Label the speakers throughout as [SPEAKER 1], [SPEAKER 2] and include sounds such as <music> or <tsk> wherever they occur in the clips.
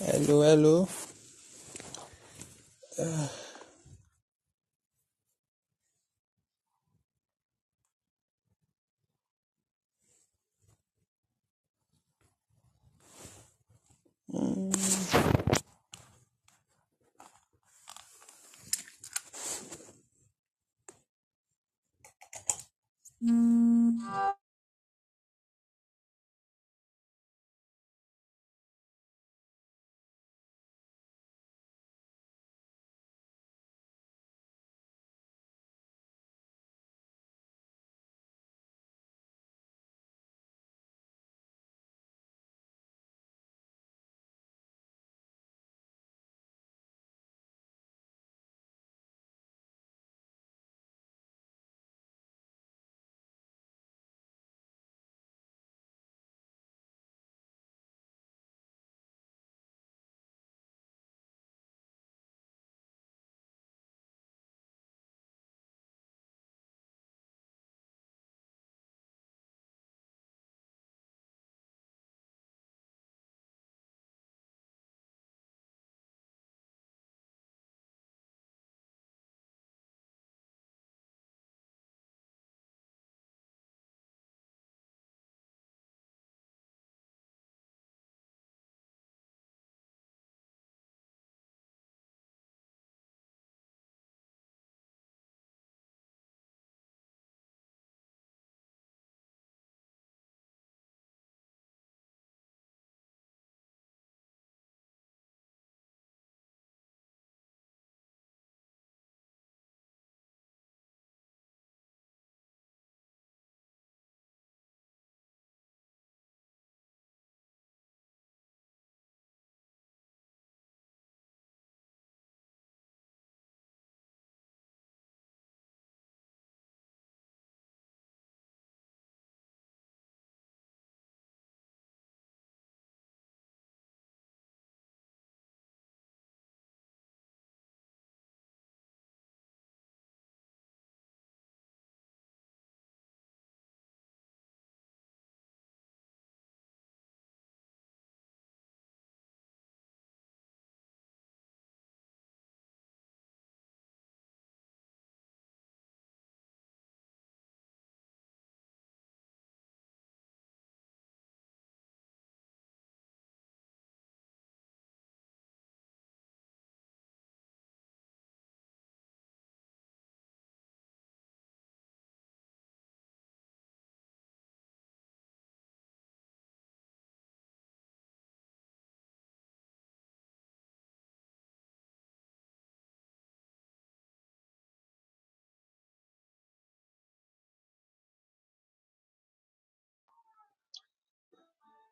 [SPEAKER 1] Hello, hello.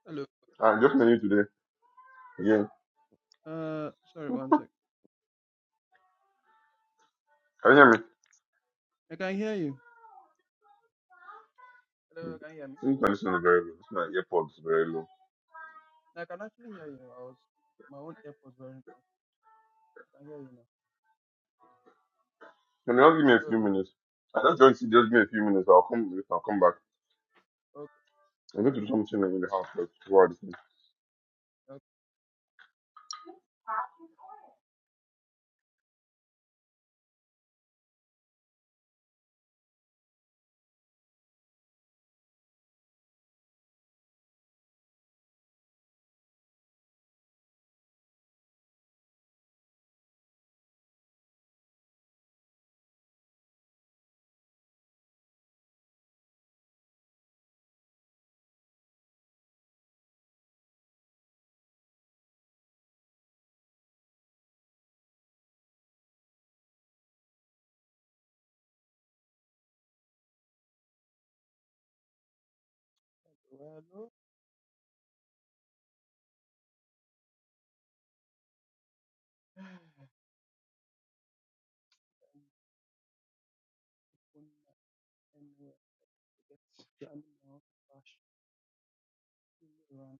[SPEAKER 1] Hello.
[SPEAKER 2] I'm just telling you today. Again,
[SPEAKER 1] Uh, sorry, one sec.
[SPEAKER 2] can you hear me?
[SPEAKER 1] I can hear you.
[SPEAKER 2] Hmm.
[SPEAKER 1] Hello, can you hear me?
[SPEAKER 2] Sleep condition is very low. It's my earpods is very low.
[SPEAKER 1] No, I can actually hear you. I was my own AirPods were not on. I can hear you now.
[SPEAKER 2] Can you just give me a few
[SPEAKER 1] Hello.
[SPEAKER 2] minutes? I just don't see. Just give me a few minutes. I'll come. I'll come back.
[SPEAKER 1] Okay.
[SPEAKER 2] I'm going to do something in the house first before I do
[SPEAKER 1] Okay. Hello. hello. <sighs> Phone anywhere. Forget standing now. Bash. Run.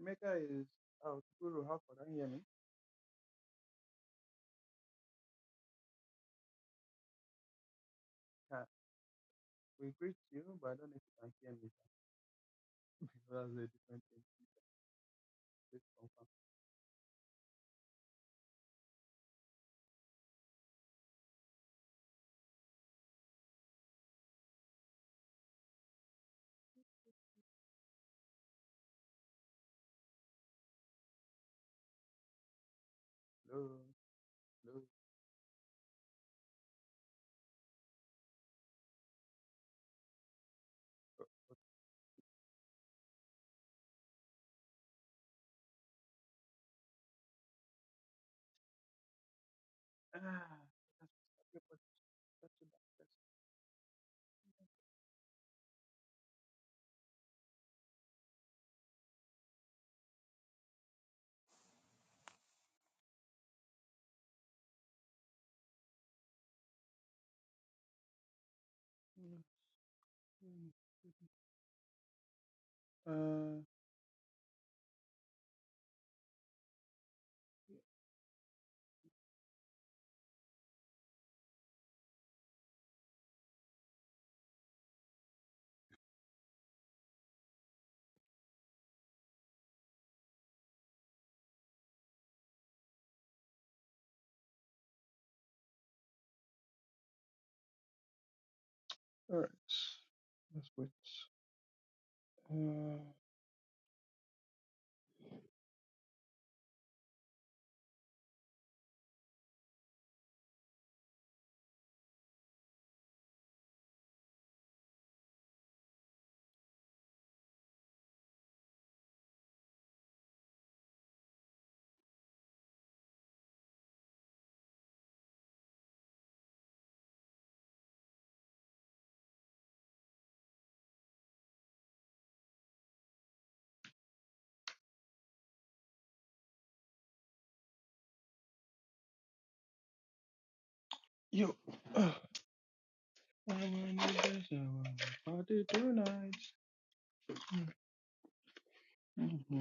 [SPEAKER 1] Emeka is out. Guru, how can you hear me? Yeah. We greet you, but I don't know if you can hear me. <laughs> That's a different thing. Please confirm. Hello. Hello. Ah, that's what's up. It was a bad person. Mhm. mhm. Uh, all right. Let's wait. Uh, yo. Uh, I wanna dance, I wanna party tonight. <laughs> Okay,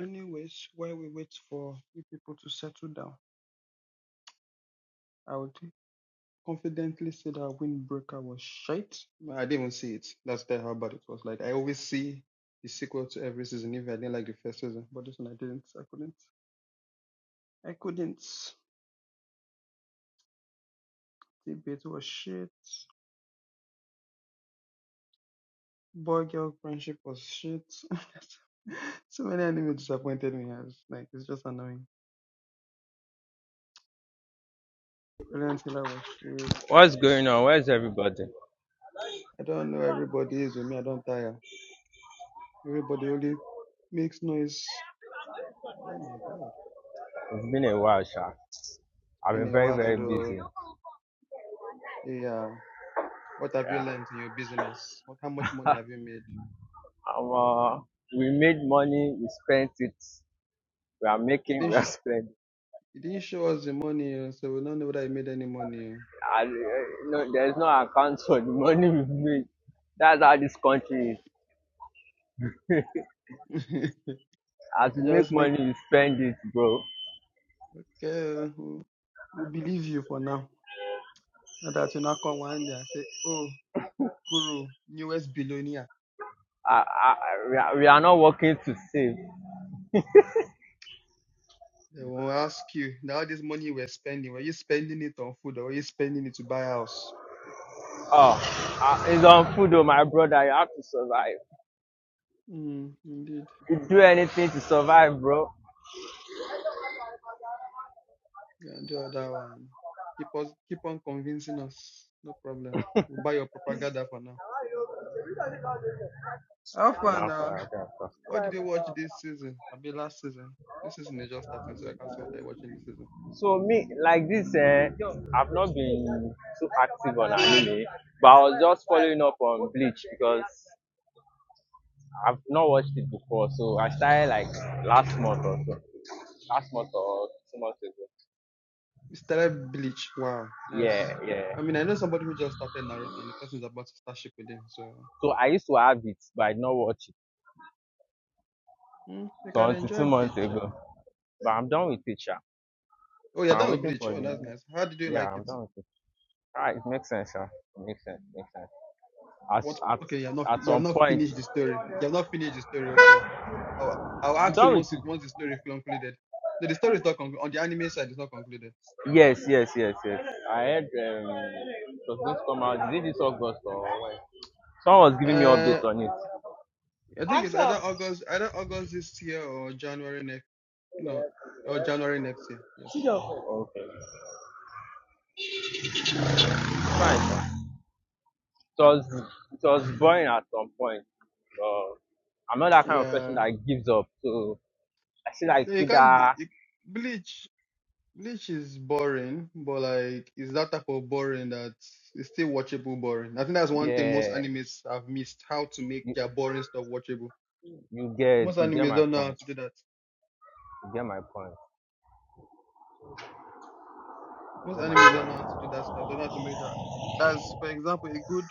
[SPEAKER 1] Anyways, while we wait for you people to settle down, I will take confidently say that Windbreaker was shite. I didn't even see it. That's the how bad it was. Like I always see the sequel to every season, even I didn't like the first season. But this one I didn't. I couldn't. I couldn't. Debate was shit. Boy girl friendship was shit. <laughs> so many anime disappointed me as like it's just annoying. Brilliant Hiller was shit.
[SPEAKER 3] What's going on? Where's everybody?
[SPEAKER 1] I don't know everybody is with me, I don't tire. Everybody only makes noise. Oh my god. It's
[SPEAKER 3] It's been a while, Sha. I've been
[SPEAKER 1] been a
[SPEAKER 3] very,
[SPEAKER 1] while.
[SPEAKER 3] very busy.
[SPEAKER 1] oh. Yeah. What have you
[SPEAKER 3] Yeah.
[SPEAKER 1] learned in your business? What how much money have you made?
[SPEAKER 3] Um, uh, we made money, we spent it, we are
[SPEAKER 1] You
[SPEAKER 3] making,
[SPEAKER 1] didn't
[SPEAKER 3] we are
[SPEAKER 1] sh-
[SPEAKER 3] spending.
[SPEAKER 1] you didn't show us the money, oh, so we don't know whether you made any money.
[SPEAKER 3] And, uh, no, there's no account for the money we made. That's how this country is.
[SPEAKER 1] oh.
[SPEAKER 3] As
[SPEAKER 1] <laughs>
[SPEAKER 3] we
[SPEAKER 1] I
[SPEAKER 3] make
[SPEAKER 1] just make
[SPEAKER 3] money, we spend it, bro.
[SPEAKER 1] okay. oh, We we believe you for now. Not that you now come one day and say, "Oh, Guru, newest billionaire."
[SPEAKER 3] I, I, we, are, we are not working to save.
[SPEAKER 1] They will ask you Now all this money you were spending, were you spending it on food or were you spending it to buy a house?
[SPEAKER 3] Oh, uh, it's on food, oh, my brother. You have to survive.
[SPEAKER 1] Mm, indeed.
[SPEAKER 3] You do anything to survive, bro.
[SPEAKER 1] Yeah, do that one. Keep us, keep on convincing us. No problem. We'll buy your propaganda for now. How far
[SPEAKER 3] Now
[SPEAKER 1] now? What did you watch this season? I mean, last season. This season is just starting, so I can't say what I'm watching this season.
[SPEAKER 3] So me like this, eh, I've not been too active on anime, but I was just following up on Bleach because I've not watched it before. So I started like last month or so, last month or two months ago.
[SPEAKER 1] It's started Bleach. Wow, that's.
[SPEAKER 3] Yeah, yeah.
[SPEAKER 1] I mean, I know somebody who just started Naruto, and the person is about to start Shippuden, so
[SPEAKER 3] So I used to have it, but I did not watch it.
[SPEAKER 1] mm, you
[SPEAKER 3] So
[SPEAKER 1] can
[SPEAKER 3] until two
[SPEAKER 1] enjoy
[SPEAKER 3] months
[SPEAKER 1] Bleach. Yeah.
[SPEAKER 3] ago, but I'm done with it, sha.
[SPEAKER 1] Oh
[SPEAKER 3] So
[SPEAKER 1] yeah,
[SPEAKER 3] I'm
[SPEAKER 1] that was
[SPEAKER 3] waiting
[SPEAKER 1] Bleach.
[SPEAKER 3] for the.
[SPEAKER 1] Oh, that's nice. How did you
[SPEAKER 3] Yeah,
[SPEAKER 1] like
[SPEAKER 3] I'm
[SPEAKER 1] it?
[SPEAKER 3] done with it. Alright, it makes sense, sha. It makes sense. Makes sense. At,
[SPEAKER 1] What?
[SPEAKER 3] at,
[SPEAKER 1] Okay, you have not
[SPEAKER 3] at
[SPEAKER 1] you have
[SPEAKER 3] some
[SPEAKER 1] not
[SPEAKER 3] point,
[SPEAKER 1] finished the story. You have not finished the story. Okay, uh, I'll, I'll
[SPEAKER 3] I'm
[SPEAKER 1] ask you
[SPEAKER 3] done with
[SPEAKER 1] once it, once
[SPEAKER 3] it.
[SPEAKER 1] the story is concluded. No, the story is not concluded. On the anime side, it's not concluded.
[SPEAKER 3] Yes, yes, yes, yes. I heard um, it was going to come out. Is it this August or when? Someone was giving me
[SPEAKER 1] Uh.
[SPEAKER 3] update on it.
[SPEAKER 1] I think it's either August, either August this year or January next. No, or January next year. Yes.
[SPEAKER 3] Oh, Okay. Fine. It was, it was boring at some point. But I'm not that kind of person
[SPEAKER 1] Yeah.
[SPEAKER 3] that gives up. So I feel like
[SPEAKER 1] No, You can't. g-
[SPEAKER 3] Kuda,
[SPEAKER 1] You, Bleach. Bleach is boring, but like it's that type of boring that it's still watchable boring. I think that's one thing
[SPEAKER 3] yeah,
[SPEAKER 1] most animes have missed: how to make
[SPEAKER 3] you,
[SPEAKER 1] their boring stuff watchable.
[SPEAKER 3] you get
[SPEAKER 1] Most
[SPEAKER 3] you get
[SPEAKER 1] animes
[SPEAKER 3] my
[SPEAKER 1] don't know how
[SPEAKER 3] point.
[SPEAKER 1] to do that.
[SPEAKER 3] You get my point.
[SPEAKER 1] Most animes don't know how to do that stuff. They don't know how to make that. That's, for example, a good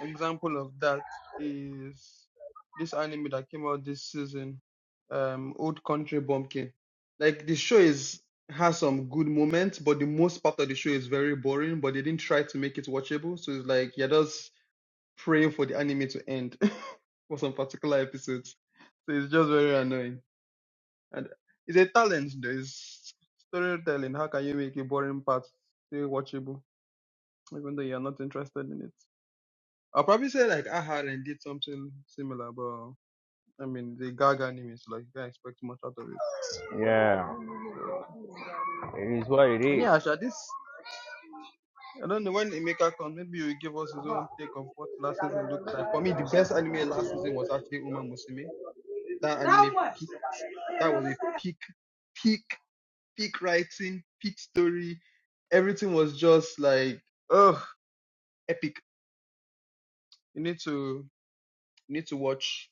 [SPEAKER 1] Example of that is this anime that came out this season, um, Old Country Bumpkin. Like the show is has some good moments, but the most part of the show is very boring. But they didn't try to make it watchable, so it's like you're just praying for the anime to end <laughs> for some particular episodes. So it's just very annoying, and it's a talent. Though. It's storytelling. How can you make a boring part still watchable, even though you're not interested in it? I'll probably say like I had and did something similar, but I mean the Gag anime is like you can't expect much out of it.
[SPEAKER 3] Yeah.
[SPEAKER 1] So
[SPEAKER 3] It is what it
[SPEAKER 1] and
[SPEAKER 3] is.
[SPEAKER 1] yeah, Asha, this I don't know when Emeka comes, maybe he will give us his own take of what last season looked like. For me, the best anime last season was actually Uma Musume. That anime peaked. That was a peak, peak, peak writing, peak story. Everything was just like oh epic. You need to you need to watch.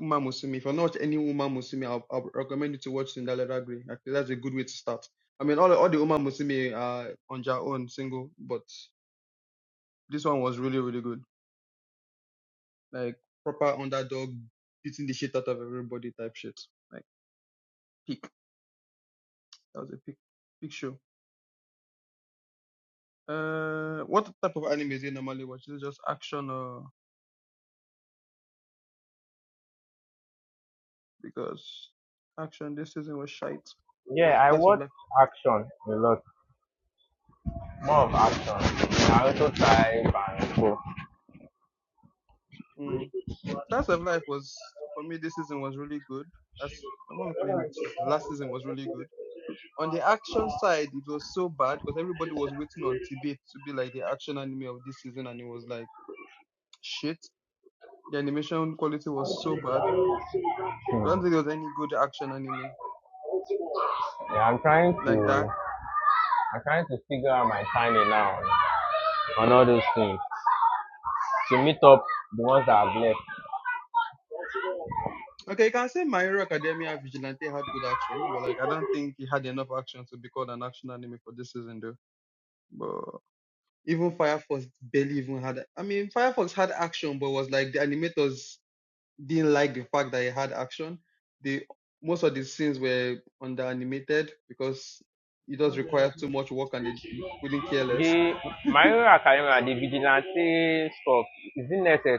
[SPEAKER 1] Uma Musumi. If you're not watching any Uma Musumi, I'll, I'll recommend you to watch Cinderella Agree. I think that's a good way to start. I mean, all all the Uma Musumi are on their own single, but this one was really really good. Like proper underdog beating the shit out of everybody type shit. Like peak. That was a peak peak show. Uh, what type of anime do you normally watch? Is it just action or because action this season was shite, but
[SPEAKER 3] Yeah, I
[SPEAKER 1] class of
[SPEAKER 3] watch
[SPEAKER 1] life.
[SPEAKER 3] action a lot. more of action. I also try and so
[SPEAKER 1] Mm. Slice of Life was for me this season was really good. That's what am I calling it? Last season was really good. On the action side, it was so bad because everybody was waiting on Tibet to be like the action anime of this season, and it was like shit. The animation quality was so bad. I
[SPEAKER 3] hmm.
[SPEAKER 1] don't think there was any good action anime
[SPEAKER 3] yeah, I'm trying
[SPEAKER 1] like that.
[SPEAKER 3] to I'm trying to figure out my timing now on all those things to meet up the ones that I've left.
[SPEAKER 1] Okay, you can say My Hero Academia Vigilante had good action, but like I don't think it had enough action to be called an action anime for this season, though. But Even Firefox barely even had. I mean, Firefox had action, but was like the animators didn't like the fact that it had action. The most of the scenes were under animated because it does require too much work, and they couldn't care less. <laughs>
[SPEAKER 3] The my own academia, the vigilante stuff, is it necessary?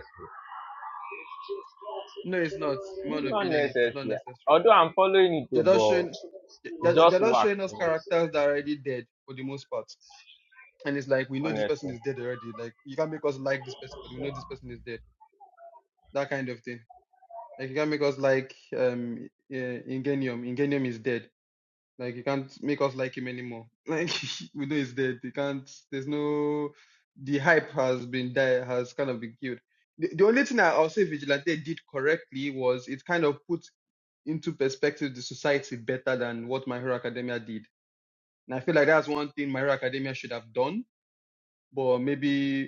[SPEAKER 1] No, it's not. In my
[SPEAKER 3] It's
[SPEAKER 1] own
[SPEAKER 3] not
[SPEAKER 1] opinion, it is
[SPEAKER 3] necessary.
[SPEAKER 1] not necessary.
[SPEAKER 3] Although I'm following it,
[SPEAKER 1] They're just
[SPEAKER 3] but
[SPEAKER 1] showing, they're,
[SPEAKER 3] it's
[SPEAKER 1] they're
[SPEAKER 3] just
[SPEAKER 1] just
[SPEAKER 3] work
[SPEAKER 1] showing
[SPEAKER 3] to
[SPEAKER 1] us
[SPEAKER 3] me,
[SPEAKER 1] characters that are already dead for the most part. And it's like we know this person
[SPEAKER 3] honestly.
[SPEAKER 1] is dead already. Like you can't make us like this person because we know this person is dead. That kind of thing. Like you can't make us like um uh, Ingenium. Ingenium is dead. Like you can't make us like him anymore. <laughs> Like we know he's dead. You can't. There's no. The hype has been died. Has kind of been killed. The, the only thing I- I'll say Vigilante did correctly was it kind of put into perspective the society better than what My Hero Academia did. And I feel like that's one thing My Hero Academia should have done, but maybe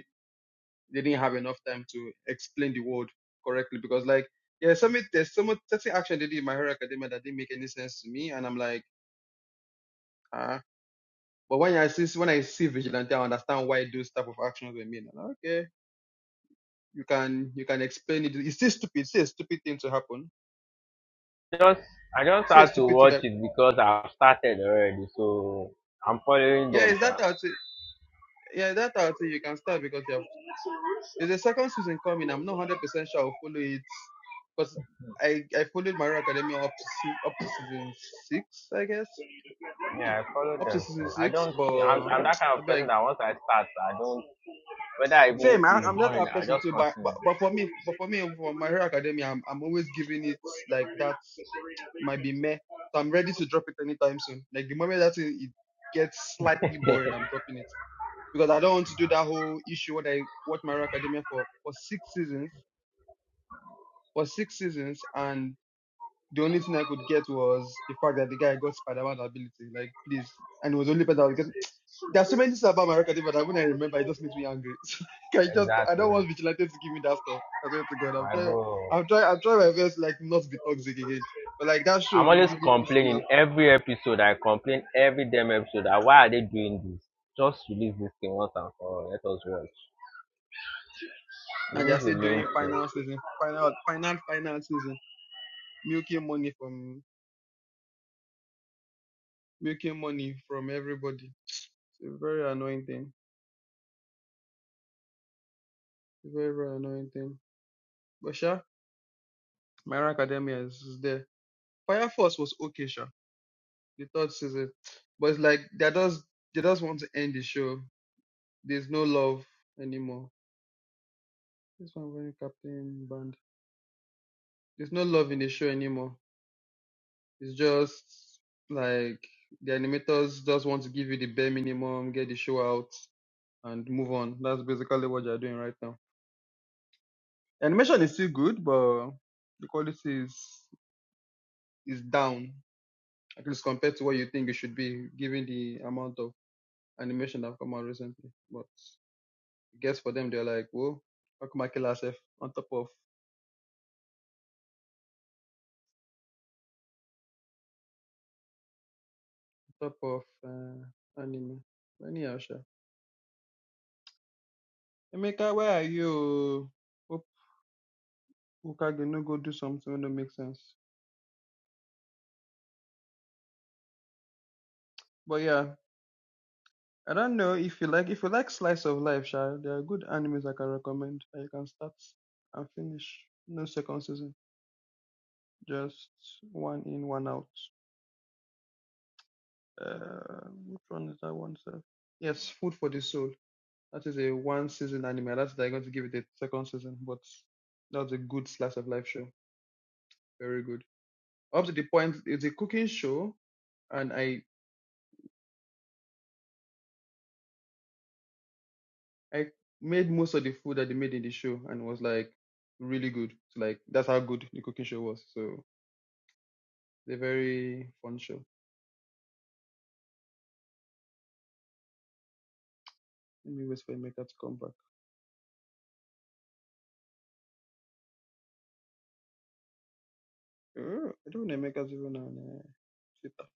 [SPEAKER 1] they didn't have enough time to explain the word correctly because like yeah some there's some certain action they did in my hero academia that didn't make any sense to me and i'm like ah but when i see when i see vigilante i understand why those type of actions were made I'm like, okay you can you can explain it it's still stupid it's still a stupid thing to happen
[SPEAKER 3] Just I just
[SPEAKER 1] it's still a
[SPEAKER 3] had to
[SPEAKER 1] stupid thing
[SPEAKER 3] watch
[SPEAKER 1] that
[SPEAKER 3] it because I've started already, so I'm following
[SPEAKER 1] yeah
[SPEAKER 3] them.
[SPEAKER 1] is
[SPEAKER 3] sir.
[SPEAKER 1] that out yeah that out you can start because you have there's a second season coming i'm not 100 percent sure i'll follow it because I, I followed my hero academia up to se- up to season six, I guess Hmm.
[SPEAKER 3] Yeah, I follow
[SPEAKER 1] Up to
[SPEAKER 3] them.
[SPEAKER 1] season
[SPEAKER 3] I
[SPEAKER 1] six,
[SPEAKER 3] don't. I'm,
[SPEAKER 1] but
[SPEAKER 3] I'm that kind
[SPEAKER 1] I
[SPEAKER 3] of
[SPEAKER 1] beg.
[SPEAKER 3] person that once I start, I don't. Whether I even
[SPEAKER 1] Same, I,
[SPEAKER 3] it's
[SPEAKER 1] I'm not
[SPEAKER 3] boring,
[SPEAKER 1] that
[SPEAKER 3] I
[SPEAKER 1] person
[SPEAKER 3] just
[SPEAKER 1] too, but, but
[SPEAKER 3] continue.
[SPEAKER 1] but for me, but for me, for my hero academia, I'm I'm always giving it like that. It might be meh, so I'm ready to drop it anytime soon. Like the moment that it, it gets slightly boring,
[SPEAKER 3] <laughs>
[SPEAKER 1] I'm dropping it because I don't want to do that whole issue what I watch my hero academia for for six seasons, for six seasons, and. The only thing I could get was the fact that the guy got Spider-Man ability. Like, please. And it was the only that I was getting. <tsk> There are so many things about Mario Kart, but when I remember, it just makes me angry. <laughs> So, like, I just, I
[SPEAKER 3] Exactly.
[SPEAKER 1] don't want Vigilante to give me that stuff. I swear to God, I'm
[SPEAKER 3] My
[SPEAKER 1] trying,
[SPEAKER 3] bro.
[SPEAKER 1] I'm trying, I'm trying my best, like, not to be toxic again. But like, that show
[SPEAKER 3] I'm always
[SPEAKER 1] really pissed me
[SPEAKER 3] complaining
[SPEAKER 1] off.
[SPEAKER 3] every episode. I complain every damn episode. That why are they doing this? Just release this thing once and for all. Let us watch.
[SPEAKER 1] Now
[SPEAKER 3] This
[SPEAKER 1] they're
[SPEAKER 3] is the
[SPEAKER 1] still
[SPEAKER 3] main
[SPEAKER 1] doing
[SPEAKER 3] thing.
[SPEAKER 1] final season, final, final, final season, milking money from, milking money from everybody. It's a very annoying thing. It's a Very, very annoying thing. But sure, Myra Academia is, is there. Fire Force was okay, sure. The third season. But it's like they just they just want to end the show. There's no love anymore. This one when Captain Band. There's no love in the show anymore. It's just like the animators just want to give you the bare minimum, get the show out and move on. That's basically what they're doing right now. Animation is still good, but the quality is is down. At least compared to what you think it should be, given the amount of animation that have come out recently. But guess for them they're like, whoa, how come I kill myself on top of on top of uh, anime? Anyhow, sha. Emeka, where are you? Hope Ukage no go do something that makes sense. But yeah, I don't know if you like if you like slice of life, sha. There are good animes I can recommend that you can start and finish. No second season, just one in, one out. Uh, which one is that one, sir? Yes, Food for the Soul. That is a one season anime. That's they're going to give it a second season, but that's a good slice of life show. Very good. Up to the point, it's a cooking show, and I I made most of the food that they made in the show, and it was like really good. So like that's how good the cooking show was. So it's a very fun show. Let me wait for Emeka to come back. Oh, I don't know Emeka's even on uh, Twitter.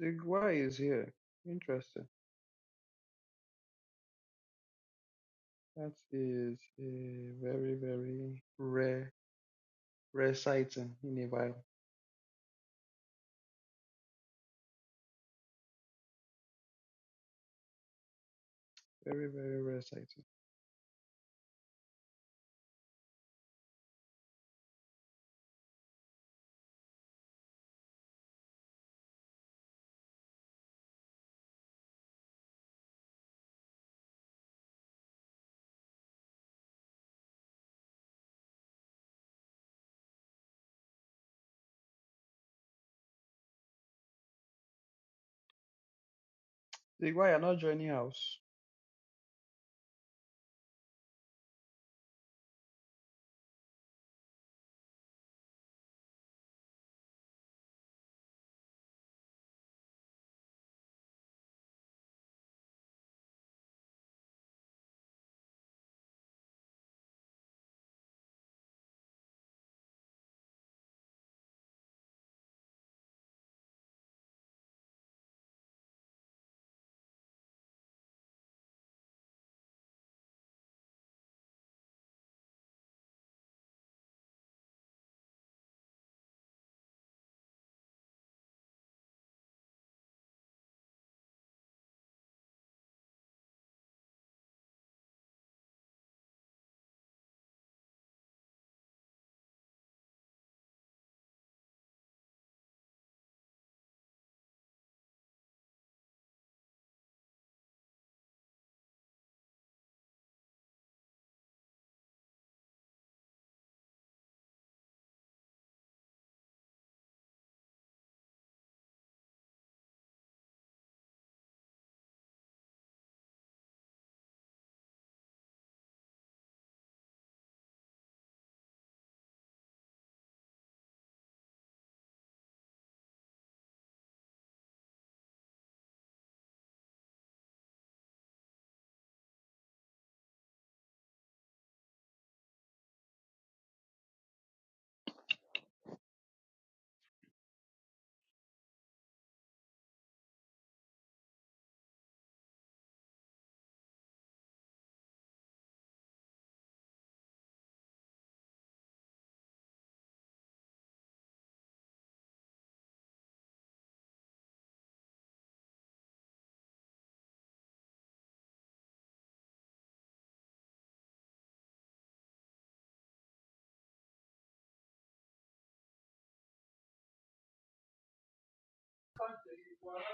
[SPEAKER 1] The guy is here. Interesting. That is a very very rare rare sighting in a while. Very, very, very exciting. Zeke, why you're not joining house?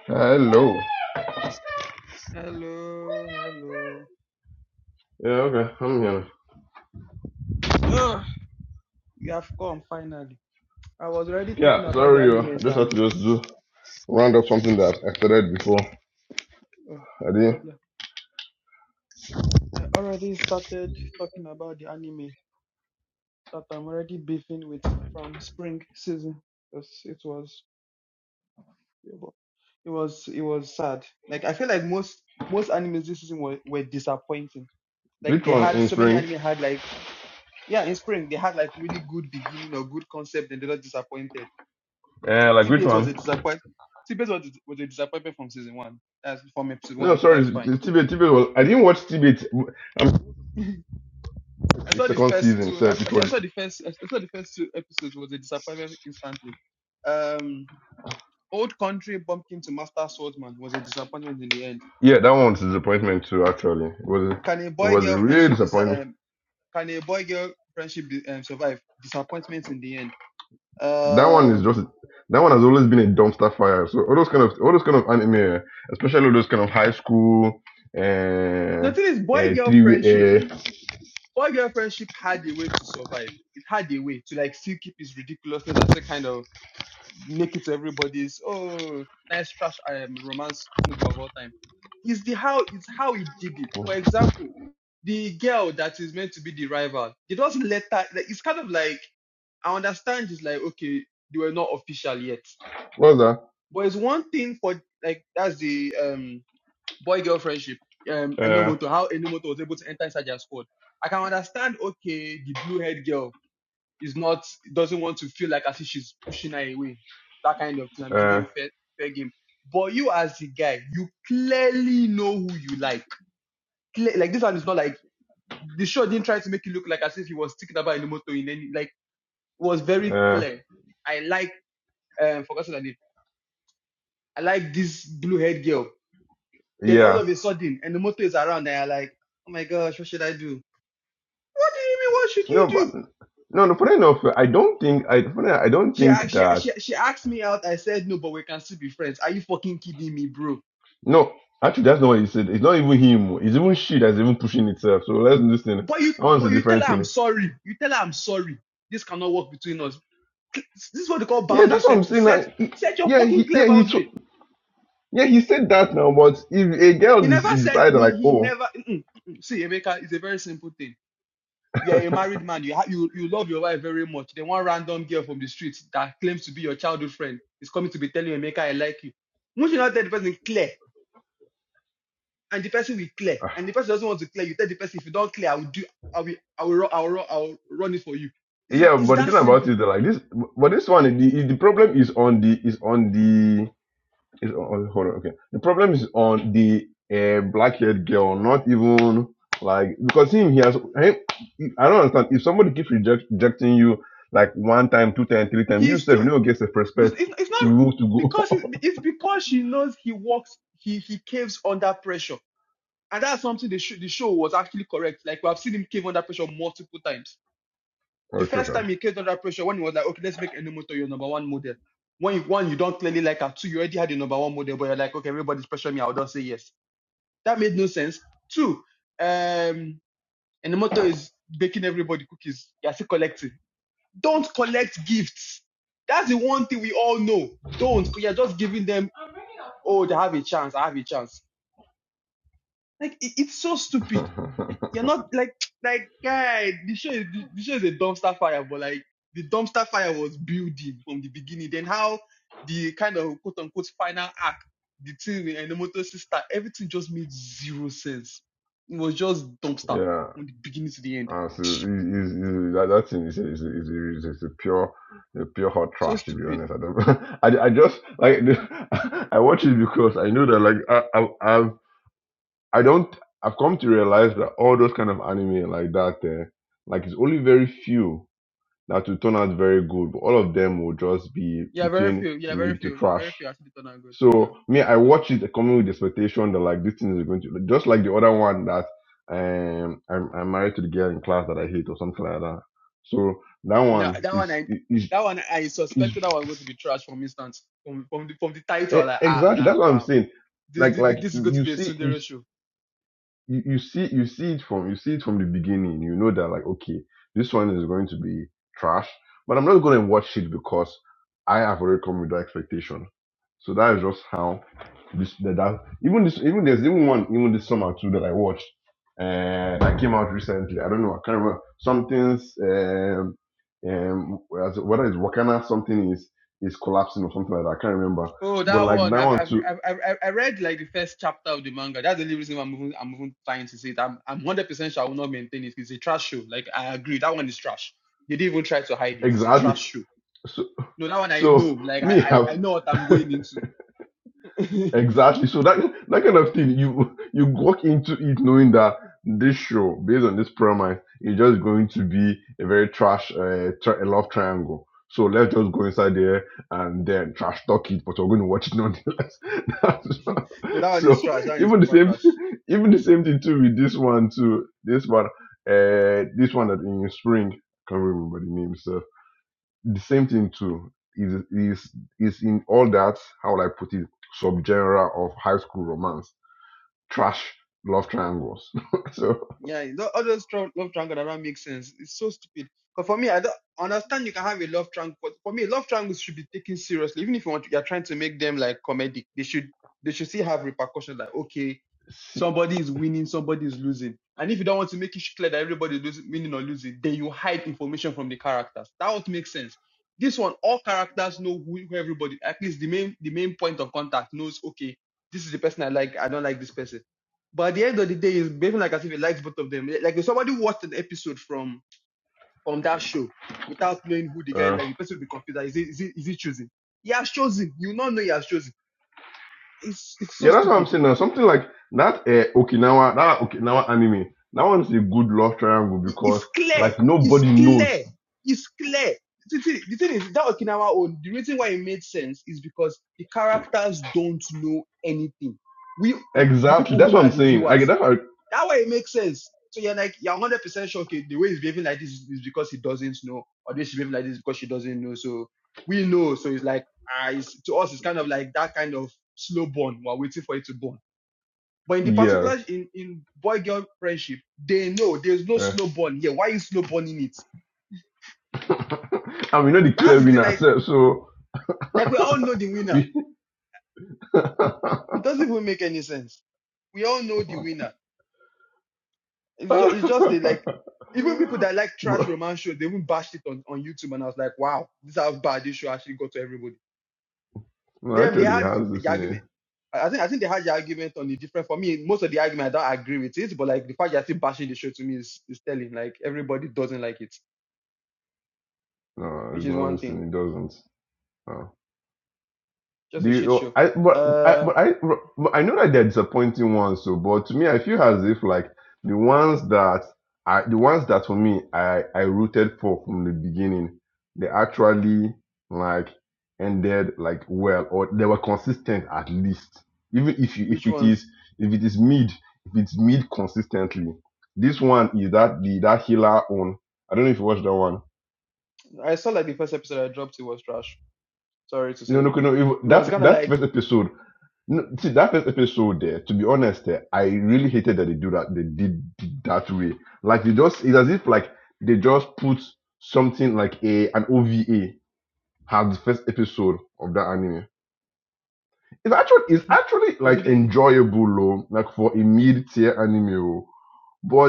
[SPEAKER 2] Hello.
[SPEAKER 1] Hello, hello.
[SPEAKER 2] Yeah. Okay. I'm here.
[SPEAKER 1] Oh, you have come finally. I was already talking
[SPEAKER 2] Yeah.
[SPEAKER 1] about the
[SPEAKER 2] Sorry. yo. I
[SPEAKER 1] anime,
[SPEAKER 2] just had to
[SPEAKER 1] Sam.
[SPEAKER 2] just do round up something that I started before.
[SPEAKER 1] Oh,
[SPEAKER 2] I
[SPEAKER 1] no
[SPEAKER 2] did.
[SPEAKER 1] problem. I already started talking about the anime that I'm already beefing with from spring season. 'Cause It was, it it was, it was sad. Like I feel like most most animes this season were, were disappointing. Like
[SPEAKER 2] Which
[SPEAKER 1] they
[SPEAKER 2] one
[SPEAKER 1] had
[SPEAKER 2] in
[SPEAKER 1] so many
[SPEAKER 2] spring?
[SPEAKER 1] anime had like yeah in spring they had like really good beginning or good concept and they got disappointed
[SPEAKER 2] Yeah. Like which
[SPEAKER 1] TBS was
[SPEAKER 2] one?
[SPEAKER 1] a disappointment. TBS was, was a disappointment from season one. That's from episode
[SPEAKER 2] No.
[SPEAKER 1] one.
[SPEAKER 2] Sorry.
[SPEAKER 1] That's fine.
[SPEAKER 2] Tibet. Tibet was. I didn't watch Tibet. I'm
[SPEAKER 1] <laughs> I
[SPEAKER 2] the
[SPEAKER 1] saw the
[SPEAKER 2] second
[SPEAKER 1] first
[SPEAKER 2] season.
[SPEAKER 1] two.
[SPEAKER 2] So
[SPEAKER 1] I, I
[SPEAKER 2] it
[SPEAKER 1] saw
[SPEAKER 2] was.
[SPEAKER 1] the first. I saw the first two episodes was a disappointment instantly. Um, old country bumpkin to master swordsman was a disappointment in the end.
[SPEAKER 2] Yeah, that one's a disappointment too. Actually, it was
[SPEAKER 1] Can a
[SPEAKER 2] it
[SPEAKER 1] boy
[SPEAKER 2] was a
[SPEAKER 1] girl
[SPEAKER 2] real
[SPEAKER 1] friendship
[SPEAKER 2] disappointment.
[SPEAKER 1] desi- um, Can a boy girl friendship de- um, survive disappointment in the end?
[SPEAKER 2] That one is just
[SPEAKER 1] Um,
[SPEAKER 2] that one has always been a dumpster fire. So all those kind of all those kind of anime, especially all those kind of high school, uh,
[SPEAKER 1] the thing is, boy
[SPEAKER 2] uh
[SPEAKER 1] girl
[SPEAKER 2] three
[SPEAKER 1] friendship.
[SPEAKER 2] way, uh,
[SPEAKER 1] Boy girl friendship had a way to survive. It had a way to like still keep its ridiculousness and say kind of make it to everybody's oh nice trash um, romance movie of all time. It's the how it's how he did it. For example, the girl that is meant to be the rival, they not let her. Like, it's kind of like I understand. It's like okay, they were not official yet,
[SPEAKER 2] what was
[SPEAKER 1] but it's one thing for like that's the um boy girl friendship. Um,
[SPEAKER 2] that?
[SPEAKER 1] Enomoto, how Enomoto was able to enter inside their squad. I can understand. Okay, the blue haired girl is not doesn't want to feel like as if she's pushing her away. That kind of thing. I'm
[SPEAKER 2] Uh,
[SPEAKER 1] giving
[SPEAKER 2] uh,
[SPEAKER 1] you fair fair game. But you as the guy, you clearly know who you like. like this one is not like the show didn't try to make it look like as if he was sticking about in the motor, in any like it was very
[SPEAKER 2] uh,
[SPEAKER 1] clear. I like um forgotten her name. I like this blue haired girl. Then all
[SPEAKER 2] yeah.
[SPEAKER 1] of a sudden and the motor is around and I like, oh my gosh, what should I do? What do you mean what should you
[SPEAKER 2] No,
[SPEAKER 1] do?
[SPEAKER 2] but no, no. Funny enough, I don't think I. Funny, I don't
[SPEAKER 1] She, act-
[SPEAKER 2] think
[SPEAKER 1] she,
[SPEAKER 2] that.
[SPEAKER 1] she, she asked me out. I said no, but we can still be friends. Are you fucking kidding me, bro?
[SPEAKER 2] No, actually, that's not what he said. It's not even him. It's even she that's even pushing itself. So let's listen.
[SPEAKER 1] But you
[SPEAKER 2] That one's a
[SPEAKER 1] but you tell her
[SPEAKER 2] different
[SPEAKER 1] I'm
[SPEAKER 2] thing.
[SPEAKER 1] sorry. You tell her I'm sorry. This cannot work between us. This is what they call
[SPEAKER 2] Yeah,
[SPEAKER 1] boundary
[SPEAKER 2] that's what I'm
[SPEAKER 1] setting.
[SPEAKER 2] saying.
[SPEAKER 1] Set
[SPEAKER 2] now. he,
[SPEAKER 1] set your
[SPEAKER 2] yeah,
[SPEAKER 1] fucking
[SPEAKER 2] he,
[SPEAKER 1] clear
[SPEAKER 2] yeah, he, so-
[SPEAKER 1] boundary.
[SPEAKER 2] yeah, he said that now. But if a
[SPEAKER 1] He
[SPEAKER 2] girl is
[SPEAKER 1] never said
[SPEAKER 2] decided
[SPEAKER 1] he
[SPEAKER 2] like,
[SPEAKER 1] he
[SPEAKER 2] oh,
[SPEAKER 1] never mm-mm, mm-mm. see Emeka it's a very simple thing. You're a married man, you ha- you you love your wife very much. Then one random girl from the street that claims to be your childhood friend is coming to be telling you Emeka I like you. Once you not tell the person clear and the person will clear
[SPEAKER 2] ah,
[SPEAKER 1] and the person doesn't want to clear, you tell the person if you don't clear, I will do I will I will ru- I will, I will run it for you. It's,
[SPEAKER 2] yeah,
[SPEAKER 1] it's
[SPEAKER 2] but the
[SPEAKER 1] that
[SPEAKER 2] thing about it,
[SPEAKER 1] simple.
[SPEAKER 2] like this, but this one, the the problem is on the is on the is on oh, hold on, okay. The problem is on the uh, black-haired girl, not even like because him he has him. I don't understand. If somebody keeps reject, rejecting you like one time, two time, three time, you
[SPEAKER 1] He's
[SPEAKER 2] self
[SPEAKER 1] still
[SPEAKER 2] you know gets the
[SPEAKER 1] It's,
[SPEAKER 2] respect
[SPEAKER 1] it's, it's not
[SPEAKER 2] to to go.
[SPEAKER 1] because it-
[SPEAKER 2] <laughs>
[SPEAKER 1] it's because she knows he works he he caves under pressure, and that's something the show the show was actually correct. Like we have seen him cave under pressure multiple times. The
[SPEAKER 2] oh,
[SPEAKER 1] first
[SPEAKER 2] Trisha.
[SPEAKER 1] time he caved under pressure when he was like, okay, let's make Enomoto your number one model. When you, one you don't clearly like her, two you already had your number one model, but you're like, okay, everybody's pressuring me, I'll just say yes. That made no sense. Two, um, Enomoto is baking everybody cookies. You're still collecting. Don't collect gifts. That's the one thing we all know. Don't. 'cause You're just giving them oh, they have a chance, I have a chance. Like it, it's so stupid. Like
[SPEAKER 2] <laughs>
[SPEAKER 1] you're not like like guy, the show is the show is a dumpster fire, but like the dumpster fire was building from the beginning. Then how the kind of quote unquote final act, the thing with Enomoto sister, everything just made zero sense. It was just dumpster
[SPEAKER 2] yeah.
[SPEAKER 1] from the beginning to the end.
[SPEAKER 2] And so it's, it's, it's, that, that thing is a, is, a, is, a, is a is a pure a pure hot
[SPEAKER 1] So
[SPEAKER 2] trash to be
[SPEAKER 1] stupid.
[SPEAKER 2] honest. I don't <laughs> I, I just like <laughs> I watch it because I know that like I, I I've I don't I've come to realize that all those kind of anime like that uh, like it's only very few that will turn out very good, but all of them will just be
[SPEAKER 1] Yeah, very
[SPEAKER 2] between
[SPEAKER 1] few. Yeah, very
[SPEAKER 2] mid to
[SPEAKER 1] few.
[SPEAKER 2] trash.
[SPEAKER 1] Very few actually turned out good. Yeah,
[SPEAKER 2] So me,
[SPEAKER 1] very
[SPEAKER 2] I
[SPEAKER 1] few turned out
[SPEAKER 2] watch
[SPEAKER 1] good.
[SPEAKER 2] it coming with the expectation that like this thing is going to just like the other one that um I'm I'm married to the girl in class that I hate or something like that. So that
[SPEAKER 1] No,
[SPEAKER 2] one
[SPEAKER 1] that one
[SPEAKER 2] is
[SPEAKER 1] I
[SPEAKER 2] is
[SPEAKER 1] that one I
[SPEAKER 2] is
[SPEAKER 1] suspected that was going to be trash from instance from from the from the
[SPEAKER 2] eh,
[SPEAKER 1] title like ah
[SPEAKER 2] exactly
[SPEAKER 1] nah
[SPEAKER 2] that's what I'm
[SPEAKER 1] bro
[SPEAKER 2] saying.
[SPEAKER 1] this
[SPEAKER 2] Like
[SPEAKER 1] this,
[SPEAKER 2] like
[SPEAKER 1] this is going to
[SPEAKER 2] you
[SPEAKER 1] be a
[SPEAKER 2] see you
[SPEAKER 1] tsundere
[SPEAKER 2] s-
[SPEAKER 1] show.
[SPEAKER 2] you you see you see it from you see it from the beginning. You know that like okay this one is going to be trash, but I'm not going to watch it because I have already come with that expectation. So that is just how This that, that even this even there's even one even this summer too that I watched uh, that came out recently. I don't know. I can't remember. Something's um um as- whether it's Wakana something is is collapsing or something like that. I can't remember.
[SPEAKER 1] Oh
[SPEAKER 2] But
[SPEAKER 1] that
[SPEAKER 2] like
[SPEAKER 1] one
[SPEAKER 2] that
[SPEAKER 1] I've
[SPEAKER 2] one
[SPEAKER 1] I've,
[SPEAKER 2] too
[SPEAKER 1] I've I've I've- I read like the first chapter of the manga. That's the only reason why I'm even I'm even trying to say it. I'm I'm hundred percent sure I will not maintain it. It's a trash show. Like I agree that one is trash. They didn't even try to hide it. It's a
[SPEAKER 2] exactly.
[SPEAKER 1] trash show.
[SPEAKER 2] So
[SPEAKER 1] No that one I
[SPEAKER 2] so
[SPEAKER 1] know. Like I
[SPEAKER 2] me
[SPEAKER 1] I, I
[SPEAKER 2] have
[SPEAKER 1] know what I'm
[SPEAKER 2] <laughs>
[SPEAKER 1] going into. <laughs>
[SPEAKER 2] Exactly. So that that kind of thing, you you walk into it knowing that this show, based on this premise, is just going to be a very trash, uh, tri- a love triangle. So let's just go inside there and then trash talk it, but we're going to watch it nonetheless. <laughs> That's what-
[SPEAKER 1] no that one is
[SPEAKER 2] so
[SPEAKER 1] trash. That one is
[SPEAKER 2] even the
[SPEAKER 1] proper
[SPEAKER 2] same, <laughs>
[SPEAKER 1] trash.
[SPEAKER 2] thing- even the same thing too with this one too. This one, uh, this one that in spring, I can't remember the name. so the same thing too is is is in all that how would i put it subgenre of high school romance trash love triangles <laughs> so
[SPEAKER 1] Yeah, tho- all those tro- love triangle that don't make sense. It's so stupid. But for me, I don't understand you can have a love triangle. But for me, love triangles should be taken seriously. Even if you want, to, you're trying to make them like comedic. They should, they should still have repercussions. Like, okay, somebody is winning, somebody is losing. And if you don't want to make it clear that everybody is losing, winning or losing, then you hide information from the characters. That would make sense. This one, all characters know who, who everybody. At least the main, the main point of contact knows. Okay, this is the person I like. I don't like this person but at the end of the day, he's behaving like as if he likes both of them. Like if somebody watched an episode from on that show without knowing who the guy
[SPEAKER 2] uh,
[SPEAKER 1] like, the person would be confused. Like, is he is he is he choosing? He has chosen. You not know he has chosen. It's it's so
[SPEAKER 2] yeah that's what i'm
[SPEAKER 1] stupid.
[SPEAKER 2] saying now something like that uh, okinawa that okinawa anime that one's a good love triangle
[SPEAKER 1] It- It's
[SPEAKER 2] because
[SPEAKER 1] clear.
[SPEAKER 2] like
[SPEAKER 1] It's
[SPEAKER 2] nobody
[SPEAKER 1] clear.
[SPEAKER 2] knows
[SPEAKER 1] It's clear. The thing, the thing is that Okinawa own. The reason why it made sense is because the characters don't know anything. We, we the
[SPEAKER 2] exactly
[SPEAKER 1] people who
[SPEAKER 2] that's what
[SPEAKER 1] know are
[SPEAKER 2] i'm
[SPEAKER 1] the
[SPEAKER 2] saying i
[SPEAKER 1] viewers
[SPEAKER 2] get that I,
[SPEAKER 1] That way it makes sense. So you're like, you're 100% sure, okay, the way he's behaving like this is because he doesn't know, or the way she's behaving like this is because she doesn't know. So we know. So it's like, ah, it's, to us, it's kind of like that kind of slow burn. We're waiting for it to burn. But in the
[SPEAKER 2] yes
[SPEAKER 1] particular, in, in boy girl friendship, they know there's no
[SPEAKER 2] eh.
[SPEAKER 1] slow burn here. Why are you slow burning it?
[SPEAKER 2] <laughs> and we know the
[SPEAKER 1] That's
[SPEAKER 2] clear
[SPEAKER 1] the thing,
[SPEAKER 2] winner <laughs>
[SPEAKER 1] like,
[SPEAKER 2] sef, so
[SPEAKER 1] like we all know the winner.
[SPEAKER 2] we
[SPEAKER 1] It doesn't even make any sense. We all know the winner It's just, it's just a, like even people that like
[SPEAKER 2] <laughs> But
[SPEAKER 1] trash romance shows, they even bashed it on, on YouTube, and I was like, wow, this is how bad this show actually got to everybody.
[SPEAKER 2] No,
[SPEAKER 1] Then they
[SPEAKER 2] actually, he
[SPEAKER 1] had
[SPEAKER 2] has this
[SPEAKER 1] the
[SPEAKER 2] in
[SPEAKER 1] argument. I I think I think they had the argument on the different. For me, most of the argument I don't agree with it, but like the fact you're still bashing the show to me is, is telling. Like everybody doesn't like it,
[SPEAKER 2] No,
[SPEAKER 1] which
[SPEAKER 2] it's
[SPEAKER 1] is
[SPEAKER 2] not
[SPEAKER 1] one
[SPEAKER 2] this
[SPEAKER 1] thing.
[SPEAKER 2] in it. Doesn't. No.
[SPEAKER 1] Just
[SPEAKER 2] Do
[SPEAKER 1] a
[SPEAKER 2] you,
[SPEAKER 1] shit
[SPEAKER 2] oh,
[SPEAKER 1] show.
[SPEAKER 2] I but I
[SPEAKER 1] Uh,
[SPEAKER 2] but I but I know that they're disappointing ones. So, but to me, I feel as if like the ones that I the ones that for me I I rooted for from the beginning, they actually like ended like well or they were consistent at least. Even if you, if
[SPEAKER 1] which
[SPEAKER 2] it
[SPEAKER 1] ones?
[SPEAKER 2] is if it is mid if it's mid consistently, this one is that the that healer own. I don't know if you watched that one
[SPEAKER 1] I saw like the first episode I dropped. It was trash. Sorry to
[SPEAKER 2] You
[SPEAKER 1] say,
[SPEAKER 2] know, no, no, It,
[SPEAKER 1] it was
[SPEAKER 2] that
[SPEAKER 1] kind of
[SPEAKER 2] that
[SPEAKER 1] like
[SPEAKER 2] first episode. No, see that first episode there. To be honest, eh, I really hated that they do that. They did, did that way. Like they just it's as if like they just put something like a an OVA had the first episode of that anime. It's actually it's
[SPEAKER 1] Mm-hmm.
[SPEAKER 2] actually
[SPEAKER 1] Because it
[SPEAKER 2] like
[SPEAKER 1] did,
[SPEAKER 2] enjoyable, though, like for a mid tier anime. oh.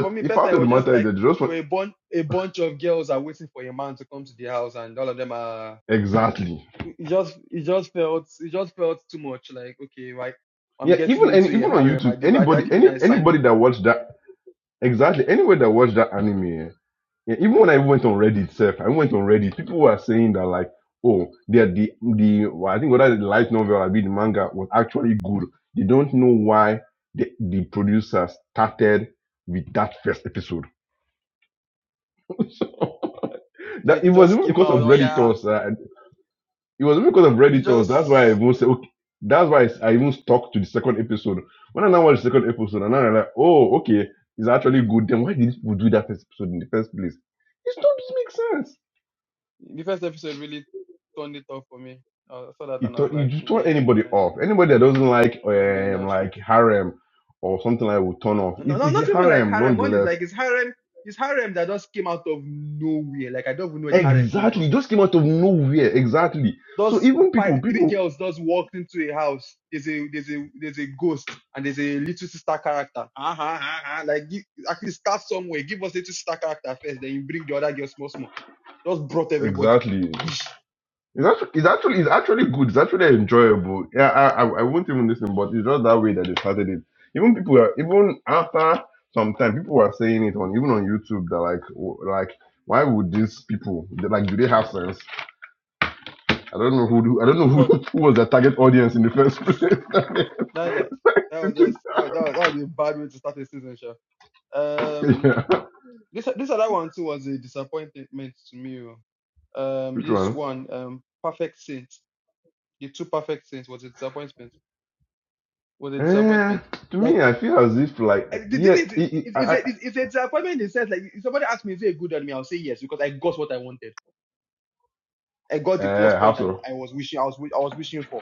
[SPEAKER 1] for me
[SPEAKER 2] if
[SPEAKER 1] personally,
[SPEAKER 2] out
[SPEAKER 1] I
[SPEAKER 2] of the
[SPEAKER 1] was just
[SPEAKER 2] matter is
[SPEAKER 1] like
[SPEAKER 2] that they just
[SPEAKER 1] you were
[SPEAKER 2] want
[SPEAKER 1] a bunch a bunch of girls are waiting for a man to come to the house, and all of them are.
[SPEAKER 2] exactly
[SPEAKER 1] It it just it just felt it just felt too much. Like okay, right, I'm
[SPEAKER 2] yeah.
[SPEAKER 1] getting
[SPEAKER 2] Even any
[SPEAKER 1] into
[SPEAKER 2] even
[SPEAKER 1] a
[SPEAKER 2] on
[SPEAKER 1] harem. I
[SPEAKER 2] YouTube,
[SPEAKER 1] did I,
[SPEAKER 2] anybody
[SPEAKER 1] didn't even
[SPEAKER 2] any
[SPEAKER 1] I signed
[SPEAKER 2] anybody
[SPEAKER 1] up
[SPEAKER 2] that
[SPEAKER 1] for.
[SPEAKER 2] watched that exactly anybody that watched that anime. eh, Yeah, even when I went on Reddit itself, I went on Reddit. People were saying that like, oh, they're the the well, I think whether the light novel or be the manga was actually good. They don't know why the, the producer started with that first episode. <laughs> so that
[SPEAKER 1] Like
[SPEAKER 2] it
[SPEAKER 1] it
[SPEAKER 2] was
[SPEAKER 1] just
[SPEAKER 2] even
[SPEAKER 1] came
[SPEAKER 2] because of
[SPEAKER 1] out. Oh yeah,
[SPEAKER 2] Redditors. Uh, it was even because of
[SPEAKER 1] it's
[SPEAKER 2] Redditors. That's why
[SPEAKER 1] just.
[SPEAKER 2] I even say okay. That's why I even stuck to the second episode. When I now watch the second episode, and now I'm like, oh, okay, it's actually good. Then why did people do that first episode in the first place? It doesn't make sense.
[SPEAKER 1] The first episode really turned it off for me. I saw that
[SPEAKER 2] you,
[SPEAKER 1] and I was
[SPEAKER 2] th- you
[SPEAKER 1] like,
[SPEAKER 2] just turn
[SPEAKER 1] nah, I'm
[SPEAKER 2] anybody
[SPEAKER 1] not
[SPEAKER 2] off.
[SPEAKER 1] doing,
[SPEAKER 2] Anybody that doesn't like
[SPEAKER 1] I'm not doing
[SPEAKER 2] um
[SPEAKER 1] that shit.
[SPEAKER 2] like harem or something like will turn off.
[SPEAKER 1] No, no,
[SPEAKER 2] It,
[SPEAKER 1] no,
[SPEAKER 2] it's a
[SPEAKER 1] not even like
[SPEAKER 2] harem
[SPEAKER 1] harem. One is
[SPEAKER 2] nonetheless.
[SPEAKER 1] like it's harem. It's harem that just came out of nowhere. Like I don't even know where the harem came from.
[SPEAKER 2] Exactly. It just came out of nowhere. Exactly. So
[SPEAKER 1] Those
[SPEAKER 2] even people,
[SPEAKER 1] five, three
[SPEAKER 2] people
[SPEAKER 1] girls just walked into a house. There's a, there's a, there's a ghost and there's a little sister character. Uh huh, uh huh. Like give, actually start somewhere. Give us little sister character first, then you bring the other girls small, small. Just brought everybody.
[SPEAKER 2] exactly.
[SPEAKER 1] Bish.
[SPEAKER 2] It's actually, it's actually it's actually good. It's actually enjoyable. Yeah, I I, I won't even listen, but it's just that way that they started it. Even people are even after some time, people were saying it on even on YouTube that like w- like why would these people they- like do they have sense? I don't know who do, I don't know
[SPEAKER 1] Uh-huh.
[SPEAKER 2] who, <laughs> who was the target audience in the first place.
[SPEAKER 1] No, no, that was just oh, that, was, that was a bad way to start the season, sure.
[SPEAKER 2] <laughs>
[SPEAKER 1] Um,
[SPEAKER 2] yeah.
[SPEAKER 1] this this other one too was a disappointment to me. oh. Um,
[SPEAKER 2] Which
[SPEAKER 1] this
[SPEAKER 2] one?
[SPEAKER 1] one, um, perfect saints, the two perfect saints was a disappointment. Was a
[SPEAKER 2] Eh,
[SPEAKER 1] disappointment.
[SPEAKER 2] to
[SPEAKER 1] Like
[SPEAKER 2] me, I feel as if
[SPEAKER 1] eh,
[SPEAKER 2] like
[SPEAKER 1] the thing
[SPEAKER 2] yeah,
[SPEAKER 1] is,
[SPEAKER 2] it,
[SPEAKER 1] it,
[SPEAKER 2] it,
[SPEAKER 1] it,
[SPEAKER 2] I,
[SPEAKER 1] it's a it,
[SPEAKER 2] I
[SPEAKER 1] it's a disappointment in the sense like if somebody asks me is it a good on me? I'll say yes because I got what I wanted. I got the plus
[SPEAKER 2] uh, how
[SPEAKER 1] point I, wa-
[SPEAKER 2] so?
[SPEAKER 1] I was wishing I was wi- I was wishing for.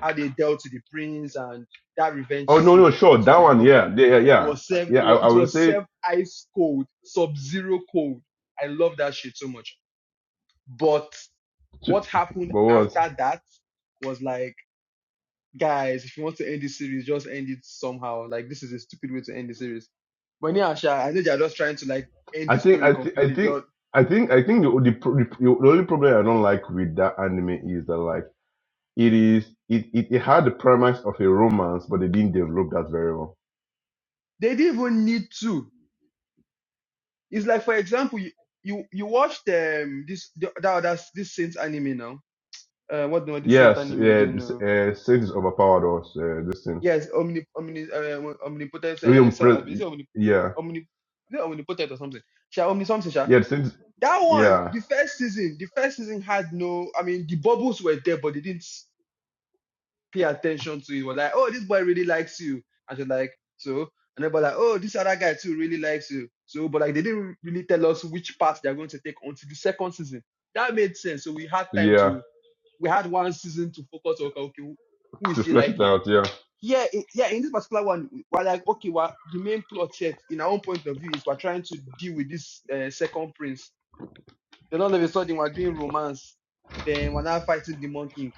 [SPEAKER 1] how they dealt to the prince and that revenge
[SPEAKER 2] Oh no,
[SPEAKER 1] scene
[SPEAKER 2] no,
[SPEAKER 1] was
[SPEAKER 2] sure,
[SPEAKER 1] awesome.
[SPEAKER 2] that
[SPEAKER 1] I
[SPEAKER 2] one,
[SPEAKER 1] loved it.
[SPEAKER 2] yeah, yeah, yeah,
[SPEAKER 1] It
[SPEAKER 2] yeah.
[SPEAKER 1] was served,
[SPEAKER 2] Yeah,
[SPEAKER 1] it
[SPEAKER 2] I,
[SPEAKER 1] was,
[SPEAKER 2] I
[SPEAKER 1] it
[SPEAKER 2] would
[SPEAKER 1] was
[SPEAKER 2] say,
[SPEAKER 1] served ice cold, sub-zero cold. I love that shit so much. But what happened
[SPEAKER 2] but what?
[SPEAKER 1] after that was like, guys, if you want to end this series, just end it somehow. Like this is a stupid way to end the series. But yeah, Asha, I know they're just trying to like end
[SPEAKER 2] I
[SPEAKER 1] the
[SPEAKER 2] think,
[SPEAKER 1] story
[SPEAKER 2] I, th- I
[SPEAKER 1] completely. They
[SPEAKER 2] think, I think, I think the, the pro- the the only problem I don't like with that anime is that like it is it, it, it had the premise of a romance, but they didn't develop that very well
[SPEAKER 1] didn't even need to. It's like, for example, you you, you watched um this the, that, that's this Saints anime now uh, what the decent
[SPEAKER 2] Yes,
[SPEAKER 1] anime
[SPEAKER 2] yeah,
[SPEAKER 1] again?
[SPEAKER 2] this,
[SPEAKER 1] Uh,
[SPEAKER 2] uh, Six overpowered us. Uh, this thing,
[SPEAKER 1] yes, omni, omni, uh, omnipotent. Uh,
[SPEAKER 2] William,
[SPEAKER 1] se- uh, is it
[SPEAKER 2] Pre-
[SPEAKER 1] omni,
[SPEAKER 2] yeah,
[SPEAKER 1] omni, is it omnipotent or something? Sha, omni something. Sha.
[SPEAKER 2] yeah, Six,
[SPEAKER 1] That one,
[SPEAKER 2] yeah,
[SPEAKER 1] the first season, the first season had no. I mean, the bubbles were there, but they didn't pay attention to it. it was like, oh, this boy really likes you, and she's like, so, and they were like, oh, this other guy too really likes you, so, but like they didn't really tell us which path they're going to take until the second season. That made sense. So we had time
[SPEAKER 2] yeah.
[SPEAKER 1] to, we had one season to focus on. Okay, okay who is
[SPEAKER 2] To
[SPEAKER 1] she
[SPEAKER 2] flesh it
[SPEAKER 1] liking?
[SPEAKER 2] out, yeah.
[SPEAKER 1] yeah, i- yeah. In this particular one, we're like, okay, well, the main plot here, in our own point of view, is we're trying to deal with this uh, second prince. Then all of a sudden, we're doing romance. Then we're now fighting Demon King.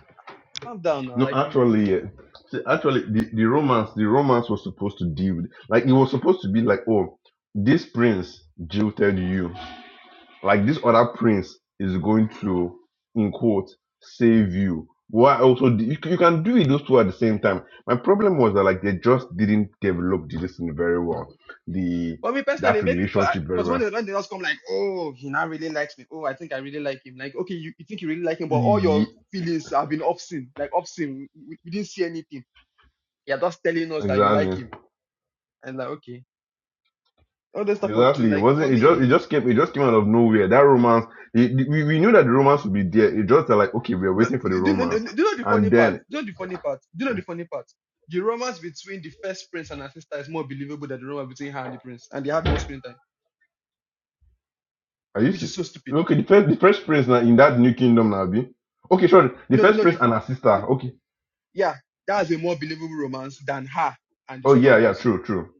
[SPEAKER 1] Calm down now.
[SPEAKER 2] No,
[SPEAKER 1] Like, it, it,
[SPEAKER 2] actually, uh, see, actually, the, the romance, the romance was supposed to deal with, like, it was supposed to be like, oh, this prince jilted you, like this other prince is going to in quote save you why also d- you, c- you can do it those two at the same time my problem was that like they just didn't develop the listening very well the
[SPEAKER 1] for me personally,
[SPEAKER 2] that
[SPEAKER 1] it makes
[SPEAKER 2] relationship very
[SPEAKER 1] because when
[SPEAKER 2] well
[SPEAKER 1] they when they just come like, oh, he now really likes me. Oh, I think I really like him. Like, okay, you, you think you really like him, but all your
[SPEAKER 2] Ye-
[SPEAKER 1] feelings have been obscene. Like obscene. We, we we didn't see anything. You're just telling us that you like
[SPEAKER 2] exactly
[SPEAKER 1] him. And like, okay, all those type of thing.
[SPEAKER 2] exactly it
[SPEAKER 1] Like for
[SPEAKER 2] wasn't it just it
[SPEAKER 1] me.
[SPEAKER 2] just came it just came out of nowhere that romance it, we, we knew that the romance would be there it just uh, like okay we're
[SPEAKER 1] No,
[SPEAKER 2] waiting for the
[SPEAKER 1] do, do, do,
[SPEAKER 2] romance
[SPEAKER 1] do you know the
[SPEAKER 2] and
[SPEAKER 1] funny part?
[SPEAKER 2] then
[SPEAKER 1] Do you know the funny part? Do you know the funny part? The romance between the first prince and her sister is more believable than the romance between her and the prince, and they have more screen time,
[SPEAKER 2] are you
[SPEAKER 1] which
[SPEAKER 2] s-
[SPEAKER 1] is so stupid.
[SPEAKER 2] okay the first the first prince now in that new kingdom now be okay sure the
[SPEAKER 1] No,
[SPEAKER 2] first
[SPEAKER 1] no,
[SPEAKER 2] prince
[SPEAKER 1] the,
[SPEAKER 2] and her
[SPEAKER 1] the
[SPEAKER 2] sister okay
[SPEAKER 1] yeah, that's a more believable romance than her and the
[SPEAKER 2] Oh
[SPEAKER 1] second
[SPEAKER 2] yeah, yeah,
[SPEAKER 1] prince.
[SPEAKER 2] true, true,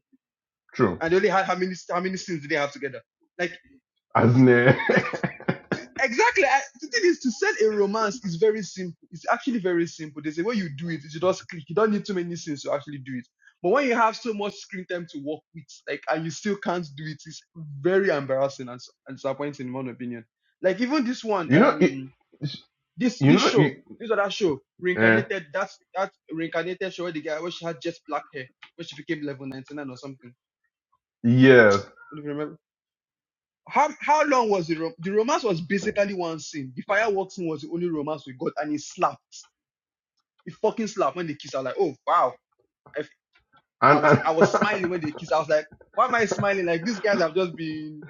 [SPEAKER 2] true.
[SPEAKER 1] And they only had how many how many scenes did they have together? Like,
[SPEAKER 2] As
[SPEAKER 1] it-
[SPEAKER 2] in, eh,
[SPEAKER 1] like Exactly. I, the thing is, to sell a romance is very simple. It's actually very simple. There's a way you do it. You just click. You don't need too many scenes to actually do it. But when you have so much screen time to work with, like, and you still can't do it, it's very embarrassing and, s- and disappointing, in my own opinion. Like even this
[SPEAKER 2] <laughs>
[SPEAKER 1] one,
[SPEAKER 2] you know, it,
[SPEAKER 1] um, this
[SPEAKER 2] you
[SPEAKER 1] this
[SPEAKER 2] know,
[SPEAKER 1] show,
[SPEAKER 2] it,
[SPEAKER 1] this other show,
[SPEAKER 2] eh,
[SPEAKER 1] reincarnated. That's that reincarnated show where the guy where she had just black hair, where she became level 99 or something.
[SPEAKER 2] yes,
[SPEAKER 1] How how long was the rom- the romance was basically one scene. The fireworks scene was the only romance we got, and it slapped. It fucking slapped when they kissed. I was like, oh wow. I, f- I
[SPEAKER 2] and
[SPEAKER 1] was
[SPEAKER 2] and
[SPEAKER 1] I was
[SPEAKER 2] <laughs>
[SPEAKER 1] smiling when they kissed. I was like, why am I smiling? Like these guys have just been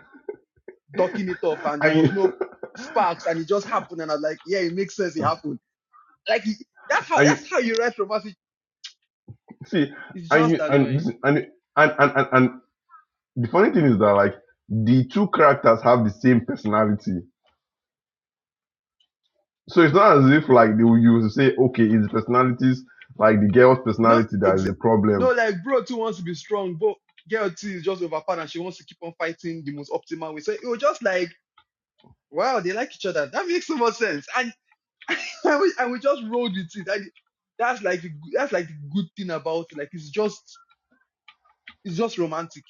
[SPEAKER 1] ducking it off, and there
[SPEAKER 2] and
[SPEAKER 1] was
[SPEAKER 2] you,
[SPEAKER 1] no sparks, and it just happened. And I was like, yeah, it makes sense. It happened. Like it- that's
[SPEAKER 2] <laughs>
[SPEAKER 1] how
[SPEAKER 2] and you
[SPEAKER 1] that's how you write romance. It-
[SPEAKER 2] see,
[SPEAKER 1] It's
[SPEAKER 2] and
[SPEAKER 1] just
[SPEAKER 2] you and
[SPEAKER 1] annoying.
[SPEAKER 2] this- and you- and and and, and the funny thing is that like the two characters have the same personality, so it's not as if like they will you say, okay, it's the personalities like the girl's
[SPEAKER 1] No,
[SPEAKER 2] personality that is
[SPEAKER 1] ex-
[SPEAKER 2] the problem.
[SPEAKER 1] no, like bro too wants to be strong, but girl too is just overpowered and she wants to keep on fighting the most optimal way. So it was just like Wow, they like each other. That makes so much sense. And <laughs> I we, and we just rolled with it. That, that's like the good- that's like the good thing about it. Like it's just it's just romantic.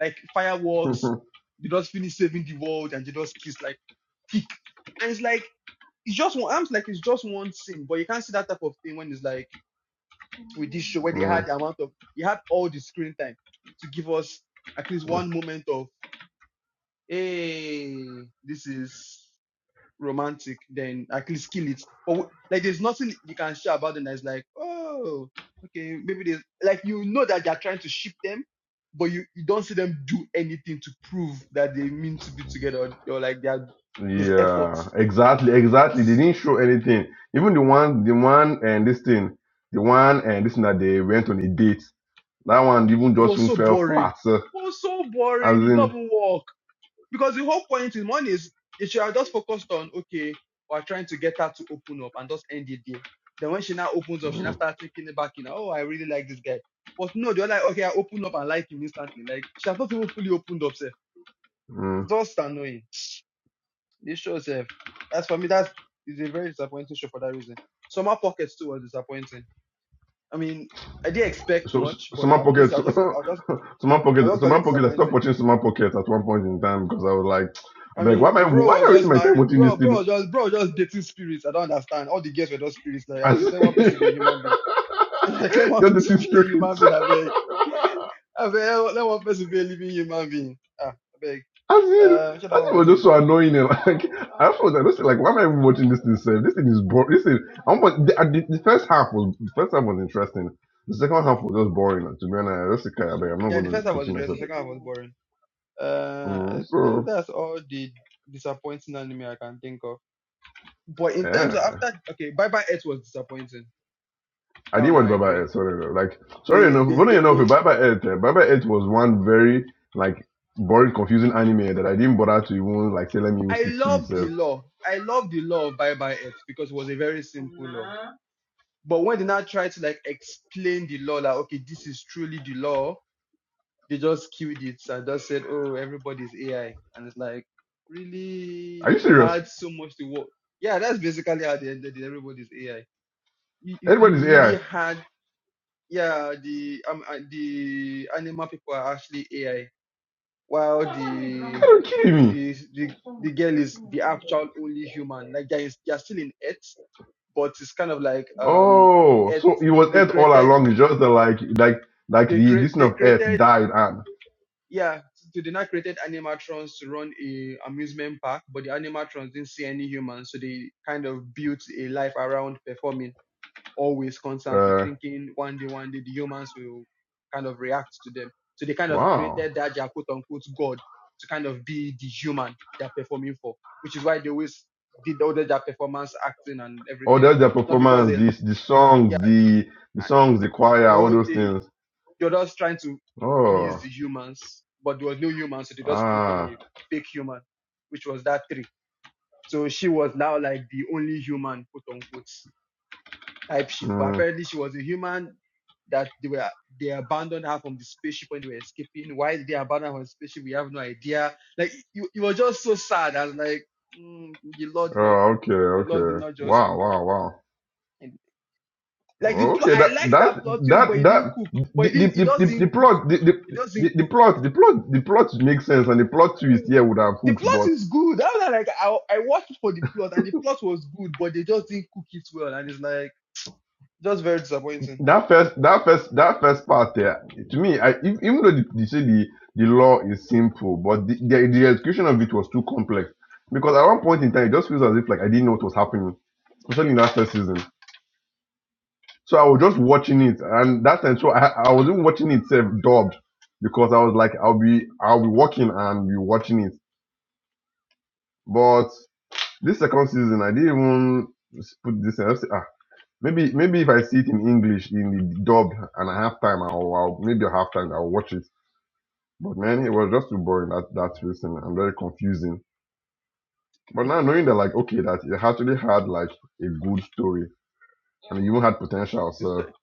[SPEAKER 1] Like fireworks,
[SPEAKER 2] <laughs>
[SPEAKER 1] they just finish saving the world and they just kiss like peak. And it's like it's just one I'm like it's just one scene, but you can't see that type of thing when it's like with this show where they
[SPEAKER 2] Mm,
[SPEAKER 1] had the amount of you had all the screen time to give us at least one moment of hey, this is romantic, then I can kill it. But w- like, there's nothing you can share about them that's like, oh, okay, maybe there's like you know that they're trying to ship them, but you, you don't see them do anything to prove that they mean to be together or, or like they're there's effort.
[SPEAKER 2] Yeah, exactly, exactly. They
[SPEAKER 1] It's,
[SPEAKER 2] didn't show anything. Even the one, the one, and this thing, the one, and this thing that they went on a date. That one even
[SPEAKER 1] it
[SPEAKER 2] just
[SPEAKER 1] was
[SPEAKER 2] even
[SPEAKER 1] so
[SPEAKER 2] fell
[SPEAKER 1] boring.
[SPEAKER 2] flat. So,
[SPEAKER 1] It was so
[SPEAKER 2] as
[SPEAKER 1] boring. It
[SPEAKER 2] in,
[SPEAKER 1] never worked. Because the whole point is one is they should have just focused on okay, we're trying to get her to open up and just end it there. Then when she now opens up, she now
[SPEAKER 2] mm,
[SPEAKER 1] starts thinking back in, oh, I really like this guy. But no, they're like, okay, I open up and like him instantly. Like she has not even fully opened up, sir.
[SPEAKER 2] mm.
[SPEAKER 1] It's just annoying. This show, sir. That's for me. That's is a very disappointing show for that reason. Summer Pockets too was disappointing. I mean, I didn't expect
[SPEAKER 2] so so-
[SPEAKER 1] much, but I
[SPEAKER 2] someone
[SPEAKER 1] was
[SPEAKER 2] pocket,
[SPEAKER 1] just, I
[SPEAKER 2] so,
[SPEAKER 1] was just,
[SPEAKER 2] <laughs>
[SPEAKER 1] I was just,
[SPEAKER 2] someone
[SPEAKER 1] I was
[SPEAKER 2] pocket,
[SPEAKER 1] just really
[SPEAKER 2] someone pocket. I stopped
[SPEAKER 1] disappointing.
[SPEAKER 2] watching someone pocket at one point in time because I was like, i
[SPEAKER 1] I
[SPEAKER 2] be like, why am
[SPEAKER 1] mean,
[SPEAKER 2] I,
[SPEAKER 1] bro
[SPEAKER 2] why am
[SPEAKER 1] was
[SPEAKER 2] I wasting
[SPEAKER 1] just
[SPEAKER 2] my time
[SPEAKER 1] married.
[SPEAKER 2] watching
[SPEAKER 1] Bro,
[SPEAKER 2] this
[SPEAKER 1] bro was
[SPEAKER 2] thing?
[SPEAKER 1] just bro was just dating spirits. I don't understand. All the girls were just spirits. Like,
[SPEAKER 2] As <laughs>
[SPEAKER 1] actually,
[SPEAKER 2] just
[SPEAKER 1] let one person be a human being. <laughs> like, let one
[SPEAKER 2] the
[SPEAKER 1] person be a human being.
[SPEAKER 2] spirit.
[SPEAKER 1] I beg.
[SPEAKER 2] <laughs>
[SPEAKER 1] <laughs> I beg. Let one person be a living human being. Ah, I beg.
[SPEAKER 2] As in,
[SPEAKER 1] Uh, which other
[SPEAKER 2] that
[SPEAKER 1] one
[SPEAKER 2] thing was
[SPEAKER 1] was it?
[SPEAKER 2] just so annoying. And like, <laughs> I was like, this, like, why am I even watching this thing? Sir? This thing is boring. This thing, I'm, the, uh, the, the first half was, the first half was interesting. The second half was just boring. Like, to be honest, I just okay, I I'm not
[SPEAKER 1] Yeah,
[SPEAKER 2] going
[SPEAKER 1] the first
[SPEAKER 2] to
[SPEAKER 1] one was
[SPEAKER 2] continue
[SPEAKER 1] interesting.
[SPEAKER 2] myself.
[SPEAKER 1] The second one was boring. Uh, I
[SPEAKER 2] Mm,
[SPEAKER 1] think
[SPEAKER 2] so,
[SPEAKER 1] that's all the disappointing anime I can think of. But in terms of
[SPEAKER 2] yeah.
[SPEAKER 1] after, okay, Bye Bye Earth was disappointing.
[SPEAKER 2] I
[SPEAKER 1] That
[SPEAKER 2] did
[SPEAKER 1] one
[SPEAKER 2] watch
[SPEAKER 1] I agree.
[SPEAKER 2] Baba Ed, sorry though. Like, sorry
[SPEAKER 1] They,
[SPEAKER 2] enough,
[SPEAKER 1] they,
[SPEAKER 2] funny
[SPEAKER 1] they,
[SPEAKER 2] enough,
[SPEAKER 1] they.
[SPEAKER 2] Baba Ed, eh, Baba Ed was one very, like, boring, confusing anime that I didn't bother to even, like, say, let me even
[SPEAKER 1] I
[SPEAKER 2] stick to
[SPEAKER 1] love the
[SPEAKER 2] itself.
[SPEAKER 1] law. I love the law of bye bye earth because it was a very simple law. But when they now try to like explain the law, like okay, this is truly the law, they just killed it and just said, oh, everybody's AI, and it's like,
[SPEAKER 2] Are
[SPEAKER 1] really,
[SPEAKER 2] you
[SPEAKER 1] you
[SPEAKER 2] serious?
[SPEAKER 1] had so much to work. Yeah, that's basically how they ended. it, Everybody's AI. You you, you
[SPEAKER 2] Everybody's
[SPEAKER 1] really
[SPEAKER 2] AI.
[SPEAKER 1] had yeah the um uh, the animal people are actually AI while
[SPEAKER 2] Are
[SPEAKER 1] the
[SPEAKER 2] you kidding me?
[SPEAKER 1] the the the girl is the actual only human. Like they're, they're still in Earth, but it's kind of like um
[SPEAKER 2] Oh,
[SPEAKER 1] Earth.
[SPEAKER 2] so it was
[SPEAKER 1] They
[SPEAKER 2] Earth all
[SPEAKER 1] created
[SPEAKER 2] along. It's just that like like like
[SPEAKER 1] they
[SPEAKER 2] the
[SPEAKER 1] create
[SPEAKER 2] this thing
[SPEAKER 1] they
[SPEAKER 2] of Earth
[SPEAKER 1] created
[SPEAKER 2] died and
[SPEAKER 1] yeah. So they now created animatrons to run a amusement park, but the animatrons didn't see any humans, so they kind of built a life around performing. always constantly
[SPEAKER 2] uh
[SPEAKER 1] thinking one day, one day the humans will kind of react to them. So they kind of
[SPEAKER 2] wow.
[SPEAKER 1] created that their quote unquote God to kind of be the human they're performing for, which is why they always did all their performance acting and
[SPEAKER 2] Oh,
[SPEAKER 1] everything.
[SPEAKER 2] that's the
[SPEAKER 1] Not because they,
[SPEAKER 2] performance, this the
[SPEAKER 1] yeah,
[SPEAKER 2] songs, the the songs, the choir,
[SPEAKER 1] the
[SPEAKER 2] all
[SPEAKER 1] whole
[SPEAKER 2] those
[SPEAKER 1] thing,
[SPEAKER 2] things.
[SPEAKER 1] they're just trying to please
[SPEAKER 2] Oh,
[SPEAKER 1] the humans, but there was no humans, so they just created
[SPEAKER 2] ah,
[SPEAKER 1] a fake human, which was that tree. So she was now like the only human, quote unquote. type ship, but
[SPEAKER 2] mm,
[SPEAKER 1] apparently she was a human that they were they abandoned her from the spaceship when they were escaping. Why did they abandon her from the spaceship? We have no idea. Like you, it was just so sad. I was like, mm, the Lord
[SPEAKER 2] oh,
[SPEAKER 1] did not cook.
[SPEAKER 2] okay,
[SPEAKER 1] The Lord did
[SPEAKER 2] okay.
[SPEAKER 1] not just
[SPEAKER 2] Wow,
[SPEAKER 1] cook.
[SPEAKER 2] wow, wow.
[SPEAKER 1] And, like the plot,
[SPEAKER 2] Okay,
[SPEAKER 1] I
[SPEAKER 2] that
[SPEAKER 1] like that
[SPEAKER 2] that
[SPEAKER 1] plot twist, but
[SPEAKER 2] that
[SPEAKER 1] it didn't
[SPEAKER 2] that
[SPEAKER 1] cook.
[SPEAKER 2] the
[SPEAKER 1] But it
[SPEAKER 2] the
[SPEAKER 1] didn't. It
[SPEAKER 2] the,
[SPEAKER 1] just
[SPEAKER 2] the, the
[SPEAKER 1] didn't cook.
[SPEAKER 2] plot the, the
[SPEAKER 1] It just
[SPEAKER 2] the
[SPEAKER 1] didn't
[SPEAKER 2] the
[SPEAKER 1] cook.
[SPEAKER 2] plot the plot the plot makes sense and the plot twist here would have
[SPEAKER 1] The
[SPEAKER 2] hooked,
[SPEAKER 1] plot
[SPEAKER 2] but.
[SPEAKER 1] is good. I was like, I, I watched for the plot, and the plot was good, but they just didn't cook it well, and it's like just very disappointing.
[SPEAKER 2] that first that first that first part there to me i ev- even though they, they say the the law is simple but the, the the execution of it was too complex because at one point in time it just feels as if like i didn't know what was happening especially in that first season so i was just watching it and that time so i, I was even watching it self dubbed because i was like i'll be i'll be watching and be watching it but this second season i didn't even put this Maybe maybe if I see it in English in the dub and I have time, I'll, I'll maybe I have time. I'll watch it. But man, it was just too boring that that season and very confusing. But now knowing that like okay, that it actually had like a good story and it even had potential.
[SPEAKER 1] The sto-
[SPEAKER 2] So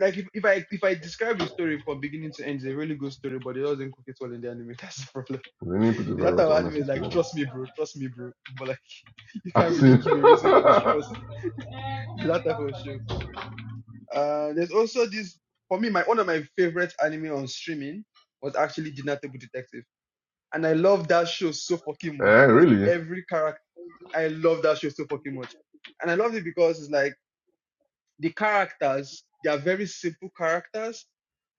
[SPEAKER 1] like if, if I if I describe the story from beginning to end, it's a really good story, but it doesn't cook it all in the anime. <laughs> That's the problem.
[SPEAKER 2] they didn't put it
[SPEAKER 1] <laughs> That
[SPEAKER 2] very well
[SPEAKER 1] type of
[SPEAKER 2] to
[SPEAKER 1] anime
[SPEAKER 2] honestly
[SPEAKER 1] is like,
[SPEAKER 2] speaking.
[SPEAKER 1] trust me, bro, trust me, bro. But like, <laughs> you
[SPEAKER 2] I
[SPEAKER 1] can't really
[SPEAKER 2] see.
[SPEAKER 1] give a reason why they should trust you. <laughs> that type of show. Uh, there's also this for me. My one of my favorite anime on streaming was actually Jinatable Detective, and I love that show so fucking
[SPEAKER 2] <laughs>
[SPEAKER 1] much
[SPEAKER 2] eh,
[SPEAKER 1] because
[SPEAKER 2] really?
[SPEAKER 1] every character. I love that show so fucking much, and I loved it because it's like the characters they are very simple characters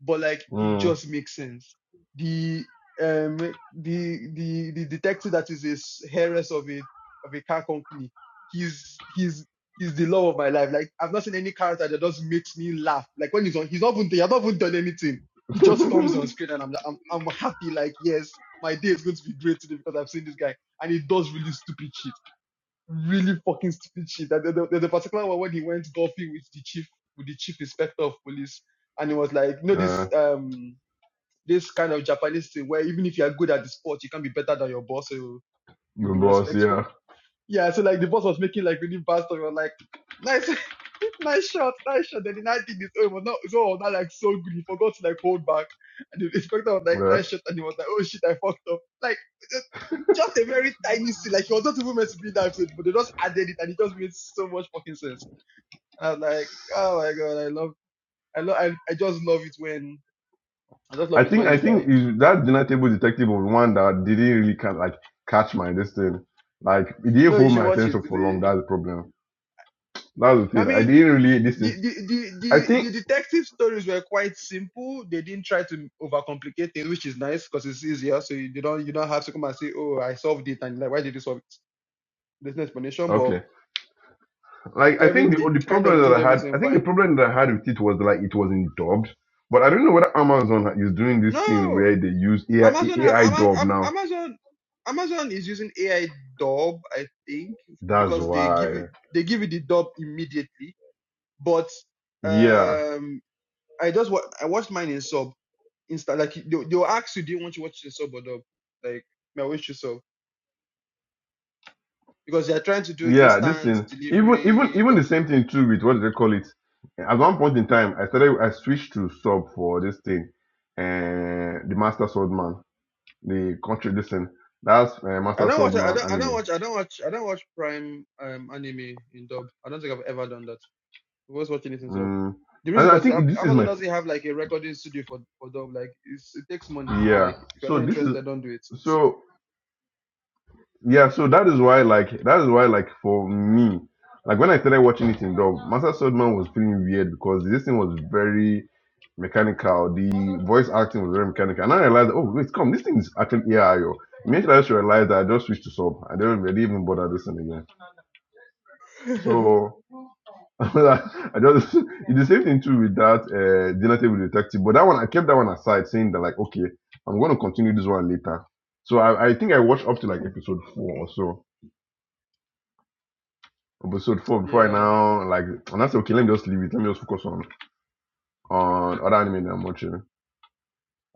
[SPEAKER 1] but like it
[SPEAKER 2] Mm.
[SPEAKER 1] just makes sense the um the the the detective that is his heiress of a of a car company he's he's he's the love of my life like i've not seen any character that just makes me laugh like when he's on he's not even he has not even done anything he just comes on
[SPEAKER 2] <laughs>
[SPEAKER 1] screen and i'm like i'm, I'm happy like yes my day is going to be great today because i've seen this guy and he does really stupid shit really fucking stupid shit. That the, the, the particular one when he went golfing with the chief, with the chief inspector of police, and he was like, you know, this
[SPEAKER 2] uh,
[SPEAKER 1] um this kind of Japanese thing where even if you are good at the sport, you can be better than your boss, so you
[SPEAKER 2] the
[SPEAKER 1] be
[SPEAKER 2] boss, <laughs>
[SPEAKER 1] respectful.
[SPEAKER 2] yeah.
[SPEAKER 1] Yeah, so like the boss was making like really bad stuff. he was like, nice, <laughs> nice shot, nice shot. Then the night thing is, oh, it was not, so not like so good. He forgot to like hold back. And the inspector was like,
[SPEAKER 2] Yeah.
[SPEAKER 1] nice shot. And he was like, oh shit, I fucked up. Like, just, just a very tiny scene. Like, he was not even meant to be in that episode, but they just added it and it just made so much fucking sense. And I was like, oh my god, I love, I love, I, I just love it when, I just love
[SPEAKER 2] I
[SPEAKER 1] it
[SPEAKER 2] think
[SPEAKER 1] when
[SPEAKER 2] I
[SPEAKER 1] it's
[SPEAKER 2] think
[SPEAKER 1] like,
[SPEAKER 2] is that dinner table detective was one that didn't really kind like catch my this thing. Like it didn't
[SPEAKER 1] no, you
[SPEAKER 2] hold
[SPEAKER 1] should
[SPEAKER 2] my
[SPEAKER 1] watch it.
[SPEAKER 2] attention
[SPEAKER 1] It's
[SPEAKER 2] for long. That's the
[SPEAKER 1] a-
[SPEAKER 2] problem. That's the
[SPEAKER 1] I
[SPEAKER 2] thing. I
[SPEAKER 1] mean,
[SPEAKER 2] didn't really
[SPEAKER 1] the,
[SPEAKER 2] listen.
[SPEAKER 1] the, the,
[SPEAKER 2] I
[SPEAKER 1] the, the
[SPEAKER 2] think
[SPEAKER 1] detective stories were quite simple. They didn't try to overcomplicate things, which is nice because it's easier. So you don't you don't have to come and say, "Oh, I solved it," and like, why did you solve it? There's no explanation, but
[SPEAKER 2] okay. Like
[SPEAKER 1] they
[SPEAKER 2] I
[SPEAKER 1] every
[SPEAKER 2] think the
[SPEAKER 1] they
[SPEAKER 2] the
[SPEAKER 1] kind of
[SPEAKER 2] problem that
[SPEAKER 1] did
[SPEAKER 2] I had, I
[SPEAKER 1] everything
[SPEAKER 2] think the
[SPEAKER 1] fine.
[SPEAKER 2] problem that I had with it was like it wasn't dubbed. But I don't know whether Amazon is doing this thing
[SPEAKER 1] No,
[SPEAKER 2] where they use AI,
[SPEAKER 1] Amazon, ha-
[SPEAKER 2] AI
[SPEAKER 1] Ama-
[SPEAKER 2] dub
[SPEAKER 1] Am-
[SPEAKER 2] now.
[SPEAKER 1] Amazon, Amazon is using AI dub, I think,
[SPEAKER 2] That's
[SPEAKER 1] because they give it
[SPEAKER 2] why.
[SPEAKER 1] they give it the dub immediately, but.
[SPEAKER 2] Yeah.
[SPEAKER 1] um. I just wa- I watched mine in sub. Insta like they they'll ask you, do you want to watch it in sub or dub? Like may I watch you sub because they're trying to do
[SPEAKER 2] Yeah, this
[SPEAKER 1] instant
[SPEAKER 2] thing, even even
[SPEAKER 1] delivery
[SPEAKER 2] even the
[SPEAKER 1] dub.
[SPEAKER 2] same thing too with what do they call it? At one point in time, I started I switched to sub for this thing, uh, the Master Swordman, the country this thing. That's uh,
[SPEAKER 1] I
[SPEAKER 2] Master
[SPEAKER 1] don't watch I
[SPEAKER 2] Swordman
[SPEAKER 1] don't I don't
[SPEAKER 2] anime.
[SPEAKER 1] watch I don't watch I don't watch prime um anime in dub. I don't think I've ever done that. I was watching it in sub.
[SPEAKER 2] Mm.
[SPEAKER 1] The reason
[SPEAKER 2] And I
[SPEAKER 1] because
[SPEAKER 2] think this is
[SPEAKER 1] Amazon
[SPEAKER 2] my
[SPEAKER 1] doesn't have like a recording studio for, for dub. Like it's, it takes money. So
[SPEAKER 2] yeah.
[SPEAKER 1] like if you're
[SPEAKER 2] So
[SPEAKER 1] not
[SPEAKER 2] this is
[SPEAKER 1] interested, don't do it. <laughs> So-
[SPEAKER 2] so. yeah so that is why like that is why like for me like when i started watching it in dub master swordman was feeling weird because this thing was very mechanical the voice acting was very mechanical and i realized oh wait come this thing is actually ai yo. Immediately I just realized that I just switched to sub. I didn't really even bother listening again.
[SPEAKER 1] <laughs>
[SPEAKER 2] So <laughs> I just <laughs> it's the same thing too with that uh generative detective. But that one I kept that one aside saying that like okay, I'm gonna continue this one later. So I, I think I watched up to like episode four or so episode four before I
[SPEAKER 1] yeah,
[SPEAKER 2] now like and I said, okay, let me just leave it. Let me just focus on on other anime that I'm watching.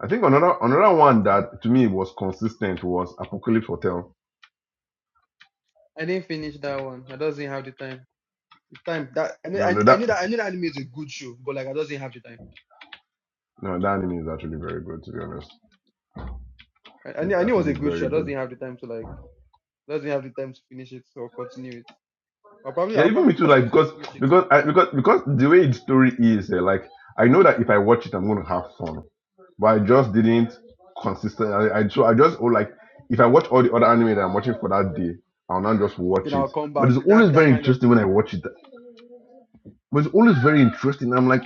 [SPEAKER 2] I think another another one that to me was consistent was Apocalypse Hotel.
[SPEAKER 1] I didn't finish that one. I doesn't have the time. It's time that I knew,
[SPEAKER 2] No,
[SPEAKER 1] I,
[SPEAKER 2] no,
[SPEAKER 1] I
[SPEAKER 2] that
[SPEAKER 1] knew that I knew that anime is a good show, but like I just didn't have the time.
[SPEAKER 2] no, that anime is actually very good to be honest.
[SPEAKER 1] I, I knew
[SPEAKER 2] It's
[SPEAKER 1] I knew it was
[SPEAKER 2] actually
[SPEAKER 1] a good show.
[SPEAKER 2] very
[SPEAKER 1] I just
[SPEAKER 2] good.
[SPEAKER 1] didn't have the time to like just didn't have the time to finish it or continue it. I'll probably
[SPEAKER 2] Yeah,
[SPEAKER 1] I'll
[SPEAKER 2] even
[SPEAKER 1] probably
[SPEAKER 2] me too.
[SPEAKER 1] force
[SPEAKER 2] Like
[SPEAKER 1] myself to
[SPEAKER 2] because
[SPEAKER 1] finish it.
[SPEAKER 2] because I, because because the way the story is, eh, like I know that if I watch it, I'm gonna have fun. But I just didn't consistent. I, I so I just oh like if I watch all the other anime that I'm watching for that day, I'll not just
[SPEAKER 1] Then
[SPEAKER 2] watch
[SPEAKER 1] I'll
[SPEAKER 2] it.
[SPEAKER 1] come
[SPEAKER 2] But
[SPEAKER 1] back.
[SPEAKER 2] it's
[SPEAKER 1] That
[SPEAKER 2] always
[SPEAKER 1] that
[SPEAKER 2] very
[SPEAKER 1] kind of
[SPEAKER 2] interesting when
[SPEAKER 1] thing.
[SPEAKER 2] I watch it But it's always very interesting. I'm like,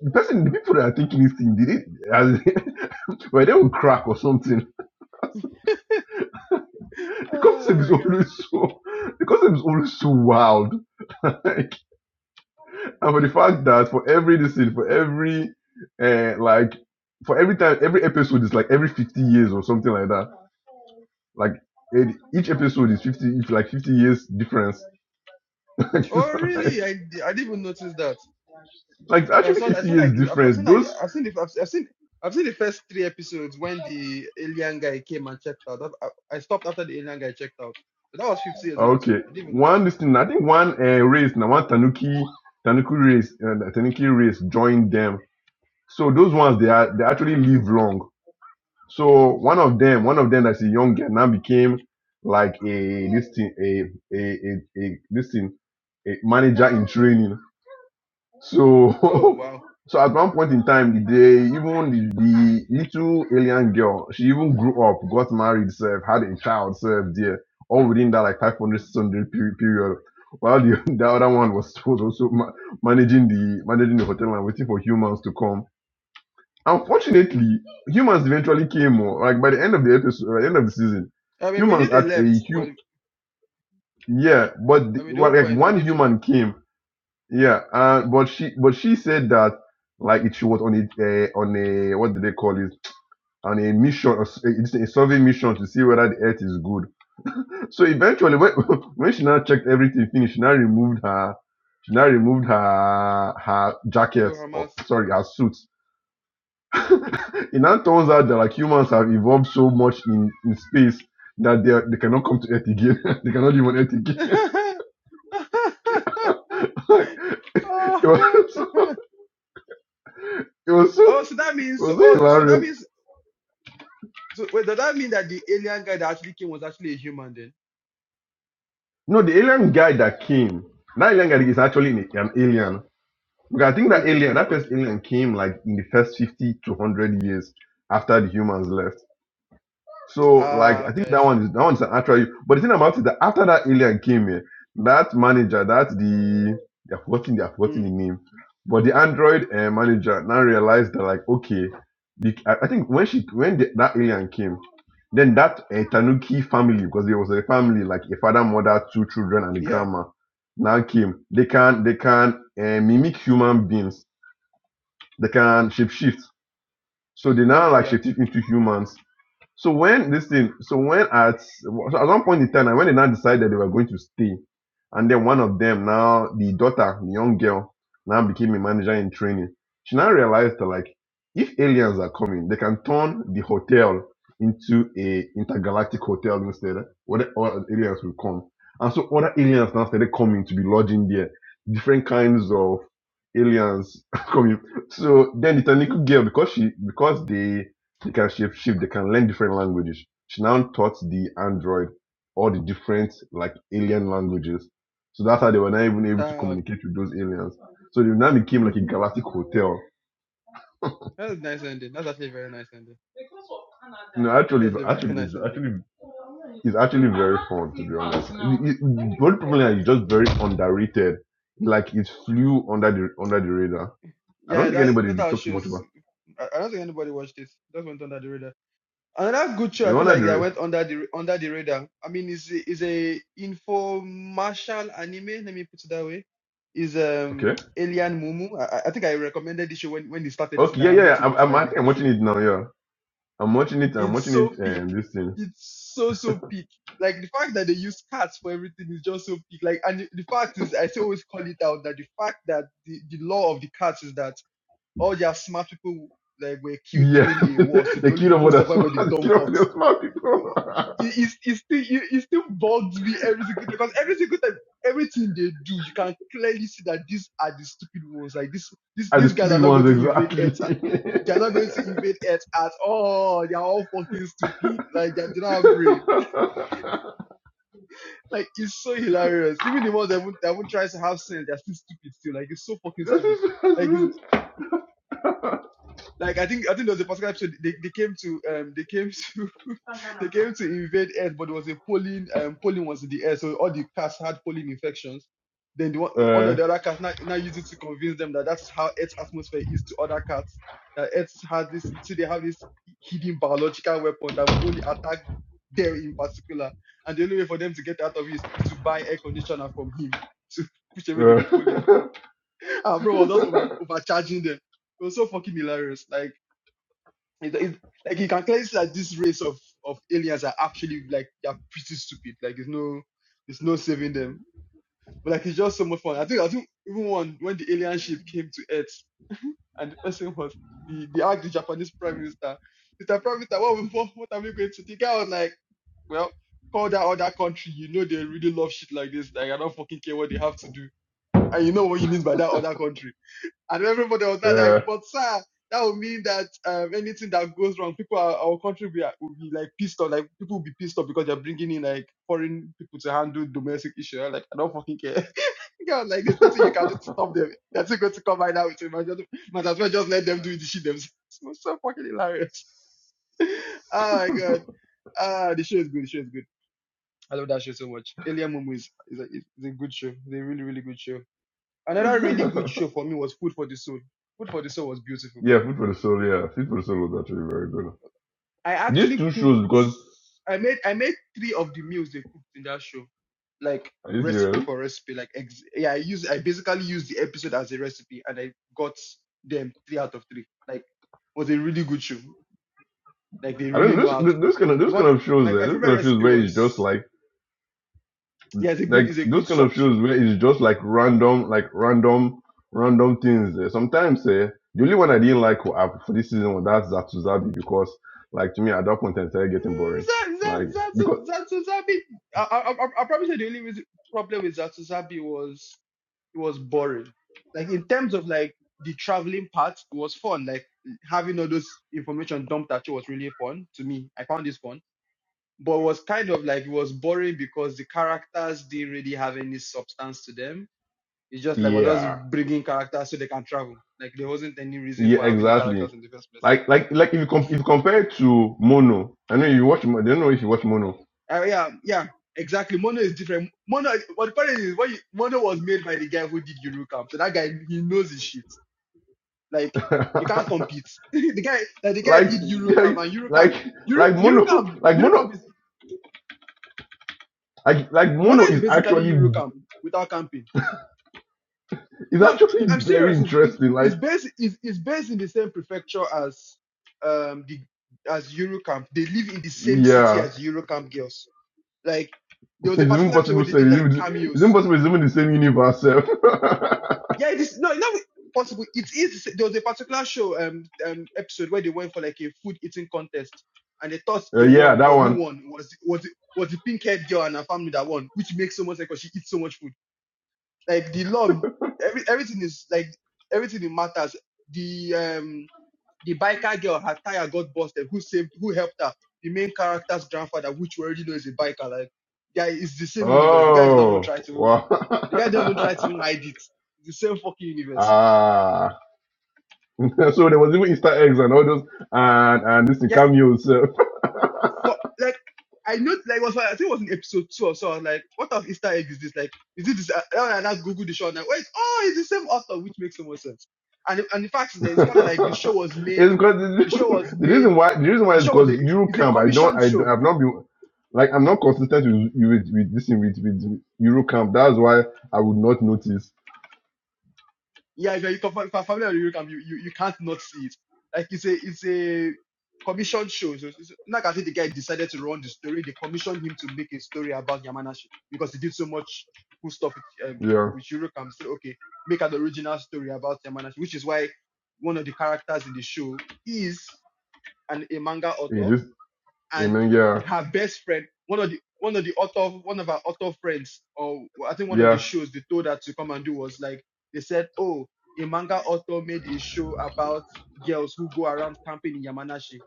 [SPEAKER 2] the person, the people that are taking this thing, did it? As, <laughs> well, they will crack or something. <laughs> The concept
[SPEAKER 1] Oh
[SPEAKER 2] is
[SPEAKER 1] my god.
[SPEAKER 2] always so, the concept is always so wild. <laughs> like, and for the fact that for every listen, for every, uh, like, for every time, every episode is like every 50 years or something like that. Like, it- each episode is 50, it's like 50 years difference. <laughs> like, it's
[SPEAKER 1] Oh really?
[SPEAKER 2] like,
[SPEAKER 1] I, di- I didn't even notice that.
[SPEAKER 2] like, it's
[SPEAKER 1] But I
[SPEAKER 2] actually
[SPEAKER 1] saw I
[SPEAKER 2] 50
[SPEAKER 1] saw like
[SPEAKER 2] years
[SPEAKER 1] I've, I've
[SPEAKER 2] difference.
[SPEAKER 1] seen like
[SPEAKER 2] Those
[SPEAKER 1] I've seen the I've, I've seen I've seen the first three episodes when the alien guy came and checked out. I, I I stopped after the alien guy checked out. So that was 50 years in between.
[SPEAKER 2] Okay,
[SPEAKER 1] I didn't even notice.
[SPEAKER 2] one this thing. I think one uh, race now one Tanuki Tanuki race and uh, Tanuki race joined them. So those ones they are they actually live long. So one of them, one of them that's a young girl now became like a this thing a a a, a this thing a manager in training.
[SPEAKER 1] Oh
[SPEAKER 2] So,
[SPEAKER 1] wow.
[SPEAKER 2] <laughs> so at one point in time, the day even the, the little alien girl, she even grew up, got married, self, had a child, self, there, all within that like 500 Sunday period. period. While the, <laughs> the other one was was also ma- managing the managing the hotel and waiting for humans to come. Unfortunately, humans eventually came. oh, Like by the end of the episode, by the end of the season,
[SPEAKER 1] I mean, we knew
[SPEAKER 2] humans
[SPEAKER 1] they
[SPEAKER 2] at a
[SPEAKER 1] left, but
[SPEAKER 2] hum yeah, but
[SPEAKER 1] I
[SPEAKER 2] the,
[SPEAKER 1] mean, the whole
[SPEAKER 2] well, like
[SPEAKER 1] point is we
[SPEAKER 2] one
[SPEAKER 1] need a left.
[SPEAKER 2] human came yeah, uh, but she but she said that like it, she was on a uh, on a what do they call it on a mission a, s- it's a survey mission to see whether the earth is good. So eventually, when, <laughs> when she now checked everything finished, she now removed her she now removed her her
[SPEAKER 1] So
[SPEAKER 2] jacket or
[SPEAKER 1] Hamas.
[SPEAKER 2] sorry her suit. It now turns out that like humans have evolved so much in, in space that they are, they cannot come to earth again. <laughs> they cannot live on earth again.
[SPEAKER 1] <laughs>
[SPEAKER 2] <laughs>
[SPEAKER 1] oh,
[SPEAKER 2] it was so
[SPEAKER 1] <laughs>
[SPEAKER 2] it was so
[SPEAKER 1] oh, so
[SPEAKER 2] it
[SPEAKER 1] that means. so,
[SPEAKER 2] was so
[SPEAKER 1] Oh, so
[SPEAKER 2] hilarious.
[SPEAKER 1] that means. So wait, does that mean that the alien guy that actually came was actually a human then?
[SPEAKER 2] No, the alien guy that came, that alien guy is actually an an alien. Because I think that
[SPEAKER 1] Okay.
[SPEAKER 2] alien, that first
[SPEAKER 1] Okay.
[SPEAKER 2] alien came like in the first 50 to 100 years after the humans left. So like
[SPEAKER 1] Ah.
[SPEAKER 2] I think
[SPEAKER 1] okay. I
[SPEAKER 2] that
[SPEAKER 1] see.
[SPEAKER 2] one is that one's an actual but the thing about it that after that alien came here, that manager, that's the they're forgetting they're forgetting the
[SPEAKER 1] Mm,
[SPEAKER 2] name. But the Android uh, manager now realized that like okay, the, I, I think when she when the, that alien came, then that uh, Tanuki family because there was a family like a father, mother, two children, and a
[SPEAKER 1] yeah.
[SPEAKER 2] grandma now came. They can they can uh, mimic human beings. They can shapeshift. So they
[SPEAKER 1] Oh,
[SPEAKER 2] now like
[SPEAKER 1] yeah.
[SPEAKER 2] shapeshift into humans so when this thing, so when at so at one point in time, now, when they now decided they were going to stay, and then one of them now the daughter, the young girl, now became a manager in training. She now realized that like if aliens are coming, they can turn the hotel into a intergalactic hotel instead, where the other aliens will come. And so other aliens now started coming to be lodging there. Different kinds of aliens <laughs> coming. So then the Taniku girl, because she because they they can shift. They can learn different languages. She now taught the android all the different like alien languages. So that's how they were not even able to
[SPEAKER 1] Ah. okay.
[SPEAKER 2] communicate with those aliens. So they now became like a
[SPEAKER 1] <laughs>
[SPEAKER 2] galactic hotel.
[SPEAKER 1] that's a nice ending. That's actually a very nice ending.
[SPEAKER 2] No,
[SPEAKER 1] That's
[SPEAKER 2] actually,
[SPEAKER 1] actually a very <laughs>
[SPEAKER 2] actually, it's
[SPEAKER 1] nice ending.
[SPEAKER 2] actually it's actually very fun to be honest. It- it- The only
[SPEAKER 1] That's
[SPEAKER 2] problem
[SPEAKER 1] a
[SPEAKER 2] is
[SPEAKER 1] nice
[SPEAKER 2] just
[SPEAKER 1] ending.
[SPEAKER 2] very underrated. Like it flew under the under the radar. I don't
[SPEAKER 1] Yeah.
[SPEAKER 2] think
[SPEAKER 1] That
[SPEAKER 2] anybody
[SPEAKER 1] that
[SPEAKER 2] really
[SPEAKER 1] our
[SPEAKER 2] talked much
[SPEAKER 1] shows.
[SPEAKER 2] about.
[SPEAKER 1] I, I don't think anybody watched this. That went under the radar. Another good show I
[SPEAKER 2] You
[SPEAKER 1] feel
[SPEAKER 2] under
[SPEAKER 1] like
[SPEAKER 2] the
[SPEAKER 1] that went
[SPEAKER 2] ra-
[SPEAKER 1] under the under the radar. I mean, is is a infomercial anime. Let me put it that way. Is um
[SPEAKER 2] okay?
[SPEAKER 1] Alien Mumu. I, I I think I recommended this show when when they started this,
[SPEAKER 2] Okay,
[SPEAKER 1] and
[SPEAKER 2] yeah,
[SPEAKER 1] I'm
[SPEAKER 2] yeah.
[SPEAKER 1] going
[SPEAKER 2] yeah.
[SPEAKER 1] to
[SPEAKER 2] I'm,
[SPEAKER 1] watch it.
[SPEAKER 2] I'm
[SPEAKER 1] It's
[SPEAKER 2] I
[SPEAKER 1] a
[SPEAKER 2] think I'm
[SPEAKER 1] good
[SPEAKER 2] watching
[SPEAKER 1] show.
[SPEAKER 2] it now. Yeah. I'm watching it. I'm
[SPEAKER 1] It's
[SPEAKER 2] watching it.
[SPEAKER 1] so peak.
[SPEAKER 2] Um, this thing.
[SPEAKER 1] It's so so peak. Like the fact that they use cats for everything is just so peak. Like and the, the fact is, I still always call it out that the fact that the, the law of the cats is that all their smart people like were killed
[SPEAKER 2] Yeah,
[SPEAKER 1] during
[SPEAKER 2] <laughs>
[SPEAKER 1] a war, so the
[SPEAKER 2] the
[SPEAKER 1] only
[SPEAKER 2] kingdom
[SPEAKER 1] people who
[SPEAKER 2] of the
[SPEAKER 1] survive
[SPEAKER 2] smart,
[SPEAKER 1] were the
[SPEAKER 2] the
[SPEAKER 1] dumb
[SPEAKER 2] kingdom of <laughs>
[SPEAKER 1] fox
[SPEAKER 2] the smart
[SPEAKER 1] it,
[SPEAKER 2] people,
[SPEAKER 1] it, it still it, it still bugs me every single day because every single time everything they do you can clearly see that these are the stupid ones like this
[SPEAKER 2] <laughs>
[SPEAKER 1] this
[SPEAKER 2] and the
[SPEAKER 1] these guys are
[SPEAKER 2] stupid
[SPEAKER 1] not going
[SPEAKER 2] ones
[SPEAKER 1] to invade
[SPEAKER 2] exactly.
[SPEAKER 1] earth
[SPEAKER 2] <laughs>
[SPEAKER 1] they're not going to invade earth at all they're all fucking stupid like they, don't have brain like it's so hilarious even the ones that won't, that won't try to have sense they're still stupid still like it's so fucking
[SPEAKER 2] this
[SPEAKER 1] stupid
[SPEAKER 2] is just
[SPEAKER 1] like. it's Like I think I think there was a particular episode they, they came to um they came to <laughs> they came to invade Earth, but there was a pollen um pollen was in the air, so all the cats had pollen infections. Then the one, one of
[SPEAKER 2] uh,
[SPEAKER 1] the other cats now, now used it to convince them that that is how Earth's atmosphere is to other cats. That Earth has this see they have this hidden biological weapon that will only attack them in particular. And the only way for them to get out of it is, is to buy air conditioner from him to <laughs> push away the
[SPEAKER 2] uh,
[SPEAKER 1] pollen. And <laughs> bro was just over, overcharging them. It was so fucking hilarious. Like it, it, like you can clearly see that this race of of aliens are actually like they're pretty stupid. Like there's no there's no saving them. But like it's just so much fun. I think I think even one when the alien ship came to Earth <laughs> and the person was the the asked the Japanese Prime Minister, Mr. Prime Minister, what we- what, what are we going to do? The guy was like, well, call that other country. You know they really love shit like this. Like I don't fucking care what they have to do. And you know what he means by that other country. And everybody was not like, but sir, that would mean that um, anything that goes wrong, people are, our country will be, will be like pissed off. Like people will be pissed off because they're bringing in like foreign people to handle domestic issue. I'm Like I don't fucking care. <laughs> Girl, like there's nothing you can do to stop them. They're still going to come right now with you. Might just- might as well just let them do the shit themselves. <laughs> It's so fucking hilarious. <laughs> Oh my god. Ah, the show is good. The show is good. I love that show so much. Alien Momo is is a, is a good show. It's a really really good show. Another
[SPEAKER 2] <laughs> yeah. <laughs>
[SPEAKER 1] really good show for me was Food for the Soul. Food for the Soul was beautiful.
[SPEAKER 2] yeah, food for the soul. Yeah, food for the soul was actually very good.
[SPEAKER 1] I
[SPEAKER 2] These
[SPEAKER 1] actually
[SPEAKER 2] two
[SPEAKER 1] cooked.
[SPEAKER 2] shows because
[SPEAKER 1] I made I made three of the meals they cooked in that show, like
[SPEAKER 2] are you
[SPEAKER 1] recipe
[SPEAKER 2] serious?
[SPEAKER 1] for recipe. Like ex- yeah, I use I basically used the episode as a recipe, and I got them three out of three. Like it was a really good show. Like they
[SPEAKER 2] I don't
[SPEAKER 1] really
[SPEAKER 2] know.
[SPEAKER 1] know
[SPEAKER 2] This
[SPEAKER 1] how to cook.
[SPEAKER 2] this kind of
[SPEAKER 1] The
[SPEAKER 2] this kind
[SPEAKER 1] one
[SPEAKER 2] of shows.
[SPEAKER 1] my,
[SPEAKER 2] Uh,
[SPEAKER 1] my
[SPEAKER 2] this
[SPEAKER 1] favorite
[SPEAKER 2] kind of shows
[SPEAKER 1] recipe
[SPEAKER 2] where it's just
[SPEAKER 1] was
[SPEAKER 2] like.
[SPEAKER 1] yeah, it's a good
[SPEAKER 2] like
[SPEAKER 1] it's a good
[SPEAKER 2] those kind of
[SPEAKER 1] soft show.
[SPEAKER 2] shows where it's just like random, like random, random things. eh. Sometimes eh, the only one I didn't like wa- uh, for this season was that Zatuzabi because, like to me at that point, it started getting
[SPEAKER 1] Mm,
[SPEAKER 2] boring.
[SPEAKER 1] Za-
[SPEAKER 2] Like
[SPEAKER 1] Za- Za-
[SPEAKER 2] because
[SPEAKER 1] Zatuzabi. I, I, I I probably said the only reason, problem with Zatuzabi was it was boring. Like in terms of like the traveling part, it was fun. Like having all those information dumped at you was really fun to me. I found this fun, but it was kind of like it was boring because the characters didn't really have any substance to them. It's just like we're just
[SPEAKER 2] yeah,
[SPEAKER 1] bringing characters so they can travel. Like there wasn't any reason
[SPEAKER 2] yeah,
[SPEAKER 1] for having the
[SPEAKER 2] exactly.
[SPEAKER 1] characters in the first place.
[SPEAKER 2] Like like like if you com- if you compare it to Mono, I know you watch. Mo- I don't know if you watch Mono.
[SPEAKER 1] Uh, yeah, yeah, exactly. Mono is different. Mono, what the funny is, when you, Mono was made by the guy who did Eurocamp, so that guy he knows his shit. Like
[SPEAKER 2] <laughs>
[SPEAKER 1] you can't compete. <laughs> the guy, like the guy
[SPEAKER 2] like
[SPEAKER 1] did Eurocamp
[SPEAKER 2] like
[SPEAKER 1] and Eurocamp,
[SPEAKER 2] like
[SPEAKER 1] Euro,
[SPEAKER 2] like Mono
[SPEAKER 1] Eurocamp,
[SPEAKER 2] like
[SPEAKER 1] Eurocamp
[SPEAKER 2] Mono
[SPEAKER 1] is
[SPEAKER 2] like like
[SPEAKER 1] Mono
[SPEAKER 2] Mono
[SPEAKER 1] is
[SPEAKER 2] is
[SPEAKER 1] basically
[SPEAKER 2] actually
[SPEAKER 1] Eurocamp without camping.
[SPEAKER 2] is
[SPEAKER 1] No,
[SPEAKER 2] actually
[SPEAKER 1] I'm
[SPEAKER 2] very
[SPEAKER 1] serious. It's, it-
[SPEAKER 2] interesting. Like
[SPEAKER 1] it's based it's, it's based in the same prefecture as um the as Eurocamp. They live in the same city
[SPEAKER 2] yeah
[SPEAKER 1] as Eurocamp girls. Like there was a
[SPEAKER 2] It's even
[SPEAKER 1] particular episode where
[SPEAKER 2] possible.
[SPEAKER 1] they
[SPEAKER 2] Sir.
[SPEAKER 1] did
[SPEAKER 2] It's,
[SPEAKER 1] like
[SPEAKER 2] even, it's
[SPEAKER 1] cameos
[SPEAKER 2] even possible. It's even the same universe. Sir. <laughs>
[SPEAKER 1] Yeah, it is. No, it's not possible. It is. There was a particular show, um, um, episode where they went for like a food eating contest, and they thought
[SPEAKER 2] Uh,
[SPEAKER 1] they
[SPEAKER 2] yeah,
[SPEAKER 1] won,
[SPEAKER 2] that
[SPEAKER 1] but who
[SPEAKER 2] one.
[SPEAKER 1] won was was was the pink haired girl and her family that won, which makes so much sense because she eats so much food. Like the love, every everything is like everything it matters. The um the biker girl, her tire got busted. Who saved? Who helped her? The main character's grandfather, which we already know is a biker, like yeah, it's the same universe. The guy doesn't even
[SPEAKER 2] Oh,
[SPEAKER 1] try to.
[SPEAKER 2] wow.
[SPEAKER 1] The guy doesn't even try to hide it. It's the same fucking
[SPEAKER 2] <laughs>
[SPEAKER 1] universe
[SPEAKER 2] ah. <laughs> so there was even Easter eggs and all those and and this thing,
[SPEAKER 1] yeah,
[SPEAKER 2] cameos. sir. <laughs>
[SPEAKER 1] for like I know like it was like, I think it was in episode two or so. I was like, what type of Easter egg is this? Like, is it this? uh, uh, And I Google the show and I wait, oh, it's the same author, which makes so much sense. And and the fact is
[SPEAKER 2] it's
[SPEAKER 1] that it's kind of like the show was made,
[SPEAKER 2] because
[SPEAKER 1] the show
[SPEAKER 2] the,
[SPEAKER 1] was
[SPEAKER 2] <laughs> the
[SPEAKER 1] made,
[SPEAKER 2] reason why the reason why
[SPEAKER 1] the
[SPEAKER 2] is
[SPEAKER 1] show was a
[SPEAKER 2] because
[SPEAKER 1] it's a
[SPEAKER 2] Eurocamp. I don't.
[SPEAKER 1] commissioned
[SPEAKER 2] I don't,
[SPEAKER 1] show
[SPEAKER 2] I've not been like I'm not consistent with with, with this thing with with Eurocamp. That's why I would not notice.
[SPEAKER 1] Yeah, if you're if you're familiar with Eurocamp, you, you you can't not see it. Like it's a it's a commissioned show. So it's not as if the guy decided to run the story. They commissioned him to make a story about Yamanashi because he did so much cool stuff with um,
[SPEAKER 2] Yeah.
[SPEAKER 1] with Eurocamp. He said, okay, make an original story about Yamanashi, which is why one of the characters in the show is an a manga author
[SPEAKER 2] It is.
[SPEAKER 1] and
[SPEAKER 2] Amen. Yeah.
[SPEAKER 1] her best friend, one of the one of the author, one of our author friends, or I think one of the
[SPEAKER 2] Yeah.
[SPEAKER 1] shows they told her to come and do was like they said, oh, a manga author made a show about girls who go around camping in Yamanashi.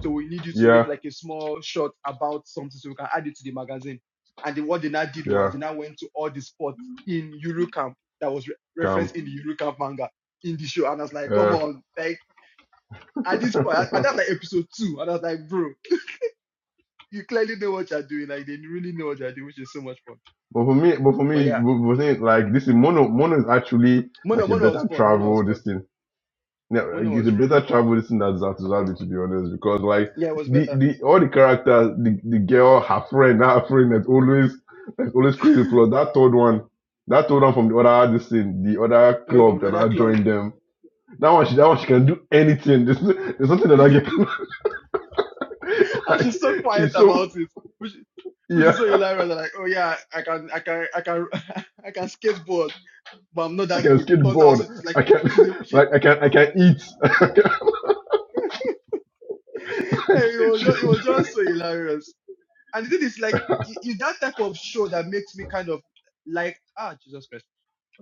[SPEAKER 1] So we need you to make
[SPEAKER 2] Yeah.
[SPEAKER 1] like a small shot about something so we can add it to the magazine. And then what they now did
[SPEAKER 2] Yeah.
[SPEAKER 1] was they now went to all the spots in Yuru Camp that was re-
[SPEAKER 2] Trump.
[SPEAKER 1] referenced in the Yuru Camp manga in the show. And I was like, come
[SPEAKER 2] Uh,
[SPEAKER 1] on, like at
[SPEAKER 2] <laughs> but
[SPEAKER 1] this point, at that like episode two, and I was like, bro you clearly know what you're doing. Like they really know what they're doing, which is so much fun.
[SPEAKER 2] for me, but for
[SPEAKER 1] But
[SPEAKER 2] me,
[SPEAKER 1] yeah,
[SPEAKER 2] was but like this is mono. Mono is actually like
[SPEAKER 1] Mono
[SPEAKER 2] a
[SPEAKER 1] Mono
[SPEAKER 2] better
[SPEAKER 1] was fun. Mono was
[SPEAKER 2] travel.
[SPEAKER 1] fun.
[SPEAKER 2] This thing, yeah, like,
[SPEAKER 1] Mono
[SPEAKER 2] it's a
[SPEAKER 1] was really
[SPEAKER 2] better
[SPEAKER 1] fun.
[SPEAKER 2] travel. This thing that Zatozabi, to be honest, because like
[SPEAKER 1] Yeah, it was
[SPEAKER 2] the
[SPEAKER 1] better.
[SPEAKER 2] the all the characters, the, the girl, her friend, her friend that's always that's always crazy.
[SPEAKER 1] <laughs>
[SPEAKER 2] Plus that third one, that third one from the other this thing, the other
[SPEAKER 1] No, from
[SPEAKER 2] club
[SPEAKER 1] the
[SPEAKER 2] that
[SPEAKER 1] other
[SPEAKER 2] I
[SPEAKER 1] club,
[SPEAKER 2] joined them. That one, she that one, she can do anything. There's, no, there's something
[SPEAKER 1] <laughs>
[SPEAKER 2] that I get <laughs>
[SPEAKER 1] and
[SPEAKER 2] like
[SPEAKER 1] she's so quiet
[SPEAKER 2] she's
[SPEAKER 1] about
[SPEAKER 2] so
[SPEAKER 1] it, which which
[SPEAKER 2] yeah
[SPEAKER 1] is so hilarious. I'm like, oh yeah, I can I can I can <laughs> I can skateboard, but I'm not
[SPEAKER 2] I
[SPEAKER 1] that
[SPEAKER 2] can
[SPEAKER 1] good.
[SPEAKER 2] skip
[SPEAKER 1] Turns out it's
[SPEAKER 2] board.
[SPEAKER 1] like
[SPEAKER 2] I can
[SPEAKER 1] she's a-
[SPEAKER 2] <laughs>
[SPEAKER 1] she.
[SPEAKER 2] like I can
[SPEAKER 1] <laughs>
[SPEAKER 2] I can eat. <laughs> I can,
[SPEAKER 1] it
[SPEAKER 2] like,
[SPEAKER 1] was
[SPEAKER 2] she
[SPEAKER 1] just, it
[SPEAKER 2] can
[SPEAKER 1] was
[SPEAKER 2] do.
[SPEAKER 1] just so hilarious. And the thing is, like, it- it's that type of show that makes me kind of like ah Jesus Christ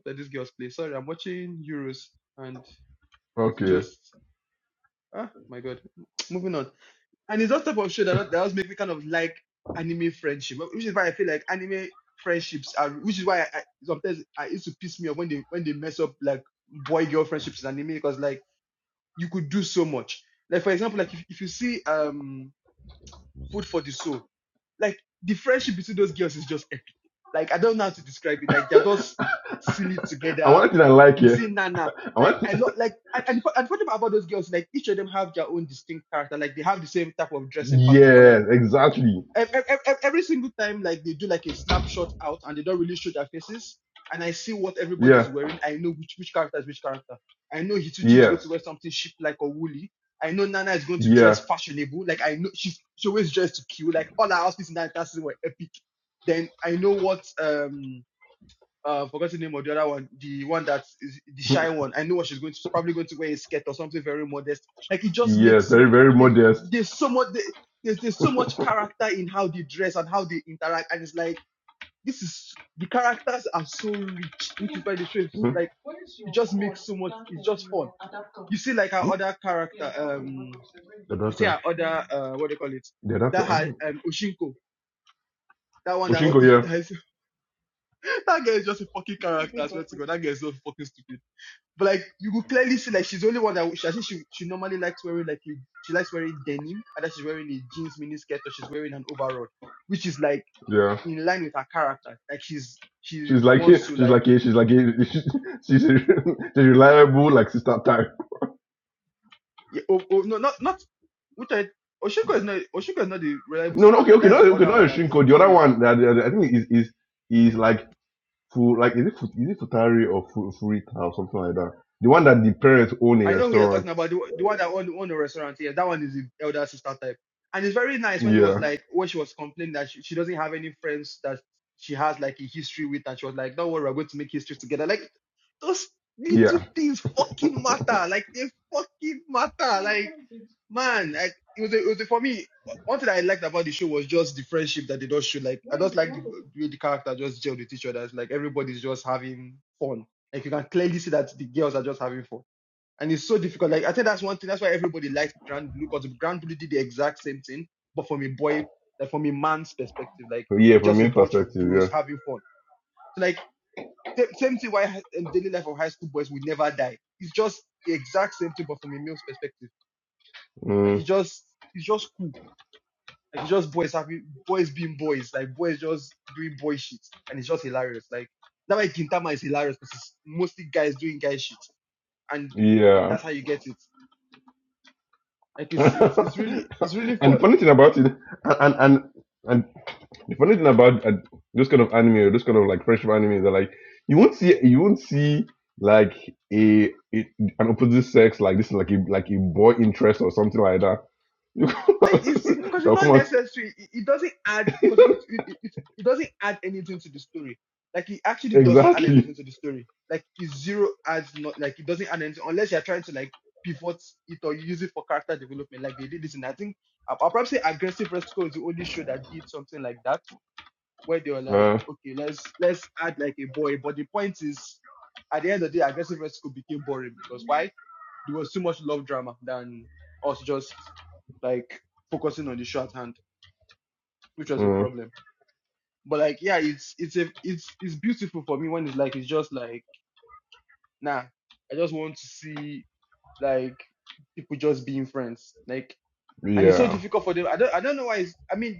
[SPEAKER 1] what are these girls play? Sorry, I'm watching Euros and it's
[SPEAKER 2] Okay.
[SPEAKER 1] just ah my god. <tsk> Moving on. And it's that type of show that that always make me kind of like anime friendship, which is why I feel like anime friendships are which is why I, I sometimes I it used to piss me off when they when they mess up like boy girl friendships in anime because like you could do so much. Like for example, like if, if you see um Food for the Soul, like the friendship between those girls is just epic. Like I don't know how to describe it. Like they're just
[SPEAKER 2] <laughs>
[SPEAKER 1] silly
[SPEAKER 2] I
[SPEAKER 1] together.
[SPEAKER 2] want thing I like
[SPEAKER 1] You see
[SPEAKER 2] here.
[SPEAKER 1] Nana.
[SPEAKER 2] I
[SPEAKER 1] Like
[SPEAKER 2] want
[SPEAKER 1] I love like and and the fu- and the funny part about those girls, like each of them have their own distinct character. Like they have the same type of dressing pattern, but like
[SPEAKER 2] yes, exactly.
[SPEAKER 1] ev- ev- ev- every single time like they do like a snapshot out and they don't really show their faces and i see what everybody's
[SPEAKER 2] Yeah,
[SPEAKER 1] wearing i know which which character is which character i know hitsuchi is going to
[SPEAKER 2] yes,
[SPEAKER 1] wear something sheep like or woolly i know nana is going to
[SPEAKER 2] yeah,
[SPEAKER 1] dress fashionable like i know she's she always dressed to kill like all her outfits in that season were epic then i know what um uh forgot the name of the other one, the one that is the shy one. I know what she's going to she's probably going to wear a skirt or something very modest. Like it just
[SPEAKER 2] yeah.
[SPEAKER 1] makes so
[SPEAKER 2] Very
[SPEAKER 1] much
[SPEAKER 2] very
[SPEAKER 1] like
[SPEAKER 2] modest.
[SPEAKER 1] there's so much there- there's there's so much character in how they dress and how they interact and it's like this is the characters are so rich, which is why the show is
[SPEAKER 2] Hmm?
[SPEAKER 1] like it just makes so much it's just fun. You see like our
[SPEAKER 2] Hmm?
[SPEAKER 1] other character, um
[SPEAKER 2] The
[SPEAKER 1] you see
[SPEAKER 2] doctor.
[SPEAKER 1] our other uh what do you call it?
[SPEAKER 2] The
[SPEAKER 1] That
[SPEAKER 2] doctor. I
[SPEAKER 1] had
[SPEAKER 2] don't.
[SPEAKER 1] um Oshinko. That one that,
[SPEAKER 2] Oshinko.
[SPEAKER 1] <laughs>
[SPEAKER 2] Yeah,
[SPEAKER 1] that, is, <laughs> that girl is just a fucking character, as well to go. That girl is so fucking stupid But like you could clearly see, like she's the only one that she, I think she she normally likes wearing like a, she likes wearing denim, either she's wearing a jeans miniskirt or she's wearing an overall, which is like
[SPEAKER 2] yeah.
[SPEAKER 1] in line with her character. Like she's she
[SPEAKER 2] She's like she's
[SPEAKER 1] wants to like
[SPEAKER 2] like she's like she's she's <laughs> a, she's reliable like sister type.
[SPEAKER 1] yeah, oh, oh no not not which I Oshiko is not Oshiko is not the reliable
[SPEAKER 2] No, no. Okay,
[SPEAKER 1] starter.
[SPEAKER 2] okay.
[SPEAKER 1] That's
[SPEAKER 2] No,
[SPEAKER 1] the
[SPEAKER 2] okay.
[SPEAKER 1] other
[SPEAKER 2] Not
[SPEAKER 1] one that her
[SPEAKER 2] Oshinko. The other
[SPEAKER 1] family.
[SPEAKER 2] one that I think is is is like Fu like is it Fu- is it Futari or Fu, Furita or something like that? The one that the parents own a
[SPEAKER 1] I know we are talking
[SPEAKER 2] restaurant.
[SPEAKER 1] about the, the one that owned, owned the restaurant here. That one is the elder sister type. And it's very nice when it was
[SPEAKER 2] Yeah,
[SPEAKER 1] like, when she was complaining that she, she doesn't have any friends that she has like a history with. And she was like, don't worry, we're going to make history together. Like, those little
[SPEAKER 2] yeah,
[SPEAKER 1] things fucking matter. Like, they fucking matter. Like, man, like, it was, a, it was a- for me, one thing that I liked about the show was just the friendship that they just showed. Like, I just like the, the way the character just gelled with each other. It's like everybody's just having fun. Like, you can clearly see that the girls are just having fun and it's so difficult. Like I think that's one thing. That's why everybody likes Grand Blue because Grand Blue did the exact same thing, but from a boy, like from a man's perspective, like
[SPEAKER 2] So, yeah.
[SPEAKER 1] it's
[SPEAKER 2] From
[SPEAKER 1] just a
[SPEAKER 2] my
[SPEAKER 1] bunch of
[SPEAKER 2] perspective,
[SPEAKER 1] bros
[SPEAKER 2] yeah,
[SPEAKER 1] having fun. So like sa- same thing. Why hi- um, daily life of high school boys will never die. It's just the exact same thing, but from a male's perspective. Like
[SPEAKER 2] mm,
[SPEAKER 1] it's just it's just cool. Like it's just boys having boys being boys. Like boys just doing boy shit, and it's just hilarious. Like that's why Gintama is hilarious because it's mostly guys doing guy shit, and
[SPEAKER 2] yeah.
[SPEAKER 1] that's how you get it. Like it's it's it's really it's really
[SPEAKER 2] <laughs> and the
[SPEAKER 1] fun.
[SPEAKER 2] funny thing about it, and and and the funny thing about uh, those kind of anime or those kind of like friendship anime that like you won't see you won't see like a, a an opposite sex like this like a like a boy interest or something like that.
[SPEAKER 1] Like it's it's
[SPEAKER 2] <laughs>
[SPEAKER 1] because it's
[SPEAKER 2] They'll come
[SPEAKER 1] not
[SPEAKER 2] out
[SPEAKER 1] necessary. It, it doesn't add because it it, it it it doesn't add anything to the story. Like it
[SPEAKER 2] <laughs>
[SPEAKER 1] actually doesn't add
[SPEAKER 2] exactly.
[SPEAKER 1] anything to the story. Like it zero adds not like it doesn't add anything unless you're trying to like pivot it or use it for character development. Like they did this, and I think I'll, I'll probably say Aggressive Rescue is the only show that did something like that. where they were like,
[SPEAKER 2] Uh,
[SPEAKER 1] okay, let's let's add like a boy. But the point is, at the end of the day, aggressive rescue became boring because why? There was too much love drama than us just like focusing on the shorthand, which was a
[SPEAKER 2] Mm,
[SPEAKER 1] problem. But like, yeah, it's it's a it's it's beautiful for me when it's like it's just like nah, I just want to see like people just being friends, like, and it's so
[SPEAKER 2] yeah,
[SPEAKER 1] difficult for them. I don't I don't know why. It's, I mean,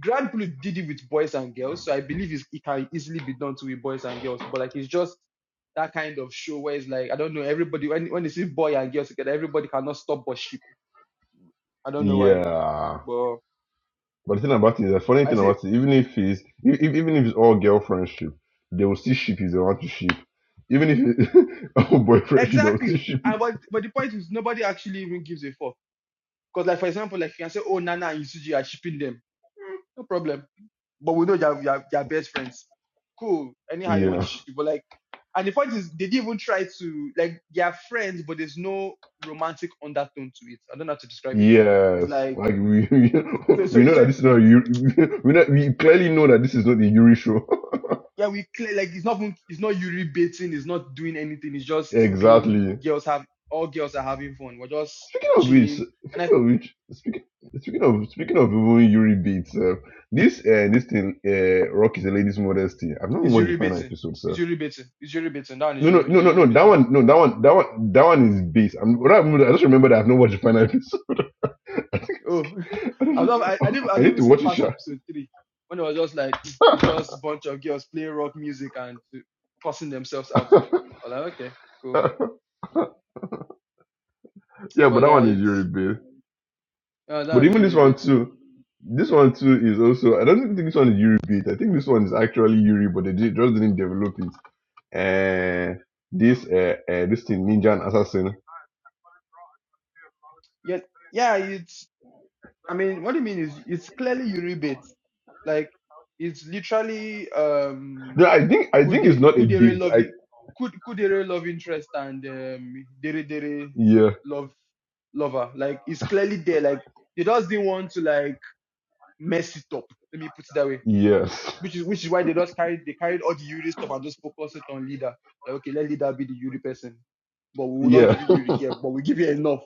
[SPEAKER 1] Grand did it with boys and girls, so I believe it's, it can easily be done to with boys and girls. But like it's just that kind of show where it's like I don't know everybody when when they see boy and girls together, everybody cannot stop but sheep. I don't know why,
[SPEAKER 2] yeah.
[SPEAKER 1] but
[SPEAKER 2] But the thing about it, the funny
[SPEAKER 1] I
[SPEAKER 2] thing
[SPEAKER 1] see
[SPEAKER 2] about it, even if it's if, if- even if it's all girl friendship, they will still ship if they want to ship. Even if it's <laughs> all boy friendship, they will still
[SPEAKER 1] exactly.
[SPEAKER 2] ship
[SPEAKER 1] And
[SPEAKER 2] it.
[SPEAKER 1] but but the point is nobody actually even gives a fuck. Because, like, for example, like you can say, oh, Nana and Yusuji are shipping them. Hmm, no problem. But we know they're, they're, they're best friends. Cool. Anyhow, you want to
[SPEAKER 2] Yeah.
[SPEAKER 1] ship it. But, like, and the point is, they didn't even try to, like, they are friends, but there's no romantic undertone to it. I don't know how to describe it. It's
[SPEAKER 2] Yes.
[SPEAKER 1] like,
[SPEAKER 2] Like we <laughs>
[SPEAKER 1] so, so,
[SPEAKER 2] we know that
[SPEAKER 1] so,
[SPEAKER 2] this is not a Yuri. <laughs> We know we clearly know that this is not the Yuri show.
[SPEAKER 1] yeah, we clear, like, it's not, even- it's not Yuri baiting, it's not doing anything. It's
[SPEAKER 2] <laughs>
[SPEAKER 1] just being,
[SPEAKER 2] exactly.
[SPEAKER 1] girls have, all girls are having fun. We're just
[SPEAKER 2] Speaking of which,
[SPEAKER 1] chilling. And I,
[SPEAKER 2] speaking of which, speaking speaking of speaking of even Yuri beats, uh, this uh, this thing, uh, Rock is a lady's modesty. I've not
[SPEAKER 1] it's
[SPEAKER 2] watched the
[SPEAKER 1] Yuri
[SPEAKER 2] final
[SPEAKER 1] baiting.
[SPEAKER 2] episode,
[SPEAKER 1] It's
[SPEAKER 2] sir.
[SPEAKER 1] Yuri baiting. It's Yuri baiting. That one is
[SPEAKER 2] No, no,
[SPEAKER 1] Yuri, is
[SPEAKER 2] no, no,
[SPEAKER 1] Yuri
[SPEAKER 2] no. That
[SPEAKER 1] baiting show.
[SPEAKER 2] one, no, that one, that one, that one is base. I'm, what I, remember- I just remember that I've not watched the final episode. <laughs> I think
[SPEAKER 1] Oh,
[SPEAKER 2] I
[SPEAKER 1] <laughs>
[SPEAKER 2] don't
[SPEAKER 1] I've
[SPEAKER 2] know.
[SPEAKER 1] not, I, I didn't I
[SPEAKER 2] <laughs> I
[SPEAKER 1] didn't
[SPEAKER 2] need
[SPEAKER 1] even
[SPEAKER 2] to
[SPEAKER 1] say
[SPEAKER 2] watch it,
[SPEAKER 1] past
[SPEAKER 2] sha.
[SPEAKER 1] episode three when it was just like <clears throat> <tsk> it's just bunch of girls playing rock music and cussing themselves
[SPEAKER 2] <laughs>
[SPEAKER 1] out. I was like, okay, cool.
[SPEAKER 2] yeah, but
[SPEAKER 1] But
[SPEAKER 2] that
[SPEAKER 1] yeah,
[SPEAKER 2] one is Yuri
[SPEAKER 1] it's
[SPEAKER 2] beat.
[SPEAKER 1] uh, that
[SPEAKER 2] But
[SPEAKER 1] one's
[SPEAKER 2] even this one
[SPEAKER 1] Euribate.
[SPEAKER 2] too, this one too is also. I don't think this one is Yuri beat. I think this one is actually Yuri, but they did, just didn't develop it. uh, this uh, uh this thing ninja and assassin.
[SPEAKER 1] Yeah, yeah, it's. I mean, what do you mean is it's clearly Euribate. Like it's literally
[SPEAKER 2] No,
[SPEAKER 1] um
[SPEAKER 2] I think I
[SPEAKER 1] could
[SPEAKER 2] think it's
[SPEAKER 1] they
[SPEAKER 2] not a
[SPEAKER 1] could they
[SPEAKER 2] beat.
[SPEAKER 1] love
[SPEAKER 2] I
[SPEAKER 1] it could could they love interest and um dere dere
[SPEAKER 2] yeah
[SPEAKER 1] love lover like it's clearly there like they just didn't want to like mess it up. Let me put it that way.
[SPEAKER 2] yes
[SPEAKER 1] Which is which is why they just carried they carried all the Yuri stuff and just focused it on leader. Like, okay, let leader be the Yuri person. But we will not give
[SPEAKER 2] yeah
[SPEAKER 1] you Yuri here, but we give you enough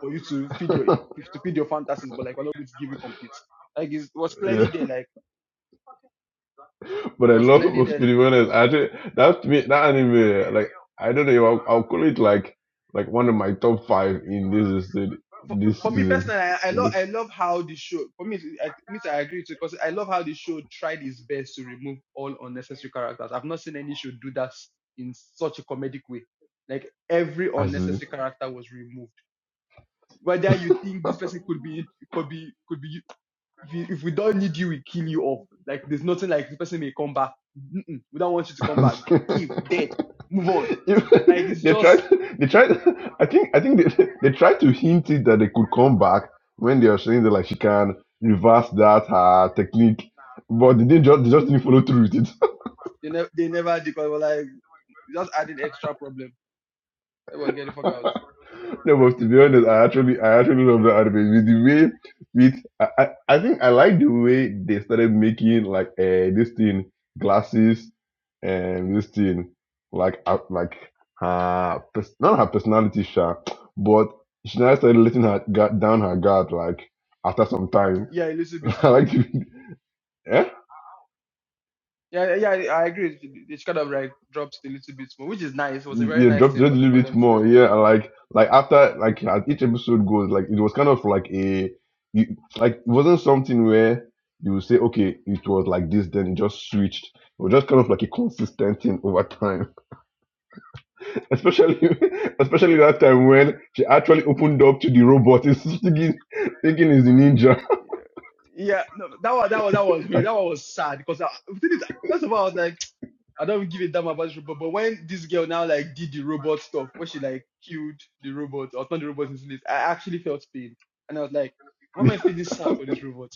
[SPEAKER 1] for you to
[SPEAKER 2] <laughs>
[SPEAKER 1] feed your to feed your fantasies, but like we're not going to give you complete. Like it was clearly
[SPEAKER 2] yeah.
[SPEAKER 1] there, like
[SPEAKER 2] But I
[SPEAKER 1] it was
[SPEAKER 2] love <laughs>
[SPEAKER 1] clearly
[SPEAKER 2] most
[SPEAKER 1] there
[SPEAKER 2] to be honest. Actually, that to me that anime like I don't know. I'll, I'll call it like like one of my top five in this
[SPEAKER 1] for,
[SPEAKER 2] this
[SPEAKER 1] for me
[SPEAKER 2] season.
[SPEAKER 1] personally, I, I
[SPEAKER 2] In
[SPEAKER 1] love I love how the show. For me, I, me too, I agree with you because I love how the show tried its best to remove all unnecessary characters. I've not seen any show do that s- in such a comedic way. Like every
[SPEAKER 2] this season.
[SPEAKER 1] unnecessary character was removed. Whether you think this person could be could be could be if, you, if we don't need you, we kill you off. Like there's nothing like the person may come back. Mm-mm, we don't want you to
[SPEAKER 2] <laughs>
[SPEAKER 1] come back. Keep dead, move on. Like
[SPEAKER 2] Even <laughs>
[SPEAKER 1] it's
[SPEAKER 2] they tried
[SPEAKER 1] just
[SPEAKER 2] they tried I think I think they, they tried to hint it that they could come back when they were saying that like she can reverse that her technique, but they didn't just they just didn't follow through with
[SPEAKER 1] they never they never did. 'cause They were like just adding extra problem. Everyone get the fuck out.
[SPEAKER 2] No, but to be honest, I actually, I actually love the anime. With the way, with I, I, I think I like the way they started making like uh, this thing glasses and this thing like uh, like her pers- not her personality sha, but she now started letting her guard down her guard like after some time.
[SPEAKER 1] Yeah, a little
[SPEAKER 2] <laughs>
[SPEAKER 1] bit
[SPEAKER 2] I
[SPEAKER 1] more.
[SPEAKER 2] like to, eh?
[SPEAKER 1] Yeah, yeah, yeah, I agree. with you. They should kind of like dropped it a little bit more, which is nice. It was a very
[SPEAKER 2] you
[SPEAKER 1] nice
[SPEAKER 2] dropped
[SPEAKER 1] thing
[SPEAKER 2] just a
[SPEAKER 1] for the,
[SPEAKER 2] little
[SPEAKER 1] for
[SPEAKER 2] bit
[SPEAKER 1] them to do.
[SPEAKER 2] more yeah and like like after like as each episode goes like it was kind of like a you like it wasn't something where you would say okay it was like this then it just switched it was just kind of like a consistent thing over time <laughs> especially <laughs> especially that time when she actually opened up to the robot <laughs> is thinking thinking is a ninja
[SPEAKER 1] Yeah, yeah. No, that one, that one, that was
[SPEAKER 2] <laughs>
[SPEAKER 1] weird. That
[SPEAKER 2] like
[SPEAKER 1] one was sad because I, the thing is, first of all, I was like, <tsk> I don't give a damn about this robot. But when this girl now like did the robot stuff, when she like killed the robot or turned the robot into this I actually felt pain, and I was like, why am I feeling sad for this robot?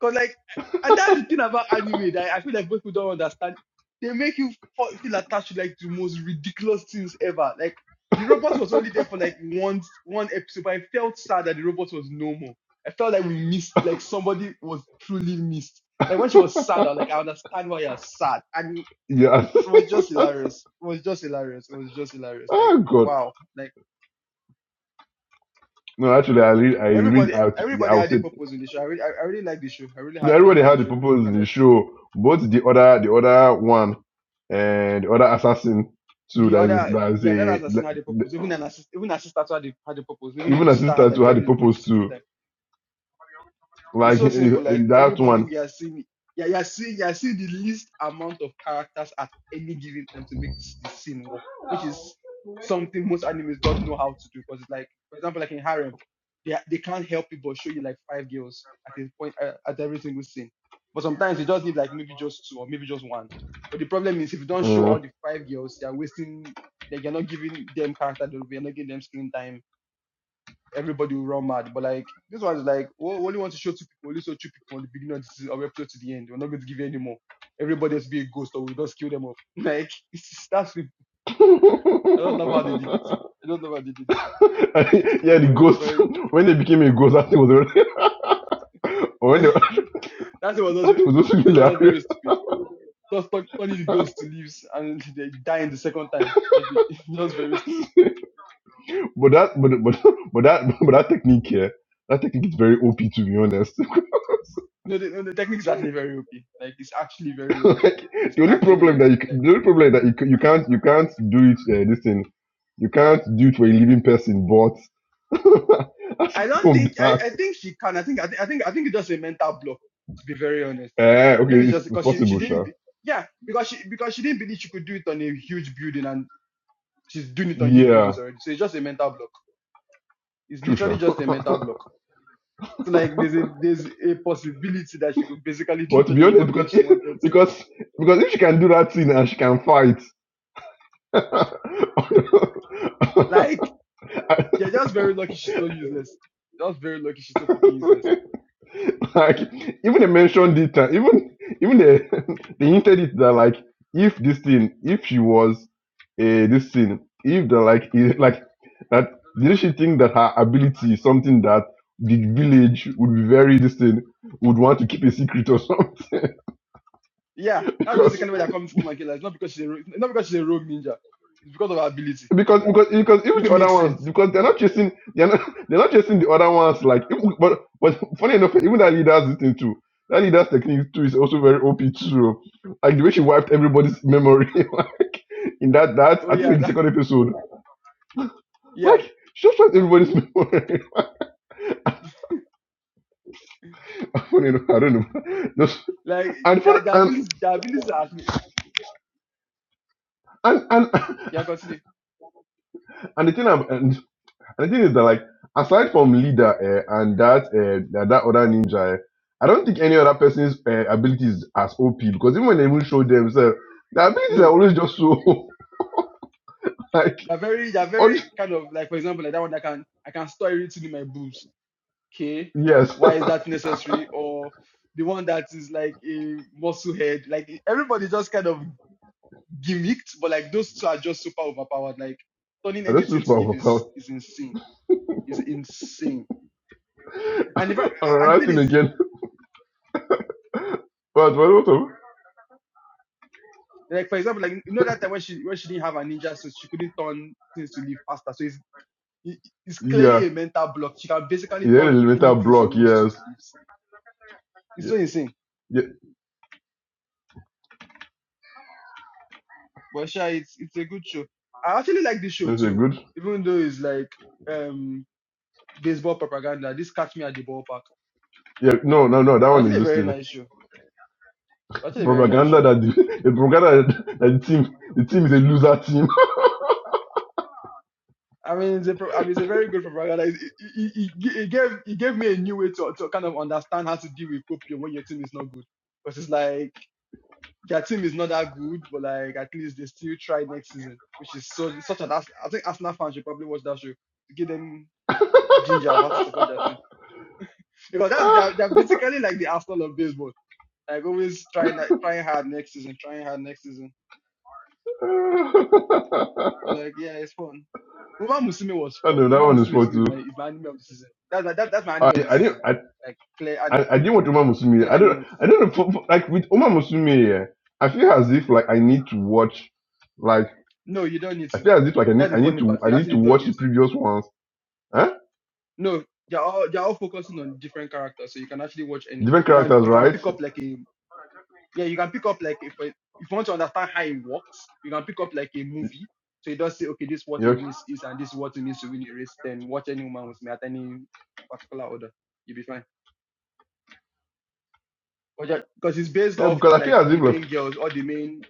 [SPEAKER 1] Cause like, and that's the thing about anime that I feel like most people don't understand. They make you fe- feel attached to like the most ridiculous things ever. Like the robot was only there for like one one episode, but I felt sad that the robot was no more. I felt like we missed, like somebody was truly missed. Like when she was sad, I was like,
[SPEAKER 2] <laughs>
[SPEAKER 1] I understand why you're sad. And
[SPEAKER 2] yeah
[SPEAKER 1] it was just
[SPEAKER 2] <laughs>
[SPEAKER 1] hilarious. It was just hilarious. It was just hilarious. Like
[SPEAKER 2] oh god
[SPEAKER 1] wow. Like
[SPEAKER 2] no actually i really i really
[SPEAKER 1] everybody,
[SPEAKER 2] i, would- yeah, I
[SPEAKER 1] everybody
[SPEAKER 2] would
[SPEAKER 1] had a
[SPEAKER 2] say
[SPEAKER 1] purpose in the show. I really, I, I really like the show. I really
[SPEAKER 2] They
[SPEAKER 1] ha- like
[SPEAKER 2] already
[SPEAKER 1] how the
[SPEAKER 2] had the
[SPEAKER 1] show did
[SPEAKER 2] purpose
[SPEAKER 1] kind
[SPEAKER 2] in
[SPEAKER 1] of.
[SPEAKER 2] the show. Both the other the other one and the other assassin too.
[SPEAKER 1] the
[SPEAKER 2] That is
[SPEAKER 1] other
[SPEAKER 2] that is
[SPEAKER 1] yeah, that
[SPEAKER 2] a
[SPEAKER 1] assassin had a purpose. Even an assist, even a sister too had a, had a purpose. Even if
[SPEAKER 2] even
[SPEAKER 1] the
[SPEAKER 2] a
[SPEAKER 1] sister had
[SPEAKER 2] sister
[SPEAKER 1] like
[SPEAKER 2] too had the
[SPEAKER 1] very little
[SPEAKER 2] purpose
[SPEAKER 1] screen
[SPEAKER 2] too.
[SPEAKER 1] time. It's
[SPEAKER 2] Like
[SPEAKER 1] so
[SPEAKER 2] eh, eh,
[SPEAKER 1] simple. Like
[SPEAKER 2] that
[SPEAKER 1] everybody
[SPEAKER 2] one.
[SPEAKER 1] we are seeing, yeah, you're seeing, you're seeing the least amount of characters at any given time to make this, this scene work, which is something most animes don't know how to do. Because it's like, for example, like in Harem, they are- they can't help it but show you like five girls at a point uh, at every single scene. But sometimes you just need like maybe just two or maybe just one. But the problem is if you don't show
[SPEAKER 2] Uh,
[SPEAKER 1] all the five girls, they are wasting. Like you're not giving them character development, you're not giving them screen time everybody will run mad. But like this one's like we only want to show two people, only show two people on the beginning of this our episode to the end. We're not going to give you any more. Everybody has to be a ghost or we just kill them off. <laughs> Like it's that's it. I don't know how they did it.
[SPEAKER 2] <laughs>
[SPEAKER 1] I don't know how they did it. It's Just
[SPEAKER 2] yeah,
[SPEAKER 1] a
[SPEAKER 2] the
[SPEAKER 1] very
[SPEAKER 2] ghost.
[SPEAKER 1] very
[SPEAKER 2] <laughs> When they became a ghost, I think was already. <laughs>
[SPEAKER 1] <laughs>
[SPEAKER 2] When they, I
[SPEAKER 1] that's what was also
[SPEAKER 2] think was also
[SPEAKER 1] that was just very
[SPEAKER 2] hilarious.
[SPEAKER 1] stupid. Just turn- turning the ghosts to leaves and they die in the second time. Like it- <laughs> that's very
[SPEAKER 2] <laughs>
[SPEAKER 1] stupid.
[SPEAKER 2] But that, but but <laughs> but that, but that technique here, that technique is very OP to be honest. <laughs>
[SPEAKER 1] No, the, no, the technique is actually very OP. Like it's actually very
[SPEAKER 2] <laughs>
[SPEAKER 1] OP.
[SPEAKER 2] like
[SPEAKER 1] It's
[SPEAKER 2] the only
[SPEAKER 1] actually
[SPEAKER 2] problem
[SPEAKER 1] very
[SPEAKER 2] that you c-
[SPEAKER 1] OP.
[SPEAKER 2] the only problem that you, c- you can't you can't do it uh, this thing you can't do it for a living person but <laughs> aside
[SPEAKER 1] I don't
[SPEAKER 2] from
[SPEAKER 1] think I,
[SPEAKER 2] that
[SPEAKER 1] I think she can. I think I, think I think I think it's just a mental block. To be very honest,
[SPEAKER 2] uh,
[SPEAKER 1] I think
[SPEAKER 2] okay
[SPEAKER 1] it's
[SPEAKER 2] it's
[SPEAKER 1] just because she, she
[SPEAKER 2] possible
[SPEAKER 1] didn't.
[SPEAKER 2] sure.
[SPEAKER 1] Be, yeah, because she because she didn't believe she could do it on a huge building, and she's doing it on huge
[SPEAKER 2] yeah
[SPEAKER 1] buildings already. So it's just a mental block. It's
[SPEAKER 2] true
[SPEAKER 1] literally
[SPEAKER 2] sure.
[SPEAKER 1] just
[SPEAKER 2] <laughs>
[SPEAKER 1] a mental block. So like there's a there's a possibility that she could basically do
[SPEAKER 2] but
[SPEAKER 1] it
[SPEAKER 2] to
[SPEAKER 1] on
[SPEAKER 2] be
[SPEAKER 1] a
[SPEAKER 2] honest
[SPEAKER 1] human being
[SPEAKER 2] because
[SPEAKER 1] if she wanted
[SPEAKER 2] if,
[SPEAKER 1] to.
[SPEAKER 2] because because if she can do that thing and she can fight
[SPEAKER 1] Like yeah, just very lucky she's so useless. Just very lucky she's so fucking
[SPEAKER 2] <laughs> <laughs>
[SPEAKER 1] useless.
[SPEAKER 2] <laughs> like even they mentioned it uh, even even they <laughs> they hinted it that like if this thing if she was a this thing if the like eh, like that didn't she think that her ability is something that the village would be very this thing would want to keep a secret or something
[SPEAKER 1] Yeah,
[SPEAKER 2] <laughs>
[SPEAKER 1] that's
[SPEAKER 2] because
[SPEAKER 1] basically why they're coming to Kumaki. Like, it's not because she's a, ro- not because she's a rogue ninja. It's because of her ability,
[SPEAKER 2] because because because even
[SPEAKER 1] which
[SPEAKER 2] the other
[SPEAKER 1] makes
[SPEAKER 2] ones
[SPEAKER 1] sense
[SPEAKER 2] because they're not chasing they're not <laughs> they're not chasing the other ones like even, but but funny enough even that leader's this thing too that leader's technique too is also very op too oh. like the way she wiped everybody's memory <laughs> like in that that
[SPEAKER 1] Oh
[SPEAKER 2] I think
[SPEAKER 1] yeah,
[SPEAKER 2] in the
[SPEAKER 1] that,
[SPEAKER 2] second episode
[SPEAKER 1] <laughs> yeah.
[SPEAKER 2] like she just wiped everybody's memory <laughs> funny enough I don't know Just-
[SPEAKER 1] Like
[SPEAKER 2] and for
[SPEAKER 1] their their
[SPEAKER 2] and
[SPEAKER 1] abilities, their abilities are actually-
[SPEAKER 2] and and <laughs>
[SPEAKER 1] yeah. Continue.
[SPEAKER 2] and the thing I'm, and And the thing is that like aside from leader eh, and that uh, that, that other ninja, eh, I don't think any other person's uh, ability is as OP because even when they even show themselves, the abilities are
[SPEAKER 1] No,
[SPEAKER 2] always just so <laughs> like
[SPEAKER 1] they're very they're
[SPEAKER 2] all
[SPEAKER 1] very
[SPEAKER 2] just-
[SPEAKER 1] kind of like for example like that one that can I can store everything in my boobs. Okay,
[SPEAKER 2] yes. <laughs>
[SPEAKER 1] why is that necessary? Or the one that is like a muscle head. Like everybody just kind of gimmicked, but like those two are just super overpowered. Like turning
[SPEAKER 2] I just
[SPEAKER 1] anything
[SPEAKER 2] wish
[SPEAKER 1] to leaf is
[SPEAKER 2] for
[SPEAKER 1] is insane. Is insane. And if I,
[SPEAKER 2] <laughs>
[SPEAKER 1] and the thing
[SPEAKER 2] writing
[SPEAKER 1] is
[SPEAKER 2] again. <laughs> But what what of-
[SPEAKER 1] like for example like you know that time when she when she didn't have a ninja so she couldn't turn things to leaf faster. So it's It- It's
[SPEAKER 2] yeah.
[SPEAKER 1] clearly a mental block. She can basically
[SPEAKER 2] Yeah,
[SPEAKER 1] turn
[SPEAKER 2] elemental
[SPEAKER 1] anything she
[SPEAKER 2] block,
[SPEAKER 1] wants to
[SPEAKER 2] yes.
[SPEAKER 1] to this. It's
[SPEAKER 2] Yeah,
[SPEAKER 1] so insane.
[SPEAKER 2] yeah.
[SPEAKER 1] But sure, it's it's a good show. I actually like this show
[SPEAKER 2] That's a
[SPEAKER 1] too,
[SPEAKER 2] good.
[SPEAKER 1] even though it's like um baseball propaganda. This catch me at the ballpark.
[SPEAKER 2] Yeah, no, no, no, that
[SPEAKER 1] But
[SPEAKER 2] one is
[SPEAKER 1] actually a
[SPEAKER 2] just
[SPEAKER 1] very
[SPEAKER 2] thing.
[SPEAKER 1] nice show. Actually a very nice
[SPEAKER 2] Propaganda
[SPEAKER 1] show.
[SPEAKER 2] that the, <laughs> the propaganda that the team the team is a loser team.
[SPEAKER 1] I mean, it's a, pro- I mean, it's a very good propaganda. It, it, it, it gave it gave me a new way to, to kind of understand how to deal with copium when your team is not good. Because it's like their team is not that good, but like at least they still try next season, which is so such an I think Arsenal fans should probably watch that show to give them ginger of how to support their
[SPEAKER 2] <laughs>
[SPEAKER 1] team because
[SPEAKER 2] <laughs>
[SPEAKER 1] that's
[SPEAKER 2] I
[SPEAKER 1] they're, they're basically like the Arsenal of baseball, like always trying like, trying hard next season, trying hard next season. But like yeah, it's fun. Uma Musume was fun.
[SPEAKER 2] know that
[SPEAKER 1] Uma
[SPEAKER 2] one is
[SPEAKER 1] Musume to
[SPEAKER 2] for
[SPEAKER 1] me is
[SPEAKER 2] too.
[SPEAKER 1] my is my anime of the season. That's that, that's my
[SPEAKER 2] I,
[SPEAKER 1] anime of the
[SPEAKER 2] I didn't
[SPEAKER 1] season,
[SPEAKER 2] I,
[SPEAKER 1] like clear and
[SPEAKER 2] I, I didn't want Uma Musume.
[SPEAKER 1] clear
[SPEAKER 2] I
[SPEAKER 1] anime
[SPEAKER 2] don't
[SPEAKER 1] of the
[SPEAKER 2] I
[SPEAKER 1] season.
[SPEAKER 2] don't know for, for- like with Uma Musume. eh, I feel as if like I need to watch like
[SPEAKER 1] No, you don't need
[SPEAKER 2] I
[SPEAKER 1] to.
[SPEAKER 2] feel as if like I need
[SPEAKER 1] That's the
[SPEAKER 2] I need
[SPEAKER 1] funny
[SPEAKER 2] to
[SPEAKER 1] part.
[SPEAKER 2] I
[SPEAKER 1] You
[SPEAKER 2] need to
[SPEAKER 1] actually don't
[SPEAKER 2] watch
[SPEAKER 1] need
[SPEAKER 2] the
[SPEAKER 1] to.
[SPEAKER 2] previous ones. Huh?
[SPEAKER 1] No, they're all they're all focusing on different characters, so you can actually watch any.
[SPEAKER 2] Different
[SPEAKER 1] You can
[SPEAKER 2] characters,
[SPEAKER 1] you can
[SPEAKER 2] right?
[SPEAKER 1] pick up like a yeah, you can pick up like if if you want to understand how it works, you can pick up like a movie. So you just say, okay, this is what a
[SPEAKER 2] Yeah.
[SPEAKER 1] race is, and this is what it means to win a race. Then watch any woman with me at any particular order, you'll be fine. Because it's based
[SPEAKER 2] Yeah,
[SPEAKER 1] off
[SPEAKER 2] because I feel
[SPEAKER 1] like
[SPEAKER 2] as if
[SPEAKER 1] the
[SPEAKER 2] like
[SPEAKER 1] main girls or the main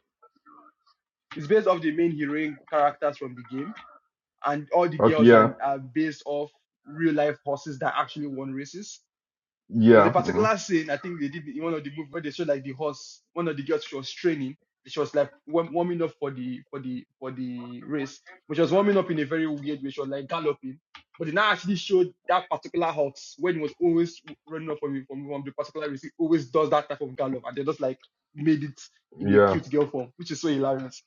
[SPEAKER 1] it's based off the main heroine characters from the game, and all the
[SPEAKER 2] okay
[SPEAKER 1] girls
[SPEAKER 2] yeah
[SPEAKER 1] are, are based off real life horses that actually won races. There's a
[SPEAKER 2] yeah mm,
[SPEAKER 1] particular scene I think they did in one of the movies where they showed like the horse, one of the girls she was training, she was like warming up for the for the for the race, which was warming up in a very weird way. She was like galloping, but they now actually showed that particular horse when it was always running up from from, from the particular race, It always does that type of gallop, and they just like made it in a
[SPEAKER 2] yeah
[SPEAKER 1] cute girl form, which is so hilarious.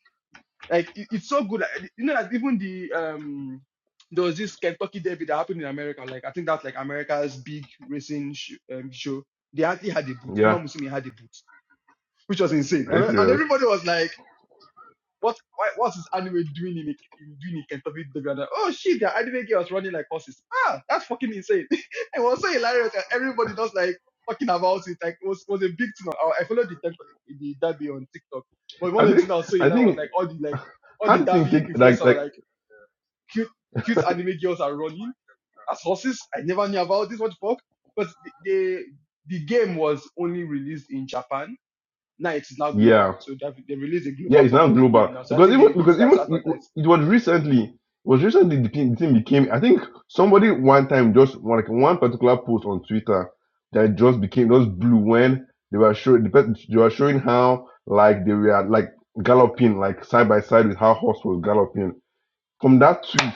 [SPEAKER 1] Like it- it's so good. Like, you know, that even the um there was this Kentucky Derby that happened in America. Like I think that's like America's big racing sh- um, show. They actually had a boot. Uma
[SPEAKER 2] yeah.
[SPEAKER 1] Musumi had a boot, which was insane.
[SPEAKER 2] Are you
[SPEAKER 1] And and
[SPEAKER 2] serious?
[SPEAKER 1] everybody was like. What why, what's this anime doing in, in doing in Kentucky Dogrander? Oh shit, the anime girls running like horses. Ah, that's fucking insane. <laughs> it was so hilarious everybody was like talking about it. Like it was was a big thing. I, I followed the TikTok, the derby on TikTok. But one
[SPEAKER 2] I
[SPEAKER 1] of the things
[SPEAKER 2] think
[SPEAKER 1] that was so
[SPEAKER 2] I
[SPEAKER 1] hilarious was
[SPEAKER 2] think
[SPEAKER 1] like all the like all
[SPEAKER 2] how
[SPEAKER 1] the
[SPEAKER 2] did thing
[SPEAKER 1] derby
[SPEAKER 2] take like
[SPEAKER 1] influencers were
[SPEAKER 2] like
[SPEAKER 1] like cute cute anime girls are running as horses. I never knew about this. What the fuck? But the the the game was only released in Japan now it is now
[SPEAKER 2] yeah
[SPEAKER 1] global. So they they released a
[SPEAKER 2] Yeah,
[SPEAKER 1] global
[SPEAKER 2] it's now
[SPEAKER 1] copy of the
[SPEAKER 2] global
[SPEAKER 1] game now. So I
[SPEAKER 2] because
[SPEAKER 1] think they
[SPEAKER 2] even because
[SPEAKER 1] use that to
[SPEAKER 2] even it, w-
[SPEAKER 1] advertise.
[SPEAKER 2] it was recently it was recently the thing the team became I think somebody one time just one- like one particular post on Twitter that just became just blew when they were showing the pe- they were showing how like they were like
[SPEAKER 1] Uh,
[SPEAKER 2] galloping like side by side with how horse was galloping. From that tweet,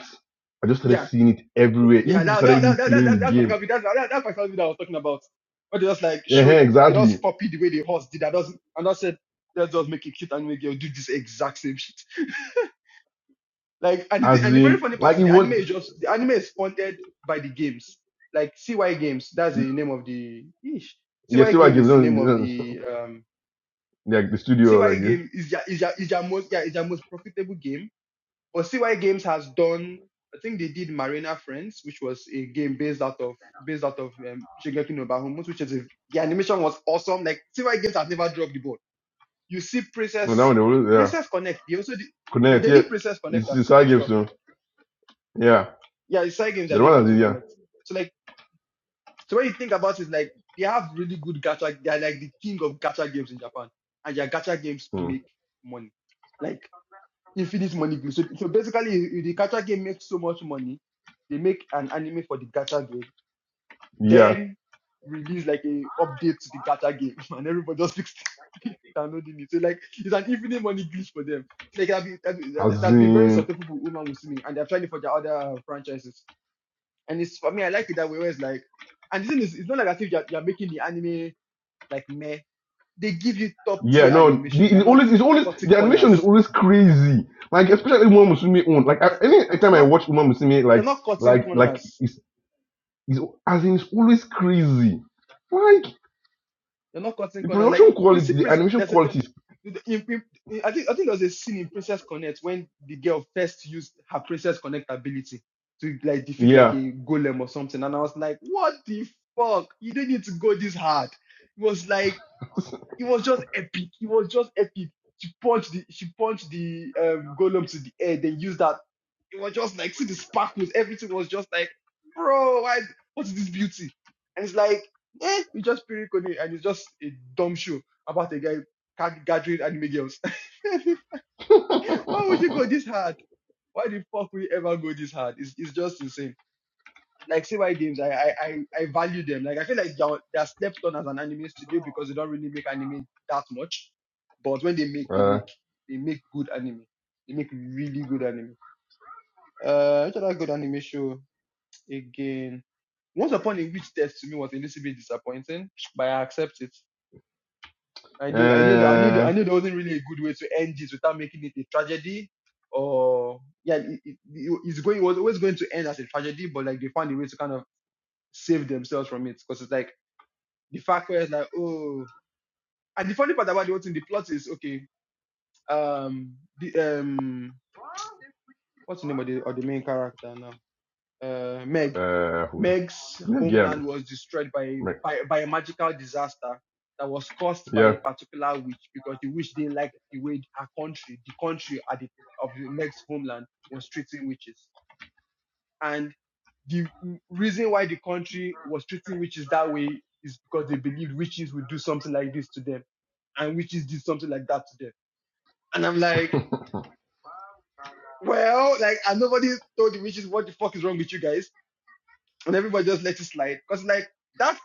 [SPEAKER 2] I just started
[SPEAKER 1] Yeah,
[SPEAKER 2] seeing it everywhere. Even
[SPEAKER 1] yeah.
[SPEAKER 2] people
[SPEAKER 1] Now
[SPEAKER 2] started
[SPEAKER 1] that that
[SPEAKER 2] even
[SPEAKER 1] that that
[SPEAKER 2] playing the
[SPEAKER 1] that that
[SPEAKER 2] game.
[SPEAKER 1] particular video, that, that that particular video I was talking about, where they just like
[SPEAKER 2] Yeah,
[SPEAKER 1] showed they
[SPEAKER 2] exactly.
[SPEAKER 1] just copied the way the horse did. I just and I said let's just make it cute and make it do this exact same shit. Like and the,
[SPEAKER 2] As
[SPEAKER 1] and the very
[SPEAKER 2] in,
[SPEAKER 1] funny part
[SPEAKER 2] like
[SPEAKER 1] is
[SPEAKER 2] it
[SPEAKER 1] the anime
[SPEAKER 2] was.
[SPEAKER 1] is just the anime is funded by the games. Like CY Games, that's the name of the ish.
[SPEAKER 2] Yeah,
[SPEAKER 1] CY
[SPEAKER 2] see what I
[SPEAKER 1] Game
[SPEAKER 2] give
[SPEAKER 1] is the name of
[SPEAKER 2] them
[SPEAKER 1] the um
[SPEAKER 2] the studio
[SPEAKER 1] CY
[SPEAKER 2] like. eh,
[SPEAKER 1] Game is your is your is your most yeah is your most profitable game But CY Games has done. I think they did Marina Friends, which was a game based out of based out of um, Shingeki no Bahamut, which is a, the animation was awesome. Like CY Games has never dropped the ball. You see
[SPEAKER 2] No, that
[SPEAKER 1] Princess
[SPEAKER 2] one, they will- yeah.
[SPEAKER 1] Princess Connect. They also did, they,
[SPEAKER 2] Connect
[SPEAKER 1] they
[SPEAKER 2] yeah,
[SPEAKER 1] did Princess Connect
[SPEAKER 2] It's just
[SPEAKER 1] as,
[SPEAKER 2] I
[SPEAKER 1] as well.
[SPEAKER 2] Gibson. Yeah.
[SPEAKER 1] Yeah, it's CY Games that
[SPEAKER 2] The
[SPEAKER 1] did
[SPEAKER 2] one that is
[SPEAKER 1] Princess
[SPEAKER 2] yeah.
[SPEAKER 1] Connect. So like so when you think about it, like they have really good gacha. They are like the king of gacha games in Japan, and their gacha games
[SPEAKER 2] Hmm.
[SPEAKER 1] make money. Like infinite money glue. So, so basically, if the gacha game makes so much money, they make an anime for the gacha game,
[SPEAKER 2] Yeah.
[SPEAKER 1] then release like a update to the gacha game, <laughs> and everybody just keeps <laughs> downloading it. So like it's an infinite money glitch for them. It's like I've been, I've been- that-
[SPEAKER 2] As
[SPEAKER 1] that's been very
[SPEAKER 2] in
[SPEAKER 1] successful for Uma Musume, and they're trying it for their other franchises. And it's for me, I like it that way. Where it's like, and the thing is, it's not like as if you're, you're making the anime like meh. They give you top
[SPEAKER 2] yeah,
[SPEAKER 1] tier
[SPEAKER 2] no, the,
[SPEAKER 1] animation. They're
[SPEAKER 2] the
[SPEAKER 1] not
[SPEAKER 2] always it's always
[SPEAKER 1] cutting
[SPEAKER 2] the animation is
[SPEAKER 1] corners.
[SPEAKER 2] always crazy. Like especially Uma Musume own. Like I,
[SPEAKER 1] They're,
[SPEAKER 2] any
[SPEAKER 1] they're
[SPEAKER 2] time I
[SPEAKER 1] not
[SPEAKER 2] watch Uma Musume,
[SPEAKER 1] they're
[SPEAKER 2] like
[SPEAKER 1] not cutting
[SPEAKER 2] like like
[SPEAKER 1] corners
[SPEAKER 2] it's, it's as in it's always crazy. Like
[SPEAKER 1] They're not cutting
[SPEAKER 2] the
[SPEAKER 1] corners. Like
[SPEAKER 2] production
[SPEAKER 1] Prissy,
[SPEAKER 2] quality, the
[SPEAKER 1] Priss,
[SPEAKER 2] animation
[SPEAKER 1] there's a, there's,
[SPEAKER 2] quality is
[SPEAKER 1] in, in, in- I think I think there was a scene in Princess Connect when the girl first used her Princess Connect ability to like defeat like
[SPEAKER 2] yeah.
[SPEAKER 1] a golem or something, and I was like, what the fuck? You didn't need to go this hard. It was like it was just epic. It was just epic. She punched the she punched the um golem to the air, then used that. It was just like see the sparkles, everything was just like, bro, why what is this beauty? And it's like, eh, you just period coding, and it's just a dumb show about a guy ca- gathering anime girls. <laughs>
[SPEAKER 2] <laughs>
[SPEAKER 1] Why would you go this hard? Why the fuck would you ever go this hard? It's it's just insane like CY games, I, I I I value them. Like I feel like they're, they're slept on as an anime studio because they don't really make anime that much. But when they make, they
[SPEAKER 2] uh,
[SPEAKER 1] make they make good anime. They make really good anime. Uh, which other good anime show again? Once Upon a Witch Test to me was a little bit disappointing, but I accept it. I knew I knew that I knew that,
[SPEAKER 2] uh,
[SPEAKER 1] I knew there wasn't really a good way to end this without making it a tragedy. Or yeah, it, it, it- it's going it was always going to end as a tragedy, but like they found a way to kind of save themselves from it because it's like the fact where it's like oh and the funny part about the whole thing the plot is okay um the um what's the name of the of the main character now uh Meg
[SPEAKER 2] uh, who-
[SPEAKER 1] Meg's
[SPEAKER 2] again,
[SPEAKER 1] homeland was destroyed by
[SPEAKER 2] like,
[SPEAKER 1] by by a magical disaster that was caused by
[SPEAKER 2] yeah.
[SPEAKER 1] a particular witch because the witch didn't like the way her country the country at the of Meg's homeland was treating witches And the reason why the country was treating witches that way is because they believed witches would do something like this to them. And witches did something like that to them. And I'm like, well, like, and nobody told the witches what the fuck is wrong with you guys. And everybody just let it slide. Cause like, that's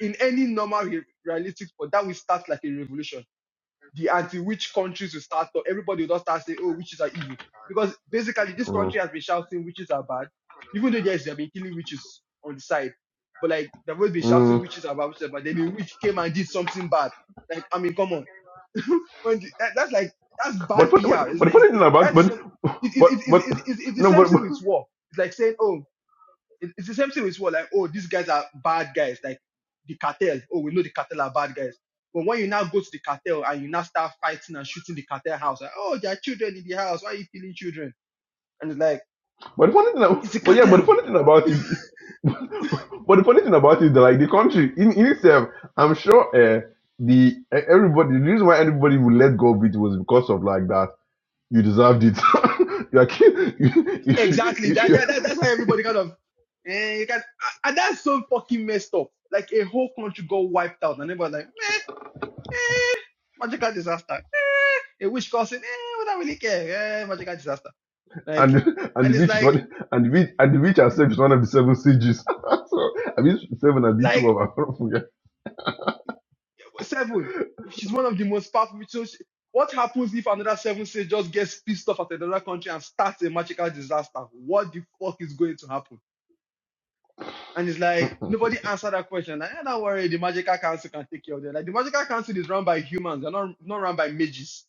[SPEAKER 1] in any normal realistic sport, that will start like a revolution the anti-witch countries will start up. Everybody will just start saying, oh, witches are evil. Because basically this
[SPEAKER 2] Mm.
[SPEAKER 1] country has been shouting witches are bad, even though yes, they've been killing witches on the side. But like they've always been shouting
[SPEAKER 2] mm.
[SPEAKER 1] witches are bad, witches are bad. Then a witch came and did something bad. Like, I mean, come on. <laughs> when the- that, that's like that's bad
[SPEAKER 2] But fun- but
[SPEAKER 1] PR. It's,
[SPEAKER 2] but the
[SPEAKER 1] it's,
[SPEAKER 2] funny thing
[SPEAKER 1] it's,
[SPEAKER 2] about
[SPEAKER 1] that's the
[SPEAKER 2] but
[SPEAKER 1] same, it, it,
[SPEAKER 2] but
[SPEAKER 1] it,
[SPEAKER 2] but
[SPEAKER 1] it, it, it, it's the
[SPEAKER 2] no
[SPEAKER 1] same
[SPEAKER 2] but
[SPEAKER 1] thing
[SPEAKER 2] but
[SPEAKER 1] with war. It's like saying, oh, it- it's the same thing with what like oh these guys are bad guys like the cartel oh we know the cartel are bad guys but when you now go to the cartel and you now start fighting and shooting the cartel house like oh there are children in the house why are you killing children and it's like
[SPEAKER 2] but the funny thing ab-
[SPEAKER 1] it's the
[SPEAKER 2] but yeah but the
[SPEAKER 1] cartel
[SPEAKER 2] funny thing about it
[SPEAKER 1] <laughs>
[SPEAKER 2] <laughs> but the funny thing about it is that like the country in, in itself I'm sure uh, the eh, everybody the reason why everybody would let go of it was because of like that you deserved it <laughs> you are ki- you- if you
[SPEAKER 1] exactly
[SPEAKER 2] if
[SPEAKER 1] that,
[SPEAKER 2] you
[SPEAKER 1] that, that that's why everybody kind of eh, you can and that's so fucking messed up like a whole country got wiped out and everybody's like eh, magical disaster eh, a witch cousin eh, we don't really care eh, magical disaster like
[SPEAKER 2] and and the
[SPEAKER 1] and it's
[SPEAKER 2] beach is
[SPEAKER 1] like
[SPEAKER 2] one and the beach and the beach itself is one of the seven stages <laughs> so I mean seven and beach two
[SPEAKER 1] like
[SPEAKER 2] of them <laughs>
[SPEAKER 1] Seven. She's one of the most powerful. So she, what happens if another seven state just gets pissed off at another country and starts a magical disaster? What the fuck is going to happen? And it's like nobody answered that question. Like, "Eh, don't worry, the magical council can take care of them. Like the magical council is run by humans, they're not not run by mages.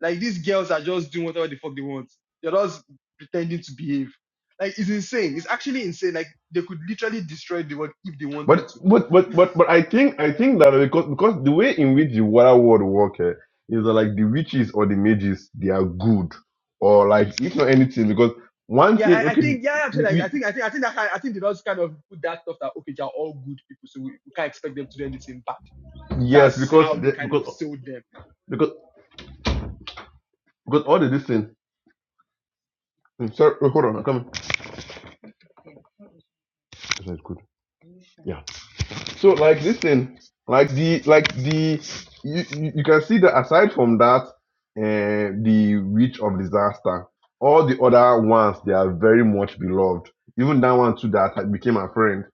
[SPEAKER 1] Like these girls are just doing whatever the fuck they want. They're just pretending to behave. Like it's insane. It's actually insane. Like they could literally destroy the world if they wanted
[SPEAKER 2] But
[SPEAKER 1] to
[SPEAKER 2] but but but but I think I think that because because the way in which the water world work eh, is that like the witches or the mages they are good or like if not anything because one
[SPEAKER 1] Yeah,
[SPEAKER 2] thing
[SPEAKER 1] I, I
[SPEAKER 2] okay
[SPEAKER 1] think yeah, actually,
[SPEAKER 2] we,
[SPEAKER 1] like, I
[SPEAKER 2] we
[SPEAKER 1] think I think I think that I I think they just kind of put that stuff that okay, they're all good people, so we, we can't expect them to do anything bad.
[SPEAKER 2] yes
[SPEAKER 1] That's
[SPEAKER 2] because
[SPEAKER 1] how they
[SPEAKER 2] the,
[SPEAKER 1] kind of
[SPEAKER 2] because
[SPEAKER 1] sold them.
[SPEAKER 2] because because all the this thing Mm, sorry oh, hold on I'm coming this one is good yeah So like listen, like the like the you, you you can see that aside from that, uh, the witch of disaster, all the other ones they are very much beloved. Even that one too that had became a friend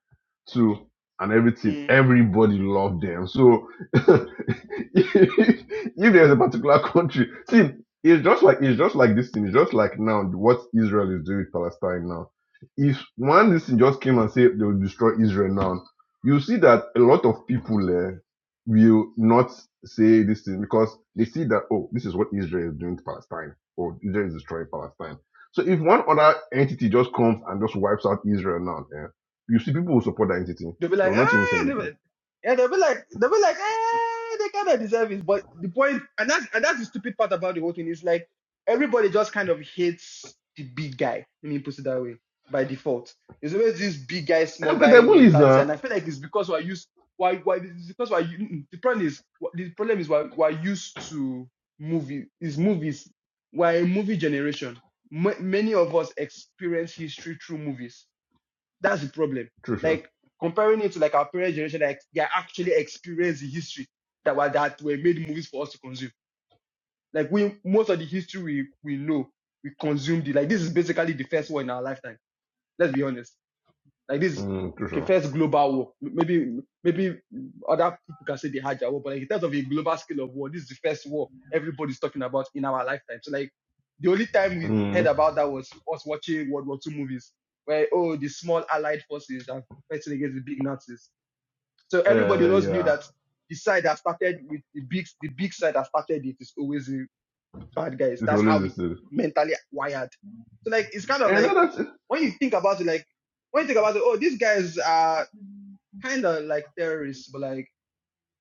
[SPEAKER 2] too and everything.
[SPEAKER 1] Mm.
[SPEAKER 2] Everybody loved them. So <laughs> if, if there's a particular country, see, it's just like it's just like this thing. It's just like now what Israel is doing with Palestine now. If one this thing just came and said they will destroy Israel now you see that a lot of people eh, will not say this thing because they see that oh this is what israel is doing to palestine or israel is destroying palestine so if one other entity just comes and just wipes out israel now eh, you see people will support that entity
[SPEAKER 1] They'll be
[SPEAKER 2] they
[SPEAKER 1] like,
[SPEAKER 2] will not even say
[SPEAKER 1] ah, they'll be,
[SPEAKER 2] anything
[SPEAKER 1] yeah, they'll be like, they'll be like, ah, they kind of deserve it. But the point, and that's and that's the stupid part about the whole thing is like everybody just kind of hates the big guy. Let me put it that way by default. There's always this big guy, small
[SPEAKER 2] and because the
[SPEAKER 1] guy
[SPEAKER 2] bullies
[SPEAKER 1] mentality, and
[SPEAKER 2] now
[SPEAKER 1] I feel like it's because we're used. Why? Why? It's because why? The problem is the problem is why we're used to movie is movies. We're a movie generation. Ma- many of us experience history through movies that's the problem.
[SPEAKER 2] true sure
[SPEAKER 1] Like comparing it to like our parents' generation, like they actually experienced the history that were that were made movies for us to consume. Like we most of the history we we know we consumed it. Like this is basically the first one in our lifetime. Let's be honest. Like this,
[SPEAKER 2] mm, true
[SPEAKER 1] okay,
[SPEAKER 2] sure
[SPEAKER 1] first global war. Maybe maybe other people can say they had their war, but like in terms of a global scale of war, this is the first war everybody's talking about in our lifetime. So like the only time we heard
[SPEAKER 2] mm,
[SPEAKER 1] about that was us watching World War Two movies, where oh the small allied forces are fighting against the big Nazis. So everybody
[SPEAKER 2] uh,
[SPEAKER 1] just knew
[SPEAKER 2] yeah
[SPEAKER 1] that the side that started with the big the big side that started it is always a bad guys.
[SPEAKER 2] it's
[SPEAKER 1] That's how
[SPEAKER 2] always the
[SPEAKER 1] we
[SPEAKER 2] same.
[SPEAKER 1] mentally wired. So like it's kind of
[SPEAKER 2] and
[SPEAKER 1] like
[SPEAKER 2] that's it.
[SPEAKER 1] when you think about it, like when you think about it, oh, these guys are kind of like terrorists, but like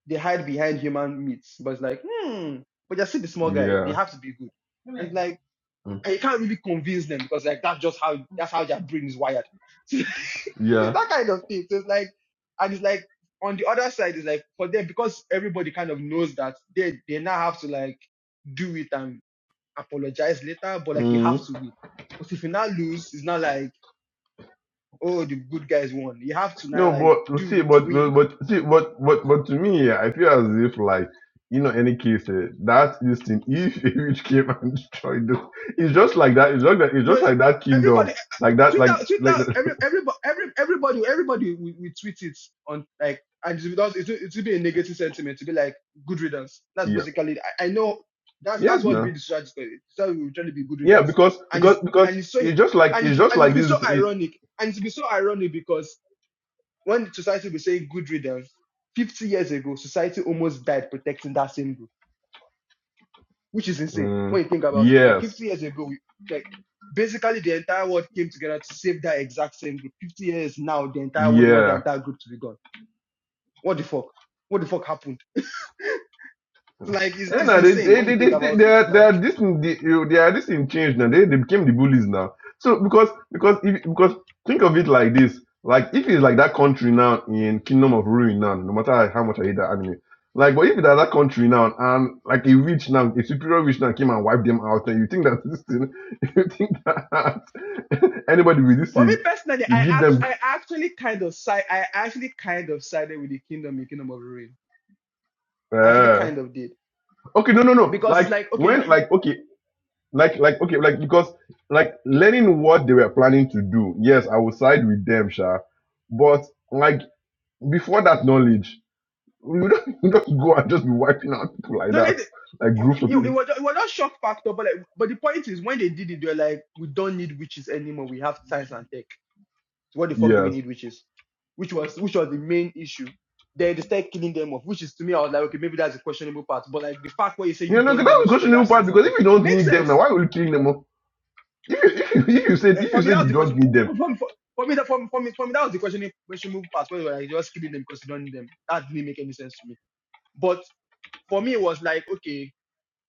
[SPEAKER 1] they hide behind human myths. But it's like, hmm, but they're still the small guys. They
[SPEAKER 2] yeah
[SPEAKER 1] have to be good, and like
[SPEAKER 2] mm,
[SPEAKER 1] and you can't really convince them because like that's just how that's how their brain is wired. <laughs> so it's
[SPEAKER 2] yeah
[SPEAKER 1] that kind of thing. So it's like, and it's like on the other side, it's like for them because everybody kind of knows that they they now have to like do it and apologize later, but like you
[SPEAKER 2] Mm.
[SPEAKER 1] have to win. But if you now lose, it's not like, oh, the good guys won. You have to now
[SPEAKER 2] No,
[SPEAKER 1] like
[SPEAKER 2] but
[SPEAKER 1] do
[SPEAKER 2] see,
[SPEAKER 1] it,
[SPEAKER 2] but but
[SPEAKER 1] win.
[SPEAKER 2] but- see, but but but to me, yeah, I feel as if like you know, any case eh, that this thing, if <laughs> which came and destroyed this, it's just like that. It's just like it's
[SPEAKER 1] No,
[SPEAKER 2] just like that kingdom,
[SPEAKER 1] everybody,
[SPEAKER 2] like that,
[SPEAKER 1] Twitter,
[SPEAKER 2] like
[SPEAKER 1] Twitter,
[SPEAKER 2] like that. <laughs>
[SPEAKER 1] every, everybody, every, everybody, everybody, we, we tweet it on like, and it does, it, will- it will be a negative sentiment to be like good riddance. That's
[SPEAKER 2] yeah,
[SPEAKER 1] basically, I, I know that's that's
[SPEAKER 2] yes,
[SPEAKER 1] what be
[SPEAKER 2] no,
[SPEAKER 1] the strategy. The we will try to be good
[SPEAKER 2] yeah,
[SPEAKER 1] riddance,
[SPEAKER 2] because
[SPEAKER 1] and
[SPEAKER 2] because
[SPEAKER 1] it's and
[SPEAKER 2] because
[SPEAKER 1] it's so
[SPEAKER 2] it's just like
[SPEAKER 1] and
[SPEAKER 2] it's
[SPEAKER 1] it
[SPEAKER 2] just
[SPEAKER 1] and it
[SPEAKER 2] like
[SPEAKER 1] be so
[SPEAKER 2] this. It,
[SPEAKER 1] ironic, and it be so ironic because when society was saying good riddance, 50 years ago, society almost died protecting that same group, which is insane
[SPEAKER 2] mm,
[SPEAKER 1] when you think about it. Like
[SPEAKER 2] yes,
[SPEAKER 1] 50 years ago, we, like basically the entire world came together to save that exact same group. 50 years now, the entire world wants
[SPEAKER 2] yeah.
[SPEAKER 1] the entire group to be gone. What the fuck? What the fuck happened? It's like it's,
[SPEAKER 2] Yeah,
[SPEAKER 1] it's
[SPEAKER 2] now they,
[SPEAKER 1] insane
[SPEAKER 2] they,
[SPEAKER 1] when you
[SPEAKER 2] they,
[SPEAKER 1] think
[SPEAKER 2] they, they,
[SPEAKER 1] about
[SPEAKER 2] they
[SPEAKER 1] it. It's
[SPEAKER 2] are, they
[SPEAKER 1] like
[SPEAKER 2] are this in the, you- they are this in change now. They, they became the bullies now. So because because if, because think of it like this, like if it's like that country now in Kingdom of Ruin now, no matter how much I hate that anime, like but if it's like that country now and like a witch now, a superior witch now came and wiped them out, and you think that this thing, <laughs> you think that <laughs> anybody with this
[SPEAKER 1] For me
[SPEAKER 2] thing,
[SPEAKER 1] personally,
[SPEAKER 2] we
[SPEAKER 1] I
[SPEAKER 2] give
[SPEAKER 1] act-
[SPEAKER 2] them.
[SPEAKER 1] I actually kind of side I actually kind of sided with the kingdom in Kingdom of Ruin. I actually
[SPEAKER 2] Uh,
[SPEAKER 1] kind of did
[SPEAKER 2] okay, no, no, no.
[SPEAKER 1] Because
[SPEAKER 2] Like
[SPEAKER 1] it's like okay, you,
[SPEAKER 2] when
[SPEAKER 1] you
[SPEAKER 2] like okay like like okay like because like learning what they were planning to do yes i will side with them sha but like before that knowledge you don't, <laughs> you don't go and just be wiping out people like
[SPEAKER 1] No, they,
[SPEAKER 2] that
[SPEAKER 1] did-
[SPEAKER 2] like
[SPEAKER 1] you, you,
[SPEAKER 2] groups of
[SPEAKER 1] you- it
[SPEAKER 2] people
[SPEAKER 1] was it was not shock factor, but like, but the point is when they did it, they were like, we don't need witches anymore. We have science and tech. So what the fuck do we
[SPEAKER 2] yes
[SPEAKER 1] need witches? Which was which was the main issue. Then they started killing them off, which is to me, I was like, okay, maybe that's a questionable part. But like the fact where you say you
[SPEAKER 2] you know
[SPEAKER 1] don't
[SPEAKER 2] 'cause
[SPEAKER 1] need
[SPEAKER 2] that's the
[SPEAKER 1] witches because you
[SPEAKER 2] questionable
[SPEAKER 1] have
[SPEAKER 2] part
[SPEAKER 1] science and
[SPEAKER 2] because
[SPEAKER 1] tech
[SPEAKER 2] if you don't
[SPEAKER 1] makes
[SPEAKER 2] need them now
[SPEAKER 1] sense.
[SPEAKER 2] why will you killing them off? if you if you, <laughs> if you said
[SPEAKER 1] Eh,
[SPEAKER 2] if you
[SPEAKER 1] for me,
[SPEAKER 2] said
[SPEAKER 1] that was
[SPEAKER 2] you
[SPEAKER 1] the
[SPEAKER 2] don't
[SPEAKER 1] question.
[SPEAKER 2] need them
[SPEAKER 1] For, for, for, for me, that for, me- for me, for me, that was the questionable questionable part. Where they were like, just killing them because you don't need them. That didn't make any sense to me. But for me, it was like, okay,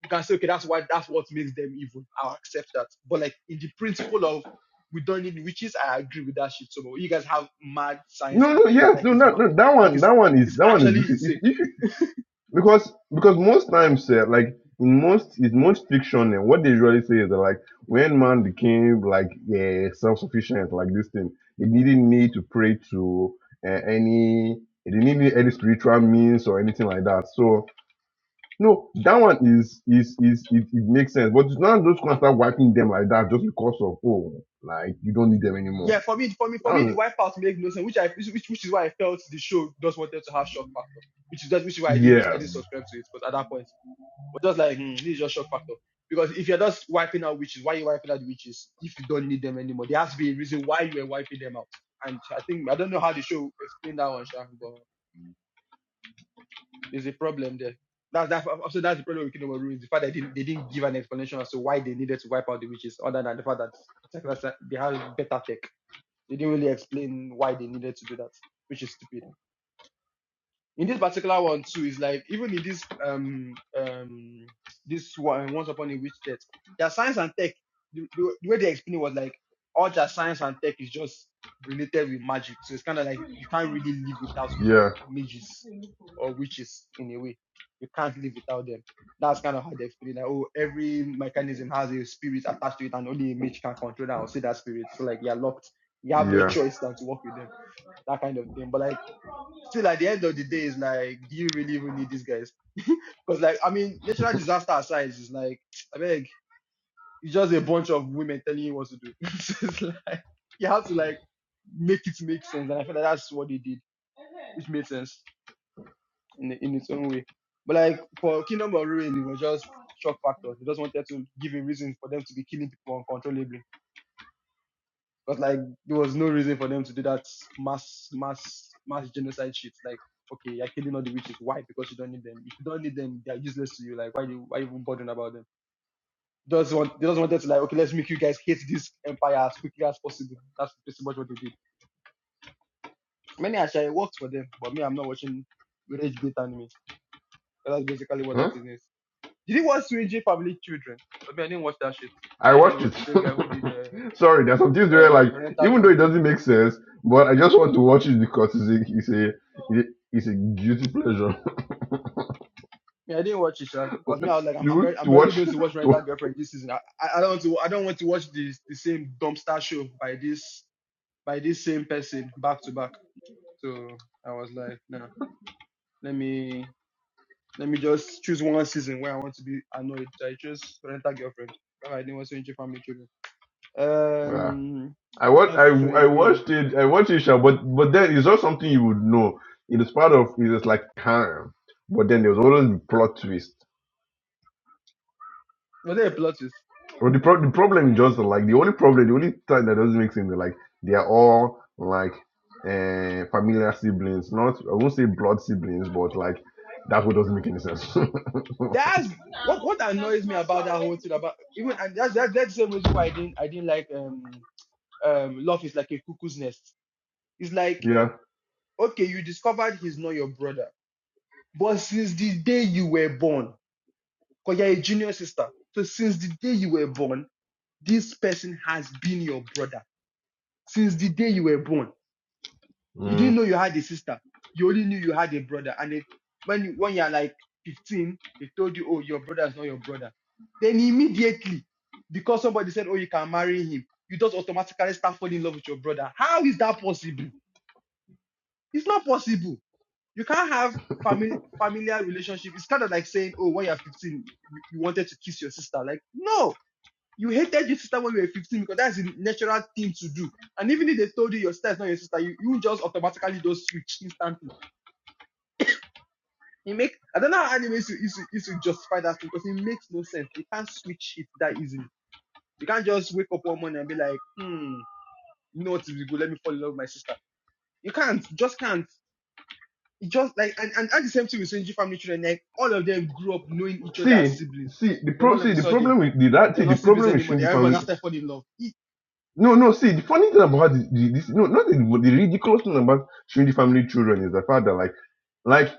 [SPEAKER 1] we can say, okay, that's why that's what makes them evil. I'll accept that. But like in the principle of we don't need witches, I agree with that shit. So much. you guys have mad science
[SPEAKER 2] no
[SPEAKER 1] and
[SPEAKER 2] no
[SPEAKER 1] tech.
[SPEAKER 2] yes
[SPEAKER 1] Like
[SPEAKER 2] no
[SPEAKER 1] it's
[SPEAKER 2] no,
[SPEAKER 1] mad.
[SPEAKER 2] no that
[SPEAKER 1] Like
[SPEAKER 2] one
[SPEAKER 1] it's
[SPEAKER 2] that one is
[SPEAKER 1] it's
[SPEAKER 2] that one
[SPEAKER 1] actually
[SPEAKER 2] is if,
[SPEAKER 1] insane.
[SPEAKER 2] if because because most times eh, like in most in most fiction eh, what they usually say is that like when man became like uh, self-sufficient like this thing he didn't need to pray to uh, any he didn't need any spiritual means or anything like that so no that one is is is it, it makes sense but it's not just gonna
[SPEAKER 1] Uh,
[SPEAKER 2] start wiping them like that just because of oh like you don't need them anymore
[SPEAKER 1] yeah, for me, for me,
[SPEAKER 2] That
[SPEAKER 1] for me, the
[SPEAKER 2] one-
[SPEAKER 1] White House makes no sense, which I which which is why I felt the show just wanted to have shock factor, which is just which is why I didn't I didn't
[SPEAKER 2] yes
[SPEAKER 1] subscribe to it because at that point But just like, hmm, this is just shock factor. Because if you're just wiping out witches, why are you wiping out witches if you don't need them anymore? There has to be a reason why you were wiping them out. And I think I don't know how the show explained that one, Sha, but there's a problem there. That's that also that's the problem with Kingdom of Ruins, the fact that they didn't, they didn't give an explanation as to why they needed to wipe out the witches, other than the fact that they have better tech. They didn't really explain why they needed to do that, which is stupid. in this particular one too is like even in this um um this one once upon a witch death their science and tech the, the, the way they explained it was like all their science and tech is just related with magic so it's kind of like you can't really live without
[SPEAKER 2] yeah
[SPEAKER 1] mages or witches in a way you can't live without them that's kind of how they explain it like oh every mechanism has a spirit attached to it and only a mage can control that or see that spirit so like you're locked you have no
[SPEAKER 2] yeah
[SPEAKER 1] choice than to work with them that kind of thing but like still at the end of the day it's like do you really even need these guys <laughs> because like i mean natural disaster aside it's like i beg it's just a bunch of women telling you what to do <laughs> so it's like you have to like make it make sense and i feel like that's what they did which made sense in in its own way but like for kingdom of ruin it was just shock factors. they just wanted to give a reason for them to be killing people uncontrollably Because like there was no reason for them to do that mass mass mass genocide shit. Like, okay, you're killing all the witches. Why? Because you don't need them. If you don't need them, they're useless to you. Like, why you why you even bothering about them? Does want they just wanted to like, okay, let's make you guys hate this empire as quickly as possible. That's pretty much what they did. Many actually it worked for them, but me, I'm not watching rage bait anime. That's basically what
[SPEAKER 2] huh?
[SPEAKER 1] that is. Did you watch Swinji Family Children? But me, I didn't watch that shit. When
[SPEAKER 2] I
[SPEAKER 1] I heard it
[SPEAKER 2] watched
[SPEAKER 1] was
[SPEAKER 2] it.
[SPEAKER 1] the same guy who did uh,
[SPEAKER 2] <laughs> Sorry, there's some things where
[SPEAKER 1] uh,
[SPEAKER 2] like
[SPEAKER 1] Rental
[SPEAKER 2] even though it
[SPEAKER 1] Girlfriend.
[SPEAKER 2] doesn't make sense, but I just want to watch it because it's a it's a it's a guilty pleasure.
[SPEAKER 1] Yeah, I didn't watch it, Sha, because me,
[SPEAKER 2] <laughs>
[SPEAKER 1] I was like, I'm, I'm,
[SPEAKER 2] to
[SPEAKER 1] already, I'm
[SPEAKER 2] to
[SPEAKER 1] already
[SPEAKER 2] watch
[SPEAKER 1] going to watch
[SPEAKER 2] <laughs> to
[SPEAKER 1] Rental Girlfriend this season. I, I I don't want to, I don't want to watch the the same dumpster show by this by this same person back to back. So I was like, no, let me let me just choose one season where I want to be annoyed. So I chose Rental Girlfriend. That's why I didn't want to into Family Children.
[SPEAKER 2] yeah.
[SPEAKER 1] Um,
[SPEAKER 2] I watch
[SPEAKER 1] that
[SPEAKER 2] I
[SPEAKER 1] show
[SPEAKER 2] I
[SPEAKER 1] again.
[SPEAKER 2] watched it I watched it Sha, but but then it's not something you would know. It is part of it is like harem. But then there's always plot twist.
[SPEAKER 1] Was there a plot twist?
[SPEAKER 2] Well, the, pro- the problem is just like the only problem, the only time that doesn't make sense is like they are all like uh, familiar siblings, not I won't say blood siblings, but like that what doesn't make any sense. <laughs>
[SPEAKER 1] That's what what annoys me about that whole thing about even and that's that's, that's the same reason why I didn't I didn't like um. um, love is like a cuckoo's nest. It's like,
[SPEAKER 2] yeah.
[SPEAKER 1] okay, you discovered he's not your brother, but since the day you were born, because you're a junior sister, so since the day you were born, this person has been your brother. Since the day you were born, you didn't
[SPEAKER 2] Mm.
[SPEAKER 1] know you had a sister. You only knew you had a brother. And it, when you, when you're like 15, they told you, oh, your brother is not your brother. Then immediately, because somebody said, oh, you can marry him, you just automatically start falling in love with your brother. How is that possible? It's not possible. you can't have family familiar relationship. It's kind of like saying, oh, when you're 15, you, you wanted to kiss your sister. Like, no, you hated your sister when you were 15 because that's the natural thing to do. And even if they told you your sister is not your sister, you, you just automatically just switch instantly. It make I don't know how anime is to, is to, is to justify that thing because it makes no sense. You can't switch it that easily. You can't just wake up one morning and be like, hmm, you know what's would good? Let me fall in love with my sister. You can't, just can't. It just like and, and that's the same thing with Sinji family children. Like all of them grew up knowing each other as
[SPEAKER 2] See,
[SPEAKER 1] siblings.
[SPEAKER 2] see the
[SPEAKER 1] Then
[SPEAKER 2] pro
[SPEAKER 1] all of
[SPEAKER 2] see
[SPEAKER 1] a
[SPEAKER 2] the
[SPEAKER 1] sudden,
[SPEAKER 2] problem with the that see
[SPEAKER 1] you're
[SPEAKER 2] the
[SPEAKER 1] not siblings
[SPEAKER 2] problem with
[SPEAKER 1] anymore. They
[SPEAKER 2] Shunji family
[SPEAKER 1] everybody now start falling in love. It,
[SPEAKER 2] No, no. See, the funny thing about the, the, this, no, not the, the ridiculous thing about showing the family children is the fact that, like, like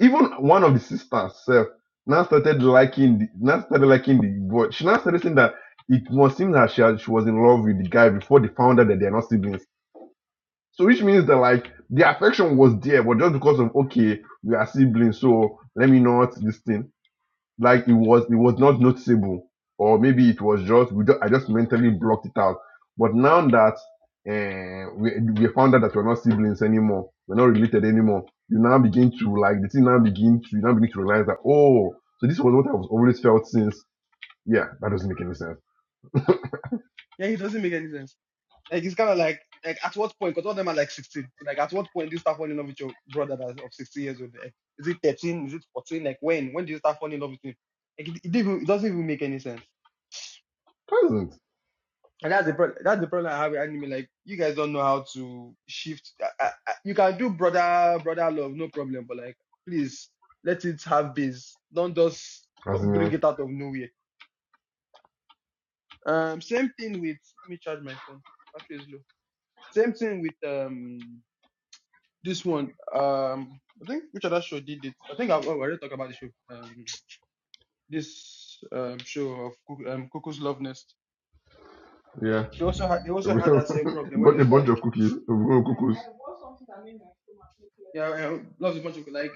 [SPEAKER 2] even one of the sisters herself now started liking, the, now started liking the boy. She now started saying that it must seem that she, had, she was in love with the guy before they found out that they are not siblings. So, which means that like the affection was there, but just because of okay, we are siblings, so let me not this thing like it was it was not noticeable or maybe it was just we just, i just mentally blocked it out but now that uh, we, we found out that we're not siblings anymore we're not related anymore you now begin to like the thing now begin to you now begin to realize that oh so this was what i've always felt since yeah that doesn't make any sense
[SPEAKER 1] yeah, it doesn't make any sense. Like it's kind of like like at what point? Because all of them are like 16. So like at what point do you start falling in love with your brother that's of 16 years old? Like, is it 13? Is it 14? Like when? When do you start falling in love with him? Like it, it, didn't even- it doesn't even make any sense.
[SPEAKER 2] doesn't
[SPEAKER 1] And that's the problem. That's the problem I have with anime. Like you guys don't know how to shift. I, I, I- you can do brother brother love, no problem. But like, please let it have base. Don't just
[SPEAKER 2] as
[SPEAKER 1] co-
[SPEAKER 2] in eh,
[SPEAKER 1] bring it out of nowhere. Um, same thing with. Let me charge my phone. Battery is low. Same thing with um this one. Um, I think which other show did it? I think I, oh, I already talked about the show. Um, this um show of Cuck- um Cuckoo's Love Nest.
[SPEAKER 2] yeah
[SPEAKER 1] They also had they
[SPEAKER 2] <laughs>
[SPEAKER 1] also
[SPEAKER 2] we
[SPEAKER 1] had that same problem where
[SPEAKER 2] Bought a
[SPEAKER 1] there's
[SPEAKER 2] bunch of
[SPEAKER 1] like
[SPEAKER 2] cookies a bunch cookies
[SPEAKER 1] yeah, yeah lots of bunch of like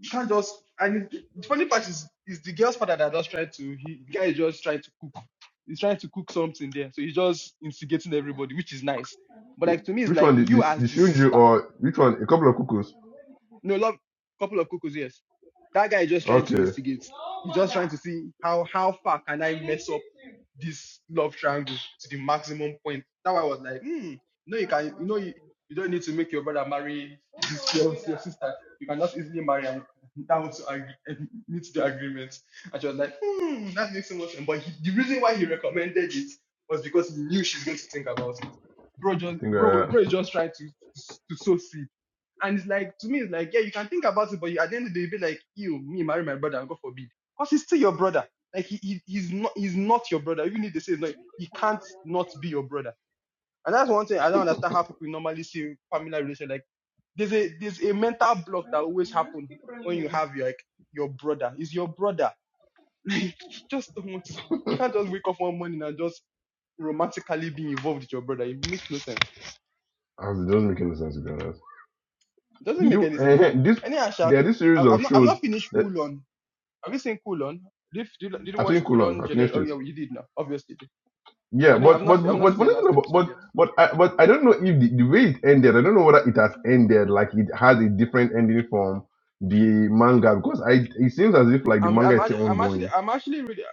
[SPEAKER 1] you can't just and it, the funny part is is the girl's father that just tried to he the guy is just trying to cook he's trying to cook something there so he's just instigating everybody which is nice but like
[SPEAKER 2] Coo-
[SPEAKER 1] to me it's
[SPEAKER 2] which
[SPEAKER 1] like
[SPEAKER 2] one the,
[SPEAKER 1] you
[SPEAKER 2] the,
[SPEAKER 1] as
[SPEAKER 2] the
[SPEAKER 1] the
[SPEAKER 2] shunju
[SPEAKER 1] sister
[SPEAKER 2] or which one a couple of cuckoos
[SPEAKER 1] no, love couple of cuckoos, yes. That guy is just trying to
[SPEAKER 2] okay
[SPEAKER 1] instigate. He's just trying to see how how far can I mess up this love triangle to the maximum point. Now I was like, hmm, no, you can you know you, you don't need to make your brother marry this your, your sister. You can just easily marry and that was to agree, and meet the agreement. And she was like, hmm, that makes so much sense. But he, the reason why he recommended it was because he knew she's going to think about it. Bro just
[SPEAKER 2] think
[SPEAKER 1] bro
[SPEAKER 2] uh,
[SPEAKER 1] bro
[SPEAKER 2] <laughs>
[SPEAKER 1] is just trying to to, to sow seeds. And it's like to me, it's like, yeah, you can think about it, but you, at the end of the day, you'll be like, you, me, marry my brother, and God forbid. Because he's still your brother. Like he, he he's not he's not your brother. Even if they say no. he can't not be your brother. And that's one thing I don't understand how people normally see family relation. Like there's a there's a mental block that always happens when you have your, like your brother. Is your brother. Like <laughs> you just don't want to you can't just wake up one morning and just romantically being involved with your brother. It makes no sense.
[SPEAKER 2] it doesn't make any sense to be honest.
[SPEAKER 1] It doesn't
[SPEAKER 2] Did
[SPEAKER 1] make
[SPEAKER 2] you
[SPEAKER 1] any
[SPEAKER 2] eh,
[SPEAKER 1] sense.
[SPEAKER 2] eh, this
[SPEAKER 1] Anyway, Asha,
[SPEAKER 2] there are this
[SPEAKER 1] I-
[SPEAKER 2] series
[SPEAKER 1] I've
[SPEAKER 2] of
[SPEAKER 1] not I've
[SPEAKER 2] shows
[SPEAKER 1] not finished
[SPEAKER 2] that
[SPEAKER 1] full on Have you seen Coolon? Did did, did you
[SPEAKER 2] I've
[SPEAKER 1] watch
[SPEAKER 2] seen Colon,
[SPEAKER 1] Coolon?
[SPEAKER 2] I
[SPEAKER 1] Gener-
[SPEAKER 2] finished
[SPEAKER 1] oh
[SPEAKER 2] it.
[SPEAKER 1] yeah, you did now, obviously. I
[SPEAKER 2] Yeah,
[SPEAKER 1] know I've
[SPEAKER 2] but but
[SPEAKER 1] not I've not
[SPEAKER 2] but
[SPEAKER 1] seen
[SPEAKER 2] funny
[SPEAKER 1] the last
[SPEAKER 2] thing about
[SPEAKER 1] episode
[SPEAKER 2] but
[SPEAKER 1] yet.
[SPEAKER 2] but I but I don't know if the, the way it ended, I don't know whether it has ended like it has a different ending from the manga because I it seems as if like the
[SPEAKER 1] I'm
[SPEAKER 2] manga
[SPEAKER 1] I'm
[SPEAKER 2] is still
[SPEAKER 1] act- I'm actually
[SPEAKER 2] ongoing.
[SPEAKER 1] I'm actually really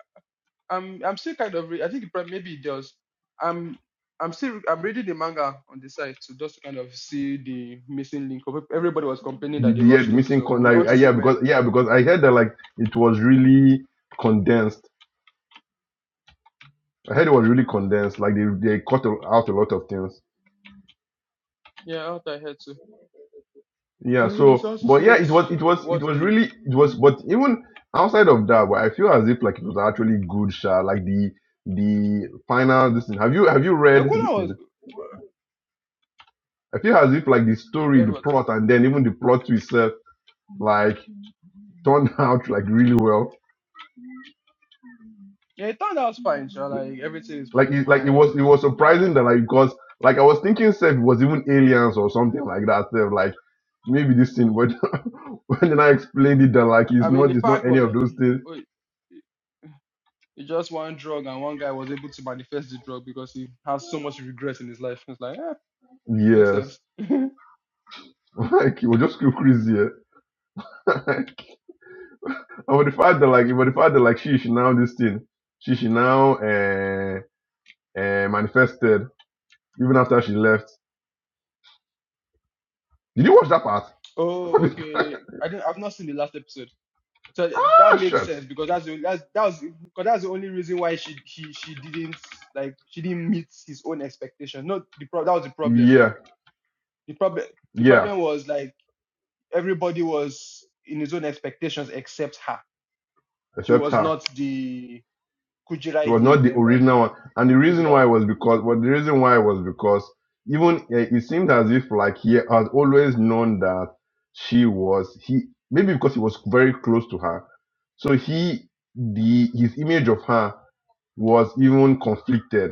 [SPEAKER 1] I'm I'm still kind of re- I think it prob- maybe it does. I'm I'm still I'm reading the manga on the site to just kind of see the missing link. of Everybody was complaining
[SPEAKER 2] The
[SPEAKER 1] that they
[SPEAKER 2] the, yeah, the
[SPEAKER 1] rushed it,
[SPEAKER 2] missing
[SPEAKER 1] so I
[SPEAKER 2] con- like,
[SPEAKER 1] want
[SPEAKER 2] uh,
[SPEAKER 1] to see
[SPEAKER 2] yeah
[SPEAKER 1] where.
[SPEAKER 2] because yeah because I heard that like it was really condensed. I heard it was really condensed. Like they they cut out a lot of things
[SPEAKER 1] Yeah, what I heard too.
[SPEAKER 2] yeah
[SPEAKER 1] So we
[SPEAKER 2] so
[SPEAKER 1] just to see
[SPEAKER 2] but yeah
[SPEAKER 1] what
[SPEAKER 2] it was it was it
[SPEAKER 1] what
[SPEAKER 2] was
[SPEAKER 1] the
[SPEAKER 2] really it was but even outside of that but i feel as if like it was actually good shot like the the final this thing have you have you read
[SPEAKER 1] no
[SPEAKER 2] this thing
[SPEAKER 1] Coolon was
[SPEAKER 2] i feel as if like the story the
[SPEAKER 1] Redwood.
[SPEAKER 2] plot and then even the plot to itself like turned <laughs> out like really well
[SPEAKER 1] Yeah, it turned out fine. So like everything is from
[SPEAKER 2] like
[SPEAKER 1] his
[SPEAKER 2] it like it was
[SPEAKER 1] mind.
[SPEAKER 2] it was
[SPEAKER 1] Yeah,
[SPEAKER 2] surprising that like because like i was thinking self it was even aliens or something like that self like maybe this thing but <laughs> when then i explained it that like it's
[SPEAKER 1] I mean,
[SPEAKER 2] not
[SPEAKER 1] the
[SPEAKER 2] it's not
[SPEAKER 1] fact
[SPEAKER 2] any
[SPEAKER 1] was,
[SPEAKER 2] of those things
[SPEAKER 1] wait, it's just one drug, and one guy was able to manifest the drug because he has so much regret in his life. It's like, eh, makes
[SPEAKER 2] yes
[SPEAKER 1] sense. <laughs>
[SPEAKER 2] Like he will just go crazy. eh. <laughs> like, and with the fact that like with the fact that like she she now this thing, she she now uh, uh, manifested even after she left. Did you watch that part?
[SPEAKER 1] oh,
[SPEAKER 2] <laughs>
[SPEAKER 1] okay. I didn't. I've not seen the last episode, so th- that
[SPEAKER 2] ah
[SPEAKER 1] makes
[SPEAKER 2] shit.
[SPEAKER 1] sense because that's the that's that was because that's the only reason why she she she didn't like she didn't meet his own expectation. Not the pro- that was the problem.
[SPEAKER 2] Yeah,
[SPEAKER 1] The problem the
[SPEAKER 2] yeah.
[SPEAKER 1] problem was like everybody was in his own expectations except her. She
[SPEAKER 2] Except
[SPEAKER 1] was
[SPEAKER 2] her.
[SPEAKER 1] not the
[SPEAKER 2] It
[SPEAKER 1] Kujirai
[SPEAKER 2] was
[SPEAKER 1] he
[SPEAKER 2] not the
[SPEAKER 1] remembered.
[SPEAKER 2] original one. And
[SPEAKER 1] Let
[SPEAKER 2] the
[SPEAKER 1] me put it
[SPEAKER 2] reason
[SPEAKER 1] that
[SPEAKER 2] why
[SPEAKER 1] way.
[SPEAKER 2] was because well, the reason why was because even uh, it seemed as if like he had always known that she was he maybe because he was very close to her. So he the his image of her was even conflicted.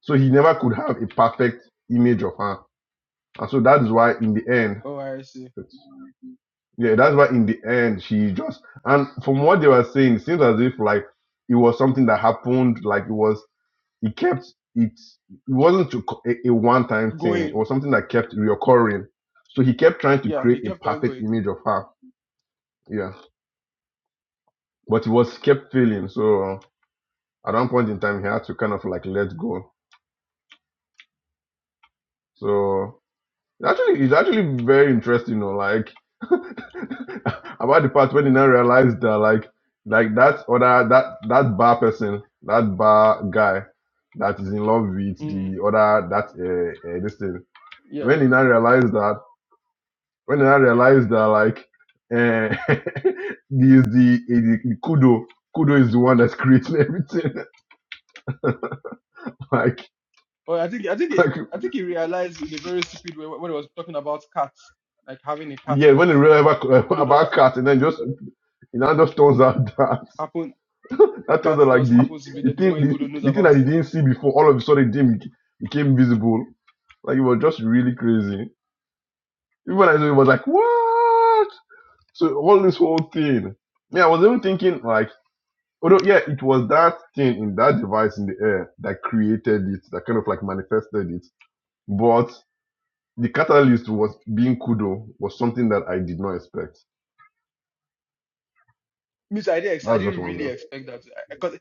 [SPEAKER 2] So he never could have a perfect image of her. And so that is why in the end,
[SPEAKER 1] Oh, I see.
[SPEAKER 2] yeah, that's why in the end she just and from what they were saying, it seems as if like it was something that happened, like it was it kept it it wasn't a, a one time thing. It
[SPEAKER 1] Going,
[SPEAKER 2] was something that kept reoccurring. So he kept trying to
[SPEAKER 1] yeah, he
[SPEAKER 2] create a
[SPEAKER 1] kept on
[SPEAKER 2] perfect
[SPEAKER 1] going.
[SPEAKER 2] image of her. Yeah. But he was kept failing. So uh, at one point in time he had to kind of like let go. So It's actually, it's actually very interesting, you know, like <laughs> about the part when he now realized that like like that other that that bar person, that bar guy that is in love with
[SPEAKER 1] Mm,
[SPEAKER 2] the other that uh, uh this thing.
[SPEAKER 1] yeah.
[SPEAKER 2] When he now realized that when he now realized that like uh <laughs> the is the, is the kudo kudo is the one that's creating everything. <laughs> like
[SPEAKER 1] Oh, I think I think he,
[SPEAKER 2] like
[SPEAKER 1] I think he realized in a very stupid way when he was talking about cats, like having a cat
[SPEAKER 2] yeah, when he
[SPEAKER 1] box,
[SPEAKER 2] realized
[SPEAKER 1] and it could
[SPEAKER 2] about,
[SPEAKER 1] have done-
[SPEAKER 2] about cat and then just it now just turns out <laughs> that
[SPEAKER 1] happened.
[SPEAKER 2] I
[SPEAKER 1] The
[SPEAKER 2] told
[SPEAKER 1] cat
[SPEAKER 2] her like
[SPEAKER 1] does
[SPEAKER 2] the
[SPEAKER 1] happens to be
[SPEAKER 2] the
[SPEAKER 1] there. The more
[SPEAKER 2] thing the,
[SPEAKER 1] Ikudo knows
[SPEAKER 2] the thing that
[SPEAKER 1] about
[SPEAKER 2] you
[SPEAKER 1] it,
[SPEAKER 2] didn't see before all of a sudden it became, became visible. Like it was just really crazy. Even when I saw it, it was like what? So all this whole thing. Yeah, I was even thinking like, although yeah, it was that thing in that device in the air that created it, that kind of like manifested it. But the catalyst was being kudo was something that I did not expect.
[SPEAKER 1] Miss, I didn't ex- I
[SPEAKER 2] That's just
[SPEAKER 1] didn't
[SPEAKER 2] one of
[SPEAKER 1] really
[SPEAKER 2] them.
[SPEAKER 1] expect that because I, 'cause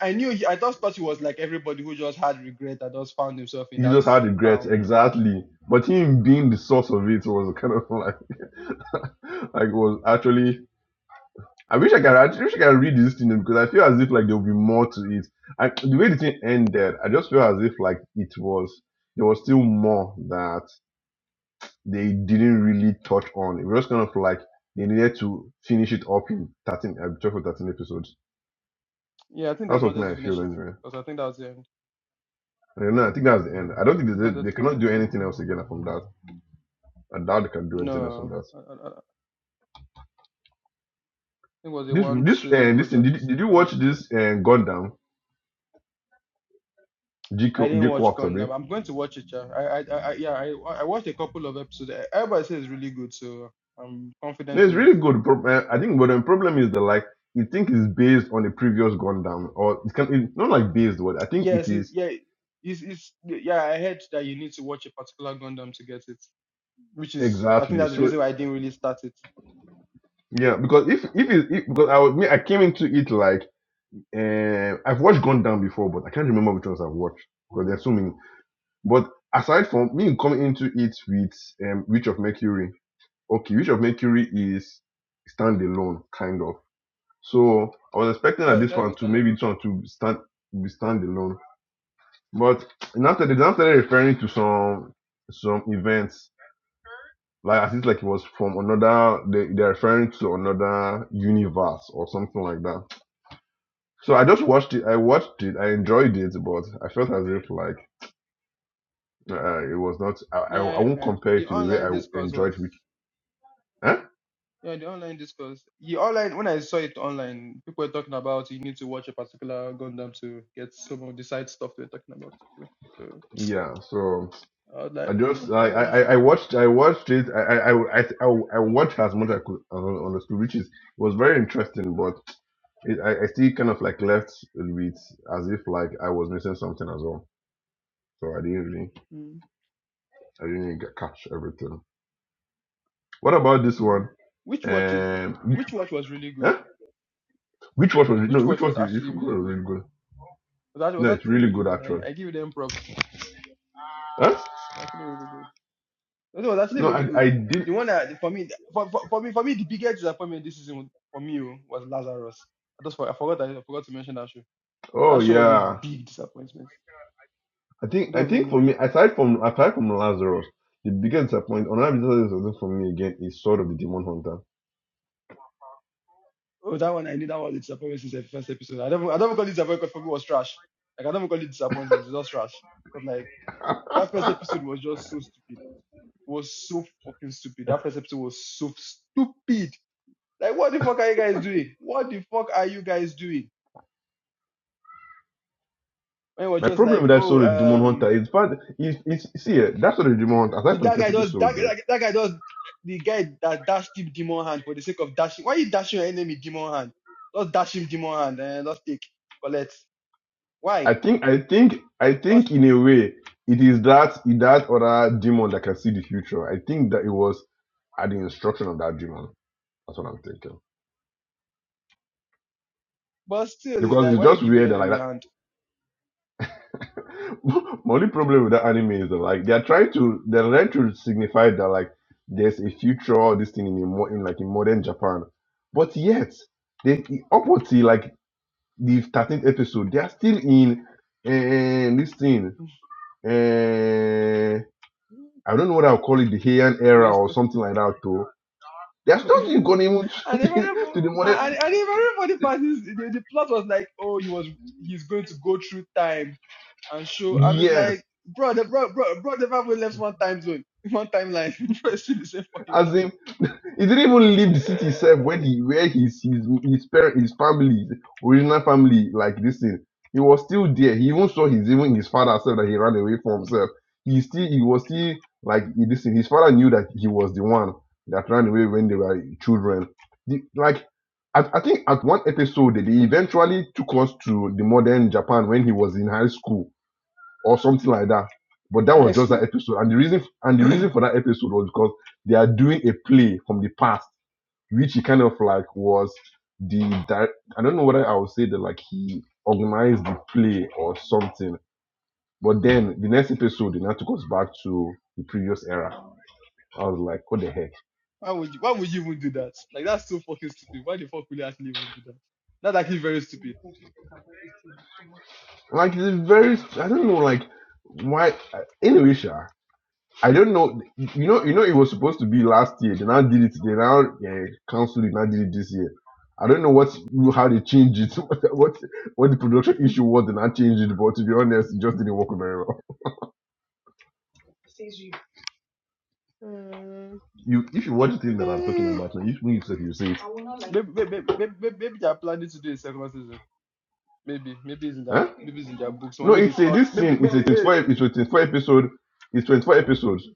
[SPEAKER 1] I I knew he, I just thought he was like everybody who just had regret that just found himself in
[SPEAKER 2] you
[SPEAKER 1] that
[SPEAKER 2] just had regrets
[SPEAKER 1] town. And
[SPEAKER 2] exactly but him being the source of it was <laughs> kind of like <laughs> like was actually i wish i can, i wish i can read this thing because i feel as if like there will be more to it I, the way the thing ended i just feel as if like it was there was still more that they didn't really touch on it was just kind of like they needed to finish it up in 13 uh, 12 or 13 episodes
[SPEAKER 1] yeah, I think
[SPEAKER 2] that's
[SPEAKER 1] that's
[SPEAKER 2] what
[SPEAKER 1] wanted to
[SPEAKER 2] made i feel
[SPEAKER 1] finish it
[SPEAKER 2] anyway
[SPEAKER 1] because I think that was the end.
[SPEAKER 2] and then i think that's the end i don't think
[SPEAKER 1] Just
[SPEAKER 2] they,
[SPEAKER 1] wanted
[SPEAKER 2] they
[SPEAKER 1] to
[SPEAKER 2] cannot do anything else again from that i doubt they can do anything else from
[SPEAKER 1] no,
[SPEAKER 2] that
[SPEAKER 1] I, I, I think it was a
[SPEAKER 2] This
[SPEAKER 1] one
[SPEAKER 2] this
[SPEAKER 1] season
[SPEAKER 2] and listen,
[SPEAKER 1] project
[SPEAKER 2] did, did you
[SPEAKER 1] kind
[SPEAKER 2] watch
[SPEAKER 1] of thing.
[SPEAKER 2] this and Gundam? Dick
[SPEAKER 1] I didn't
[SPEAKER 2] Dick
[SPEAKER 1] watch
[SPEAKER 2] Works of
[SPEAKER 1] Gundam.
[SPEAKER 2] it.
[SPEAKER 1] I'm going to watch it. Yeah. I, I, I I- yeah I I watched a couple of episodes. Everybody says it's really good, so I'm
[SPEAKER 2] No,
[SPEAKER 1] confident
[SPEAKER 2] it's
[SPEAKER 1] in it.
[SPEAKER 2] really good. Pro- eh, I think, but the problem is that like you think it's based on the previous Gundam, or it can it's not like based. What I think it
[SPEAKER 1] Yes, it,
[SPEAKER 2] is
[SPEAKER 1] yeah. It's, it's, yeah, I heard that you need to watch a particular Gundam to get it. which is I think
[SPEAKER 2] exactly.
[SPEAKER 1] that's the
[SPEAKER 2] So
[SPEAKER 1] reason why I didn't really start it.
[SPEAKER 2] yeah, because if if it, if- because I was, me I came into it like uh, I've watched Gundam before, but I can't remember which ones I've watched because there's so many. But aside from me coming into it with um, Witch of Mercury, okay, Witch of Mercury is standalone kind of So I was expecting
[SPEAKER 1] Yeah,
[SPEAKER 2] that
[SPEAKER 1] I
[SPEAKER 2] this
[SPEAKER 1] started
[SPEAKER 2] one
[SPEAKER 1] with
[SPEAKER 2] too, maybe
[SPEAKER 1] alone.
[SPEAKER 2] this one to stand be standalone. But and after they now started referring to some some events like as if like it was from another they they're referring to another universe or something like that. So I just watched it. I watched it. I enjoyed it, but I felt as if like uh, it was not. I, I I
[SPEAKER 1] Yeah,
[SPEAKER 2] won't
[SPEAKER 1] uh,
[SPEAKER 2] compare
[SPEAKER 1] the
[SPEAKER 2] it to the way
[SPEAKER 1] online
[SPEAKER 2] I
[SPEAKER 1] discourse
[SPEAKER 2] enjoyed
[SPEAKER 1] was
[SPEAKER 2] it. Huh?
[SPEAKER 1] yeah the online discourse. The online when I saw it online, people were talking about you need to watch a particular Gundam to get some of the side stuff they're talking about. So, so
[SPEAKER 2] Yeah. So
[SPEAKER 1] I was
[SPEAKER 2] I
[SPEAKER 1] like, mm,
[SPEAKER 2] just
[SPEAKER 1] should I
[SPEAKER 2] I, I
[SPEAKER 1] watch it?
[SPEAKER 2] I
[SPEAKER 1] Should I not watch
[SPEAKER 2] watched
[SPEAKER 1] it?
[SPEAKER 2] I watched it I I I I, I watched as much as I could uh, understood which is it was very interesting but it, I I still kind of like left with as if like I was missing something as well so I didn't really
[SPEAKER 1] Mm,
[SPEAKER 2] I didn't really get- catch everything. What about this
[SPEAKER 1] yeah.
[SPEAKER 2] one?
[SPEAKER 1] Which watch is
[SPEAKER 2] Um, wh-
[SPEAKER 1] which watch was really good?
[SPEAKER 2] eh? which one was it? no
[SPEAKER 1] Which
[SPEAKER 2] which
[SPEAKER 1] watch
[SPEAKER 2] one
[SPEAKER 1] was
[SPEAKER 2] was, which
[SPEAKER 1] actually
[SPEAKER 2] one was
[SPEAKER 1] really good?
[SPEAKER 2] really good?
[SPEAKER 1] That was
[SPEAKER 2] No, it's
[SPEAKER 1] actually
[SPEAKER 2] really
[SPEAKER 1] really
[SPEAKER 2] good
[SPEAKER 1] good. I,
[SPEAKER 2] actually.
[SPEAKER 1] I give them props.
[SPEAKER 2] Huh?
[SPEAKER 1] Actually really good. It was actually
[SPEAKER 2] No,
[SPEAKER 1] really
[SPEAKER 2] I
[SPEAKER 1] good.
[SPEAKER 2] I did.
[SPEAKER 1] The one that for me, for, for, for me, for me, the biggest disappointment this season for me oh, was Lazarus. I just for, I forgot I forgot to mention that show.
[SPEAKER 2] Oh
[SPEAKER 1] That show was a
[SPEAKER 2] yeah.
[SPEAKER 1] big disappointment.
[SPEAKER 2] I think
[SPEAKER 1] I
[SPEAKER 2] I
[SPEAKER 1] don't even
[SPEAKER 2] think for
[SPEAKER 1] know.
[SPEAKER 2] me, aside from aside from Lazarus, the biggest disappointment on Lazarus wasn't for me again is sort of the Demon Hunter.
[SPEAKER 1] Oh, that one I knew that was a disappointment since the first episode. I don't even- I don't even call it disappointment 'cause for me it was trash. Like I don't even call it disappointment. It's just trash. But like that first
[SPEAKER 2] <laughs>
[SPEAKER 1] episode was just so stupid. It was so fucking stupid. That first episode was so stupid. Like what the fuck are you guys doing? What the fuck are you guys doing? When it was
[SPEAKER 2] My
[SPEAKER 1] just
[SPEAKER 2] problem
[SPEAKER 1] like,
[SPEAKER 2] with that sort of Demon
[SPEAKER 1] oh, um.
[SPEAKER 2] Hunter is part is is see eh, that sort of Demon Hunter, aside
[SPEAKER 1] Did
[SPEAKER 2] from the
[SPEAKER 1] that
[SPEAKER 2] first
[SPEAKER 1] guy just
[SPEAKER 2] episode
[SPEAKER 1] that,
[SPEAKER 2] there,
[SPEAKER 1] that, that guy just the guy that dashed deep demon hand for the sake of dashing? Why are you dashing your enemy demon hand? Just dash him demon hand and just take collect. Why?
[SPEAKER 2] I think I think I
[SPEAKER 1] Just,
[SPEAKER 2] think in a way it is that that other demon that can see the future. I think that it was at the instruction of that demon. That's what I'm thinking.
[SPEAKER 1] but still, it's
[SPEAKER 2] Because
[SPEAKER 1] like
[SPEAKER 2] it's
[SPEAKER 1] why you
[SPEAKER 2] just
[SPEAKER 1] give your
[SPEAKER 2] weird that like
[SPEAKER 1] enemy
[SPEAKER 2] that
[SPEAKER 1] hand?
[SPEAKER 2] <laughs> My only problem with that anime is that like they're trying to they're trying to signify that like there's a future all this thing in a mo- in like in modern Japan, but yet they up until like the thirteenth episode they are still in and this thing and I don't know what I'll call it the Heian era
[SPEAKER 1] Please. <laughs>
[SPEAKER 2] or
[SPEAKER 1] don't.
[SPEAKER 2] something like that though. They are still
[SPEAKER 1] and
[SPEAKER 2] gone even <laughs> to,
[SPEAKER 1] everyone
[SPEAKER 2] the- to the
[SPEAKER 1] and,
[SPEAKER 2] modern
[SPEAKER 1] and even for the parties, the, the plot was like, oh, he was he's going to go through time and show, and it's
[SPEAKER 2] yes,
[SPEAKER 1] like, bro, the bro, bro, bro, never even left one time zone, one timeline, <laughs> bro, it's still the same fucking
[SPEAKER 2] as in
[SPEAKER 1] time.
[SPEAKER 2] He didn't even leave the city itself
[SPEAKER 1] <laughs>
[SPEAKER 2] when he where his his his parent his family his original family like this thing. He was still there. He even saw his even his father said that he ran away from himself. He still he was still like in this thing. His father knew that he was the one that ran away when they were children. The, like I, I think at one episode they eventually took us to the modern Japan when he was in high school or something like that. But that
[SPEAKER 1] High
[SPEAKER 2] was just that
[SPEAKER 1] school.
[SPEAKER 2] episode. And the reason and the
[SPEAKER 1] <clears throat>
[SPEAKER 2] reason for that episode was because they are doing a play from the past which he kind of like was the di- I don't know whether I would say that like he organized the play or something. But then the next episode, it now took us back to the previous era. I was like, what the heck?
[SPEAKER 1] Why would you why would you even do that? Like that's so fucking stupid. Why the fuck would you actually even do that? That's actually very stupid.
[SPEAKER 2] Like it's a very I don't know like why uh, anyway, Sha, I don't know. You know, you know, it was supposed to be last year. They now did it. They now uh, canceled it. Now did it this year. I don't know what how they changed it. <laughs> what, what the production issue was. They now changed it. But to be honest, it just didn't work very well.
[SPEAKER 1] Mm.
[SPEAKER 2] You, if you watch the thing that I'm talking
[SPEAKER 1] Mm. <sighs>
[SPEAKER 2] about now, you, when you say you see it,
[SPEAKER 1] Maybe, maybe, maybe, maybe, maybe they are planning to do a second season. Maybe, maybe it's in their
[SPEAKER 2] huh?
[SPEAKER 1] maybe it's in their books. Or
[SPEAKER 2] No,
[SPEAKER 1] maybe they
[SPEAKER 2] it's a
[SPEAKER 1] thought
[SPEAKER 2] this
[SPEAKER 1] maybe
[SPEAKER 2] thing.
[SPEAKER 1] they-
[SPEAKER 2] It's a
[SPEAKER 1] maybe maybe,
[SPEAKER 2] 24. It's
[SPEAKER 1] maybe.
[SPEAKER 2] a 24 episode. It's 24 episodes.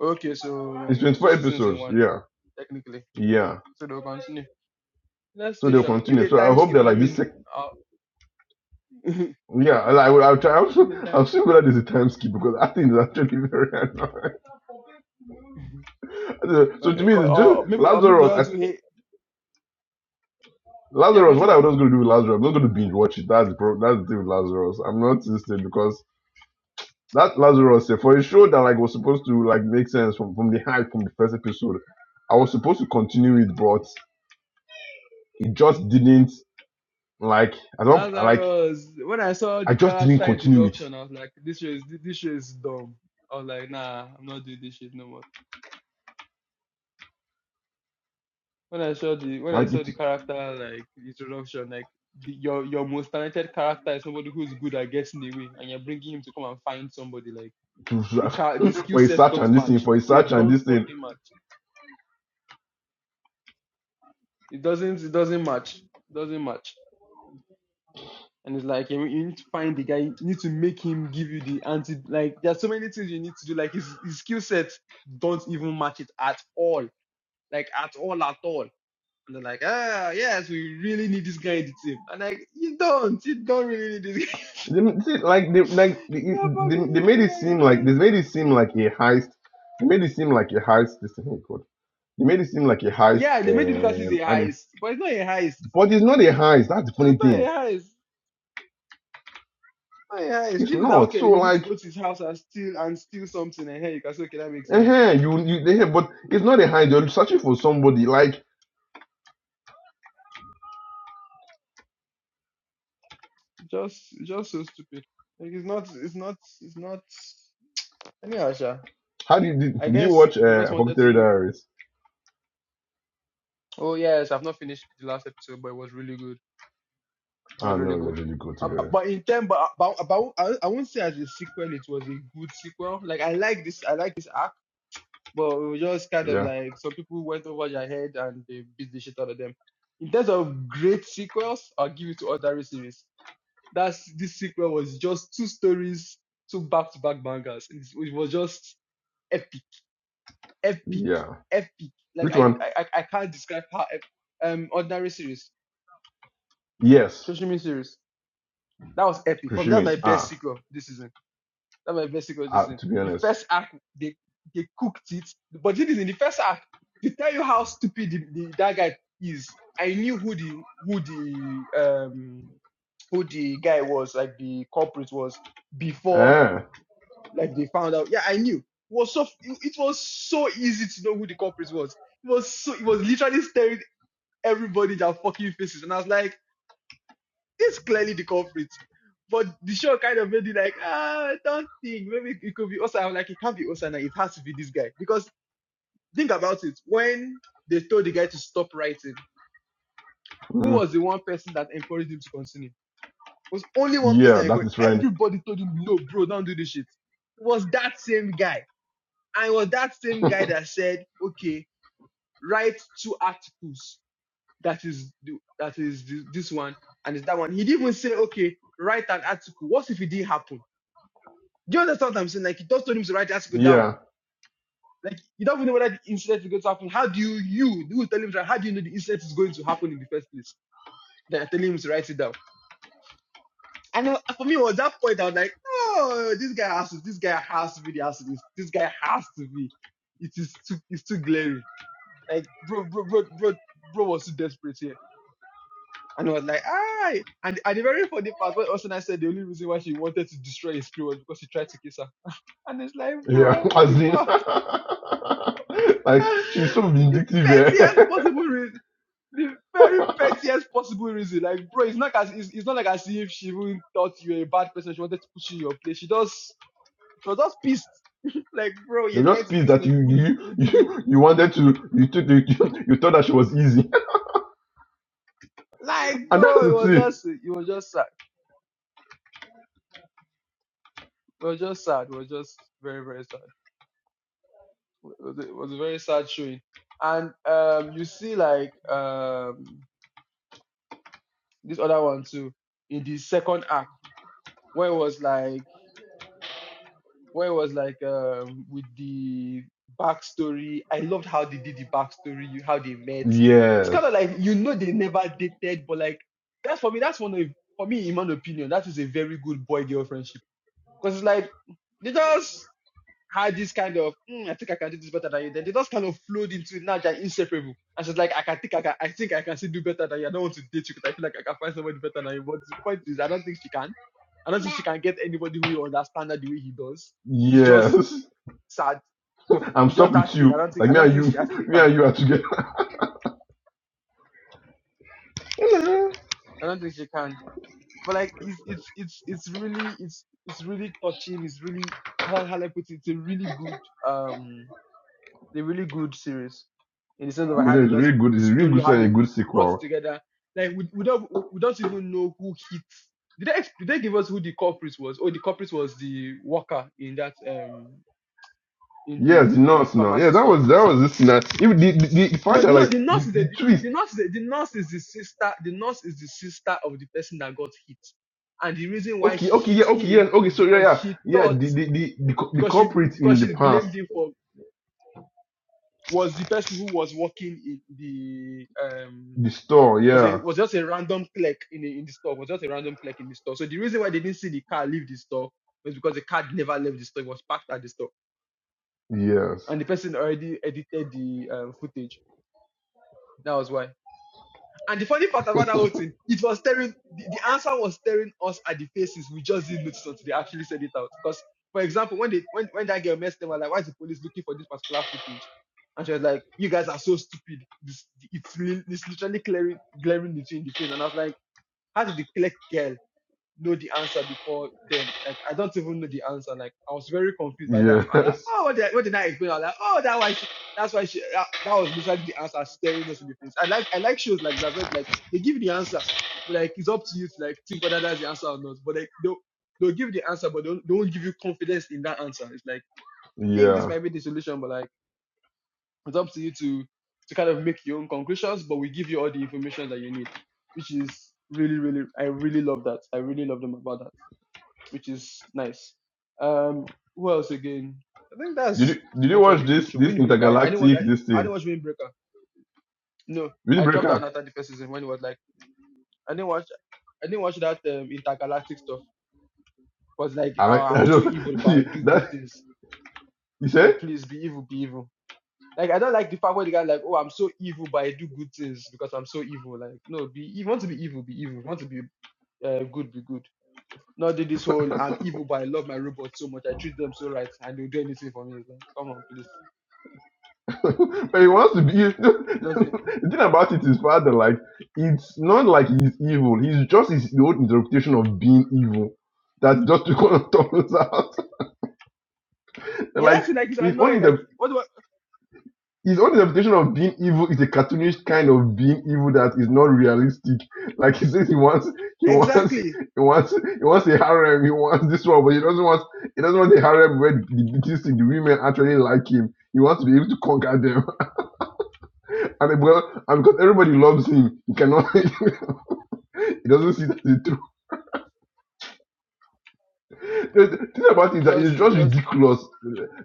[SPEAKER 1] Okay, so
[SPEAKER 2] It's
[SPEAKER 1] two
[SPEAKER 2] 24
[SPEAKER 1] seasons in
[SPEAKER 2] episodes.
[SPEAKER 1] one
[SPEAKER 2] Yeah,
[SPEAKER 1] technically.
[SPEAKER 2] yeah.
[SPEAKER 1] So they'll continue. Let's
[SPEAKER 2] So
[SPEAKER 1] see,
[SPEAKER 2] they'll
[SPEAKER 1] Sham. If
[SPEAKER 2] continue.
[SPEAKER 1] they
[SPEAKER 2] So I
[SPEAKER 1] time
[SPEAKER 2] hope
[SPEAKER 1] skip,
[SPEAKER 2] they're like
[SPEAKER 1] let me
[SPEAKER 2] this.
[SPEAKER 1] know.
[SPEAKER 2] Sec-
[SPEAKER 1] Uh, <laughs>
[SPEAKER 2] yeah, I I will. I'll try. I'll, see-
[SPEAKER 1] the
[SPEAKER 2] I'll
[SPEAKER 1] time.
[SPEAKER 2] see whether there's a time skip because I think it's actually very annoying. <laughs>
[SPEAKER 1] <laughs>
[SPEAKER 2] So to me,
[SPEAKER 1] or,
[SPEAKER 2] it's just
[SPEAKER 1] or maybe or maybe
[SPEAKER 2] Lazarus.
[SPEAKER 1] they'll
[SPEAKER 2] I,
[SPEAKER 1] do hey. Yeah,
[SPEAKER 2] Lazarus. What I
[SPEAKER 1] continue.
[SPEAKER 2] was going to do with Lazarus, I'm not going to binge watch it. That's the pro- that's the thing with Lazarus. I'm not interested because that Lazarus eh, for a show that like was supposed to like make sense from from the hype from the first episode. I was supposed to continue it, but it just didn't like I don't like
[SPEAKER 1] Lazarus. When I saw
[SPEAKER 2] I
[SPEAKER 1] the
[SPEAKER 2] just didn't
[SPEAKER 1] character
[SPEAKER 2] continue it.
[SPEAKER 1] introduction, I was like, this show is this show is dumb. I was like, nah, I'm not doing this shit no more. When I saw the when I
[SPEAKER 2] Like
[SPEAKER 1] saw
[SPEAKER 2] it
[SPEAKER 1] the character like introduction, like the, your your most talented character is somebody who's good at getting away, and you're bringing him to come and find somebody like the car the
[SPEAKER 2] <laughs>
[SPEAKER 1] skill
[SPEAKER 2] for a
[SPEAKER 1] sets
[SPEAKER 2] search
[SPEAKER 1] don't
[SPEAKER 2] and this thing
[SPEAKER 1] match.
[SPEAKER 2] for a
[SPEAKER 1] They
[SPEAKER 2] search and
[SPEAKER 1] don't
[SPEAKER 2] this thing.
[SPEAKER 1] fucking match. It doesn't it doesn't match. It Doesn't match. And it's like you you need to find the guy, you need to make him give you the anti like there's so many things you need to do. Like his his skill sets don't even match it at all. Like at all, at all. And they're like, ah yes, we really need this guy in the team. And like you don't, you don't really need this guy.
[SPEAKER 2] They, they- like they
[SPEAKER 1] <laughs>
[SPEAKER 2] like they,
[SPEAKER 1] you don't
[SPEAKER 2] they
[SPEAKER 1] fucking need
[SPEAKER 2] they made
[SPEAKER 1] this
[SPEAKER 2] it
[SPEAKER 1] guy in
[SPEAKER 2] seem
[SPEAKER 1] your
[SPEAKER 2] like they
[SPEAKER 1] team.
[SPEAKER 2] made it seem like a heist. They made it seem like a heist. This thing, oh God. They made it seem like a heist,
[SPEAKER 1] Yeah, they made it look as if it's
[SPEAKER 2] um,
[SPEAKER 1] a
[SPEAKER 2] and
[SPEAKER 1] heist, but it's not a heist.
[SPEAKER 2] but it's not a heist. That's the
[SPEAKER 1] It's
[SPEAKER 2] funny
[SPEAKER 1] not a heist.
[SPEAKER 2] thing.
[SPEAKER 1] It's not a heist. If
[SPEAKER 2] It's
[SPEAKER 1] it's that
[SPEAKER 2] not.
[SPEAKER 1] okay,
[SPEAKER 2] So
[SPEAKER 1] you need to
[SPEAKER 2] like
[SPEAKER 1] go to his house and steal and steal something and hey, you can say, okay, that makes sense
[SPEAKER 2] Uh-huh, you, you they have, but it's not a hide. You're searching for somebody. Like,
[SPEAKER 1] Just just so stupid. Like it's not it's not it's not anyhow, Sha.
[SPEAKER 2] how did you, did
[SPEAKER 1] I
[SPEAKER 2] you
[SPEAKER 1] guess
[SPEAKER 2] watch
[SPEAKER 1] they
[SPEAKER 2] uh,
[SPEAKER 1] just wanted to
[SPEAKER 2] Apothecary
[SPEAKER 1] make
[SPEAKER 2] Diaries?
[SPEAKER 1] oh yes, I've not finished the last episode, but it was really good. It was
[SPEAKER 2] Ah, no,
[SPEAKER 1] really
[SPEAKER 2] it
[SPEAKER 1] good.
[SPEAKER 2] was not you go
[SPEAKER 1] Uh,
[SPEAKER 2] together.
[SPEAKER 1] but in term, but, but, but I, I won't say as a sequel, it was a good sequel. Like I like this, I like this arc, but it was just kind of
[SPEAKER 2] Yeah,
[SPEAKER 1] like some people went over their head and they beat the shit out of them. In terms of great sequels, I'll give it to other series. That's this sequel was just two stories, two back to back bangers. It's- It was just epic, epic,
[SPEAKER 2] yeah.
[SPEAKER 1] epic. Like
[SPEAKER 2] Which
[SPEAKER 1] I
[SPEAKER 2] one?
[SPEAKER 1] I I can't describe how ep- um ordinary series,
[SPEAKER 2] Yes,
[SPEAKER 1] Shoshimi series. That was epic for me. That's
[SPEAKER 2] Kushimi.
[SPEAKER 1] my best
[SPEAKER 2] Ah,
[SPEAKER 1] sequel this season. That's my best sequel this
[SPEAKER 2] ah
[SPEAKER 1] season.
[SPEAKER 2] to be
[SPEAKER 1] The
[SPEAKER 2] honest.
[SPEAKER 1] first act they they cooked it, but it is in the first act. To tell you how stupid the, the, that guy is, I knew who the who the um who the guy was, like the corporate was before
[SPEAKER 2] Ah,
[SPEAKER 1] Like they found out. Yeah, I knew. It was so it was so easy to know who the culprit was. It was so it was literally staring everybody in their fucking faces, and I was like, this is clearly the culprit. But the show kind of made it like, ah, don't think maybe it could be Osana. I'm like, it can't be Osana. It has to be this guy because think about it. When they told the guy to stop writing, who
[SPEAKER 2] mm,
[SPEAKER 1] was the one person that encouraged him to continue? It was only one person
[SPEAKER 2] yeah,
[SPEAKER 1] that
[SPEAKER 2] that's
[SPEAKER 1] encouraged.
[SPEAKER 2] his friend.
[SPEAKER 1] Everybody told him, no, bro, don't do this shit. It was that same guy I was that same guy that said, okay, write two articles. That is the- that is thi- this one and it's that one. He didn't even say, okay, write an article. What if it didn't happen? Do you understand what I'm saying? Like he just told him to write the article down.
[SPEAKER 2] Yeah,
[SPEAKER 1] Like you don't even know whether the incident is going to happen. How do you you do you tell him that how do you know the incident is going to happen in the first place? Then I tell him to write it down. And uh, for me, it was that point I was like, oh, this guy has to, this guy has to be the answer. This, this guy has to be. It is too, it's too glaring. Like, bro, bro, bro, bro, bro was so desperate here. And I was like, ah. And, and the very funny part, when Osuna said the only reason why she wanted to destroy his spirit was because he tried to kiss her. And it's like,
[SPEAKER 2] yeah.
[SPEAKER 1] bro,
[SPEAKER 2] <laughs>
[SPEAKER 1] what
[SPEAKER 2] As
[SPEAKER 1] the
[SPEAKER 2] in,
[SPEAKER 1] fuck? <sighs>
[SPEAKER 2] <laughs>
[SPEAKER 1] <laughs>
[SPEAKER 2] like she's so
[SPEAKER 1] the
[SPEAKER 2] vindictive. Eh?
[SPEAKER 1] pettiest possible reason. The very pettiest possible reason. Like, bro, it's not as it's, it's not like as if she even thought you were a bad person. She wanted to put you in your place. She just she was just pissed. <laughs> like, bro,
[SPEAKER 2] <laughs>
[SPEAKER 1] you're
[SPEAKER 2] You're
[SPEAKER 1] trying
[SPEAKER 2] just
[SPEAKER 1] to
[SPEAKER 2] pissed
[SPEAKER 1] kiss
[SPEAKER 2] that
[SPEAKER 1] me.
[SPEAKER 2] you
[SPEAKER 1] Who do
[SPEAKER 2] you
[SPEAKER 1] who give you?
[SPEAKER 2] you, you wanted to you took you, <laughs> you thought that she was easy,
[SPEAKER 1] Like,
[SPEAKER 2] <laughs> and that's
[SPEAKER 1] bro, it
[SPEAKER 2] the
[SPEAKER 1] was
[SPEAKER 2] thing.
[SPEAKER 1] just it was just sad. we were just sad. We were just very, very sad. It was a, it was a very sad showing. And um, you see, like um, this other one too in the second act, where it was like, where it was like um, with the backstory. I loved how they did the backstory, you- how they met. It's kind of
[SPEAKER 2] Yes.
[SPEAKER 1] like you know they never dated, but like that's for me. That's one of for me, in my opinion, that is a very good boy girl friendship because it's like they just had this kind of "Hmm, I think I can do this better than you. Then they just kind of flowed into it. Now they're inseparable. And she's like, I can think I can I think I can still do better than you. I don't want to date you because I feel like I can find somebody better than you. But the point is I don't think she can. I don't think she can get anybody who will understand her the way he does. It's
[SPEAKER 2] Yes,
[SPEAKER 1] just sad.
[SPEAKER 2] I'm
[SPEAKER 1] It's
[SPEAKER 2] stuck
[SPEAKER 1] just
[SPEAKER 2] with
[SPEAKER 1] that thing. I
[SPEAKER 2] you.
[SPEAKER 1] don't think
[SPEAKER 2] Like
[SPEAKER 1] I
[SPEAKER 2] me
[SPEAKER 1] don't
[SPEAKER 2] and
[SPEAKER 1] think
[SPEAKER 2] you,
[SPEAKER 1] she
[SPEAKER 2] <laughs>
[SPEAKER 1] actually
[SPEAKER 2] me
[SPEAKER 1] can.
[SPEAKER 2] and you are together. <laughs>
[SPEAKER 1] I don't think she can. But like it's it's it's it's really it's it's really touching. It's really how how I put it? It's a really good um a really good series in the sense of
[SPEAKER 2] You
[SPEAKER 1] how
[SPEAKER 2] know,
[SPEAKER 1] they
[SPEAKER 2] it's
[SPEAKER 1] does
[SPEAKER 2] really good.
[SPEAKER 1] the
[SPEAKER 2] It's a really
[SPEAKER 1] story,
[SPEAKER 2] good
[SPEAKER 1] how
[SPEAKER 2] story and a
[SPEAKER 1] they
[SPEAKER 2] good
[SPEAKER 1] brought it
[SPEAKER 2] sequel.
[SPEAKER 1] together. Like we, we don't we, we don't even know who hit. Did they ex- did they give us who the culprit was? Oh, the culprit was the worker in that um in
[SPEAKER 2] Yes, the
[SPEAKER 1] the
[SPEAKER 2] nurse now. Yeah,
[SPEAKER 1] pharmacy
[SPEAKER 2] that
[SPEAKER 1] store.
[SPEAKER 2] was that was this now. Even the, the, the the
[SPEAKER 1] No,
[SPEAKER 2] fact that
[SPEAKER 1] no,
[SPEAKER 2] like
[SPEAKER 1] the nurse
[SPEAKER 2] the,
[SPEAKER 1] is the
[SPEAKER 2] the twist.
[SPEAKER 1] the nurse is the, the nurse is the sister. The nurse is the sister of the person that got hit, and the reason why
[SPEAKER 2] Okay,
[SPEAKER 1] she
[SPEAKER 2] okay, yeah,
[SPEAKER 1] hit
[SPEAKER 2] okay,
[SPEAKER 1] him
[SPEAKER 2] yes, okay.
[SPEAKER 1] is
[SPEAKER 2] So yeah,
[SPEAKER 1] because
[SPEAKER 2] yeah,
[SPEAKER 1] she
[SPEAKER 2] yeah.
[SPEAKER 1] thought
[SPEAKER 2] The the the the, cul- the
[SPEAKER 1] because she
[SPEAKER 2] culprit in
[SPEAKER 1] because
[SPEAKER 2] the
[SPEAKER 1] she blamed
[SPEAKER 2] past,
[SPEAKER 1] him for was the person who was working in the um
[SPEAKER 2] the store.
[SPEAKER 1] was
[SPEAKER 2] Yeah,
[SPEAKER 1] a was just a random clerk in the, in the store. Was just a random clerk in the store. So the reason why they didn't see the car leave the store was because the car never left the store. It was parked at the store,
[SPEAKER 2] yes,
[SPEAKER 1] and the person already edited the um, footage. That was why. And the funny part about that whole thing, it was staring. The, the answer was staring us at the faces. We just didn't notice until they actually said it out. Because, for example, when they when when that girl messed them, I was like, why is the police looking for this particular footage? And she was like, you guys are so stupid. This, it's, li- it's literally glaring, glaring at you in the face. And I was like, how did the clerk girl know the answer before them. Like I don't even know the answer. Like I was very confused by that. And I'm like,
[SPEAKER 2] yes,
[SPEAKER 1] oh, what did, I- what did I explain? I was like, oh, that why she, that's why she, that, that was literally the answer staring us in the face. I like, I like shows like that where it's like they give you the answer, but like it's up to you to like think whether that's the answer or not. But like they'll, they'll give you the answer, but don't, don't give you confidence in that answer. It's like
[SPEAKER 2] <laughs>
[SPEAKER 1] we think this
[SPEAKER 2] yeah.
[SPEAKER 1] might be the solution, but like it's up to you to to kind of make your own conclusions. But we give you all the information that you need, which is really, really, I really love that. I really love them about that which is nice. Um, who else again? I think
[SPEAKER 2] Did you
[SPEAKER 1] that's
[SPEAKER 2] did
[SPEAKER 1] pretty
[SPEAKER 2] you
[SPEAKER 1] much all
[SPEAKER 2] watch
[SPEAKER 1] the good
[SPEAKER 2] this
[SPEAKER 1] show.
[SPEAKER 2] this
[SPEAKER 1] Windbreaker. I, I didn't watch.
[SPEAKER 2] intergalactic this
[SPEAKER 1] I, I
[SPEAKER 2] thing?
[SPEAKER 1] didn't watch Windbreaker. No, I dropped out
[SPEAKER 2] Windbreaker.
[SPEAKER 1] after the first season when it was like I didn't watch. I didn't watch that um, intergalactic stuff. Cause like
[SPEAKER 2] I
[SPEAKER 1] oh,
[SPEAKER 2] like.
[SPEAKER 1] I'm
[SPEAKER 2] I
[SPEAKER 1] so
[SPEAKER 2] don't.
[SPEAKER 1] evil, but I
[SPEAKER 2] <laughs>
[SPEAKER 1] do good
[SPEAKER 2] That
[SPEAKER 1] things.
[SPEAKER 2] you say?
[SPEAKER 1] Like please be evil, be evil. Like I don't like the part where the guy like, oh, I'm so evil, but I do good things because I'm so evil. Like no, be you want to be evil, be evil. you want to be uh, good, be good. Not do this whole I'm evil, but I love my robots so much. I treat them so right, and they'll do anything for me. It's like, come on, please.
[SPEAKER 2] but he wants to be. <laughs>
[SPEAKER 1] Doesn't.
[SPEAKER 2] the thing about it is, father, like it's not like he's evil. He's just his own interpretation of being evil. That's just <laughs> to gonna turns out <laughs>
[SPEAKER 1] Yeah,
[SPEAKER 2] like
[SPEAKER 1] that's it. Like it's
[SPEAKER 2] his own
[SPEAKER 1] annoying. Like
[SPEAKER 2] inter-
[SPEAKER 1] what? do I
[SPEAKER 2] his own interpretation of being evil is a cartoonish kind of being evil that is not realistic. Like he says, he wants he wants he
[SPEAKER 1] exactly.
[SPEAKER 2] wants he wants a harem. He wants this one, but he doesn't want he doesn't want a harem where the, the, the women actually like him. He wants to be able to conquer them. And well, and because everybody loves him, he cannot. <laughs> he doesn't see that the truth. The the thing about it
[SPEAKER 1] It's
[SPEAKER 2] is that it's
[SPEAKER 1] just, it's
[SPEAKER 2] just
[SPEAKER 1] just.
[SPEAKER 2] ridiculous.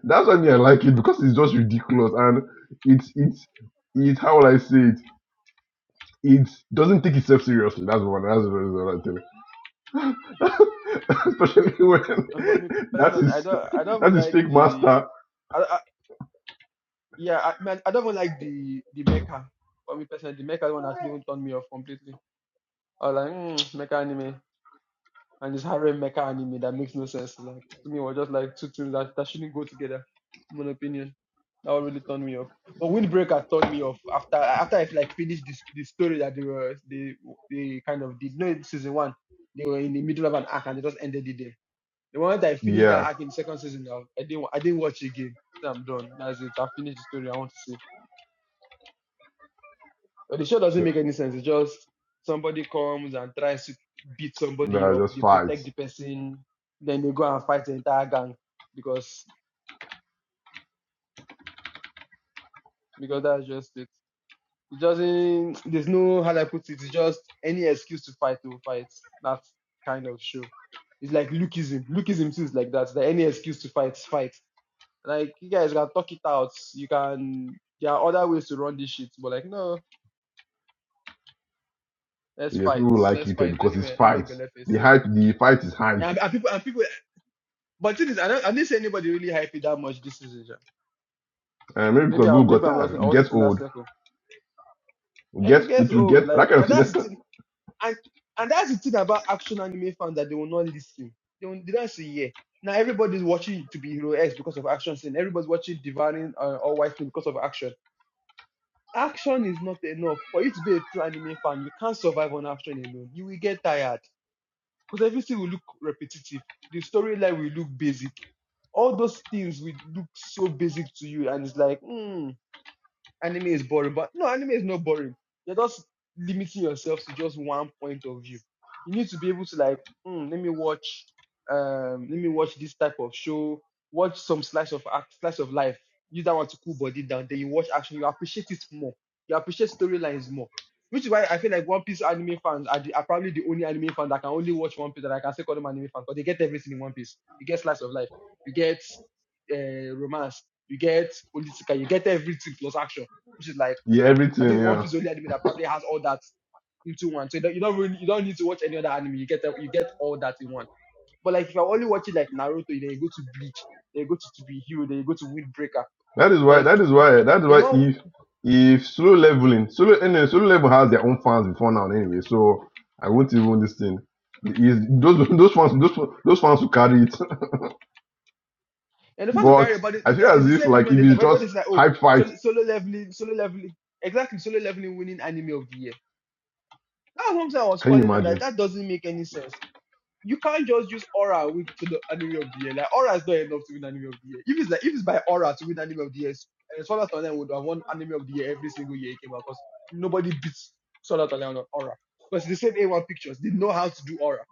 [SPEAKER 2] That's why me I like it because it's just ridiculous and it's it's it's how will I say it? It doesn't take itself seriously. That's one. That's what I'm telling. <laughs> Especially when
[SPEAKER 1] And for me
[SPEAKER 2] <laughs> that
[SPEAKER 1] personally, I
[SPEAKER 2] is
[SPEAKER 1] don't, I don't even
[SPEAKER 2] that is
[SPEAKER 1] like
[SPEAKER 2] fake
[SPEAKER 1] the.
[SPEAKER 2] master.
[SPEAKER 1] I, I, yeah, I man, I don't even like the the mecha. For me personally, the mecha one actually even turned me off completely. I was like, mm, mecha anime, and this harem mecha anime that makes no sense. Like to me, it was just like two things that, that shouldn't go together. In my opinion. That would really turn me off. But Windbreaker turned me off after after I have like finished this the story that they were they they kind of did. No, in season one they were in the middle of an arc and they just ended it there. The moment I finished that
[SPEAKER 2] Yeah,
[SPEAKER 1] arc in second season, now I didn't wa- I didn't watch it again. So I'm done. That's it. I finished the story. I want to see. But the show doesn't make any sense. It's just somebody comes and tries to beat somebody
[SPEAKER 2] no,
[SPEAKER 1] up.
[SPEAKER 2] just
[SPEAKER 1] They protect
[SPEAKER 2] fights.
[SPEAKER 1] the person, then they go and fight the entire gang because because that's just it. It doesn't. There's no how do I put it. It's just any excuse to fight to fight. That kind of show. It's like Lukeism. Lukeism too is like that. That any excuse to fight, fight. Like you guys can talk it out. You can. There are other ways to run this shit, but like no, let's
[SPEAKER 2] Yeah,
[SPEAKER 1] fight.
[SPEAKER 2] people like
[SPEAKER 1] Let's
[SPEAKER 2] it eh,
[SPEAKER 1] fight
[SPEAKER 2] because it's
[SPEAKER 1] anywhere, anywhere
[SPEAKER 2] fights. The
[SPEAKER 1] Beleface.
[SPEAKER 2] hype, the fight is hype.
[SPEAKER 1] Yeah, and, and people and people. But the thing is, I don't. I didn't see anybody really hype it that much this season. sha.
[SPEAKER 2] Uh, maybe because
[SPEAKER 1] Maybe I.
[SPEAKER 2] people got
[SPEAKER 1] Maybe I'm not.
[SPEAKER 2] tired.
[SPEAKER 1] I
[SPEAKER 2] It gets
[SPEAKER 1] wasn't in that
[SPEAKER 2] old.
[SPEAKER 1] circle. Like
[SPEAKER 2] Get
[SPEAKER 1] it gets
[SPEAKER 2] it will
[SPEAKER 1] old.
[SPEAKER 2] get
[SPEAKER 1] Like
[SPEAKER 2] that kind of
[SPEAKER 1] and
[SPEAKER 2] thing.
[SPEAKER 1] that's the And and that's the thing about action anime fans that they will not listen. They will, they don't say yeah. Now everybody's watching to be hero X because of action scene. Everybody's watching Devouring uh, or White Snake because of action. Action is not enough for you to be a true anime fan. You can't survive on action alone. You will get tired because everything will look repetitive. The storyline will look basic. All those things will look so basic to you, and it's like, hmm anime is boring, but no, anime is not boring. You're just limiting yourself to just one point of view. You need to be able to like, hmm, let me watch, um, let me watch this type of show, watch some slice of act, slice of life. Use that one to cool body down. Then you watch action, you appreciate it more. You appreciate storylines more. Which is why I feel like One Piece anime fans are, the, are probably the only anime fans that can only watch One Piece that I can say call them anime fans because they get everything in One Piece. You get slice of life, you get uh, romance, you get political, you get everything plus action which is like
[SPEAKER 2] <laughs> yeah,
[SPEAKER 1] I
[SPEAKER 2] everything.
[SPEAKER 1] think one
[SPEAKER 2] Yeah,
[SPEAKER 1] piece of only anime that probably has all that into one. So you don't, you don't really you don't need to watch any other anime. You get you get all that in one. But like if you're only watching like Naruto, then you go to Bleach, then you go to To Be Hero, then you go to Windbreaker.
[SPEAKER 2] that is why.
[SPEAKER 1] Like
[SPEAKER 2] That is why. That is
[SPEAKER 1] you
[SPEAKER 2] why.
[SPEAKER 1] know,
[SPEAKER 2] If if slow leveling, slow anyway, slow level has their own fans before now anyway. So I won't even this thing. Is those <laughs> those fans those those fans who carry it.
[SPEAKER 1] and
[SPEAKER 2] <laughs>
[SPEAKER 1] the fans will carry
[SPEAKER 2] but
[SPEAKER 1] about it.
[SPEAKER 2] I
[SPEAKER 1] it-
[SPEAKER 2] feel
[SPEAKER 1] It's
[SPEAKER 2] as
[SPEAKER 1] the
[SPEAKER 2] if
[SPEAKER 1] same reason
[SPEAKER 2] like
[SPEAKER 1] when
[SPEAKER 2] if
[SPEAKER 1] they
[SPEAKER 2] it's
[SPEAKER 1] when when
[SPEAKER 2] just
[SPEAKER 1] it's like oh
[SPEAKER 2] hype
[SPEAKER 1] solo,
[SPEAKER 2] fight,
[SPEAKER 1] solo leveling, solo leveling, exactly solo leveling winning anime of the year. That's what I'm saying I was
[SPEAKER 2] can you
[SPEAKER 1] calling out that
[SPEAKER 2] imagine?
[SPEAKER 1] that doesn't make any sense you can't just use aura to win the anime of the year. Like aura is not enough to win anime of the year. If it's like if it's by aura to win anime of the year, uh, Sword Art Online would have won anime of the year every single year it came out because nobody beats Sword Art Online on aura. Because the same A1 pictures, they know how to do aura.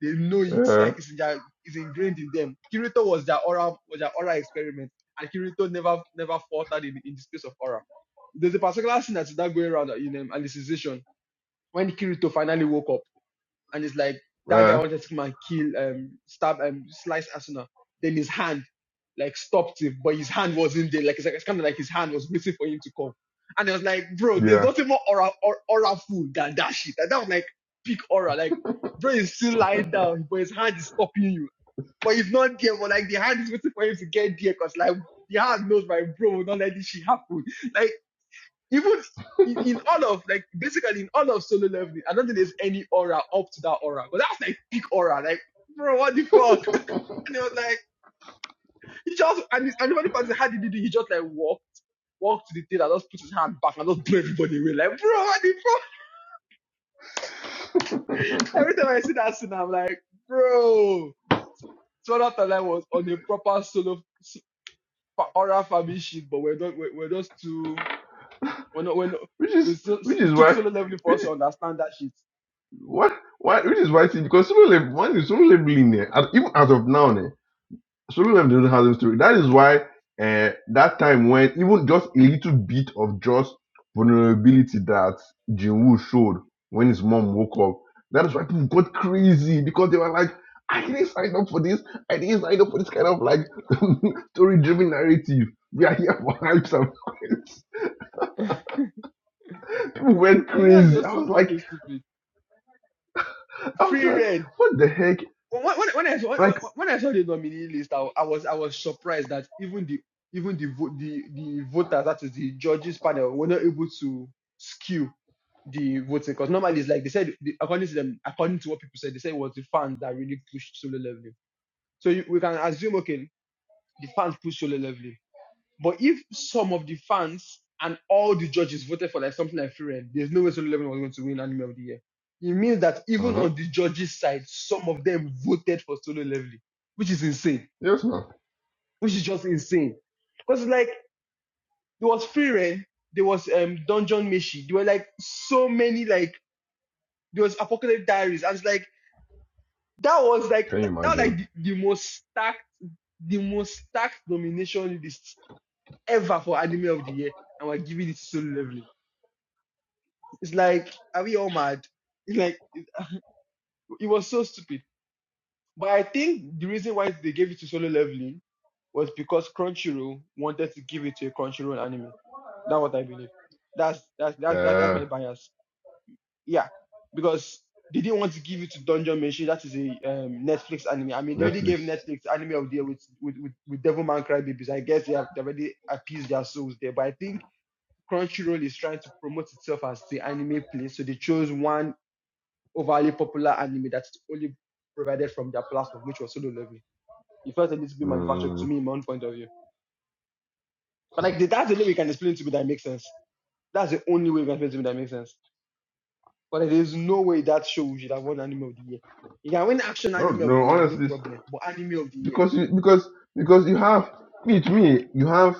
[SPEAKER 1] They know it
[SPEAKER 2] Uh,
[SPEAKER 1] like it's in their, it's ingrained in them. Kirito was their aura was their aura experiment, and Kirito never never faltered in, in the space of aura. There's a particular scene that's now going around in um, Alicization when Kirito finally woke up and it's like that guy
[SPEAKER 2] uh,
[SPEAKER 1] wanted to come and kill, um, stab, um, slice Asuna. Then his hand like stopped him, but his hand wasn't there. Like it's, like, it's kind of like his hand was waiting for him to come. And I was like, bro, there's
[SPEAKER 2] yeah.
[SPEAKER 1] nothing more aura, or, aura food than that shit. Like, that was like peak aura. Like, bro is still lying down, but his hand is stopping you. But he's not there, but like the hand is waiting for him to get there, cause like the hand knows my bro will not let this shit happen. <laughs> Like even in, in all of like basically in all of solo leveling, I don't think there's any aura up to that aura. But that's like peak aura, like bro, what the fuck? <laughs> And it was like he just and, and the funny part is how did he do? He just like walked, walked to the theater, just put his hand back and just blew everybody away. Like bro, what the fuck?
[SPEAKER 2] <laughs>
[SPEAKER 1] Every time I see that scene, I'm like bro. So that line was on a proper solo s- aura family shit, but we're not we're, we're just too we're not we're not.
[SPEAKER 2] which is
[SPEAKER 1] It's so, so,
[SPEAKER 2] which is
[SPEAKER 1] it took
[SPEAKER 2] why
[SPEAKER 1] solo leveling for
[SPEAKER 2] which
[SPEAKER 1] us to understand that shit.
[SPEAKER 2] what why which is why see because solo level one is solo leveling there and even as of now eh, Solomon and the Roden has a story. That is why uh, that time when even just a little bit of just vulnerability that Jinwoo showed when his mom woke up, that is why people got crazy because they were like, I didn't sign up for this. I didn't sign up for this kind of like <laughs> story-driven narrative. We are here for hypes and fights. <laughs> People went
[SPEAKER 1] And yeah, it's
[SPEAKER 2] crazy.
[SPEAKER 1] just
[SPEAKER 2] I
[SPEAKER 1] so
[SPEAKER 2] was like,
[SPEAKER 1] fucking stupid.
[SPEAKER 2] I was
[SPEAKER 1] free
[SPEAKER 2] like,
[SPEAKER 1] red.
[SPEAKER 2] what the heck?
[SPEAKER 1] When, when, when I saw when,
[SPEAKER 2] Like,
[SPEAKER 1] when I saw the nominee list, I, I was I was surprised that even the even the vo- the the voters, that is the judges panel, were not able to skew the voting because normally it's like they said the, according to them, according to what people said, they said it was the fans that really pushed solo leveling. So you, we can assume okay, the fans pushed solo leveling but if some of the fans and all the judges voted for like something like free reign, there's no way Solo Leveling was going to win Anime of the Year. It means that even
[SPEAKER 2] uh-huh.
[SPEAKER 1] on the judges' side, some of them voted for Solo Leveling, which is insane.
[SPEAKER 2] yes, man.
[SPEAKER 1] Which is just insane. Because like there was free reign, there was um Dungeon Meshi, there were like so many like there was Apocalypse Diaries. I was like that was like
[SPEAKER 2] Can you
[SPEAKER 1] that was
[SPEAKER 2] imagine?
[SPEAKER 1] like the, the most stacked the most stacked nomination list ever for Anime of the Year, and we're giving it to Solo Leveling It's like, are we all mad? It's like it was so stupid. But I think the reason why they gave it to solo leveling was because Crunchyroll wanted to give it to a Crunchyroll anime. That's what I believe. That's that's that's that's, that's
[SPEAKER 2] Uh,
[SPEAKER 1] my bias. Yeah, because they didn't want to give it to Dungeon Meshi. That is a um, Netflix anime. I mean, they already gave
[SPEAKER 2] Netflix.
[SPEAKER 1] Netflix anime of the year with with with, with Devilman Crybabies. I guess they have they already appeased their souls there. But I think Crunchyroll is trying to promote itself as the anime place, so they chose one overly popular anime that's only provided from their platform, which was solo leveling. It felt a little bit manufactured to
[SPEAKER 2] Mm.
[SPEAKER 1] me, in my own point of view. But like that's the only way you can explain it to me that makes sense. That's the only way you can explain it to me that makes sense. But there is no way that show should have won anime of the year. You can win action
[SPEAKER 2] I
[SPEAKER 1] anime
[SPEAKER 2] don't
[SPEAKER 1] of the
[SPEAKER 2] know,
[SPEAKER 1] year, no
[SPEAKER 2] honestly,
[SPEAKER 1] problem. But anime of the year,
[SPEAKER 2] because you because because you have me to me you have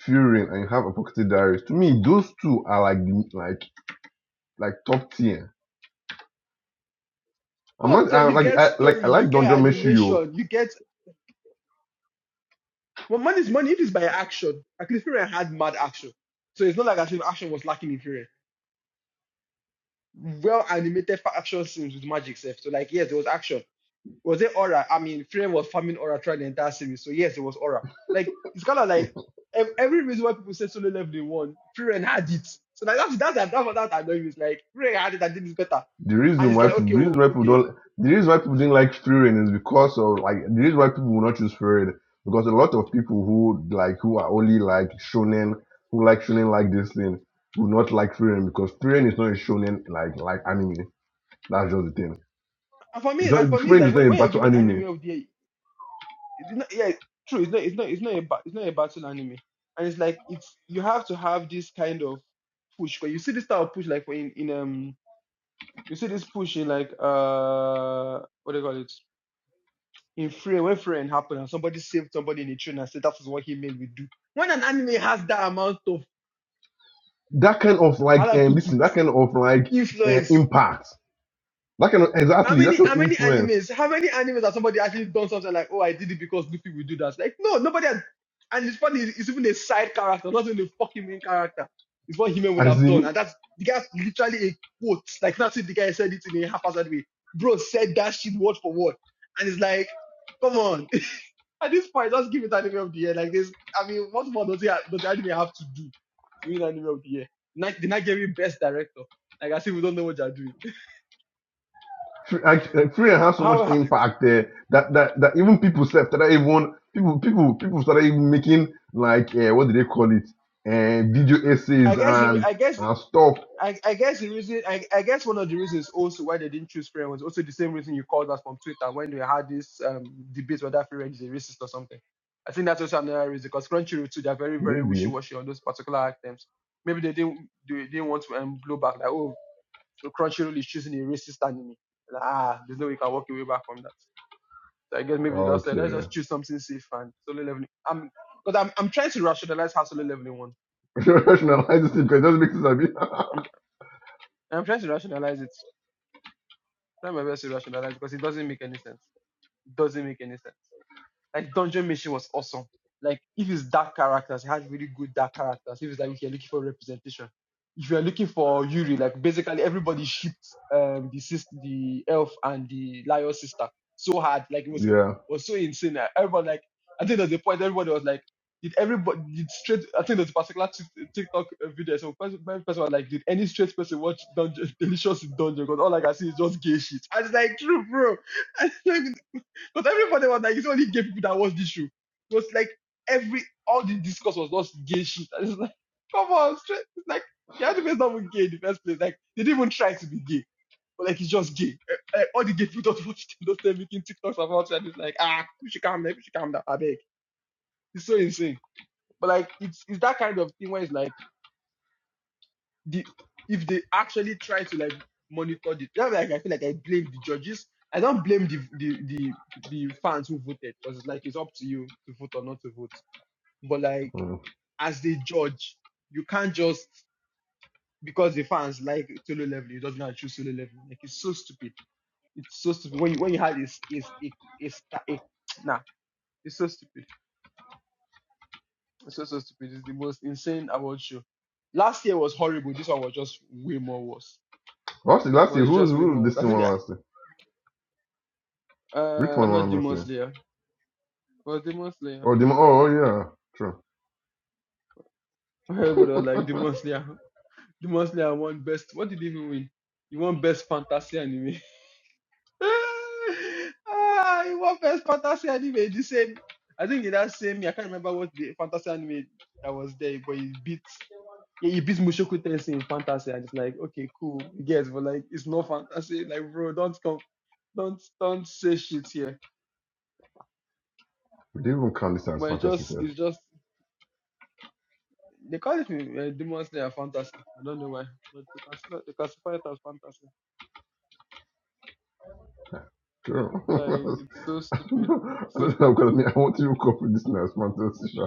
[SPEAKER 2] Fury and you have Apocalyptic Diaries. To me, those two are like the like like top tier. I'm
[SPEAKER 1] top
[SPEAKER 2] not I,
[SPEAKER 1] you
[SPEAKER 2] like
[SPEAKER 1] get
[SPEAKER 2] I like I
[SPEAKER 1] story, you
[SPEAKER 2] like
[SPEAKER 1] get
[SPEAKER 2] Donjon Meshuyo.
[SPEAKER 1] animation, you get. Well, money is money. If it's by action, like Fury had mad action, so it's not like as if action was lacking in Fury. Well animated fa- action scenes with magic, stuff. so like yes, there was action Was it Aura? I mean, Frame was farming Aura throughout the entire series, so yes, it was Aura. Like it's kind of like every reason why people say solo level they won, Frame had it. So like, that's that's that's what that annoying is like Frame had it and did this better,
[SPEAKER 2] The
[SPEAKER 1] and
[SPEAKER 2] reason
[SPEAKER 1] it's
[SPEAKER 2] why
[SPEAKER 1] like
[SPEAKER 2] people,
[SPEAKER 1] okay,
[SPEAKER 2] the reason
[SPEAKER 1] oh,
[SPEAKER 2] why people
[SPEAKER 1] okay.
[SPEAKER 2] don't the reason why people didn't like Fury is because of like the reason why people will not choose Fury because a lot of people who like who are only like shonen who like shonen like this thing will not like Fury because Fury is not a shonen like like anime. That's just the thing.
[SPEAKER 1] And for
[SPEAKER 2] It's
[SPEAKER 1] me, and
[SPEAKER 2] not,
[SPEAKER 1] for me, it's
[SPEAKER 2] friend
[SPEAKER 1] like
[SPEAKER 2] is
[SPEAKER 1] when,
[SPEAKER 2] not a
[SPEAKER 1] when you're
[SPEAKER 2] battle
[SPEAKER 1] giving
[SPEAKER 2] anime.
[SPEAKER 1] anime of the year, it's not, yeah, true. It's not it's not it's not a ba- it's not a battle anime, and it's like it's you have to have this kind of push. But you see this type of push like for in in um you see this push in like uh what do you call it? in Frame, when Frame happened and somebody saved somebody in a train and said that is what He-Man will do. When an anime has that amount of
[SPEAKER 2] That kind of
[SPEAKER 1] how do
[SPEAKER 2] like
[SPEAKER 1] I
[SPEAKER 2] um,
[SPEAKER 1] put
[SPEAKER 2] this
[SPEAKER 1] it
[SPEAKER 2] that kind of like uh,
[SPEAKER 1] influence,
[SPEAKER 2] impact. That kind of
[SPEAKER 1] how
[SPEAKER 2] exactly that
[SPEAKER 1] many
[SPEAKER 2] kind
[SPEAKER 1] how
[SPEAKER 2] of
[SPEAKER 1] many
[SPEAKER 2] influence.
[SPEAKER 1] animes how many animes has somebody actually done something like oh I did it because Luffy will do that? Like no nobody has, and it's funny it's even a side character not even a fucking main character. It's what He-Man would
[SPEAKER 2] As
[SPEAKER 1] have done
[SPEAKER 2] in,
[SPEAKER 1] and that's the guy's literally a quote like that's it the guy said it in a haphazard way. Bro said that shit word for word and it's like come on At this point, just give it anime of the year. Like this, I mean, what more does he ha- does the anime have to do Give win anime of the year? Not, the Nigerian best director. Like I said, we don't know what they're doing.
[SPEAKER 2] Fr- like, uh, friend has so
[SPEAKER 1] How?
[SPEAKER 2] much
[SPEAKER 1] how-
[SPEAKER 2] impact there that that that even people self that even people people people started even making like uh, what do they call it? Uh, video essays
[SPEAKER 1] I guess.
[SPEAKER 2] and
[SPEAKER 1] I guess.
[SPEAKER 2] and stuff.
[SPEAKER 1] I, I guess the reason. I, I guess one of the reasons also why they didn't choose Freya was also the same reason you called us from Twitter when they had this um, debate whether Freya is a racist or something. I think that's also another reason because Crunchyroll too, they're very very wishy
[SPEAKER 2] Maybe
[SPEAKER 1] washy on those particular items. Maybe they didn't they didn't want to um, blow back like oh So Crunchyroll is choosing a racist anime. Like, ah, there's no way you can walk away back from that. So I guess maybe they just said, let's
[SPEAKER 2] okay.
[SPEAKER 1] just choose something safe and solo leveling. I'm because I'm I'm trying to rationalize how solo leveling won.
[SPEAKER 2] <laughs> Rationalize this thing because it doesn't make sense. I mean,
[SPEAKER 1] I'm I'm trying to rationalize it. I'm Trying my best to rationalize because it doesn't make any sense. It doesn't make any sense. Like Dungeon Mission was awesome. Like if it's dark characters, it had really good dark characters. If it's like if you're looking for representation, if you're looking for Yuri, like basically everybody shipped um the sis the elf and the lion sister so hard. Like it was
[SPEAKER 2] <laughs>
[SPEAKER 1] it
[SPEAKER 2] yeah.
[SPEAKER 1] was so insane. Like, everybody like I think there's a point everybody was like, did everybody did straight? I think there's a particular Tik- TikTok uh, video. So first, my first one like, did any straight person watch Dungeon <laughs> Delicious in Dungeon? Because all I can see is just gay shit. I was like, true, bro. <laughs> Because everybody was like, it's only gay people that watch this show. It was like every all the discourse was just gay shit. And it's like, come on, straight. It's like the anime is not even gay in the first place. Like they didn't even try to be gay. But like it's just gay. Eh, eh, all the gay people <laughs> don't watch it. they're making TikToks about it. And it's like, ah, we should calm down, we should calm down. I beg. It's so insane. But like it's it's that kind of thing where it's like the if they actually try to like monitor the that like I feel like I blame the judges. I don't blame the the the, the fans who voted because like it's up to you to vote or not to vote. But like
[SPEAKER 2] Mm.
[SPEAKER 1] as the judge, you can't just because the fans like solo level, you just gonna choose solo level. Like it's so stupid. It's so stupid. When you when you had is is a a star a nah, it's so stupid. It's so so stupid. It's the most insane award show. Last year was horrible. This one was just way more worse
[SPEAKER 2] Lastly, lastly,
[SPEAKER 1] was
[SPEAKER 2] who
[SPEAKER 1] just way
[SPEAKER 2] who
[SPEAKER 1] more. worse.
[SPEAKER 2] this
[SPEAKER 1] I
[SPEAKER 2] thing
[SPEAKER 1] think
[SPEAKER 2] one lastly? Which
[SPEAKER 1] Uh,
[SPEAKER 2] one
[SPEAKER 1] not
[SPEAKER 2] one
[SPEAKER 1] Demon
[SPEAKER 2] lastly?
[SPEAKER 1] Slayer. It Was Demon Slayer?
[SPEAKER 2] Oh, Demon. Oh, oh, yeah. True.
[SPEAKER 1] <laughs> Everybody was like
[SPEAKER 2] <laughs>
[SPEAKER 1] Demon Slayer. Demon Slayer won best. What did he even win? He won best fantasy anime. <laughs> ah, he won best fantasy anime. The same. I think in that same. year, I can't remember what the fantasy anime that was there, but he beat. Yeah, he beat Mushoku Tensei in fantasy, and it's like, okay, cool, yes, but like, it's not fantasy. Like, bro, don't come, don't don't say shit here.
[SPEAKER 2] They even count this as
[SPEAKER 1] But it
[SPEAKER 2] fantasy,
[SPEAKER 1] just,
[SPEAKER 2] sir.
[SPEAKER 1] it's just They call it uh, Demon Slayer fantasy. I don't know why, but they classify, they classify it as fantasy.
[SPEAKER 2] True.
[SPEAKER 1] But like,
[SPEAKER 2] <laughs>
[SPEAKER 1] it's so
[SPEAKER 2] I don't
[SPEAKER 1] stupid,
[SPEAKER 2] know. I
[SPEAKER 1] so
[SPEAKER 2] don't know.
[SPEAKER 1] stupid.
[SPEAKER 2] Because I, mean, I want to call this thing as fantasy. sha.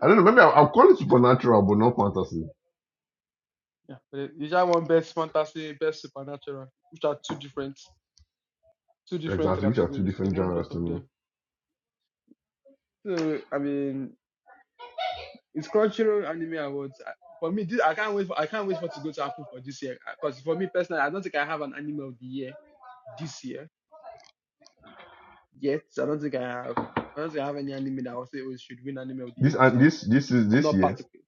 [SPEAKER 2] I don't know. Maybe I'll, I'll call it supernatural, but not fantasy.
[SPEAKER 1] Yeah, but it- you just want best fantasy, best supernatural, which are two different, two different
[SPEAKER 2] Exactly, which are two
[SPEAKER 1] categories. They
[SPEAKER 2] different
[SPEAKER 1] want
[SPEAKER 2] genres
[SPEAKER 1] both
[SPEAKER 2] to
[SPEAKER 1] of
[SPEAKER 2] me.
[SPEAKER 1] them. So I mean, it's Crunchyroll anime awards. I- For me, this, I can't wait. For, I can't wait for it to go to happen for this year. Because for me personally, I don't think I have an anime of the year this year yet. I don't think I have. I don't think I have any anime that I would say oh, it should win anime of the
[SPEAKER 2] This
[SPEAKER 1] year this
[SPEAKER 2] and
[SPEAKER 1] year.
[SPEAKER 2] this. This is
[SPEAKER 1] I'm
[SPEAKER 2] this
[SPEAKER 1] not
[SPEAKER 2] year.
[SPEAKER 1] particular.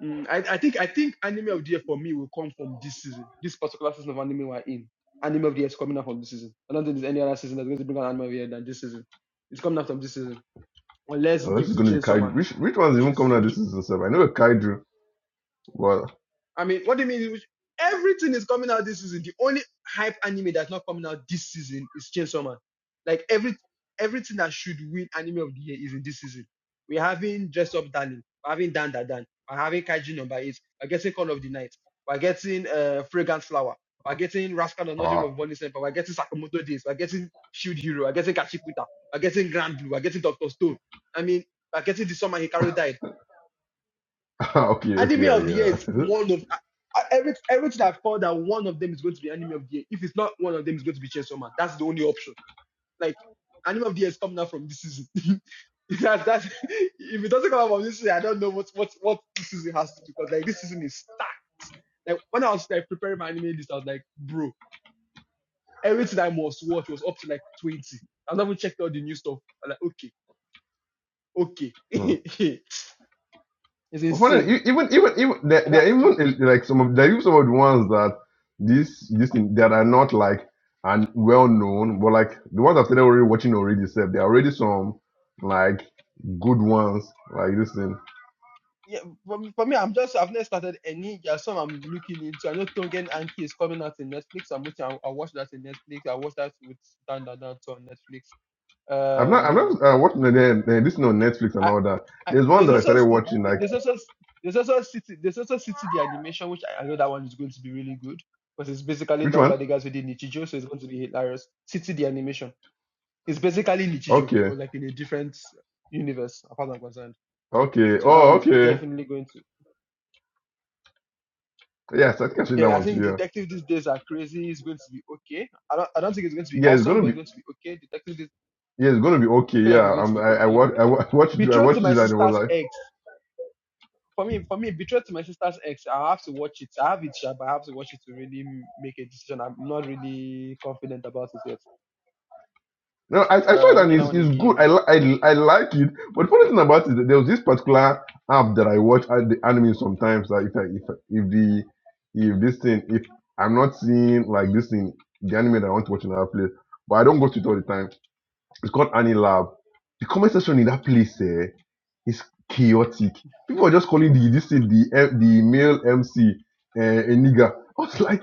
[SPEAKER 1] Mm, I, I think I think anime of the year for me will come from this season, this particular season of anime we're in. Anime of the year is coming out from this season. I don't think there's any other season that's going to bring out anime of the year than this season. It's coming out from this season, unless it
[SPEAKER 2] Oh, this
[SPEAKER 1] gives
[SPEAKER 2] is
[SPEAKER 1] to
[SPEAKER 2] going to be
[SPEAKER 1] Chainsaw
[SPEAKER 2] Kaiju.
[SPEAKER 1] Man,
[SPEAKER 2] Which which one's
[SPEAKER 1] which
[SPEAKER 2] even
[SPEAKER 1] is
[SPEAKER 2] coming out
[SPEAKER 1] which.
[SPEAKER 2] this season? sir? I know a Kaiju. Well,
[SPEAKER 1] I mean, what do you mean? Everything is coming out this season. The only hype anime that's not coming out this season is Chainsaw Man. Like every everything that should win anime of the year is in this season. We're having Dress Up Darling. We're having Dan Da Dan. We're having Kaiji Number Eight. We're getting Call of the Night. We're getting uh, Fragrant Flower. We're getting Rascal and Dream
[SPEAKER 2] ah,
[SPEAKER 1] of Bonnie Semper. We're getting Sakamoto Days. We're getting Shield Hero. We're getting Kachikuta. We're getting Grand Blue. We're getting Doctor Stone. I mean, we're getting the summer Hikaru died.
[SPEAKER 2] <laughs> okay,
[SPEAKER 1] Anime of the year is
[SPEAKER 2] okay,
[SPEAKER 1] one of I- I- every, everything I thought that one of them is going to be anime of the year. If it's not one of them, it's going to be Chainsaw Man. That's the only option. Like anime of the year is coming out from this season. <laughs> that's that's <laughs> if it doesn't come out from this season, I don't know what what what this season has to do. Because like this season is stacked. Like when I was like preparing my anime list, I was like, bro, everything I must watch was up to like twenty. I've not even checked out the new stuff. I'm like, okay, okay,
[SPEAKER 2] yeah. <laughs>
[SPEAKER 1] <laughs> it's
[SPEAKER 2] But for them,
[SPEAKER 1] insane.
[SPEAKER 2] e- even even even there,
[SPEAKER 1] I
[SPEAKER 2] there
[SPEAKER 1] got.
[SPEAKER 2] are even uh, like some of there are even some of the ones that this this thing that are not like and well known, but like the ones I've started already watching already said there are already some like good ones like this thing.
[SPEAKER 1] yeah, for me, for me, I'm just I've never started any. There are some I'm looking into. I know Tongen Anki is coming out in Netflix. I'm waiting. i I'll watch that in Netflix. I watch that with Dan Dan Dan on Netflix.
[SPEAKER 2] I'm not I'm
[SPEAKER 1] Um,
[SPEAKER 2] not uh, watching the, the, this thing on Netflix and
[SPEAKER 1] I,
[SPEAKER 2] all that.
[SPEAKER 1] I
[SPEAKER 2] There's one
[SPEAKER 1] there's
[SPEAKER 2] that I
[SPEAKER 1] also
[SPEAKER 2] started
[SPEAKER 1] s- th-
[SPEAKER 2] watching
[SPEAKER 1] th-
[SPEAKER 2] like
[SPEAKER 1] there's also s- there's also City there's also City the animation, which I, I know that one is going to be really good because it's basically
[SPEAKER 2] which
[SPEAKER 1] done
[SPEAKER 2] one?
[SPEAKER 1] by the guys who did Nichijou, so it's going to be hilarious. City the animation. It's basically Nichijou,
[SPEAKER 2] Okay,
[SPEAKER 1] but like in a different universe, as far as I'm concerned.
[SPEAKER 2] okay,
[SPEAKER 1] So that
[SPEAKER 2] oh
[SPEAKER 1] one's
[SPEAKER 2] okay,
[SPEAKER 1] definitely going to.
[SPEAKER 2] yes I think I've seen that
[SPEAKER 1] Then I
[SPEAKER 2] one too.
[SPEAKER 1] think
[SPEAKER 2] Yeah,
[SPEAKER 1] detective these days are crazy. It's going to be okay. I don't, I don't think it's going to be
[SPEAKER 2] yeah, it's
[SPEAKER 1] awesome,
[SPEAKER 2] gonna
[SPEAKER 1] but
[SPEAKER 2] be
[SPEAKER 1] it's going to be okay. Detective, this,
[SPEAKER 2] yeah it's gonna be
[SPEAKER 1] I
[SPEAKER 2] okay.
[SPEAKER 1] feel like
[SPEAKER 2] Yeah,
[SPEAKER 1] it's going
[SPEAKER 2] i
[SPEAKER 1] to be
[SPEAKER 2] I I,
[SPEAKER 1] okay.
[SPEAKER 2] wa- I wa- <laughs> watched it- I
[SPEAKER 1] Betrothed to
[SPEAKER 2] watched it
[SPEAKER 1] my
[SPEAKER 2] and it was
[SPEAKER 1] sister's
[SPEAKER 2] like.
[SPEAKER 1] ex. For me, for me, betrothed to my sister's ex. I have to watch it. I have it, sharp, but I have to watch it to really make a decision. I'm not really confident about it yet.
[SPEAKER 2] No, I, I saw it
[SPEAKER 1] Um, which
[SPEAKER 2] and
[SPEAKER 1] other
[SPEAKER 2] it's,
[SPEAKER 1] one
[SPEAKER 2] it's good. I,
[SPEAKER 1] again?
[SPEAKER 2] li- I li- I like it. But the funny thing about it is that there was this particular app that I watch at the anime sometimes. That if I, if I- if the if this thing if I'm not seeing like this thing the anime that I want to watch in another place, but I don't go to it all the time. It's called Anilab. The comment section in that place eh, is chaotic. People are just calling the this thing the M- the male MC uh, a nigger. I was like,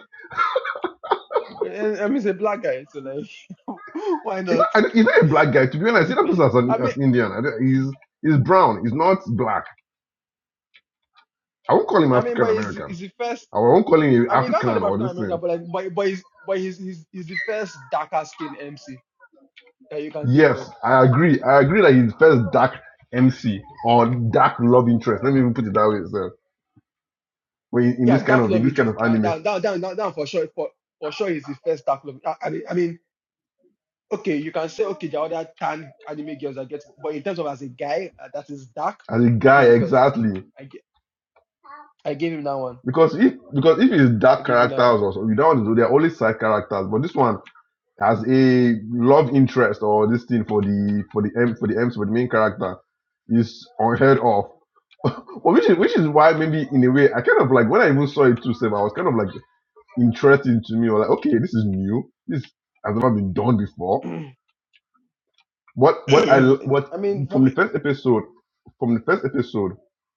[SPEAKER 1] I, I mean, it's a black guy, so like, <laughs> why
[SPEAKER 2] is
[SPEAKER 1] not?
[SPEAKER 2] that, is that a black guy? To be honest, I see
[SPEAKER 1] <laughs>
[SPEAKER 2] that person as an
[SPEAKER 1] I mean.
[SPEAKER 2] as Indian. I don't, he's he's brown. He's not black I won't call him
[SPEAKER 1] I mean,
[SPEAKER 2] African
[SPEAKER 1] but he's
[SPEAKER 2] American.
[SPEAKER 1] he's the first.
[SPEAKER 2] I won't call him
[SPEAKER 1] I mean, you can't
[SPEAKER 2] African
[SPEAKER 1] call him
[SPEAKER 2] or
[SPEAKER 1] African
[SPEAKER 2] this
[SPEAKER 1] American,
[SPEAKER 2] thing.
[SPEAKER 1] but like, but but he's but he's he's, he's the first darker skinned MC that you can think of.
[SPEAKER 2] Yes, I agree. I agree that he's first dark MC or dark love interest. Let me even put it that way. So when in
[SPEAKER 1] Yeah,
[SPEAKER 2] this kind
[SPEAKER 1] dark
[SPEAKER 2] of in
[SPEAKER 1] love
[SPEAKER 2] this kind
[SPEAKER 1] interest.
[SPEAKER 2] of
[SPEAKER 1] Down
[SPEAKER 2] anime,
[SPEAKER 1] down down down down, down for sure. For for sure, he's the first dark love. I, I mean, I mean, okay, you can say okay, there are other tan anime girls that get, but in terms of as a guy uh, that is dark,
[SPEAKER 2] as a
[SPEAKER 1] he's
[SPEAKER 2] guy,
[SPEAKER 1] the first.
[SPEAKER 2] exactly.
[SPEAKER 1] I gi- I gave him that one.
[SPEAKER 2] Because if because if it's
[SPEAKER 1] I
[SPEAKER 2] dark
[SPEAKER 1] gave him that one.
[SPEAKER 2] characters or so, you don't want to do they're only side characters. But this one has a love interest or this thing for the for the M for the M for the main character is unheard of. <laughs> well, which is which is why maybe in a way I kind of like when I even saw it too, Seb, I was kind of like interesting to me. I was like, okay, this is new. This has never been done before.
[SPEAKER 1] <clears throat>
[SPEAKER 2] What what I what
[SPEAKER 1] I mean, for
[SPEAKER 2] from the
[SPEAKER 1] me,
[SPEAKER 2] first episode, from the first episode,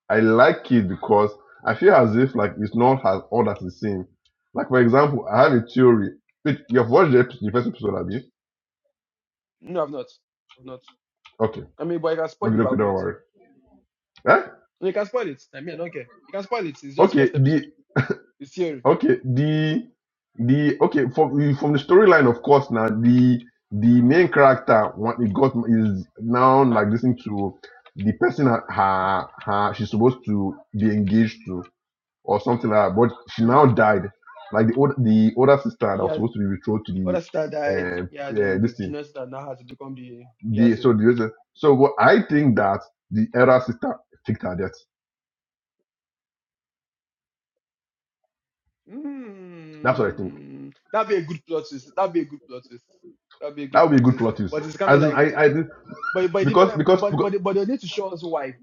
[SPEAKER 2] I like it because I feel as if like it's not as all that it seems. Like for example, I have a theory. Wait, you have watched the, episode, the first episode, have you?
[SPEAKER 1] no, I've not, I've not.
[SPEAKER 2] Okay,
[SPEAKER 1] I mean, but I can spoil
[SPEAKER 2] okay,
[SPEAKER 1] it, but
[SPEAKER 2] okay,
[SPEAKER 1] I've
[SPEAKER 2] don't
[SPEAKER 1] not.
[SPEAKER 2] worry. Eh?
[SPEAKER 1] You can spoil it. I mean, I don't care. You can spoil it. It's just
[SPEAKER 2] Okay,
[SPEAKER 1] first
[SPEAKER 2] the
[SPEAKER 1] episode. The theory.
[SPEAKER 2] Okay, the the okay from from the storyline, of course. Now the the main character what it got is now
[SPEAKER 1] Ah.
[SPEAKER 2] like listening to the person her, her her she's supposed to be engaged to or something like that. But she now
[SPEAKER 1] Mm-hmm.
[SPEAKER 2] died, like the old the older sister that
[SPEAKER 1] He
[SPEAKER 2] was
[SPEAKER 1] had
[SPEAKER 2] supposed to be betrothed to the
[SPEAKER 1] other sister died. Yeah,
[SPEAKER 2] uh, uh
[SPEAKER 1] then this
[SPEAKER 2] this thing.
[SPEAKER 1] junior sister now has become the
[SPEAKER 2] The
[SPEAKER 1] fiance.
[SPEAKER 2] so the so what I think that the elder sister faked her death. That's what I think.
[SPEAKER 1] Mm. That'd be a good plot twist. That'd be a good plot twist. That'd be a
[SPEAKER 2] That
[SPEAKER 1] good
[SPEAKER 2] would be a
[SPEAKER 1] plot
[SPEAKER 2] good
[SPEAKER 1] twist.
[SPEAKER 2] plot twist.
[SPEAKER 1] But it's kind of
[SPEAKER 2] As in
[SPEAKER 1] like,
[SPEAKER 2] I I
[SPEAKER 1] but but it
[SPEAKER 2] because
[SPEAKER 1] depend,
[SPEAKER 2] because
[SPEAKER 1] but
[SPEAKER 2] because
[SPEAKER 1] but but they need to show us why.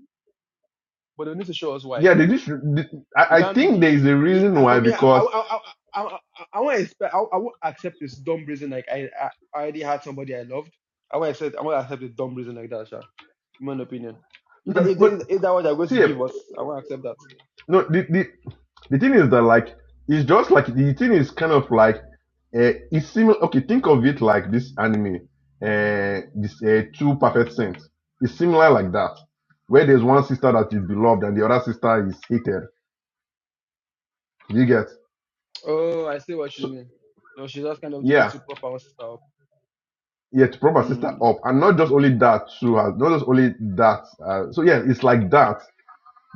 [SPEAKER 1] But they need to show us why.
[SPEAKER 2] yeah, they just, they-
[SPEAKER 1] You
[SPEAKER 2] I, I
[SPEAKER 1] can't. You,
[SPEAKER 2] think
[SPEAKER 1] you,
[SPEAKER 2] there
[SPEAKER 1] you-
[SPEAKER 2] is a reason
[SPEAKER 1] uh, for
[SPEAKER 2] why
[SPEAKER 1] me, I I
[SPEAKER 2] because
[SPEAKER 1] I I, I, I won't expect. I, I won't accept this dumb reason. Like I, I I already had somebody I loved. I won't accept. I won't accept a dumb reason like that, Sha. In my opinion, if that
[SPEAKER 2] but,
[SPEAKER 1] if,
[SPEAKER 2] but
[SPEAKER 1] that- if that what they're going to
[SPEAKER 2] see, eh,
[SPEAKER 1] give us, I won't accept that.
[SPEAKER 2] no, the, the the thing is that like it's just like the thing is kind of like uh, it's similar. Okay, think of it like this anime, uh, this uh, two perfect saints. It's similar like that, where there's one sister that is beloved and the other sister is hated. You get
[SPEAKER 1] Oh, I see what you
[SPEAKER 2] so
[SPEAKER 1] mean. No, she just kind of did it
[SPEAKER 2] yeah.
[SPEAKER 1] to prop our sister up.
[SPEAKER 2] Yeah, to prop her sister
[SPEAKER 1] Mm.
[SPEAKER 2] up, and not just only that too. has Not just only that. Uh, so yeah, it's like that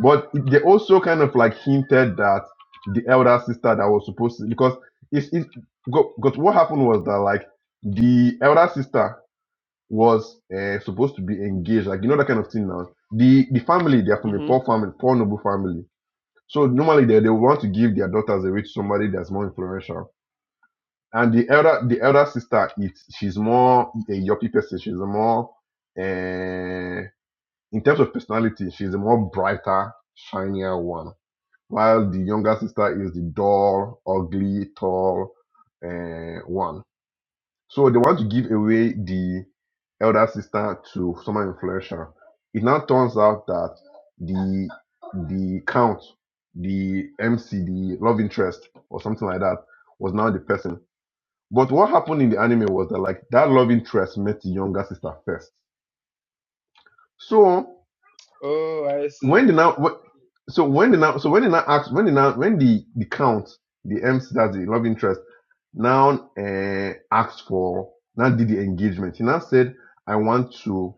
[SPEAKER 2] But they also kind of like hinted that the elder sister that was supposed to, because it's, it's go- because what happened was that like the elder sister was uh, supposed to be engaged, like you know that kind of thing. Now the the family they are from a
[SPEAKER 1] Mm-hmm.
[SPEAKER 2] poor family, poor noble family, so normally they they want to give their daughters away to somebody that's more influential. And the elder the elder sister, it's she's more a yuppie person. She's a more uh, in terms of personality, she's a more brighter, shinier one while the younger sister is the dull, ugly, tall uh, one. So they want to give away the elder sister to someone influential. It now turns out that the the count, the MC, the love interest or something like that was now the person. But what happened in the anime was that like that love interest met the younger sister first. So
[SPEAKER 1] Oh, I see.
[SPEAKER 2] when did now so when did now so when did now ask when did now when the the count the MC that's the love interest now uh, asked for now did the engagement he now said I want to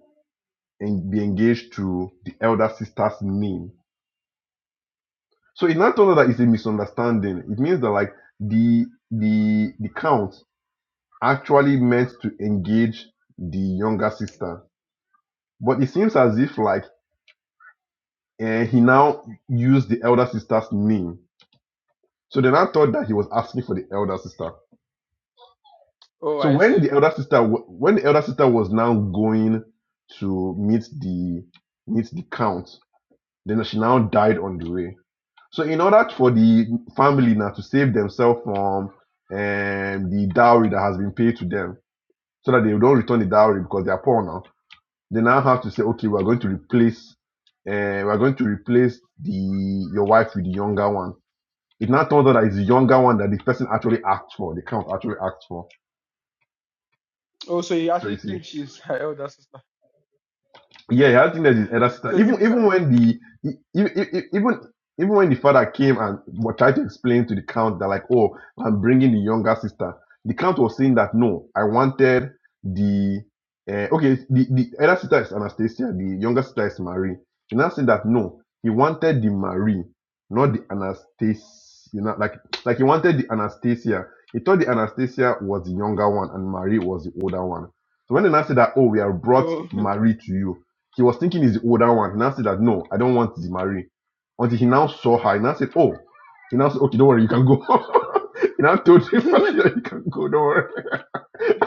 [SPEAKER 2] en- be engaged to the elder sister's name so it now turned out that it's a misunderstanding it means that like the the the count actually meant to engage the younger sister but it seems as if like uh, he now used the elder sister's name So they now thought that he was asking for the elder sister.
[SPEAKER 1] Oh,
[SPEAKER 2] So
[SPEAKER 1] I
[SPEAKER 2] when
[SPEAKER 1] see.
[SPEAKER 2] the elder sister, wa- when the elder sister was now going to meet the meet the count, then she now died on the way. So in order for the family now to save themselves from um, the dowry that has been paid to them, so that they don't return the dowry because they are poor now, they now have to say, okay, we are going to replace, uh, we are going to replace the your wife with the younger one. It now turns out that it's the younger one that the person actually asked for. The count actually asked for.
[SPEAKER 1] Oh, so you
[SPEAKER 2] So you
[SPEAKER 1] actually
[SPEAKER 2] see,
[SPEAKER 1] think she's <laughs> her elder sister?
[SPEAKER 2] Yeah, he had teenagers in other
[SPEAKER 1] <laughs>
[SPEAKER 2] sister.
[SPEAKER 1] So
[SPEAKER 2] Even
[SPEAKER 1] him,
[SPEAKER 2] even
[SPEAKER 1] sorry.
[SPEAKER 2] when the e- e- e- e, even even when the father came and wa- tried to explain to the count that like, oh, I'm bringing the younger sister. The count was saying that no, I wanted the uh, okay. The the elder sister is Anastasia. The younger sister is Marie. He now said that no, he wanted the Marie, not the Anastasia. You know, like like he wanted the Anastasia. He thought the Anastasia was the younger one and Marie was the older one. So when they now said that, oh, we have brought
[SPEAKER 1] Oh.
[SPEAKER 2] Marie to you. He was thinking he's the older one. He now said that no, I don't want the Marie. Until he now saw her, he now said, Oh, he now said, Okay, don't worry, you can go. <laughs> he now told him,
[SPEAKER 1] <laughs>
[SPEAKER 2] <laughs> yeah, you can go, don't worry. <laughs>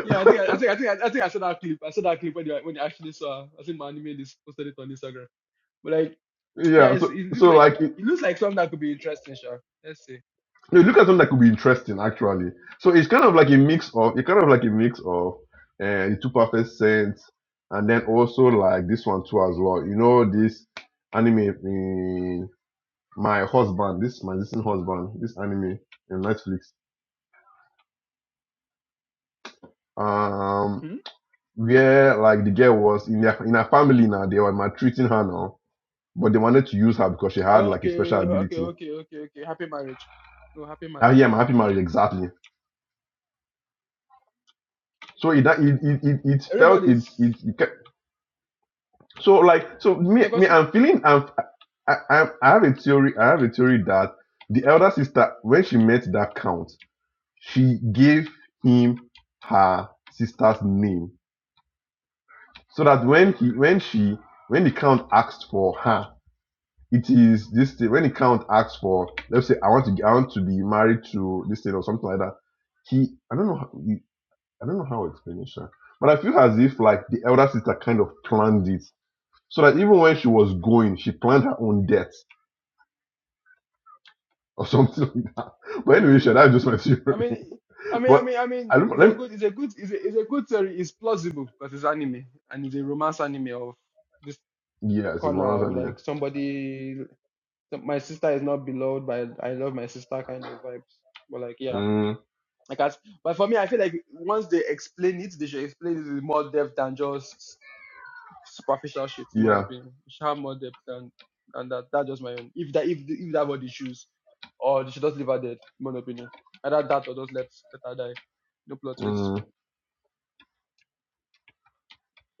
[SPEAKER 1] Yeah, I think I, I think I think I, I think I saw that clip. I saw that clip when you when you actually saw. I think my anime this posted it on Instagram. But like, yeah,
[SPEAKER 2] Yeah,
[SPEAKER 1] it's
[SPEAKER 2] so
[SPEAKER 1] it's looks
[SPEAKER 2] so
[SPEAKER 1] like
[SPEAKER 2] like it,
[SPEAKER 1] it looks like something that could be interesting, sure. Let's see.
[SPEAKER 2] you look at something that could be interesting actually. So it's kind of like a mix of it's kind of like a mix of uh, the two perfect sense, and then also like this one too as well. You know this anime eh, my husband, this my distant husband, this anime in Netflix. um
[SPEAKER 1] hmm
[SPEAKER 2] where like the girl was in her in her family now they were maltreating her now but they wanted to use her because she had like a
[SPEAKER 1] Okay,
[SPEAKER 2] special
[SPEAKER 1] okay,
[SPEAKER 2] ability
[SPEAKER 1] okay, okay, okay. Happy marriage. No, happy
[SPEAKER 2] ah
[SPEAKER 1] marriage.
[SPEAKER 2] yeah my happy marriage exactly so it that it it, it, it felt it's
[SPEAKER 1] Everybody's
[SPEAKER 2] it, it kept, so like so me
[SPEAKER 1] no
[SPEAKER 2] me
[SPEAKER 1] continue,
[SPEAKER 2] i'm
[SPEAKER 1] continue.
[SPEAKER 2] feeling i'm I, I I have a theory i have a theory that the elder sister when she met that count she gave him her sister's name so that when he when she when the count asked for her it is this thing when the count asks for let's say i want to I want to be married to this thing or something like that he i don't know how, he- i don't know how to explain it sha. but i feel as if like the elder sister kind of planned it so that even when she was going she planned her own death <laughs> or something like that but anyway sure
[SPEAKER 1] Mm.
[SPEAKER 2] that's just my theory
[SPEAKER 1] I mean. I
[SPEAKER 2] <laughs>
[SPEAKER 1] mean, I
[SPEAKER 2] but
[SPEAKER 1] mean, I mean,
[SPEAKER 2] i don't
[SPEAKER 1] it's
[SPEAKER 2] let
[SPEAKER 1] a
[SPEAKER 2] me,
[SPEAKER 1] good, it's a good, it's a, it's a good story. It's plausible but it's anime and it's a romance anime of this
[SPEAKER 2] yeah it's a
[SPEAKER 1] corner
[SPEAKER 2] romance
[SPEAKER 1] of
[SPEAKER 2] anime
[SPEAKER 1] like somebody the- my sister is not beloved but I love my sister kind of vibes. But like yeah,
[SPEAKER 2] mm,
[SPEAKER 1] I can't. But for me, I feel like once they explain it, they should explain it with more depth than just superficial shit. In my
[SPEAKER 2] yeah
[SPEAKER 1] opinion, it should have more depth than than that. That's just my own. If that if if that what they choose, or they should just leave her dead. In my opinion, either that or just let let her die. No plot twist.
[SPEAKER 2] mm,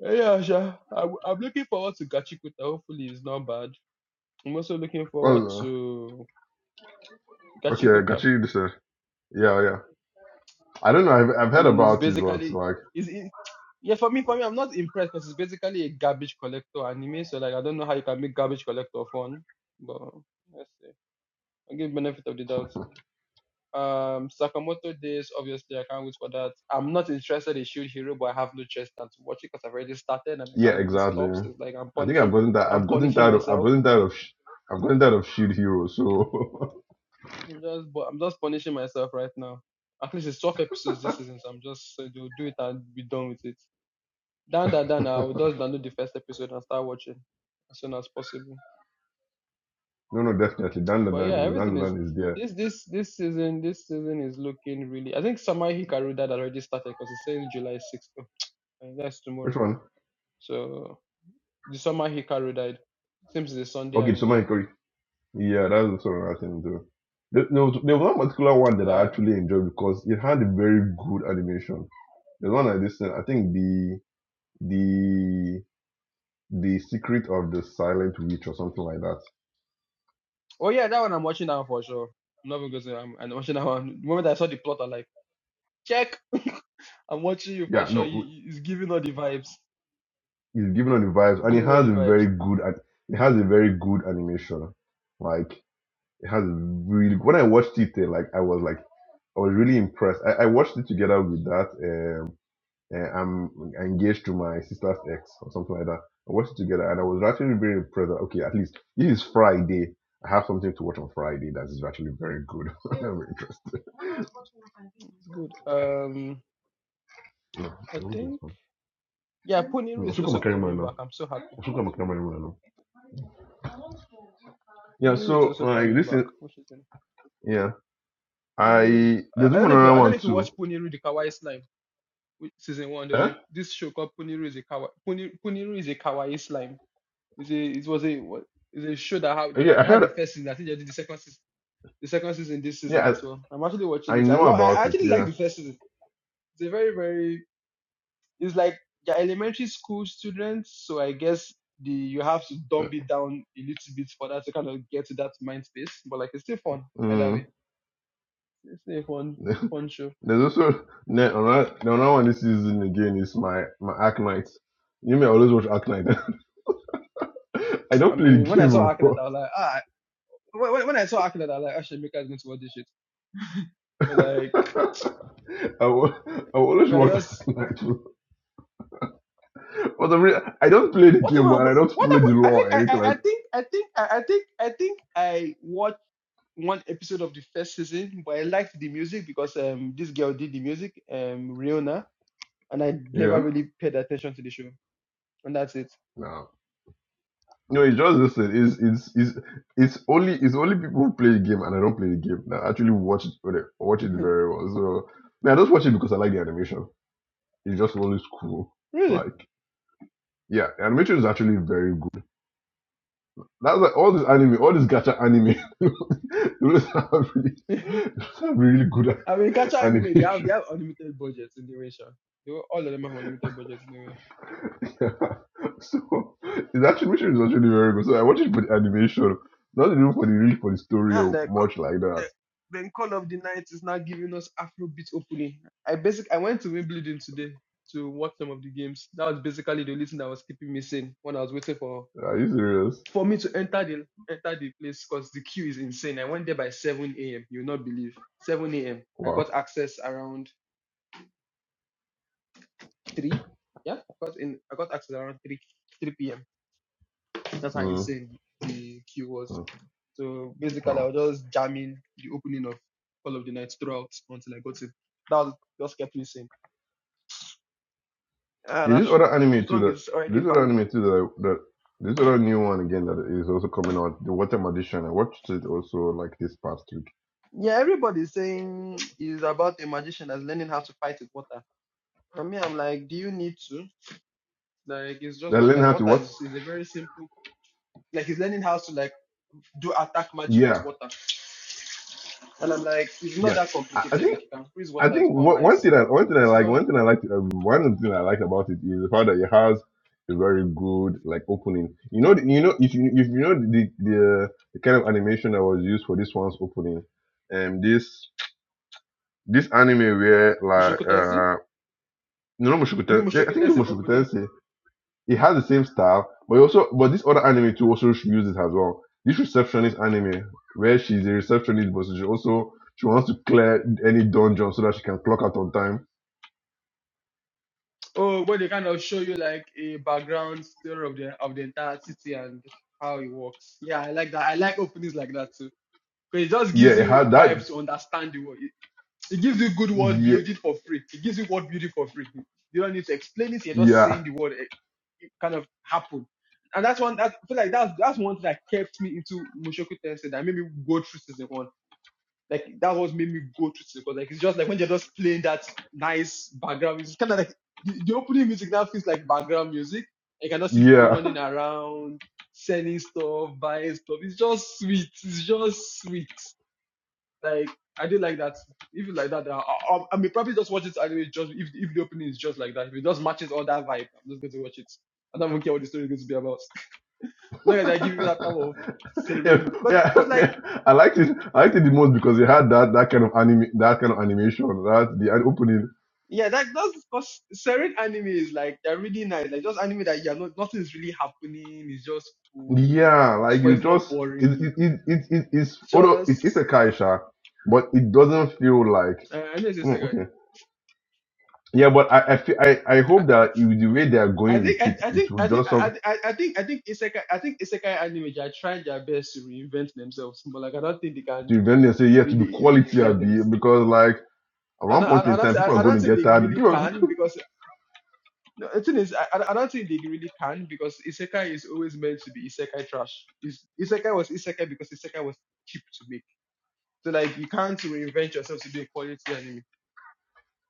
[SPEAKER 1] Eh, Yeah, sure. I, I'm looking forward to Gachikuta. Hopefully, it's not bad. I'm also looking forward
[SPEAKER 2] well
[SPEAKER 1] to
[SPEAKER 2] uh, okay i got
[SPEAKER 1] Gachikuta.
[SPEAKER 2] you this uh, yeah yeah i don't know I've, I've
[SPEAKER 1] I
[SPEAKER 2] heard
[SPEAKER 1] mean, it's
[SPEAKER 2] about it but
[SPEAKER 1] basically
[SPEAKER 2] like
[SPEAKER 1] is it. Yeah, for me, for me, I'm not impressed because it's basically a garbage collector anime. So like, I don't know how you can make garbage collector fun, but let's see. I give benefit of the doubt. Um, Sakamoto Days, obviously, I can't wait for that. I'm not interested in Shield Hero, but I have no chance now to watch it because I've already started and I
[SPEAKER 2] Yeah,
[SPEAKER 1] can't really
[SPEAKER 2] exactly.
[SPEAKER 1] stop. So it's like I'm
[SPEAKER 2] I think
[SPEAKER 1] punishing,
[SPEAKER 2] I've gotten that.
[SPEAKER 1] I'm
[SPEAKER 2] I've gotten
[SPEAKER 1] punishing
[SPEAKER 2] tired of. I've
[SPEAKER 1] myself.
[SPEAKER 2] gotten tired of. sh- I've gotten tired of Shield Hero. So
[SPEAKER 1] I'm just, but I'm just punishing myself right now. At least it's 12 episodes this season, so I'm just so they'll do it and be done with it. Down, down, down. I'll just download the first episode and start watching as soon as possible.
[SPEAKER 2] <laughs> no, no, definitely
[SPEAKER 1] But yeah,
[SPEAKER 2] Dandadan is
[SPEAKER 1] everything is
[SPEAKER 2] Dandadan is there.
[SPEAKER 1] this this this season. This season is looking really. I think Samai Hikaru that already started because it says July sixth. Oh, uh, that's
[SPEAKER 2] Which
[SPEAKER 1] tomorrow.
[SPEAKER 2] one?
[SPEAKER 1] So the Samai Hikaru died. Seems it's a Sunday
[SPEAKER 2] Okay, so
[SPEAKER 1] anime.
[SPEAKER 2] my Yeah, that's also another thing too. There, there was there was one particular one that I
[SPEAKER 1] Uh,
[SPEAKER 2] actually enjoyed because it had a very good animation. The one I listened, I think the the the secret of the silent witch or something like that.
[SPEAKER 1] oh yeah, that one I'm watching now for sure. I'm not even going to. say I'm, I'm watching that one. The moment I saw the plot, I'm like, check. <laughs> I'm watching you for
[SPEAKER 2] Yeah,
[SPEAKER 1] sure. You,
[SPEAKER 2] no,
[SPEAKER 1] you- it's giving all the vibes.
[SPEAKER 2] it's giving on the vibes, and it
[SPEAKER 1] Giving all the
[SPEAKER 2] has a
[SPEAKER 1] vibes.
[SPEAKER 2] very good. an- It has a very good animation. Like It has really when I watched it, eh, like I was like I was really impressed. I, I watched it together with that. Um, eh, I'm engaged to my sister's ex or something like that. I watched it together and I was actually very impressed. that, Okay, at least this is Friday. I have something to watch on Friday that is actually very good. <laughs> I'm interested.
[SPEAKER 1] It's good. Um,
[SPEAKER 2] Yeah,
[SPEAKER 1] I
[SPEAKER 2] I want this
[SPEAKER 1] think.
[SPEAKER 2] one.
[SPEAKER 1] Yeah, Poniru
[SPEAKER 2] Mm,
[SPEAKER 1] is
[SPEAKER 2] Osuka
[SPEAKER 1] also
[SPEAKER 2] Makanimura
[SPEAKER 1] coming
[SPEAKER 2] now.
[SPEAKER 1] back. I'm so happy.
[SPEAKER 2] Osuka Makanimura now. Yeah,
[SPEAKER 1] Poniru is
[SPEAKER 2] so
[SPEAKER 1] also
[SPEAKER 2] like
[SPEAKER 1] coming
[SPEAKER 2] this
[SPEAKER 1] back.
[SPEAKER 2] is
[SPEAKER 1] Which is
[SPEAKER 2] yeah.
[SPEAKER 1] Poniru. is-
[SPEAKER 2] I
[SPEAKER 1] I,
[SPEAKER 2] there's
[SPEAKER 1] I don't
[SPEAKER 2] even
[SPEAKER 1] know if you,
[SPEAKER 2] another
[SPEAKER 1] I don't know
[SPEAKER 2] one
[SPEAKER 1] if you watch
[SPEAKER 2] too.
[SPEAKER 1] Poniru the Kawaii Slime which, season one. There's
[SPEAKER 2] Huh?
[SPEAKER 1] a this show called Poniru is a Kawaii. Poniru, Poniru is a Kawaii Slime. It's a it was a what? It's a show that had they
[SPEAKER 2] Yeah, I
[SPEAKER 1] had
[SPEAKER 2] heard.
[SPEAKER 1] the first season. I think they did the second season. The second season this season
[SPEAKER 2] Yeah,
[SPEAKER 1] as well. I'm actually watching
[SPEAKER 2] I, I
[SPEAKER 1] this. I
[SPEAKER 2] know
[SPEAKER 1] love. I I
[SPEAKER 2] about it.
[SPEAKER 1] actually like
[SPEAKER 2] Yeah.
[SPEAKER 1] the first season. It's a very very It's like they're elementary school students, so I guess the you have to dumb it down a little bit for that to kind of get to that mind space. But like it's still fun either
[SPEAKER 2] Mm.
[SPEAKER 1] way. It's still a fun,
[SPEAKER 2] <laughs>
[SPEAKER 1] fun show.
[SPEAKER 2] There's also no, another, another one this season again is my my Ark Knight. You may always watch Ark Knight. <laughs> I
[SPEAKER 1] I
[SPEAKER 2] don't play the
[SPEAKER 1] mean, when I
[SPEAKER 2] game,
[SPEAKER 1] saw Akinet, I
[SPEAKER 2] bro.
[SPEAKER 1] was like, ah. When, when I saw Akinet, I was like, actually, Mika is going to watch this shit. But like,
[SPEAKER 2] <laughs> I will, I always
[SPEAKER 1] we're
[SPEAKER 2] watch
[SPEAKER 1] just
[SPEAKER 2] Ark Knight. bro. But I, mean, I don't play the
[SPEAKER 1] what
[SPEAKER 2] game,
[SPEAKER 1] about
[SPEAKER 2] man. I don't
[SPEAKER 1] what
[SPEAKER 2] follow
[SPEAKER 1] about?
[SPEAKER 2] the
[SPEAKER 1] I
[SPEAKER 2] law
[SPEAKER 1] think
[SPEAKER 2] or
[SPEAKER 1] I,
[SPEAKER 2] anything
[SPEAKER 1] I
[SPEAKER 2] like.
[SPEAKER 1] I think I think I I think I think I watched one episode of the first season, but I liked the music because um this girl did the music um Riona and I never
[SPEAKER 2] Yeah,
[SPEAKER 1] really paid attention to the show. And that's it.
[SPEAKER 2] no, no. It's just this thing. It's it's it's it's only it's only people who play the game and I don't play the game that actually watch it very- watch
[SPEAKER 1] <laughs>
[SPEAKER 2] it very well. So I, I just watch it because I like the animation. It's just always cool.
[SPEAKER 1] really?
[SPEAKER 2] Like. Yeah, the animation is actually very good. That's like all this anime, all this gacha anime. <laughs> those are really,
[SPEAKER 1] <laughs>
[SPEAKER 2] those are really good
[SPEAKER 1] I mean, catch
[SPEAKER 2] a-
[SPEAKER 1] Anime, they have they
[SPEAKER 2] animation.
[SPEAKER 1] have unlimited budgets in the way, sure. They were, all of them have unlimited budgets in the way.
[SPEAKER 2] <laughs> so his animation is actually very good. So I watch it for the animation, not even for the really for the story
[SPEAKER 1] And
[SPEAKER 2] or
[SPEAKER 1] the, co-
[SPEAKER 2] much like that.
[SPEAKER 1] the, then Call of the Night is now giving us Afrobeat opening. I basic I went to Wimbledon today to watch some of the games. That was basically the only thing that was keeping me sane when I was waiting for
[SPEAKER 2] Are you serious?
[SPEAKER 1] for me to enter the enter the place because the queue is insane. I went there by 7 a.m. You'll not believe. 7 a.m. I got
[SPEAKER 2] Wow.
[SPEAKER 1] access around three. Yeah, I got in. I got access around three three p.m. That's how
[SPEAKER 2] Mm,
[SPEAKER 1] insane the queue was.
[SPEAKER 2] mm,
[SPEAKER 1] So basically, I
[SPEAKER 2] wow.
[SPEAKER 1] was just jamming the opening of all of the nights throughout until I got it. That was just kept me sane. Ah,
[SPEAKER 2] There's this
[SPEAKER 1] that's
[SPEAKER 2] other
[SPEAKER 1] the
[SPEAKER 2] anime too
[SPEAKER 1] song
[SPEAKER 2] that
[SPEAKER 1] is already
[SPEAKER 2] this other
[SPEAKER 1] banned.
[SPEAKER 2] anime too that I, that this other new one again that is also coming out, the Water Magician. I watched it also like this past week.
[SPEAKER 1] Yeah, everybody's saying is about a magician that's learning how to fight with water. For me, I'm like, do you need to? Like, it's just
[SPEAKER 2] They learn
[SPEAKER 1] water.
[SPEAKER 2] how to
[SPEAKER 1] Water
[SPEAKER 2] what?
[SPEAKER 1] is, is a very simple. Like, he's learning how to like do attack magic with
[SPEAKER 2] Yeah,
[SPEAKER 1] water. And I'm like, it's not
[SPEAKER 2] Yeah,
[SPEAKER 1] that
[SPEAKER 2] I, I
[SPEAKER 1] complicated.
[SPEAKER 2] think
[SPEAKER 1] Like you can freeze
[SPEAKER 2] I
[SPEAKER 1] water, to
[SPEAKER 2] think
[SPEAKER 1] form
[SPEAKER 2] what, one
[SPEAKER 1] ice.
[SPEAKER 2] thing I one thing I
[SPEAKER 1] It's
[SPEAKER 2] like
[SPEAKER 1] not
[SPEAKER 2] one thing I like um, one thing I like about it is the fact that it has a very good like opening. You know, the, you know if you if you know the the, the kind of animation that was used for this one's opening, um, this this anime where
[SPEAKER 1] Mushoku Tensei.
[SPEAKER 2] like uh. No, not Mushoku
[SPEAKER 1] You know
[SPEAKER 2] Tensei. I
[SPEAKER 1] Mushoku
[SPEAKER 2] think it's
[SPEAKER 1] Tensei
[SPEAKER 2] Mushoku
[SPEAKER 1] opening.
[SPEAKER 2] Tensei it has the same style, but it also but this other anime too also uses it as well. This receptionist anime where she's a receptionist, but she also she wants to clear any dungeon so that she can clock out on time.
[SPEAKER 1] Oh, well, they kind of show you like a background story of the of the entire city and how it works. Yeah, I like that. I like openings like that too. Because it just
[SPEAKER 2] Yeah,
[SPEAKER 1] gives
[SPEAKER 2] it had
[SPEAKER 1] you
[SPEAKER 2] that.
[SPEAKER 1] vibes to understand the world. It, it gives you good world
[SPEAKER 2] Yeah,
[SPEAKER 1] building for free. It gives you world building for free. You don't need to explain it. You're just
[SPEAKER 2] yeah,
[SPEAKER 1] seeing the world eh, it kind of happen. And that's one. That, I feel like that's that's one thing that kept me into Mushoku Tensei that made me go through season one like that was made me go to it because like it's just like when they're just playing that nice background music, it's kind of like the, the opening music now feels like background music. You cannot see people
[SPEAKER 2] yeah.
[SPEAKER 1] running around, selling stuff, buying stuff. It's just sweet. It's just sweet. Like I do like that. Even like that, I, I, I may probably just watch it anyway. Just if if the opening is just like that, if it just matches all that vibe, I'm just going to watch it. I don't even care what the story is going to be about. As long as I give you
[SPEAKER 2] <laughs>
[SPEAKER 1] that type of
[SPEAKER 2] yeah,
[SPEAKER 1] serene, because
[SPEAKER 2] yeah,
[SPEAKER 1] because like
[SPEAKER 2] yeah. I liked it. I liked it the most because it had that that kind of anime, that kind of animation, that the opening.
[SPEAKER 1] Yeah, that that's because certain anime is like they're really nice. Like just anime that yeah, no, nothing's really happening. It's just cool,
[SPEAKER 2] Yeah, like
[SPEAKER 1] but
[SPEAKER 2] you
[SPEAKER 1] it's not
[SPEAKER 2] just it
[SPEAKER 1] boring.
[SPEAKER 2] it it it, it it's
[SPEAKER 1] It's
[SPEAKER 2] although it's it's
[SPEAKER 1] just
[SPEAKER 2] a kaisha, but it doesn't feel like.
[SPEAKER 1] uh, I know it's
[SPEAKER 2] Mm,
[SPEAKER 1] isekai.
[SPEAKER 2] okay. Yeah, but I I, feel, I I
[SPEAKER 1] I,
[SPEAKER 2] hope that with the way they are
[SPEAKER 1] I
[SPEAKER 2] going with
[SPEAKER 1] think I,
[SPEAKER 2] it,
[SPEAKER 1] I
[SPEAKER 2] it
[SPEAKER 1] think
[SPEAKER 2] will
[SPEAKER 1] I think
[SPEAKER 2] just some
[SPEAKER 1] I, I, I think I think isekai I think isekai anime they are trying their best to reinvent themselves, but like I don't think they can
[SPEAKER 2] to eventually say yeah to be
[SPEAKER 1] really
[SPEAKER 2] quality I
[SPEAKER 1] reinvent
[SPEAKER 2] be
[SPEAKER 1] themselves.
[SPEAKER 2] because like at
[SPEAKER 1] And
[SPEAKER 2] one
[SPEAKER 1] I, and
[SPEAKER 2] point
[SPEAKER 1] I, I
[SPEAKER 2] in
[SPEAKER 1] don't-
[SPEAKER 2] time
[SPEAKER 1] I,
[SPEAKER 2] people are
[SPEAKER 1] I
[SPEAKER 2] going
[SPEAKER 1] don't
[SPEAKER 2] to
[SPEAKER 1] think
[SPEAKER 2] get
[SPEAKER 1] they
[SPEAKER 2] tired.
[SPEAKER 1] really
[SPEAKER 2] People,
[SPEAKER 1] can because No, the thing is, I, I I don't think they really can because isekai is always meant to be isekai trash. Is isekai was isekai because isekai was cheap to make. So like you can't reinvent yourself to be a quality anime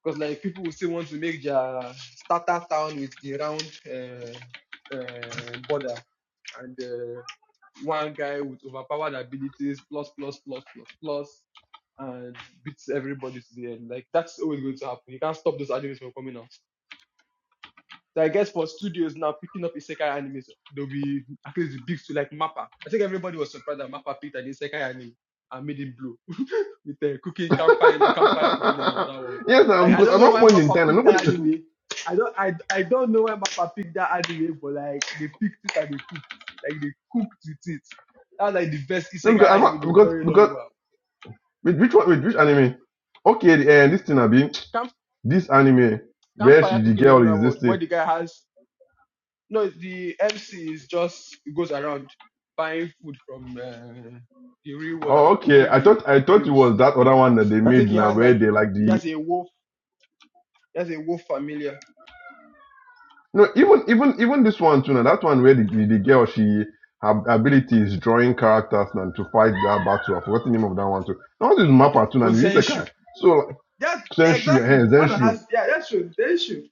[SPEAKER 1] because like people will still want to make their starter town with the round uh, uh, border and uh, one guy with overpowered abilities plus plus plus plus plus and beats everybody to the end. Like that's always going to happen. You can't stop those animes from coming out. So I guess for studios now picking up Isekai animes, they'll be at least big to like Mappa. I think everybody was surprised that Mappa picked an Isekai anime and made it blue <laughs> with the uh, cooking campfire campfire cooking in another world.
[SPEAKER 2] <laughs> yes, um,
[SPEAKER 1] Like I
[SPEAKER 2] because at
[SPEAKER 1] don't know
[SPEAKER 2] one
[SPEAKER 1] why
[SPEAKER 2] point in
[SPEAKER 1] Mappa
[SPEAKER 2] time and
[SPEAKER 1] picked
[SPEAKER 2] nobody
[SPEAKER 1] that
[SPEAKER 2] <laughs>
[SPEAKER 1] anime. I don't I, I don't know why Mappa picked that anime, but like they picked it and they cooked. Like they cooked with it. That's like the best
[SPEAKER 2] no,
[SPEAKER 1] Isekai
[SPEAKER 2] because I'm
[SPEAKER 1] anime in a
[SPEAKER 2] because
[SPEAKER 1] very long
[SPEAKER 2] because
[SPEAKER 1] while.
[SPEAKER 2] with which one with which anime? Okay, the, eh, this thing I be
[SPEAKER 1] Camp,
[SPEAKER 2] this anime where
[SPEAKER 1] campfire
[SPEAKER 2] she the
[SPEAKER 1] cooking in
[SPEAKER 2] girl
[SPEAKER 1] another
[SPEAKER 2] is this
[SPEAKER 1] world where
[SPEAKER 2] thing.
[SPEAKER 1] the guy has No, the MC is just goes around buying food from uh, the real world and
[SPEAKER 2] Oh, okay.
[SPEAKER 1] cooking
[SPEAKER 2] I
[SPEAKER 1] meal,
[SPEAKER 2] thought I thought it
[SPEAKER 1] meals.
[SPEAKER 2] was that other one that they
[SPEAKER 1] I think
[SPEAKER 2] made
[SPEAKER 1] he
[SPEAKER 2] now
[SPEAKER 1] has
[SPEAKER 2] where
[SPEAKER 1] like
[SPEAKER 2] they
[SPEAKER 1] he
[SPEAKER 2] like
[SPEAKER 1] he
[SPEAKER 2] the
[SPEAKER 1] has a wolf, he has a wolf familiar.
[SPEAKER 2] No, even even even this one too. Now that one where the, the girl she her ability is drawing characters and to fight that battle. I forgot the name of that one too. That one is Mappa too.
[SPEAKER 1] Oh
[SPEAKER 2] And it's
[SPEAKER 1] Zenshu.
[SPEAKER 2] Isekai. So like,
[SPEAKER 1] That's
[SPEAKER 2] Senshu,
[SPEAKER 1] exactly.
[SPEAKER 2] eh,
[SPEAKER 1] That's an
[SPEAKER 2] Senshu,
[SPEAKER 1] answer. Yeah, that's true. Zenshu.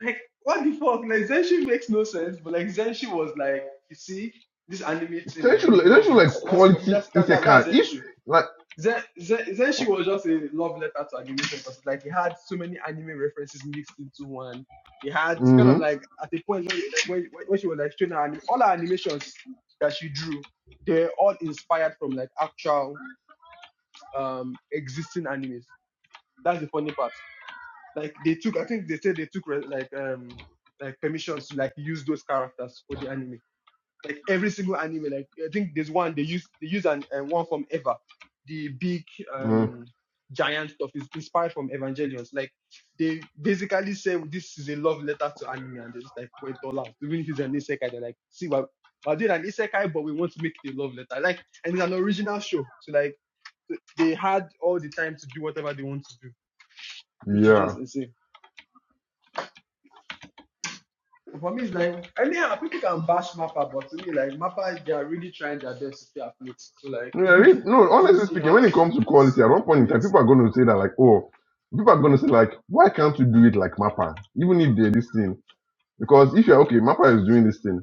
[SPEAKER 1] Like what the fuck? Like Zenshu makes no sense, but like Zenshu was like, you see, this anime thing,
[SPEAKER 2] Senshu,
[SPEAKER 1] and we
[SPEAKER 2] like-
[SPEAKER 1] love
[SPEAKER 2] Senshu
[SPEAKER 1] it.
[SPEAKER 2] like
[SPEAKER 1] That's for me.
[SPEAKER 2] quality
[SPEAKER 1] That's that, that that's
[SPEAKER 2] Isekai. If
[SPEAKER 1] Zenshu.
[SPEAKER 2] like,
[SPEAKER 1] then, then she was just a love letter to animation because like it had so many anime references mixed into one. It had it's kind of
[SPEAKER 2] mm-hmm,
[SPEAKER 1] like at the point when, like, when, she was like showing her anim- all her animations that she drew, they were all inspired from like actual um existing animes. That's the funny part. Like they took, I think they said they took re- like um like permissions to like use those characters for the anime. Like every single anime, like I think there's one they use they use an uh, one from Eva, the big
[SPEAKER 2] mm,
[SPEAKER 1] um giant stuff is inspired from Evangelions. Like they basically say this is a love letter to anime, and they just like went all out. Even if it's an isekai, they're like, see, we're, we're doing an isekai, but we want to make it a love letter. Like, and it's an original show, so like they had all the time to do whatever they want to do, which is
[SPEAKER 2] yeah.
[SPEAKER 1] just insane. For me, it's like anyhow, people can bash Mappa, but to me, like Mappa, they are really trying their best to stay afloat. So like
[SPEAKER 2] No, I really- no,
[SPEAKER 1] <laughs>
[SPEAKER 2] honestly
[SPEAKER 1] anything you
[SPEAKER 2] speaking,
[SPEAKER 1] have
[SPEAKER 2] when it
[SPEAKER 1] to do,
[SPEAKER 2] comes to
[SPEAKER 1] please
[SPEAKER 2] quality, at one point
[SPEAKER 1] do
[SPEAKER 2] in time,
[SPEAKER 1] it.
[SPEAKER 2] people are going to say that like, oh, people are going to say like, why can't you do it like Mappa? Even if they're this thing, because if you're okay, Mappa is doing this thing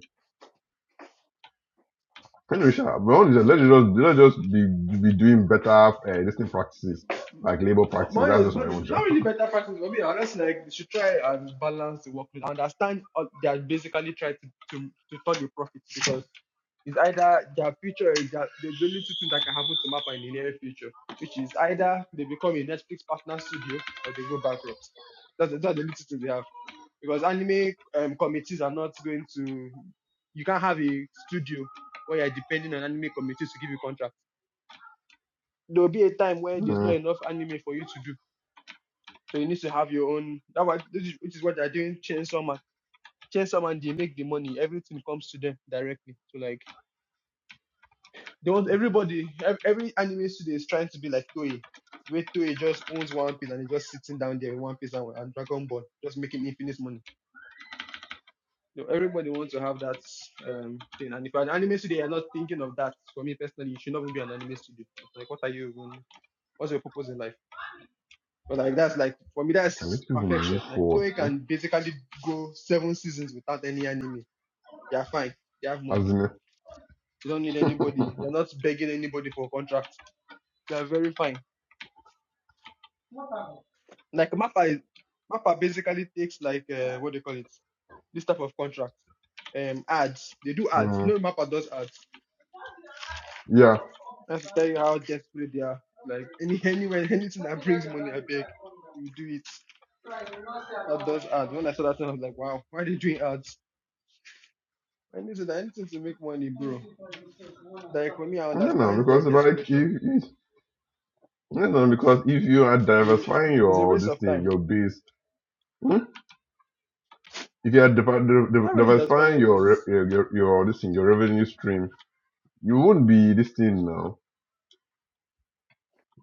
[SPEAKER 2] Henry Sharp, we all just- let's just let's just be be doing better uh, this practices like labor
[SPEAKER 1] But
[SPEAKER 2] practices.
[SPEAKER 1] money
[SPEAKER 2] That's
[SPEAKER 1] is
[SPEAKER 2] just my
[SPEAKER 1] money
[SPEAKER 2] own
[SPEAKER 1] is
[SPEAKER 2] job.
[SPEAKER 1] not
[SPEAKER 2] <laughs>
[SPEAKER 1] really better practice for me. Unless like they should try and balance the workload. I understand uh, they are basically trying to, to to turn the profit because it's either their future is that there's only two things that can happen to Mappa in the near future, which is either they become a Netflix partner studio or they go bankrupt. That's, that's the only two things they have. because anime um, committees are not going to you can't have a studio where you're depending on anime committees to give you contracts. There will be a time where there's not
[SPEAKER 2] Mm,
[SPEAKER 1] enough anime for you to do, so you need to have your own. That what which is what they're doing. Chainsaw Man, Chainsaw Man, they make the money. Everything comes to them directly. So like they want everybody, every anime studio is trying to be like Toei. Where Toei just owns One Piece and they're just sitting down there in One Piece and, and Dragon Ball, just making infinite money you know, everybody wants to have that um, thing. And if you're an anime studio, you're not thinking of that. For me personally, you should not even be an anime studio. It's like, what are you even? What's your purpose in life? But like that's like for me,
[SPEAKER 2] can
[SPEAKER 1] that's
[SPEAKER 2] these people move
[SPEAKER 1] perfection. Like
[SPEAKER 2] forward?
[SPEAKER 1] Toei
[SPEAKER 2] eh?
[SPEAKER 1] can basically go seven seasons without any anime. You're fine. You have money.
[SPEAKER 2] As in, eh?
[SPEAKER 1] You don't need anybody. You're not begging anybody for a contract. You're very fine. Like Mappa, is- Mappa basically takes like uh, what do you call it? This type of contract. Um, ads. They do ads.
[SPEAKER 2] mm,
[SPEAKER 1] No Mappa does ads
[SPEAKER 2] yeah,
[SPEAKER 1] That's to tell you how desperate they are. Like any anywhere anything that brings money, I beg, we do it. Papa does ads. When I saw that thing, I was like, wow, why are they doing ads? Anything that anything to make money, bro. Like for me, I
[SPEAKER 2] you know,
[SPEAKER 1] understand their
[SPEAKER 2] because like if,
[SPEAKER 1] desperation.
[SPEAKER 2] if you know, because if you are
[SPEAKER 1] It's a
[SPEAKER 2] diversifying
[SPEAKER 1] it's a
[SPEAKER 2] your
[SPEAKER 1] waste
[SPEAKER 2] this
[SPEAKER 1] of
[SPEAKER 2] thing,
[SPEAKER 1] time.
[SPEAKER 2] your base, mm, if you are diver- diver-
[SPEAKER 1] It's
[SPEAKER 2] diver-
[SPEAKER 1] not really just justifying
[SPEAKER 2] diversifying
[SPEAKER 1] your
[SPEAKER 2] your, re-
[SPEAKER 1] basis.
[SPEAKER 2] your your your this thing, your revenue stream, you won't be this thing now.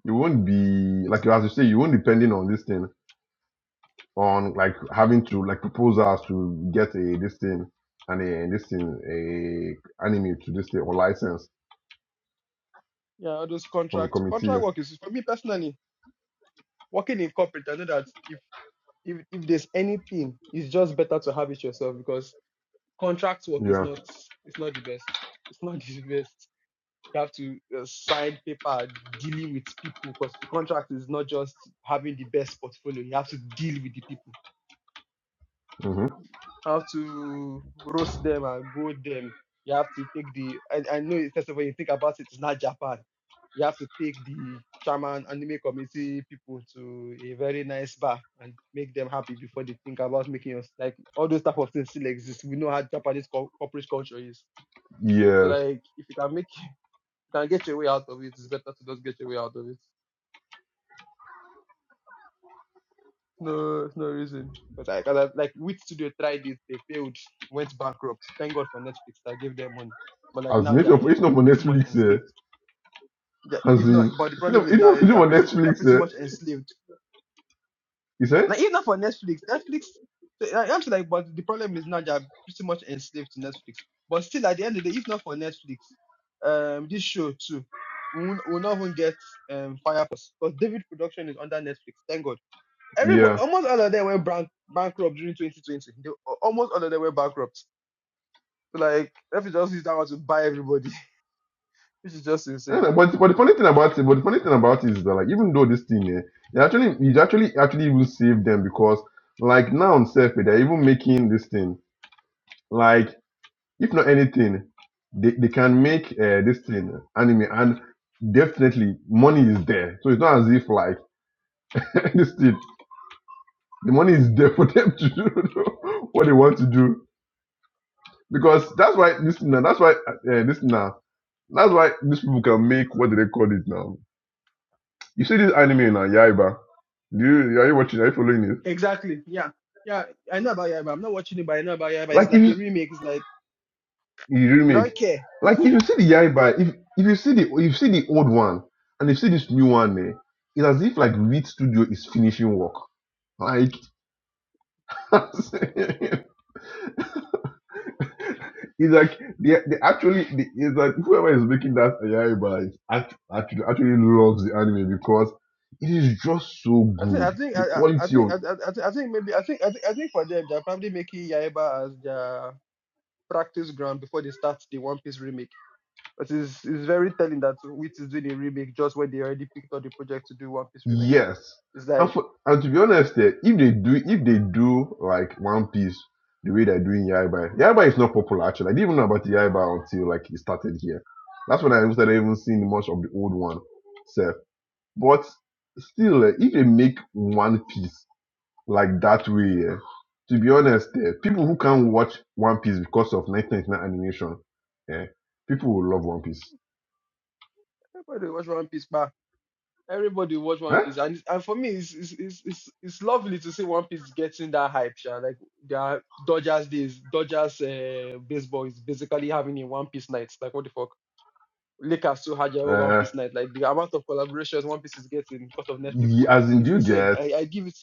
[SPEAKER 2] You won't be like as you say, you won't depending on this thing on like having to like proposals to get a this thing and a this thing a anime to this thing or license
[SPEAKER 1] Yeah, all those
[SPEAKER 2] from the
[SPEAKER 1] contracts.
[SPEAKER 2] committee.
[SPEAKER 1] Contract work is for me personally, working in corporate, I know that if if if there's anything, it's just better to have it yourself because contract work is
[SPEAKER 2] Yeah.
[SPEAKER 1] not it's not the best. It's not <laughs> the best. You have to uh, sign paper dealing with people because the contract is not just having the best portfolio. You have to deal with the people.
[SPEAKER 2] hmm
[SPEAKER 1] You have to roast them and go them. You have to take the. I, I know first of all you think about it, it's not Japan. You have to take the chairman anime committee people to a very nice bar and make them happy before they think about making us like all those type of things still exist. We know how Japanese co- corporate culture is. So
[SPEAKER 2] Yes.
[SPEAKER 1] like if you can make you can get your way out of it, it's better to just get your way out of it. No, it's no reason. But I, cause I like which studio tried it, they failed, went bankrupt. Thank God for Netflix that gave them money. But like
[SPEAKER 2] As
[SPEAKER 1] now
[SPEAKER 2] in,
[SPEAKER 1] they
[SPEAKER 2] it's
[SPEAKER 1] are
[SPEAKER 2] not
[SPEAKER 1] eh,
[SPEAKER 2] it's not for
[SPEAKER 1] pretty much
[SPEAKER 2] Netflix. Eh.
[SPEAKER 1] enslaved. Yeah,
[SPEAKER 2] As
[SPEAKER 1] if
[SPEAKER 2] in,
[SPEAKER 1] not, but the
[SPEAKER 2] it's
[SPEAKER 1] problem
[SPEAKER 2] not,
[SPEAKER 1] is
[SPEAKER 2] it's
[SPEAKER 1] now
[SPEAKER 2] not, it's not
[SPEAKER 1] they're
[SPEAKER 2] for
[SPEAKER 1] pretty they're
[SPEAKER 2] Netflix.
[SPEAKER 1] pretty
[SPEAKER 2] Eh.
[SPEAKER 1] much enslaved.
[SPEAKER 2] You say?
[SPEAKER 1] Like even for Netflix, Netflix. eh, I- I'm like, but the problem is now they're pretty much enslaved to Netflix. But still, at the end of the day, if not for Netflix, um, this show too, we will not even get um Fire Force. Because David Production is under Netflix. Thank God Everybody,
[SPEAKER 2] Yeah.
[SPEAKER 1] almost all of them went bank, bankrupt during 2020. They, almost all of them went bankrupt. So like, if you just use that one to buy everybody, <laughs> which is just insane.
[SPEAKER 2] And, but but the funny thing about it, but the funny thing about it is that like even though this thing, eh, it actually it actually actually will save them because like now on self, they're even making this thing like. if not anything, they, they can make uh, this thing anime and definitely money is there. So it's not as if like <laughs> this thing the money is there for them to do <laughs> what they want to do because that's why this now that's why uh, uh, this now that's why these people can make what do they call it now. You see this anime now, Yaiba. Do you are you watching? Are you following it?
[SPEAKER 1] Exactly. Yeah. Yeah. I know about Yaiba. I'm not watching it, but I know about Yaiba. It's
[SPEAKER 2] Like if
[SPEAKER 1] like a
[SPEAKER 2] you
[SPEAKER 1] remake. It's like
[SPEAKER 2] you
[SPEAKER 1] they
[SPEAKER 2] remake.
[SPEAKER 1] don't care.
[SPEAKER 2] Like if you see the Yaiba, if if you see the if you see the old one and you see this new one, eh, it's as if like Reed Studio is finishing work. Like <laughs> it's like they, they actually they, it's like whoever is making that Yaiba is act, actually actually loves the anime because it is just so
[SPEAKER 1] I think I
[SPEAKER 2] good.
[SPEAKER 1] think I,
[SPEAKER 2] The
[SPEAKER 1] I I
[SPEAKER 2] quality
[SPEAKER 1] think
[SPEAKER 2] of
[SPEAKER 1] I, I, I think I think maybe I think I think I think for them they're probably making Yaiba as their practice ground before they start the One Piece remake. But it's it's very telling that Wit is doing a remake just when they already picked up the project to do One Piece remake.
[SPEAKER 2] Yes,
[SPEAKER 1] It's
[SPEAKER 2] and
[SPEAKER 1] like
[SPEAKER 2] for and to be honest, eh, if they do if they do like One Piece the way they're doing Yaiba, Yaiba is not popular actually. I didn't even know about Yaiba until like it started here. That's when I even started even seeing much of the old one. So, but still, eh, if they make One Piece like that way, eh, to be honest, eh, people who can't watch One Piece because of 1999 animation, eh, people will love One Piece.
[SPEAKER 1] everybody watch One Piece, but everybody watch One
[SPEAKER 2] Huh?
[SPEAKER 1] Piece, and and for me it's it's it's it's, it's lovely to see One Piece getting that hype, sha. Like their Dodgers days, Dodgers uh, baseball is basically having a One Piece night. Like what the fuck. Lakers still had their own One
[SPEAKER 2] Uh,
[SPEAKER 1] Piece night. Like the amount of collaborations One Piece is getting because of Netflix
[SPEAKER 2] ye-
[SPEAKER 1] money
[SPEAKER 2] as in,
[SPEAKER 1] is
[SPEAKER 2] do you
[SPEAKER 1] insane.
[SPEAKER 2] get?
[SPEAKER 1] I, I give it,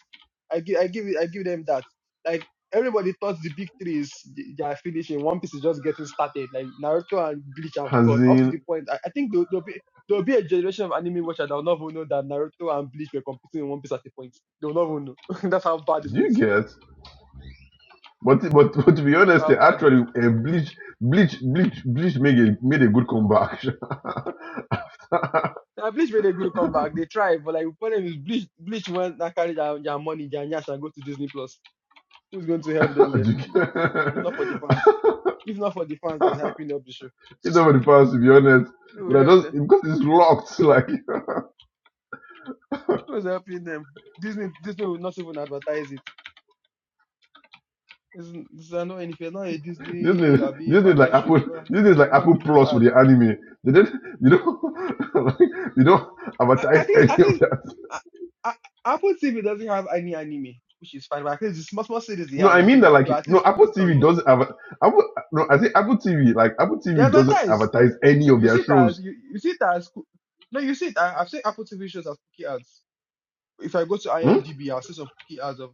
[SPEAKER 1] I give, I give it, I give them that. Like everybody thought the big three is they are finishing. One Piece is just getting started. Like Naruto and Bleach have
[SPEAKER 2] As
[SPEAKER 1] gone up to the
[SPEAKER 2] in,
[SPEAKER 1] point. I, I think there'll, there'll be there'll be a generation of anime watcher that will not even know that Naruto and Bleach were competing in One Piece at the point. They will not even know. <laughs> That's how bad it's
[SPEAKER 2] do
[SPEAKER 1] going
[SPEAKER 2] you
[SPEAKER 1] to be.
[SPEAKER 2] get? But but but to be
[SPEAKER 1] That's
[SPEAKER 2] honest,
[SPEAKER 1] how
[SPEAKER 2] eh,
[SPEAKER 1] bad it's
[SPEAKER 2] actually,
[SPEAKER 1] going to be.
[SPEAKER 2] uh, Bleach Bleach Bleach Bleach made a made a good comeback.
[SPEAKER 1] Now bleach made a good comeback. They tried, but like the problem is bleach bleach went and carry their, their money, their nyash and go to Disney Plus. Who's going to help them there? It's it's not for the
[SPEAKER 2] <laughs>
[SPEAKER 1] fans. If not for the fans that's hyping up the show,
[SPEAKER 2] It's over the past, to be honest.
[SPEAKER 1] who will
[SPEAKER 2] But I
[SPEAKER 1] help
[SPEAKER 2] just
[SPEAKER 1] them?
[SPEAKER 2] because it's locked, like <laughs>
[SPEAKER 1] Who's helping them? Disney Disney will not even advertise it. It's, it's not if you're not a Disney
[SPEAKER 2] Disney
[SPEAKER 1] or be
[SPEAKER 2] Disney is
[SPEAKER 1] Marvel
[SPEAKER 2] like
[SPEAKER 1] show, they
[SPEAKER 2] Apple
[SPEAKER 1] will not
[SPEAKER 2] Disney is
[SPEAKER 1] they
[SPEAKER 2] like
[SPEAKER 1] will not
[SPEAKER 2] Apple
[SPEAKER 1] even give you
[SPEAKER 2] Plus for
[SPEAKER 1] ads.
[SPEAKER 2] the anime. They don't they don't <laughs> like, they don't
[SPEAKER 1] I, I
[SPEAKER 2] advertise
[SPEAKER 1] think
[SPEAKER 2] any
[SPEAKER 1] I
[SPEAKER 2] of
[SPEAKER 1] think
[SPEAKER 2] that.
[SPEAKER 1] I, I, Apple TV doesn't have any anime, which is fine. But at least the small small series they
[SPEAKER 2] No,
[SPEAKER 1] have, they
[SPEAKER 2] I
[SPEAKER 1] at
[SPEAKER 2] mean
[SPEAKER 1] least
[SPEAKER 2] that like
[SPEAKER 1] they at
[SPEAKER 2] no
[SPEAKER 1] least put
[SPEAKER 2] Apple
[SPEAKER 1] it on
[SPEAKER 2] TV
[SPEAKER 1] you.
[SPEAKER 2] doesn't adver- Apple no I say Apple TV like Apple
[SPEAKER 1] They
[SPEAKER 2] TV doesn't
[SPEAKER 1] advertise.
[SPEAKER 2] advertise any of
[SPEAKER 1] You
[SPEAKER 2] their
[SPEAKER 1] see it as
[SPEAKER 2] shows.
[SPEAKER 1] you, you see it as coo- no, you see it. I, I've seen Apple TV shows as cookie ads. If I go to
[SPEAKER 2] Hmm?
[SPEAKER 1] IMDb, I'll see some cookie ads of.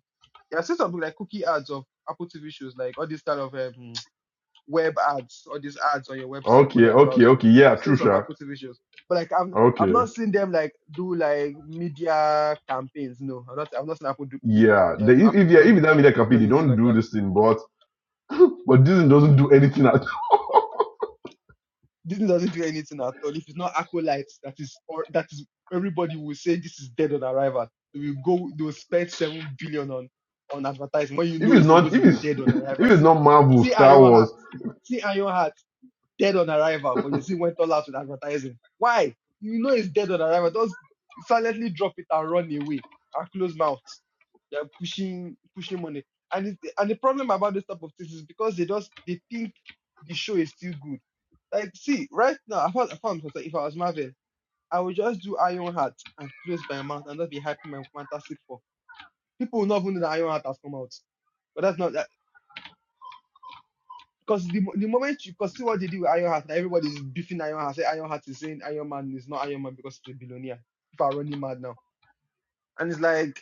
[SPEAKER 1] Yeah, i see seen something like cookie ads of Apple TV shows, like all this kind of um, <tsk> web ads, all these ads on your website when
[SPEAKER 2] Okay,
[SPEAKER 1] you're
[SPEAKER 2] okay,
[SPEAKER 1] browsing.
[SPEAKER 2] okay. Yeah,
[SPEAKER 1] I've seen
[SPEAKER 2] true,
[SPEAKER 1] some
[SPEAKER 2] sure.
[SPEAKER 1] Apple TV shows, but like I've
[SPEAKER 2] Okay.
[SPEAKER 1] I've not seen them like do like media campaigns. No, I've not I've not seen Apple do
[SPEAKER 2] Yeah, they,
[SPEAKER 1] um,
[SPEAKER 2] if,
[SPEAKER 1] Apple
[SPEAKER 2] if yeah, if
[SPEAKER 1] done
[SPEAKER 2] it's not media
[SPEAKER 1] do
[SPEAKER 2] campaign, they
[SPEAKER 1] anything
[SPEAKER 2] don't
[SPEAKER 1] like
[SPEAKER 2] do
[SPEAKER 1] that.
[SPEAKER 2] this thing, but <laughs> but Disney doesn't do anything at all.
[SPEAKER 1] Disney doesn't do anything at all. If it's not Acolyte, that is or that is everybody will say this is dead on arrival. They will go they will spend seven billion on on advertising when you
[SPEAKER 2] <laughs> if
[SPEAKER 1] know
[SPEAKER 2] it's
[SPEAKER 1] it's not going
[SPEAKER 2] not
[SPEAKER 1] to
[SPEAKER 2] if
[SPEAKER 1] be
[SPEAKER 2] it's
[SPEAKER 1] dead
[SPEAKER 2] <laughs>
[SPEAKER 1] on
[SPEAKER 2] if
[SPEAKER 1] arrival.
[SPEAKER 2] it's
[SPEAKER 1] See
[SPEAKER 2] not Marvel,
[SPEAKER 1] see Iron
[SPEAKER 2] Star Wars,
[SPEAKER 1] Heart. See Iron Heart, dead on arrival, but you see went all out with advertising. Why? You know it's dead on arrival. Just silently drop it and run away and close mouth. They're pushing pushing money. And it, and the problem about this type of things is because they just they think the show is still good like, see, right now, if I, if, I'm, if I was Marvel, I would just do Iron Heart and close my mouth and not be hyping my Fantastic Four. People will not even know that Iron Heart has come out. But that's not that. Because the, the moment you cause see what they do with Iron Heart, everybody's beefing Iron Heart. Say Iron Heart is saying Iron Man is not Iron Man because he's a billionaire. People are running mad now. And it's like,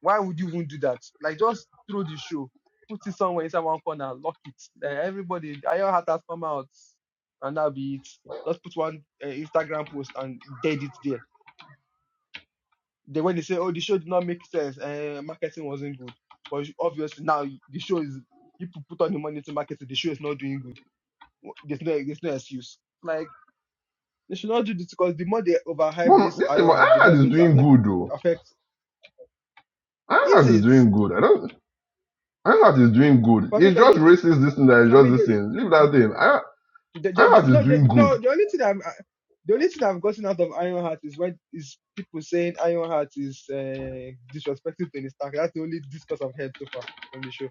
[SPEAKER 1] why would you even do that? Like, just throw the show, put it somewhere inside one corner, lock it. Like, everybody, Iron Heart has come out, and that'll be it. Just put one uh, Instagram post and dead it there They when they say, "Oh, the show did not make sense. Uh, marketing wasn't good." But you- obviously now the show is you pu- put all the money into marketing. The show is not doing good. Wha- There's no there's no excuse. Like they should not do this because the more they overhype
[SPEAKER 2] Mom,
[SPEAKER 1] this
[SPEAKER 2] this thing,
[SPEAKER 1] IO has, the more
[SPEAKER 2] Ironheart
[SPEAKER 1] it's
[SPEAKER 2] is
[SPEAKER 1] going to
[SPEAKER 2] doing
[SPEAKER 1] affect peop-
[SPEAKER 2] good though.
[SPEAKER 1] affect. Is
[SPEAKER 2] Ironheart is
[SPEAKER 1] it
[SPEAKER 2] doing good. I don't. Ironheart is doing good.
[SPEAKER 1] for me?
[SPEAKER 2] It's
[SPEAKER 1] Because
[SPEAKER 2] just racist this thing that is
[SPEAKER 1] for me,
[SPEAKER 2] just this
[SPEAKER 1] they,
[SPEAKER 2] thing. Leave that thing. Iron-
[SPEAKER 1] they, they, they,
[SPEAKER 2] Ironheart is
[SPEAKER 1] no, they,
[SPEAKER 2] doing good.
[SPEAKER 1] no. The only thing I'm I, the only thing I've gotten out of Iron Heart is when is people saying Iron Heart is uh, disrespecting Tony Stark. That's the only discourse I've heard so far from the show.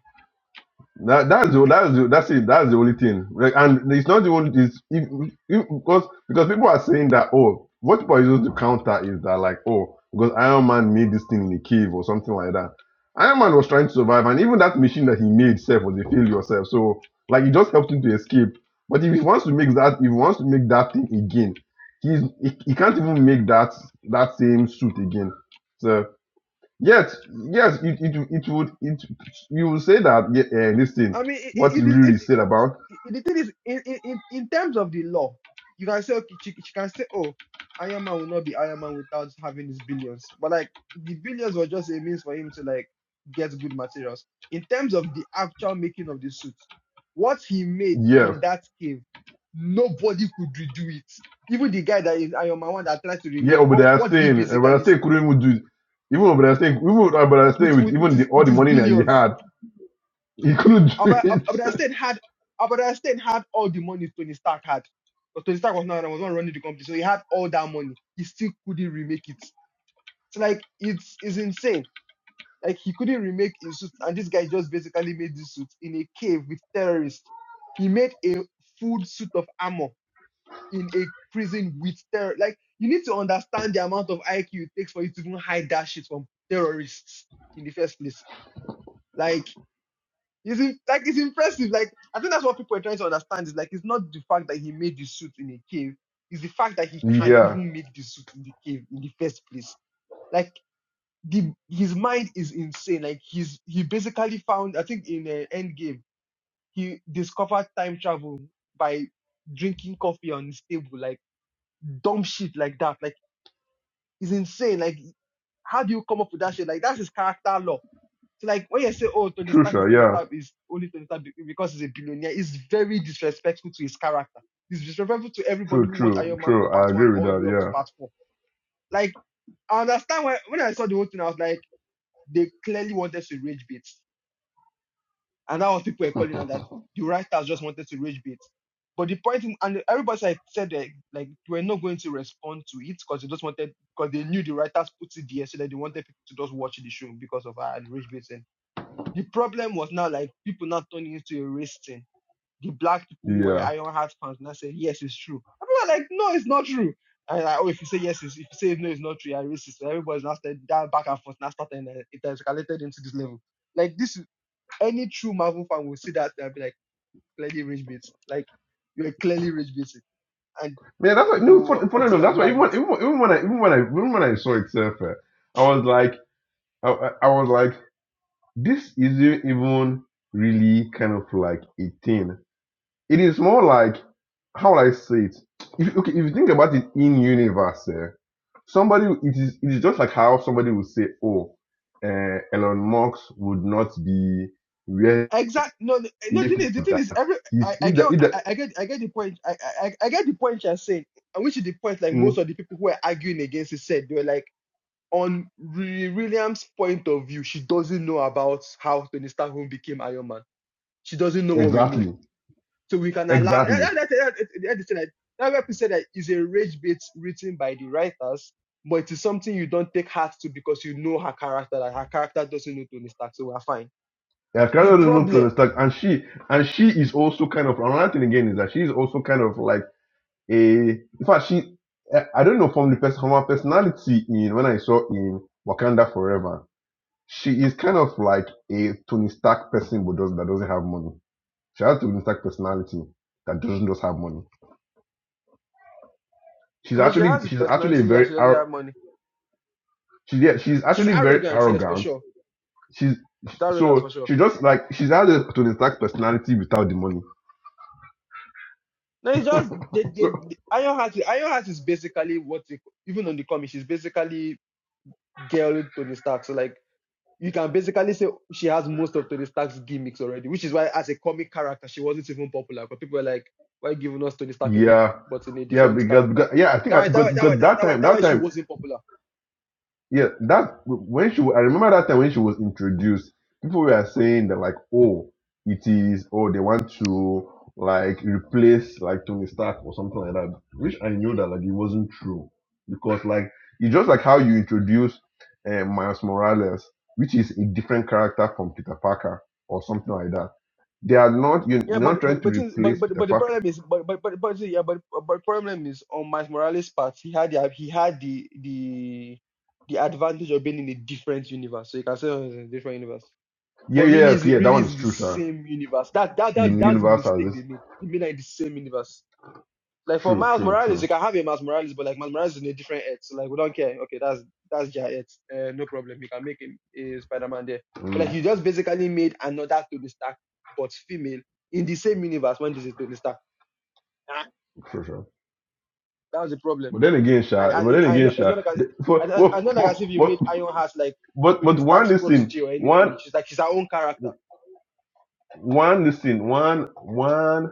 [SPEAKER 2] That, that's the that's the, that's it. That's the only thing. Like, and it's not the only. It's, if, if, because because people are saying that oh, what people are using to counter is that like oh, because Iron Man made this thing in a cave or something like that. Iron Man was trying to survive, and even that machine that he made self was a failure self. So like it just helped him to escape. But if he wants to make that, if he wants to make that thing again, he's he, he can't even make that that same suit again. Yes, yes, it, it, it would it you would say that yeah, uh, listen,
[SPEAKER 1] I mean, it,
[SPEAKER 2] what you
[SPEAKER 1] it, it
[SPEAKER 2] really
[SPEAKER 1] is.
[SPEAKER 2] said about
[SPEAKER 1] the thing is, in, in, in in terms of the law, you can say, okay, she, she can say, oh, Iron Man will not be Iron Man without having his billions. But like, the billions was just a means for him to like get good materials. In terms of the actual making of the suit, what he made
[SPEAKER 2] yeah,
[SPEAKER 1] in that cave, nobody could redo it. Even the guy that is Iron Man one that tried to
[SPEAKER 2] yeah,
[SPEAKER 1] remake it, what,
[SPEAKER 2] Obadiah
[SPEAKER 1] what did he
[SPEAKER 2] Stane, uh, Obadiah
[SPEAKER 1] basically
[SPEAKER 2] Stane
[SPEAKER 1] say?
[SPEAKER 2] couldn't even do it. Even Obadiah Stane, even Obadiah Stane
[SPEAKER 1] With,
[SPEAKER 2] with
[SPEAKER 1] with, with
[SPEAKER 2] even
[SPEAKER 1] his
[SPEAKER 2] the, all
[SPEAKER 1] with
[SPEAKER 2] the
[SPEAKER 1] his
[SPEAKER 2] money that he
[SPEAKER 1] billions
[SPEAKER 2] had, he couldn't <laughs>
[SPEAKER 1] Albert,
[SPEAKER 2] do
[SPEAKER 1] Albert
[SPEAKER 2] it.
[SPEAKER 1] Einstein had Albert Einstein had all the money Tony Stark had, but Tony Stark was not was not running the company, so he had all that money. He still couldn't remake it. So like it's it's insane. Like he couldn't remake his suit, and this guy just basically made this suit in a cave with terrorists. He made a full suit of armor in a prison with terror. Like you need to understand the amount of IQ it takes for you to even hide that shit from terrorists in the first place. Like it's in, like it's impressive. Like I think that's what people are trying to understand is like it's not the fact that he made the suit in a cave, it's the fact that he can
[SPEAKER 2] yeah,
[SPEAKER 1] even make the suit in the cave in the first place. Like the his mind is insane. Like he's he basically found I think in uh, Endgame he discovered time travel by drinking coffee on his table. Like dumb shit like that. Like it's insane. Like how do you come up with that shit? Like that's his character law so like when you say, "Oh, Tony
[SPEAKER 2] true,
[SPEAKER 1] Stark is
[SPEAKER 2] sure,
[SPEAKER 1] Tony
[SPEAKER 2] yeah,
[SPEAKER 1] Stark is only Tony Stark because he's a billionaire," it's very disrespectful to his character. It's disrespectful to everybody
[SPEAKER 2] true,
[SPEAKER 1] who watched
[SPEAKER 2] true,
[SPEAKER 1] Iron Man from
[SPEAKER 2] true.
[SPEAKER 1] part
[SPEAKER 2] I
[SPEAKER 1] one
[SPEAKER 2] agree with
[SPEAKER 1] all the way up to
[SPEAKER 2] that.
[SPEAKER 1] part four. Like I understand when when I saw the whole thing, I was like, they clearly wanted to rage bait, and that was people were
[SPEAKER 2] Yeah, <laughs>
[SPEAKER 1] calling out that the writers just wanted to rage bait. But the point, and everybody said that like they were not going to respond to it because they just wanted because they knew the writers put it there so that they wanted people to just watch the show because of our rage bait the problem was now like people not turning into a race thing. The black people who were
[SPEAKER 2] yeah,
[SPEAKER 1] Iron Heart fans now said, yes, it's true. And people are like, no, it's not true. And like, oh, if you say yes, it's, if you say no, it's not true, you're racist. So everybody's now started that back and forth, now starting, uh, it has escalated into this level. Like this, is- any true Marvel fan will see that and be like, clearly rage bait. Like, you're clearly rage baiting. And
[SPEAKER 2] man. That's why no,
[SPEAKER 1] people
[SPEAKER 2] fun, funny
[SPEAKER 1] want to
[SPEAKER 2] enough,
[SPEAKER 1] go
[SPEAKER 2] that's
[SPEAKER 1] and
[SPEAKER 2] why
[SPEAKER 1] buy
[SPEAKER 2] even
[SPEAKER 1] it.
[SPEAKER 2] when, even when even when I even when I even when I saw it, uh, I was like, I, I I was like. this isn't even really kind of like a thing. It is more like how will I say it? If okay, if you think about it in universe, eh, somebody it is it is just like how somebody would say, Oh, uh, Elon Musk would not be where
[SPEAKER 1] Exact. No, no, no. The
[SPEAKER 2] if
[SPEAKER 1] thing is, the
[SPEAKER 2] not
[SPEAKER 1] thing is,
[SPEAKER 2] that
[SPEAKER 1] every I,
[SPEAKER 2] he's
[SPEAKER 1] I
[SPEAKER 2] if the,
[SPEAKER 1] get,
[SPEAKER 2] if
[SPEAKER 1] I,
[SPEAKER 2] the,
[SPEAKER 1] I get, I get the point. I, I, I I get the point you're saying, and which is the point. Like most
[SPEAKER 2] mm,
[SPEAKER 1] of the people who were arguing against it said, they were like, on Riri Williams' point of view, she doesn't know about how Tony Stark even became Iron Man. She doesn't know what we know,
[SPEAKER 2] exactly
[SPEAKER 1] so we can allow. That,
[SPEAKER 2] exactly.
[SPEAKER 1] that, that, that, that, that, that, that where people said that is a rage bit written by the writers, but it is something you don't take heart to because you know her character. That her character doesn't know Tony Stark, so we're fine.
[SPEAKER 2] Yeah,
[SPEAKER 1] The
[SPEAKER 2] Carol looked to
[SPEAKER 1] problem.
[SPEAKER 2] the stack, and she and she is also kind of another thing again is that she is also kind of like a in fact she eh, i don't know from the person from her personality in when i saw in wakanda forever she is kind of like a tony stark person but does, that doesn't have money she has tony stark personality that doesn't just have money
[SPEAKER 1] I
[SPEAKER 2] she's
[SPEAKER 1] mean, she
[SPEAKER 2] actually
[SPEAKER 1] has
[SPEAKER 2] she's actually a
[SPEAKER 1] personality. Yeah,
[SPEAKER 2] very
[SPEAKER 1] she doesn't
[SPEAKER 2] ar-
[SPEAKER 1] have money.
[SPEAKER 2] she's yeah, she's
[SPEAKER 1] She's
[SPEAKER 2] actually very
[SPEAKER 1] arrogant. Yes, for
[SPEAKER 2] arrogant
[SPEAKER 1] sure.
[SPEAKER 2] she's
[SPEAKER 1] She's arrogant for
[SPEAKER 2] so
[SPEAKER 1] sure.
[SPEAKER 2] she just like she's has a tony stark personality without the money
[SPEAKER 1] No, it's just they,
[SPEAKER 2] <laughs>
[SPEAKER 1] they,
[SPEAKER 2] so
[SPEAKER 1] they, Iron Heart. Iron Heart is basically what they, even on the comic, she's basically girl Tony Stark. So like you can basically say she has most of Tony Stark's gimmicks already, which is why as a comic character she wasn't even popular. Because people were like, why giving us Tony Stark again,
[SPEAKER 2] yeah
[SPEAKER 1] but in a
[SPEAKER 2] yeah
[SPEAKER 1] different
[SPEAKER 2] because,
[SPEAKER 1] character.
[SPEAKER 2] because yeah i think
[SPEAKER 1] That
[SPEAKER 2] I,
[SPEAKER 1] why that
[SPEAKER 2] because,
[SPEAKER 1] why that why
[SPEAKER 2] because
[SPEAKER 1] that
[SPEAKER 2] that
[SPEAKER 1] why
[SPEAKER 2] time
[SPEAKER 1] that why
[SPEAKER 2] that
[SPEAKER 1] she
[SPEAKER 2] time
[SPEAKER 1] wasn't popular
[SPEAKER 2] yeah, that when she I remember that time when she was introduced, people were saying that like, oh, it is, oh, they want to like replace like Tony Stark or something like that. Which I knew that like it wasn't true because like it's just like how you introduce uh, Miles Morales, which is a different character from Peter Parker or something like that. They are not you're
[SPEAKER 1] Yeah,
[SPEAKER 2] not
[SPEAKER 1] but
[SPEAKER 2] trying
[SPEAKER 1] but
[SPEAKER 2] to
[SPEAKER 1] but since- but
[SPEAKER 2] replace
[SPEAKER 1] but,
[SPEAKER 2] Peter
[SPEAKER 1] but the
[SPEAKER 2] Parker.
[SPEAKER 1] problem is but but but, but yeah, but but problem is on Miles Morales' part, he had the he had the the the advantage of being in a different universe, so you can say oh, it's in a different universe.
[SPEAKER 2] Yeah,
[SPEAKER 1] But really,
[SPEAKER 2] yeah,
[SPEAKER 1] is it
[SPEAKER 2] yeah. That
[SPEAKER 1] really
[SPEAKER 2] one
[SPEAKER 1] is
[SPEAKER 2] is
[SPEAKER 1] the
[SPEAKER 2] true, sir.
[SPEAKER 1] same universe? That that that
[SPEAKER 2] Un-
[SPEAKER 1] that's the
[SPEAKER 2] Universe has
[SPEAKER 1] mistake they
[SPEAKER 2] this.
[SPEAKER 1] made. They made like the same universe. Like for
[SPEAKER 2] True,
[SPEAKER 1] Miles
[SPEAKER 2] true,
[SPEAKER 1] Morales, you
[SPEAKER 2] true.
[SPEAKER 1] can have a Miles Morales, but like Miles Morales is in a different Earth. So like we don't care. Okay, that's that's their Earth. Uh, no problem. You can make him a Spider-Man there. But like
[SPEAKER 2] Mm,
[SPEAKER 1] you just basically made another Tony Stark, but female in the same universe when this is Tony Stark. Ah,
[SPEAKER 2] true, sir.
[SPEAKER 1] that was the problem.
[SPEAKER 2] But then again,
[SPEAKER 1] Like
[SPEAKER 2] Sha,
[SPEAKER 1] and,
[SPEAKER 2] but then
[SPEAKER 1] I
[SPEAKER 2] again,
[SPEAKER 1] know it's
[SPEAKER 2] Sha,
[SPEAKER 1] not like
[SPEAKER 2] the-
[SPEAKER 1] I,
[SPEAKER 2] but,
[SPEAKER 1] I, I
[SPEAKER 2] but,
[SPEAKER 1] know like as
[SPEAKER 2] but,
[SPEAKER 1] if you
[SPEAKER 2] but,
[SPEAKER 1] made Iron Heart like
[SPEAKER 2] but
[SPEAKER 1] Tony
[SPEAKER 2] but one
[SPEAKER 1] Stark's
[SPEAKER 2] listen,
[SPEAKER 1] protege or
[SPEAKER 2] one,
[SPEAKER 1] anything. She's like she's her own character.
[SPEAKER 2] one listen, one, one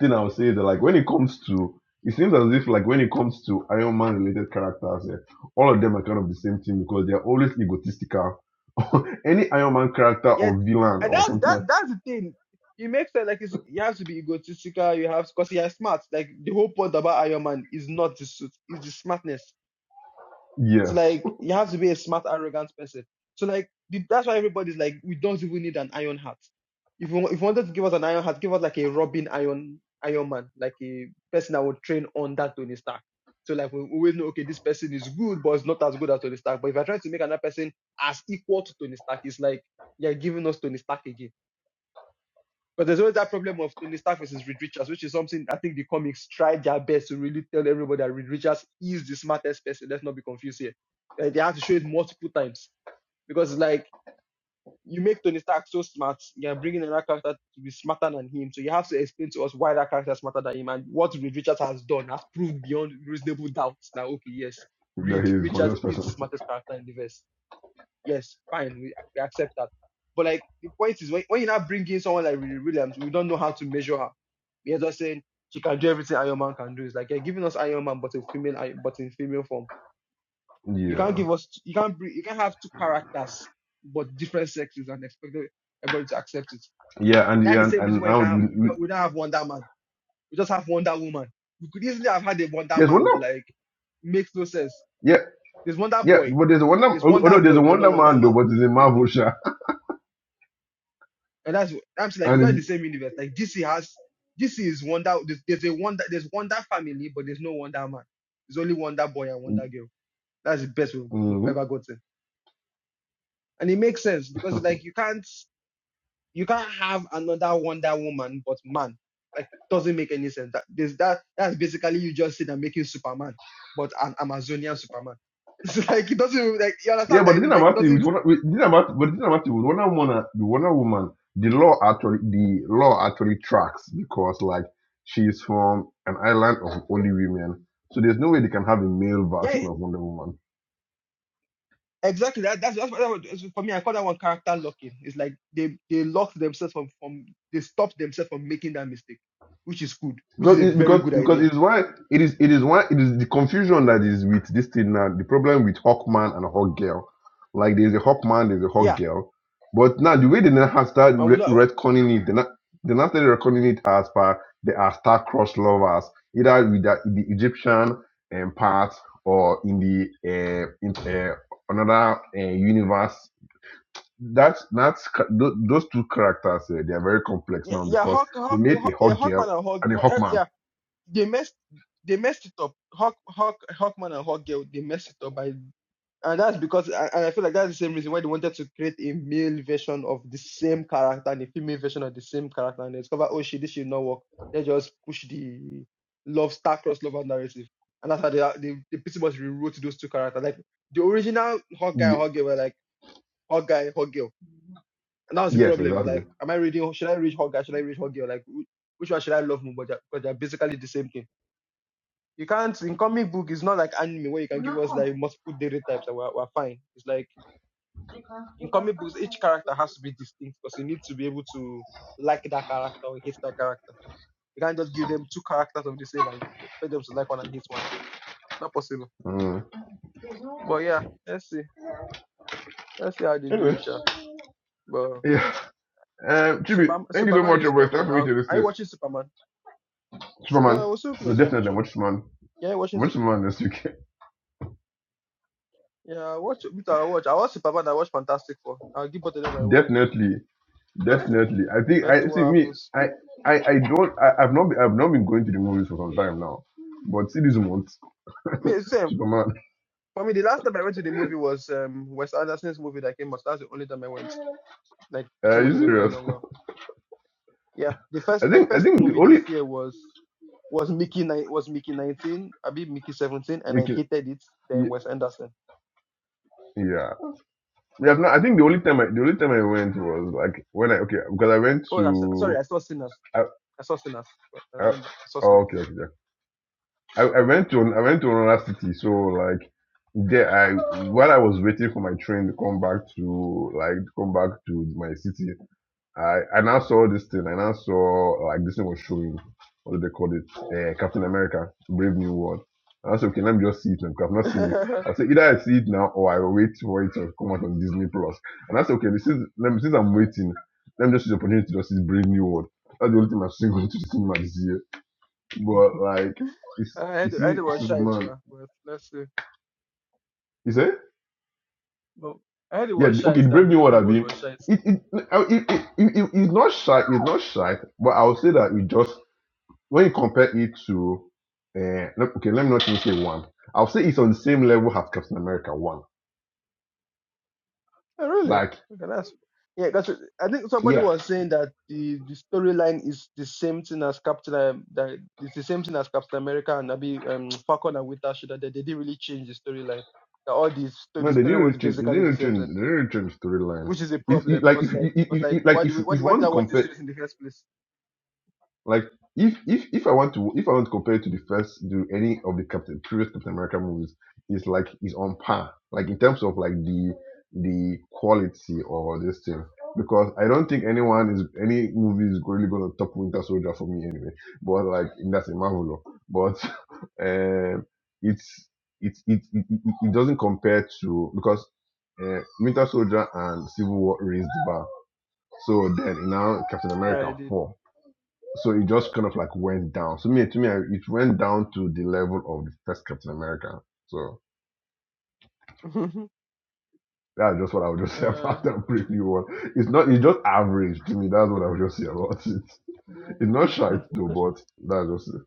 [SPEAKER 2] thing I'll say is that like when it comes to, it seems as if like when it comes to Iron Man related characters, eh, all of them are kind of the same thing because they're always egotistical. <laughs> Any Iron Man character
[SPEAKER 1] yeah,
[SPEAKER 2] or villain
[SPEAKER 1] and
[SPEAKER 2] or
[SPEAKER 1] that's
[SPEAKER 2] something
[SPEAKER 1] that
[SPEAKER 2] like
[SPEAKER 1] that's the thing. It makes sense. Like it's, you have to be egotistical. You have because he has smart. Like the whole point about Iron Man is not the suit, It's the smartness. So
[SPEAKER 2] yes, <laughs>
[SPEAKER 1] like you have to be a smart, arrogant person. So like the, that's why everybody's like, we don't even need an iron heart. If you, if you wanted to give us an iron heart, give us like a Robin Iron Iron Man, like a person that would train on that Tony Stark. So like we always know, okay, this person is good, but it's not as good as Tony Stark. But if you're trying to make another person as equal to Tony Stark, it's like you're giving us Tony Stark again. But there's always that problem of Tony Stark versus Reed Richards, which is something I think the comics tried their best to really tell everybody that Reed Richards is the smartest person. Let's not be confused here. Like, they have to show it multiple times because like you make Tony Stark so smart, you're bringing another character to be smarter than him. So you have to explain to us why that character is smarter than him and what Reed Richards has done has proved beyond reasonable doubt. Now, okay, yes, Reed
[SPEAKER 2] that he is my
[SPEAKER 1] Richards
[SPEAKER 2] best
[SPEAKER 1] is the
[SPEAKER 2] person.
[SPEAKER 1] smartest character in the verse yes, fine, we, we accept that. But like the point is when, when you now bring in someone like Riri Williams, we don't know how to measure her. We are just saying she can do everything Iron Man can do. It's like you're giving us Iron Man but a female but in female form.
[SPEAKER 2] <laughs>
[SPEAKER 1] You can't
[SPEAKER 2] yeah,
[SPEAKER 1] give us you can't bring you can't have two characters but different sexes and expect everybody to accept it.
[SPEAKER 2] yeah, and
[SPEAKER 1] That's
[SPEAKER 2] yeah,
[SPEAKER 1] the
[SPEAKER 2] and,
[SPEAKER 1] same reason
[SPEAKER 2] and
[SPEAKER 1] why you
[SPEAKER 2] now we,
[SPEAKER 1] can't we
[SPEAKER 2] we,
[SPEAKER 1] don't, we don't have Wonder Man. We just have Wonder Woman. We could easily have had a Wonder
[SPEAKER 2] there's one
[SPEAKER 1] Man, but
[SPEAKER 2] now.
[SPEAKER 1] like makes no sense.
[SPEAKER 2] Yeah,
[SPEAKER 1] There's Wonder
[SPEAKER 2] Yeah,
[SPEAKER 1] Boy.
[SPEAKER 2] but there's a Wonder
[SPEAKER 1] There's
[SPEAKER 2] Although
[SPEAKER 1] Wonder
[SPEAKER 2] there's a
[SPEAKER 1] Boy, but not
[SPEAKER 2] Wonder
[SPEAKER 1] Wonder
[SPEAKER 2] Man
[SPEAKER 1] Man.
[SPEAKER 2] though, but it's a Marvel show. <laughs>
[SPEAKER 1] And that's I'm saying, like
[SPEAKER 2] And
[SPEAKER 1] it's not the
[SPEAKER 2] it's
[SPEAKER 1] same universe. Like DC has DC is Wonder. There's, there's a Wonder. There's Wonder Family, but there's no Wonder Man. There's only Wonder Boy and Wonder Girl. That's the best we've, we've
[SPEAKER 2] hmm
[SPEAKER 1] ever gotten, and it makes sense because it's like you can't you can't have another Wonder Woman but man. Like doesn't make any sense. That there's that that's basically you just sitting and making Superman, but an Amazonian Superman. <laughs> It's like it doesn't like you understand
[SPEAKER 2] yeah, but
[SPEAKER 1] what I
[SPEAKER 2] the thing
[SPEAKER 1] mean. Like it
[SPEAKER 2] about it with
[SPEAKER 1] doesn't.
[SPEAKER 2] Wonder with, the thing about but the thing about it with Wonder Woman uh, the Wonder Woman, the law actually the law actually tracks because like she's from an island of only women. So there's no way they can have a male
[SPEAKER 1] yeah.
[SPEAKER 2] version of Wonder Woman.
[SPEAKER 1] Exactly. That, that's that's, what- that's what- for me. I call that one character locking. It's like they they lock themselves from from they stop themselves from making that mistake, which is good, which is
[SPEAKER 2] because
[SPEAKER 1] a
[SPEAKER 2] it,
[SPEAKER 1] very
[SPEAKER 2] because
[SPEAKER 1] good
[SPEAKER 2] because
[SPEAKER 1] idea.
[SPEAKER 2] it is why it is it is why it is the confusion that is with this thing now. The problem with Hawkman and Hawkgirl, like there's a Hawkman, there's a
[SPEAKER 1] Yeah,
[SPEAKER 2] Hawkgirl, but now the way they now have started
[SPEAKER 1] and
[SPEAKER 2] re-
[SPEAKER 1] without
[SPEAKER 2] retconning it, they now they now started retconning it as per they are star-crossed lovers, either with the, the Egyptian um, part or in the uh, in uh, another uh, universe. That's that's ca- tho- those two characters. Uh, they are very complex
[SPEAKER 1] yeah
[SPEAKER 2] now
[SPEAKER 1] yeah
[SPEAKER 2] because
[SPEAKER 1] Hawk
[SPEAKER 2] they
[SPEAKER 1] Hawk,
[SPEAKER 2] made a
[SPEAKER 1] Hawk yeah
[SPEAKER 2] Hawk girl
[SPEAKER 1] Hawkman and Hawk,
[SPEAKER 2] and a
[SPEAKER 1] Hawk- eh,
[SPEAKER 2] Hawkman.
[SPEAKER 1] yeah they messed they messed it up. Hawk Hawk Hawkman and Hawk Girl they messed it up by And that's because, and and I feel like that's the same reason why they wanted to create a male version of the same character and a female version of the same character, and they discover, oh shit, this should not work. They just push the love star crossed crossover narrative, and that's how they are- they, they pretty much rewrote those two characters. Like the original hot guy and hot girl were like hot guy hot girl, and that was the
[SPEAKER 2] Yes,
[SPEAKER 1] problem. Was
[SPEAKER 2] exactly.
[SPEAKER 1] like, am I reading? Should I read hot guy? Should I read hot girl? Like, wh- which one should I love more? But they're, but they're basically the same thing. You can't in comic book. It's not like anime where you can give us like multiple dating types and we're, we're fine. It's like in comic books, each character has to be distinct because you need to be able to like that character or hate that character. You can't just give them two characters of the same and expect them to like one and hate one. Not possible.
[SPEAKER 2] Mm.
[SPEAKER 1] But yeah, let's see. Let's see how they do
[SPEAKER 2] Anyway,
[SPEAKER 1] it, sha. But
[SPEAKER 2] yeah. Um, Chibi,
[SPEAKER 1] Superman,
[SPEAKER 2] thank you so
[SPEAKER 1] Superman
[SPEAKER 2] much,
[SPEAKER 1] is
[SPEAKER 2] bro. It's time
[SPEAKER 1] coming.
[SPEAKER 2] for me
[SPEAKER 1] Are
[SPEAKER 2] to
[SPEAKER 1] you
[SPEAKER 2] listen.
[SPEAKER 1] watching Superman?
[SPEAKER 2] Superman.
[SPEAKER 1] No, we're so
[SPEAKER 2] No,
[SPEAKER 1] close. Yeah, for
[SPEAKER 2] definitely, I'm
[SPEAKER 1] sure.
[SPEAKER 2] watching man.
[SPEAKER 1] Yeah, watching.
[SPEAKER 2] I'm
[SPEAKER 1] Sup-
[SPEAKER 2] watching man this weekend.
[SPEAKER 1] Yeah, watch. With I watch. I watch Superman. I watch Fantastic Four. I'll give both of them my
[SPEAKER 2] <laughs>
[SPEAKER 1] money.
[SPEAKER 2] definitely,
[SPEAKER 1] Let's see.
[SPEAKER 2] definitely. I think
[SPEAKER 1] Let's see
[SPEAKER 2] I see
[SPEAKER 1] what
[SPEAKER 2] me.
[SPEAKER 1] happens.
[SPEAKER 2] I I I don't. I, I've not. Been, I've not been going to the movies for some time now. But see this month,
[SPEAKER 1] Me same.
[SPEAKER 2] Superman.
[SPEAKER 1] For me, the last time I went to the movie was um Wes Anderson's movie that came out. That's the only time I went. like
[SPEAKER 2] <laughs>
[SPEAKER 1] pretty
[SPEAKER 2] Are you
[SPEAKER 1] much in a very
[SPEAKER 2] serious?
[SPEAKER 1] long while.
[SPEAKER 2] <laughs>
[SPEAKER 1] Yeah, the first
[SPEAKER 2] I
[SPEAKER 1] my
[SPEAKER 2] think. I
[SPEAKER 1] first
[SPEAKER 2] think the
[SPEAKER 1] movie
[SPEAKER 2] only
[SPEAKER 1] this year was was Mickey nine was Mickey nineteen, I mean Mickey seventeen, and
[SPEAKER 2] you
[SPEAKER 1] I
[SPEAKER 2] can.
[SPEAKER 1] hated it. Then
[SPEAKER 2] y-
[SPEAKER 1] Wes Anderson.
[SPEAKER 2] Yeah. Yeah. I've not, I think the only time I the only time I went was like when I okay because I went
[SPEAKER 1] Oh, I, s- sorry, I
[SPEAKER 2] to.
[SPEAKER 1] saw Sinners.
[SPEAKER 2] I,
[SPEAKER 1] I saw Sinners. Right, I
[SPEAKER 2] I,
[SPEAKER 1] remember I saw
[SPEAKER 2] oh, okay.
[SPEAKER 1] Sinners.
[SPEAKER 2] Okay. yeah. I, I went to I went to another city, so like there I while I was waiting for my train to come back to like to come back to my city, I I now saw this thing. I now saw like this thing was showing what do they call it? Uh, Captain America, Brave New World. And I said, okay, let me just see it now because I've not seen it.
[SPEAKER 1] <laughs>
[SPEAKER 2] I said either I see it now or I will wait for it to come out on Disney Plus. And I said, okay, this is let me, since I'm waiting, let me just use the opportunity to just see Brave New World. That's the only thing I've seen going to the cinema <laughs> this year. But like, it's,
[SPEAKER 1] I
[SPEAKER 2] you
[SPEAKER 1] had I had
[SPEAKER 2] see,
[SPEAKER 1] it was shite,
[SPEAKER 2] Superman.
[SPEAKER 1] yeah, but let's see.
[SPEAKER 2] You say,
[SPEAKER 1] No, I had it
[SPEAKER 2] yeah,
[SPEAKER 1] was
[SPEAKER 2] the- okay,
[SPEAKER 1] shite
[SPEAKER 2] the
[SPEAKER 1] that
[SPEAKER 2] Brave New
[SPEAKER 1] Brave
[SPEAKER 2] World. I
[SPEAKER 1] New World
[SPEAKER 2] mean,
[SPEAKER 1] was shite.
[SPEAKER 2] it it, I- it, it, it, it it's not shy. It's not shy. But I would say that it just when you compare it to, uh, let- okay, let me not even say one. I'll say it's on the same level as Captain America one.
[SPEAKER 1] Oh, really?
[SPEAKER 2] Like,
[SPEAKER 1] Okay, that's yeah. Because I think somebody
[SPEAKER 2] yeah,
[SPEAKER 1] was saying that the the storyline is the same thing as Captain um, that it's the same thing as Captain America and Nabi um, Falcon and Winter Soldier. That they didn't really change the storyline. That all the sto-
[SPEAKER 2] no,
[SPEAKER 1] the
[SPEAKER 2] they
[SPEAKER 1] story
[SPEAKER 2] didn't
[SPEAKER 1] was
[SPEAKER 2] return. They
[SPEAKER 1] basically
[SPEAKER 2] didn't
[SPEAKER 1] the same
[SPEAKER 2] return.
[SPEAKER 1] thing,
[SPEAKER 2] They didn't return the storyline.
[SPEAKER 1] which is a
[SPEAKER 2] If, if,
[SPEAKER 1] problem.
[SPEAKER 2] like
[SPEAKER 1] Cause
[SPEAKER 2] if,
[SPEAKER 1] like,
[SPEAKER 2] if,
[SPEAKER 1] cause
[SPEAKER 2] if
[SPEAKER 1] like,
[SPEAKER 2] if-
[SPEAKER 1] why
[SPEAKER 2] like
[SPEAKER 1] do
[SPEAKER 2] if
[SPEAKER 1] we
[SPEAKER 2] if
[SPEAKER 1] why,
[SPEAKER 2] you
[SPEAKER 1] why did
[SPEAKER 2] want
[SPEAKER 1] I
[SPEAKER 2] to
[SPEAKER 1] watch the
[SPEAKER 2] compare
[SPEAKER 1] series in the first place?
[SPEAKER 2] Like if if if I want to if I want to compare it to the first to any of the Captain previous Captain America movies, it's like it's on par. Like in terms of like the the quality or this thing. Because I don't think anyone is any movie is really gonna top Winter Soldier for me anyway. But like that's a marvel. But <laughs> um it's it's it, it, it it doesn't compare to because uh, Winter Soldier and Civil War raised the bar. So then now Captain
[SPEAKER 1] Yeah,
[SPEAKER 2] America
[SPEAKER 1] I did.
[SPEAKER 2] 4 so it just kind of like went down. So me, to me, I- it went down to the level of the first Captain America. So
[SPEAKER 1] <laughs>
[SPEAKER 2] that's just what I would just <laughs> say
[SPEAKER 1] uh,
[SPEAKER 2] about that preview one. It's not, it's just average to me. That's what I would just say about <laughs> it. It's not shite though, but that's just it.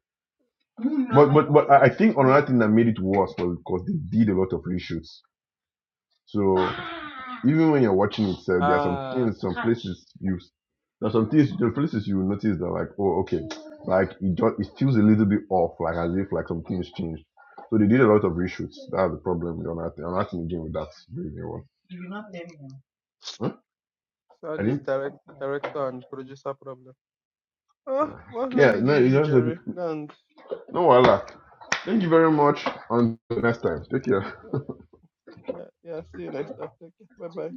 [SPEAKER 2] But but but I I think another thing that made it worse was because they did a lot of reshoots. So even when you're watching
[SPEAKER 1] <laughs>
[SPEAKER 2] itself, there are some
[SPEAKER 1] ah,
[SPEAKER 2] things, some places you, there are some things, there are places you will notice that like, oh, okay, like it just it feels a little bit off, like as if like some things changed. So they did a lot of reshoots. That's the problem. You're not, you're not in the game with that really one. Huh?
[SPEAKER 1] so
[SPEAKER 2] I
[SPEAKER 1] this
[SPEAKER 2] didn't.
[SPEAKER 1] direct director and producer problem. Ah,
[SPEAKER 2] Uh,
[SPEAKER 1] well, let
[SPEAKER 2] yeah,
[SPEAKER 1] me
[SPEAKER 2] no,
[SPEAKER 1] leave
[SPEAKER 2] you
[SPEAKER 1] you,
[SPEAKER 2] just
[SPEAKER 1] Jerry. And
[SPEAKER 2] no, voila. Thank you very much. Until next time, take care.
[SPEAKER 1] Yeah, yeah. See you next time. Take care. Bye bye.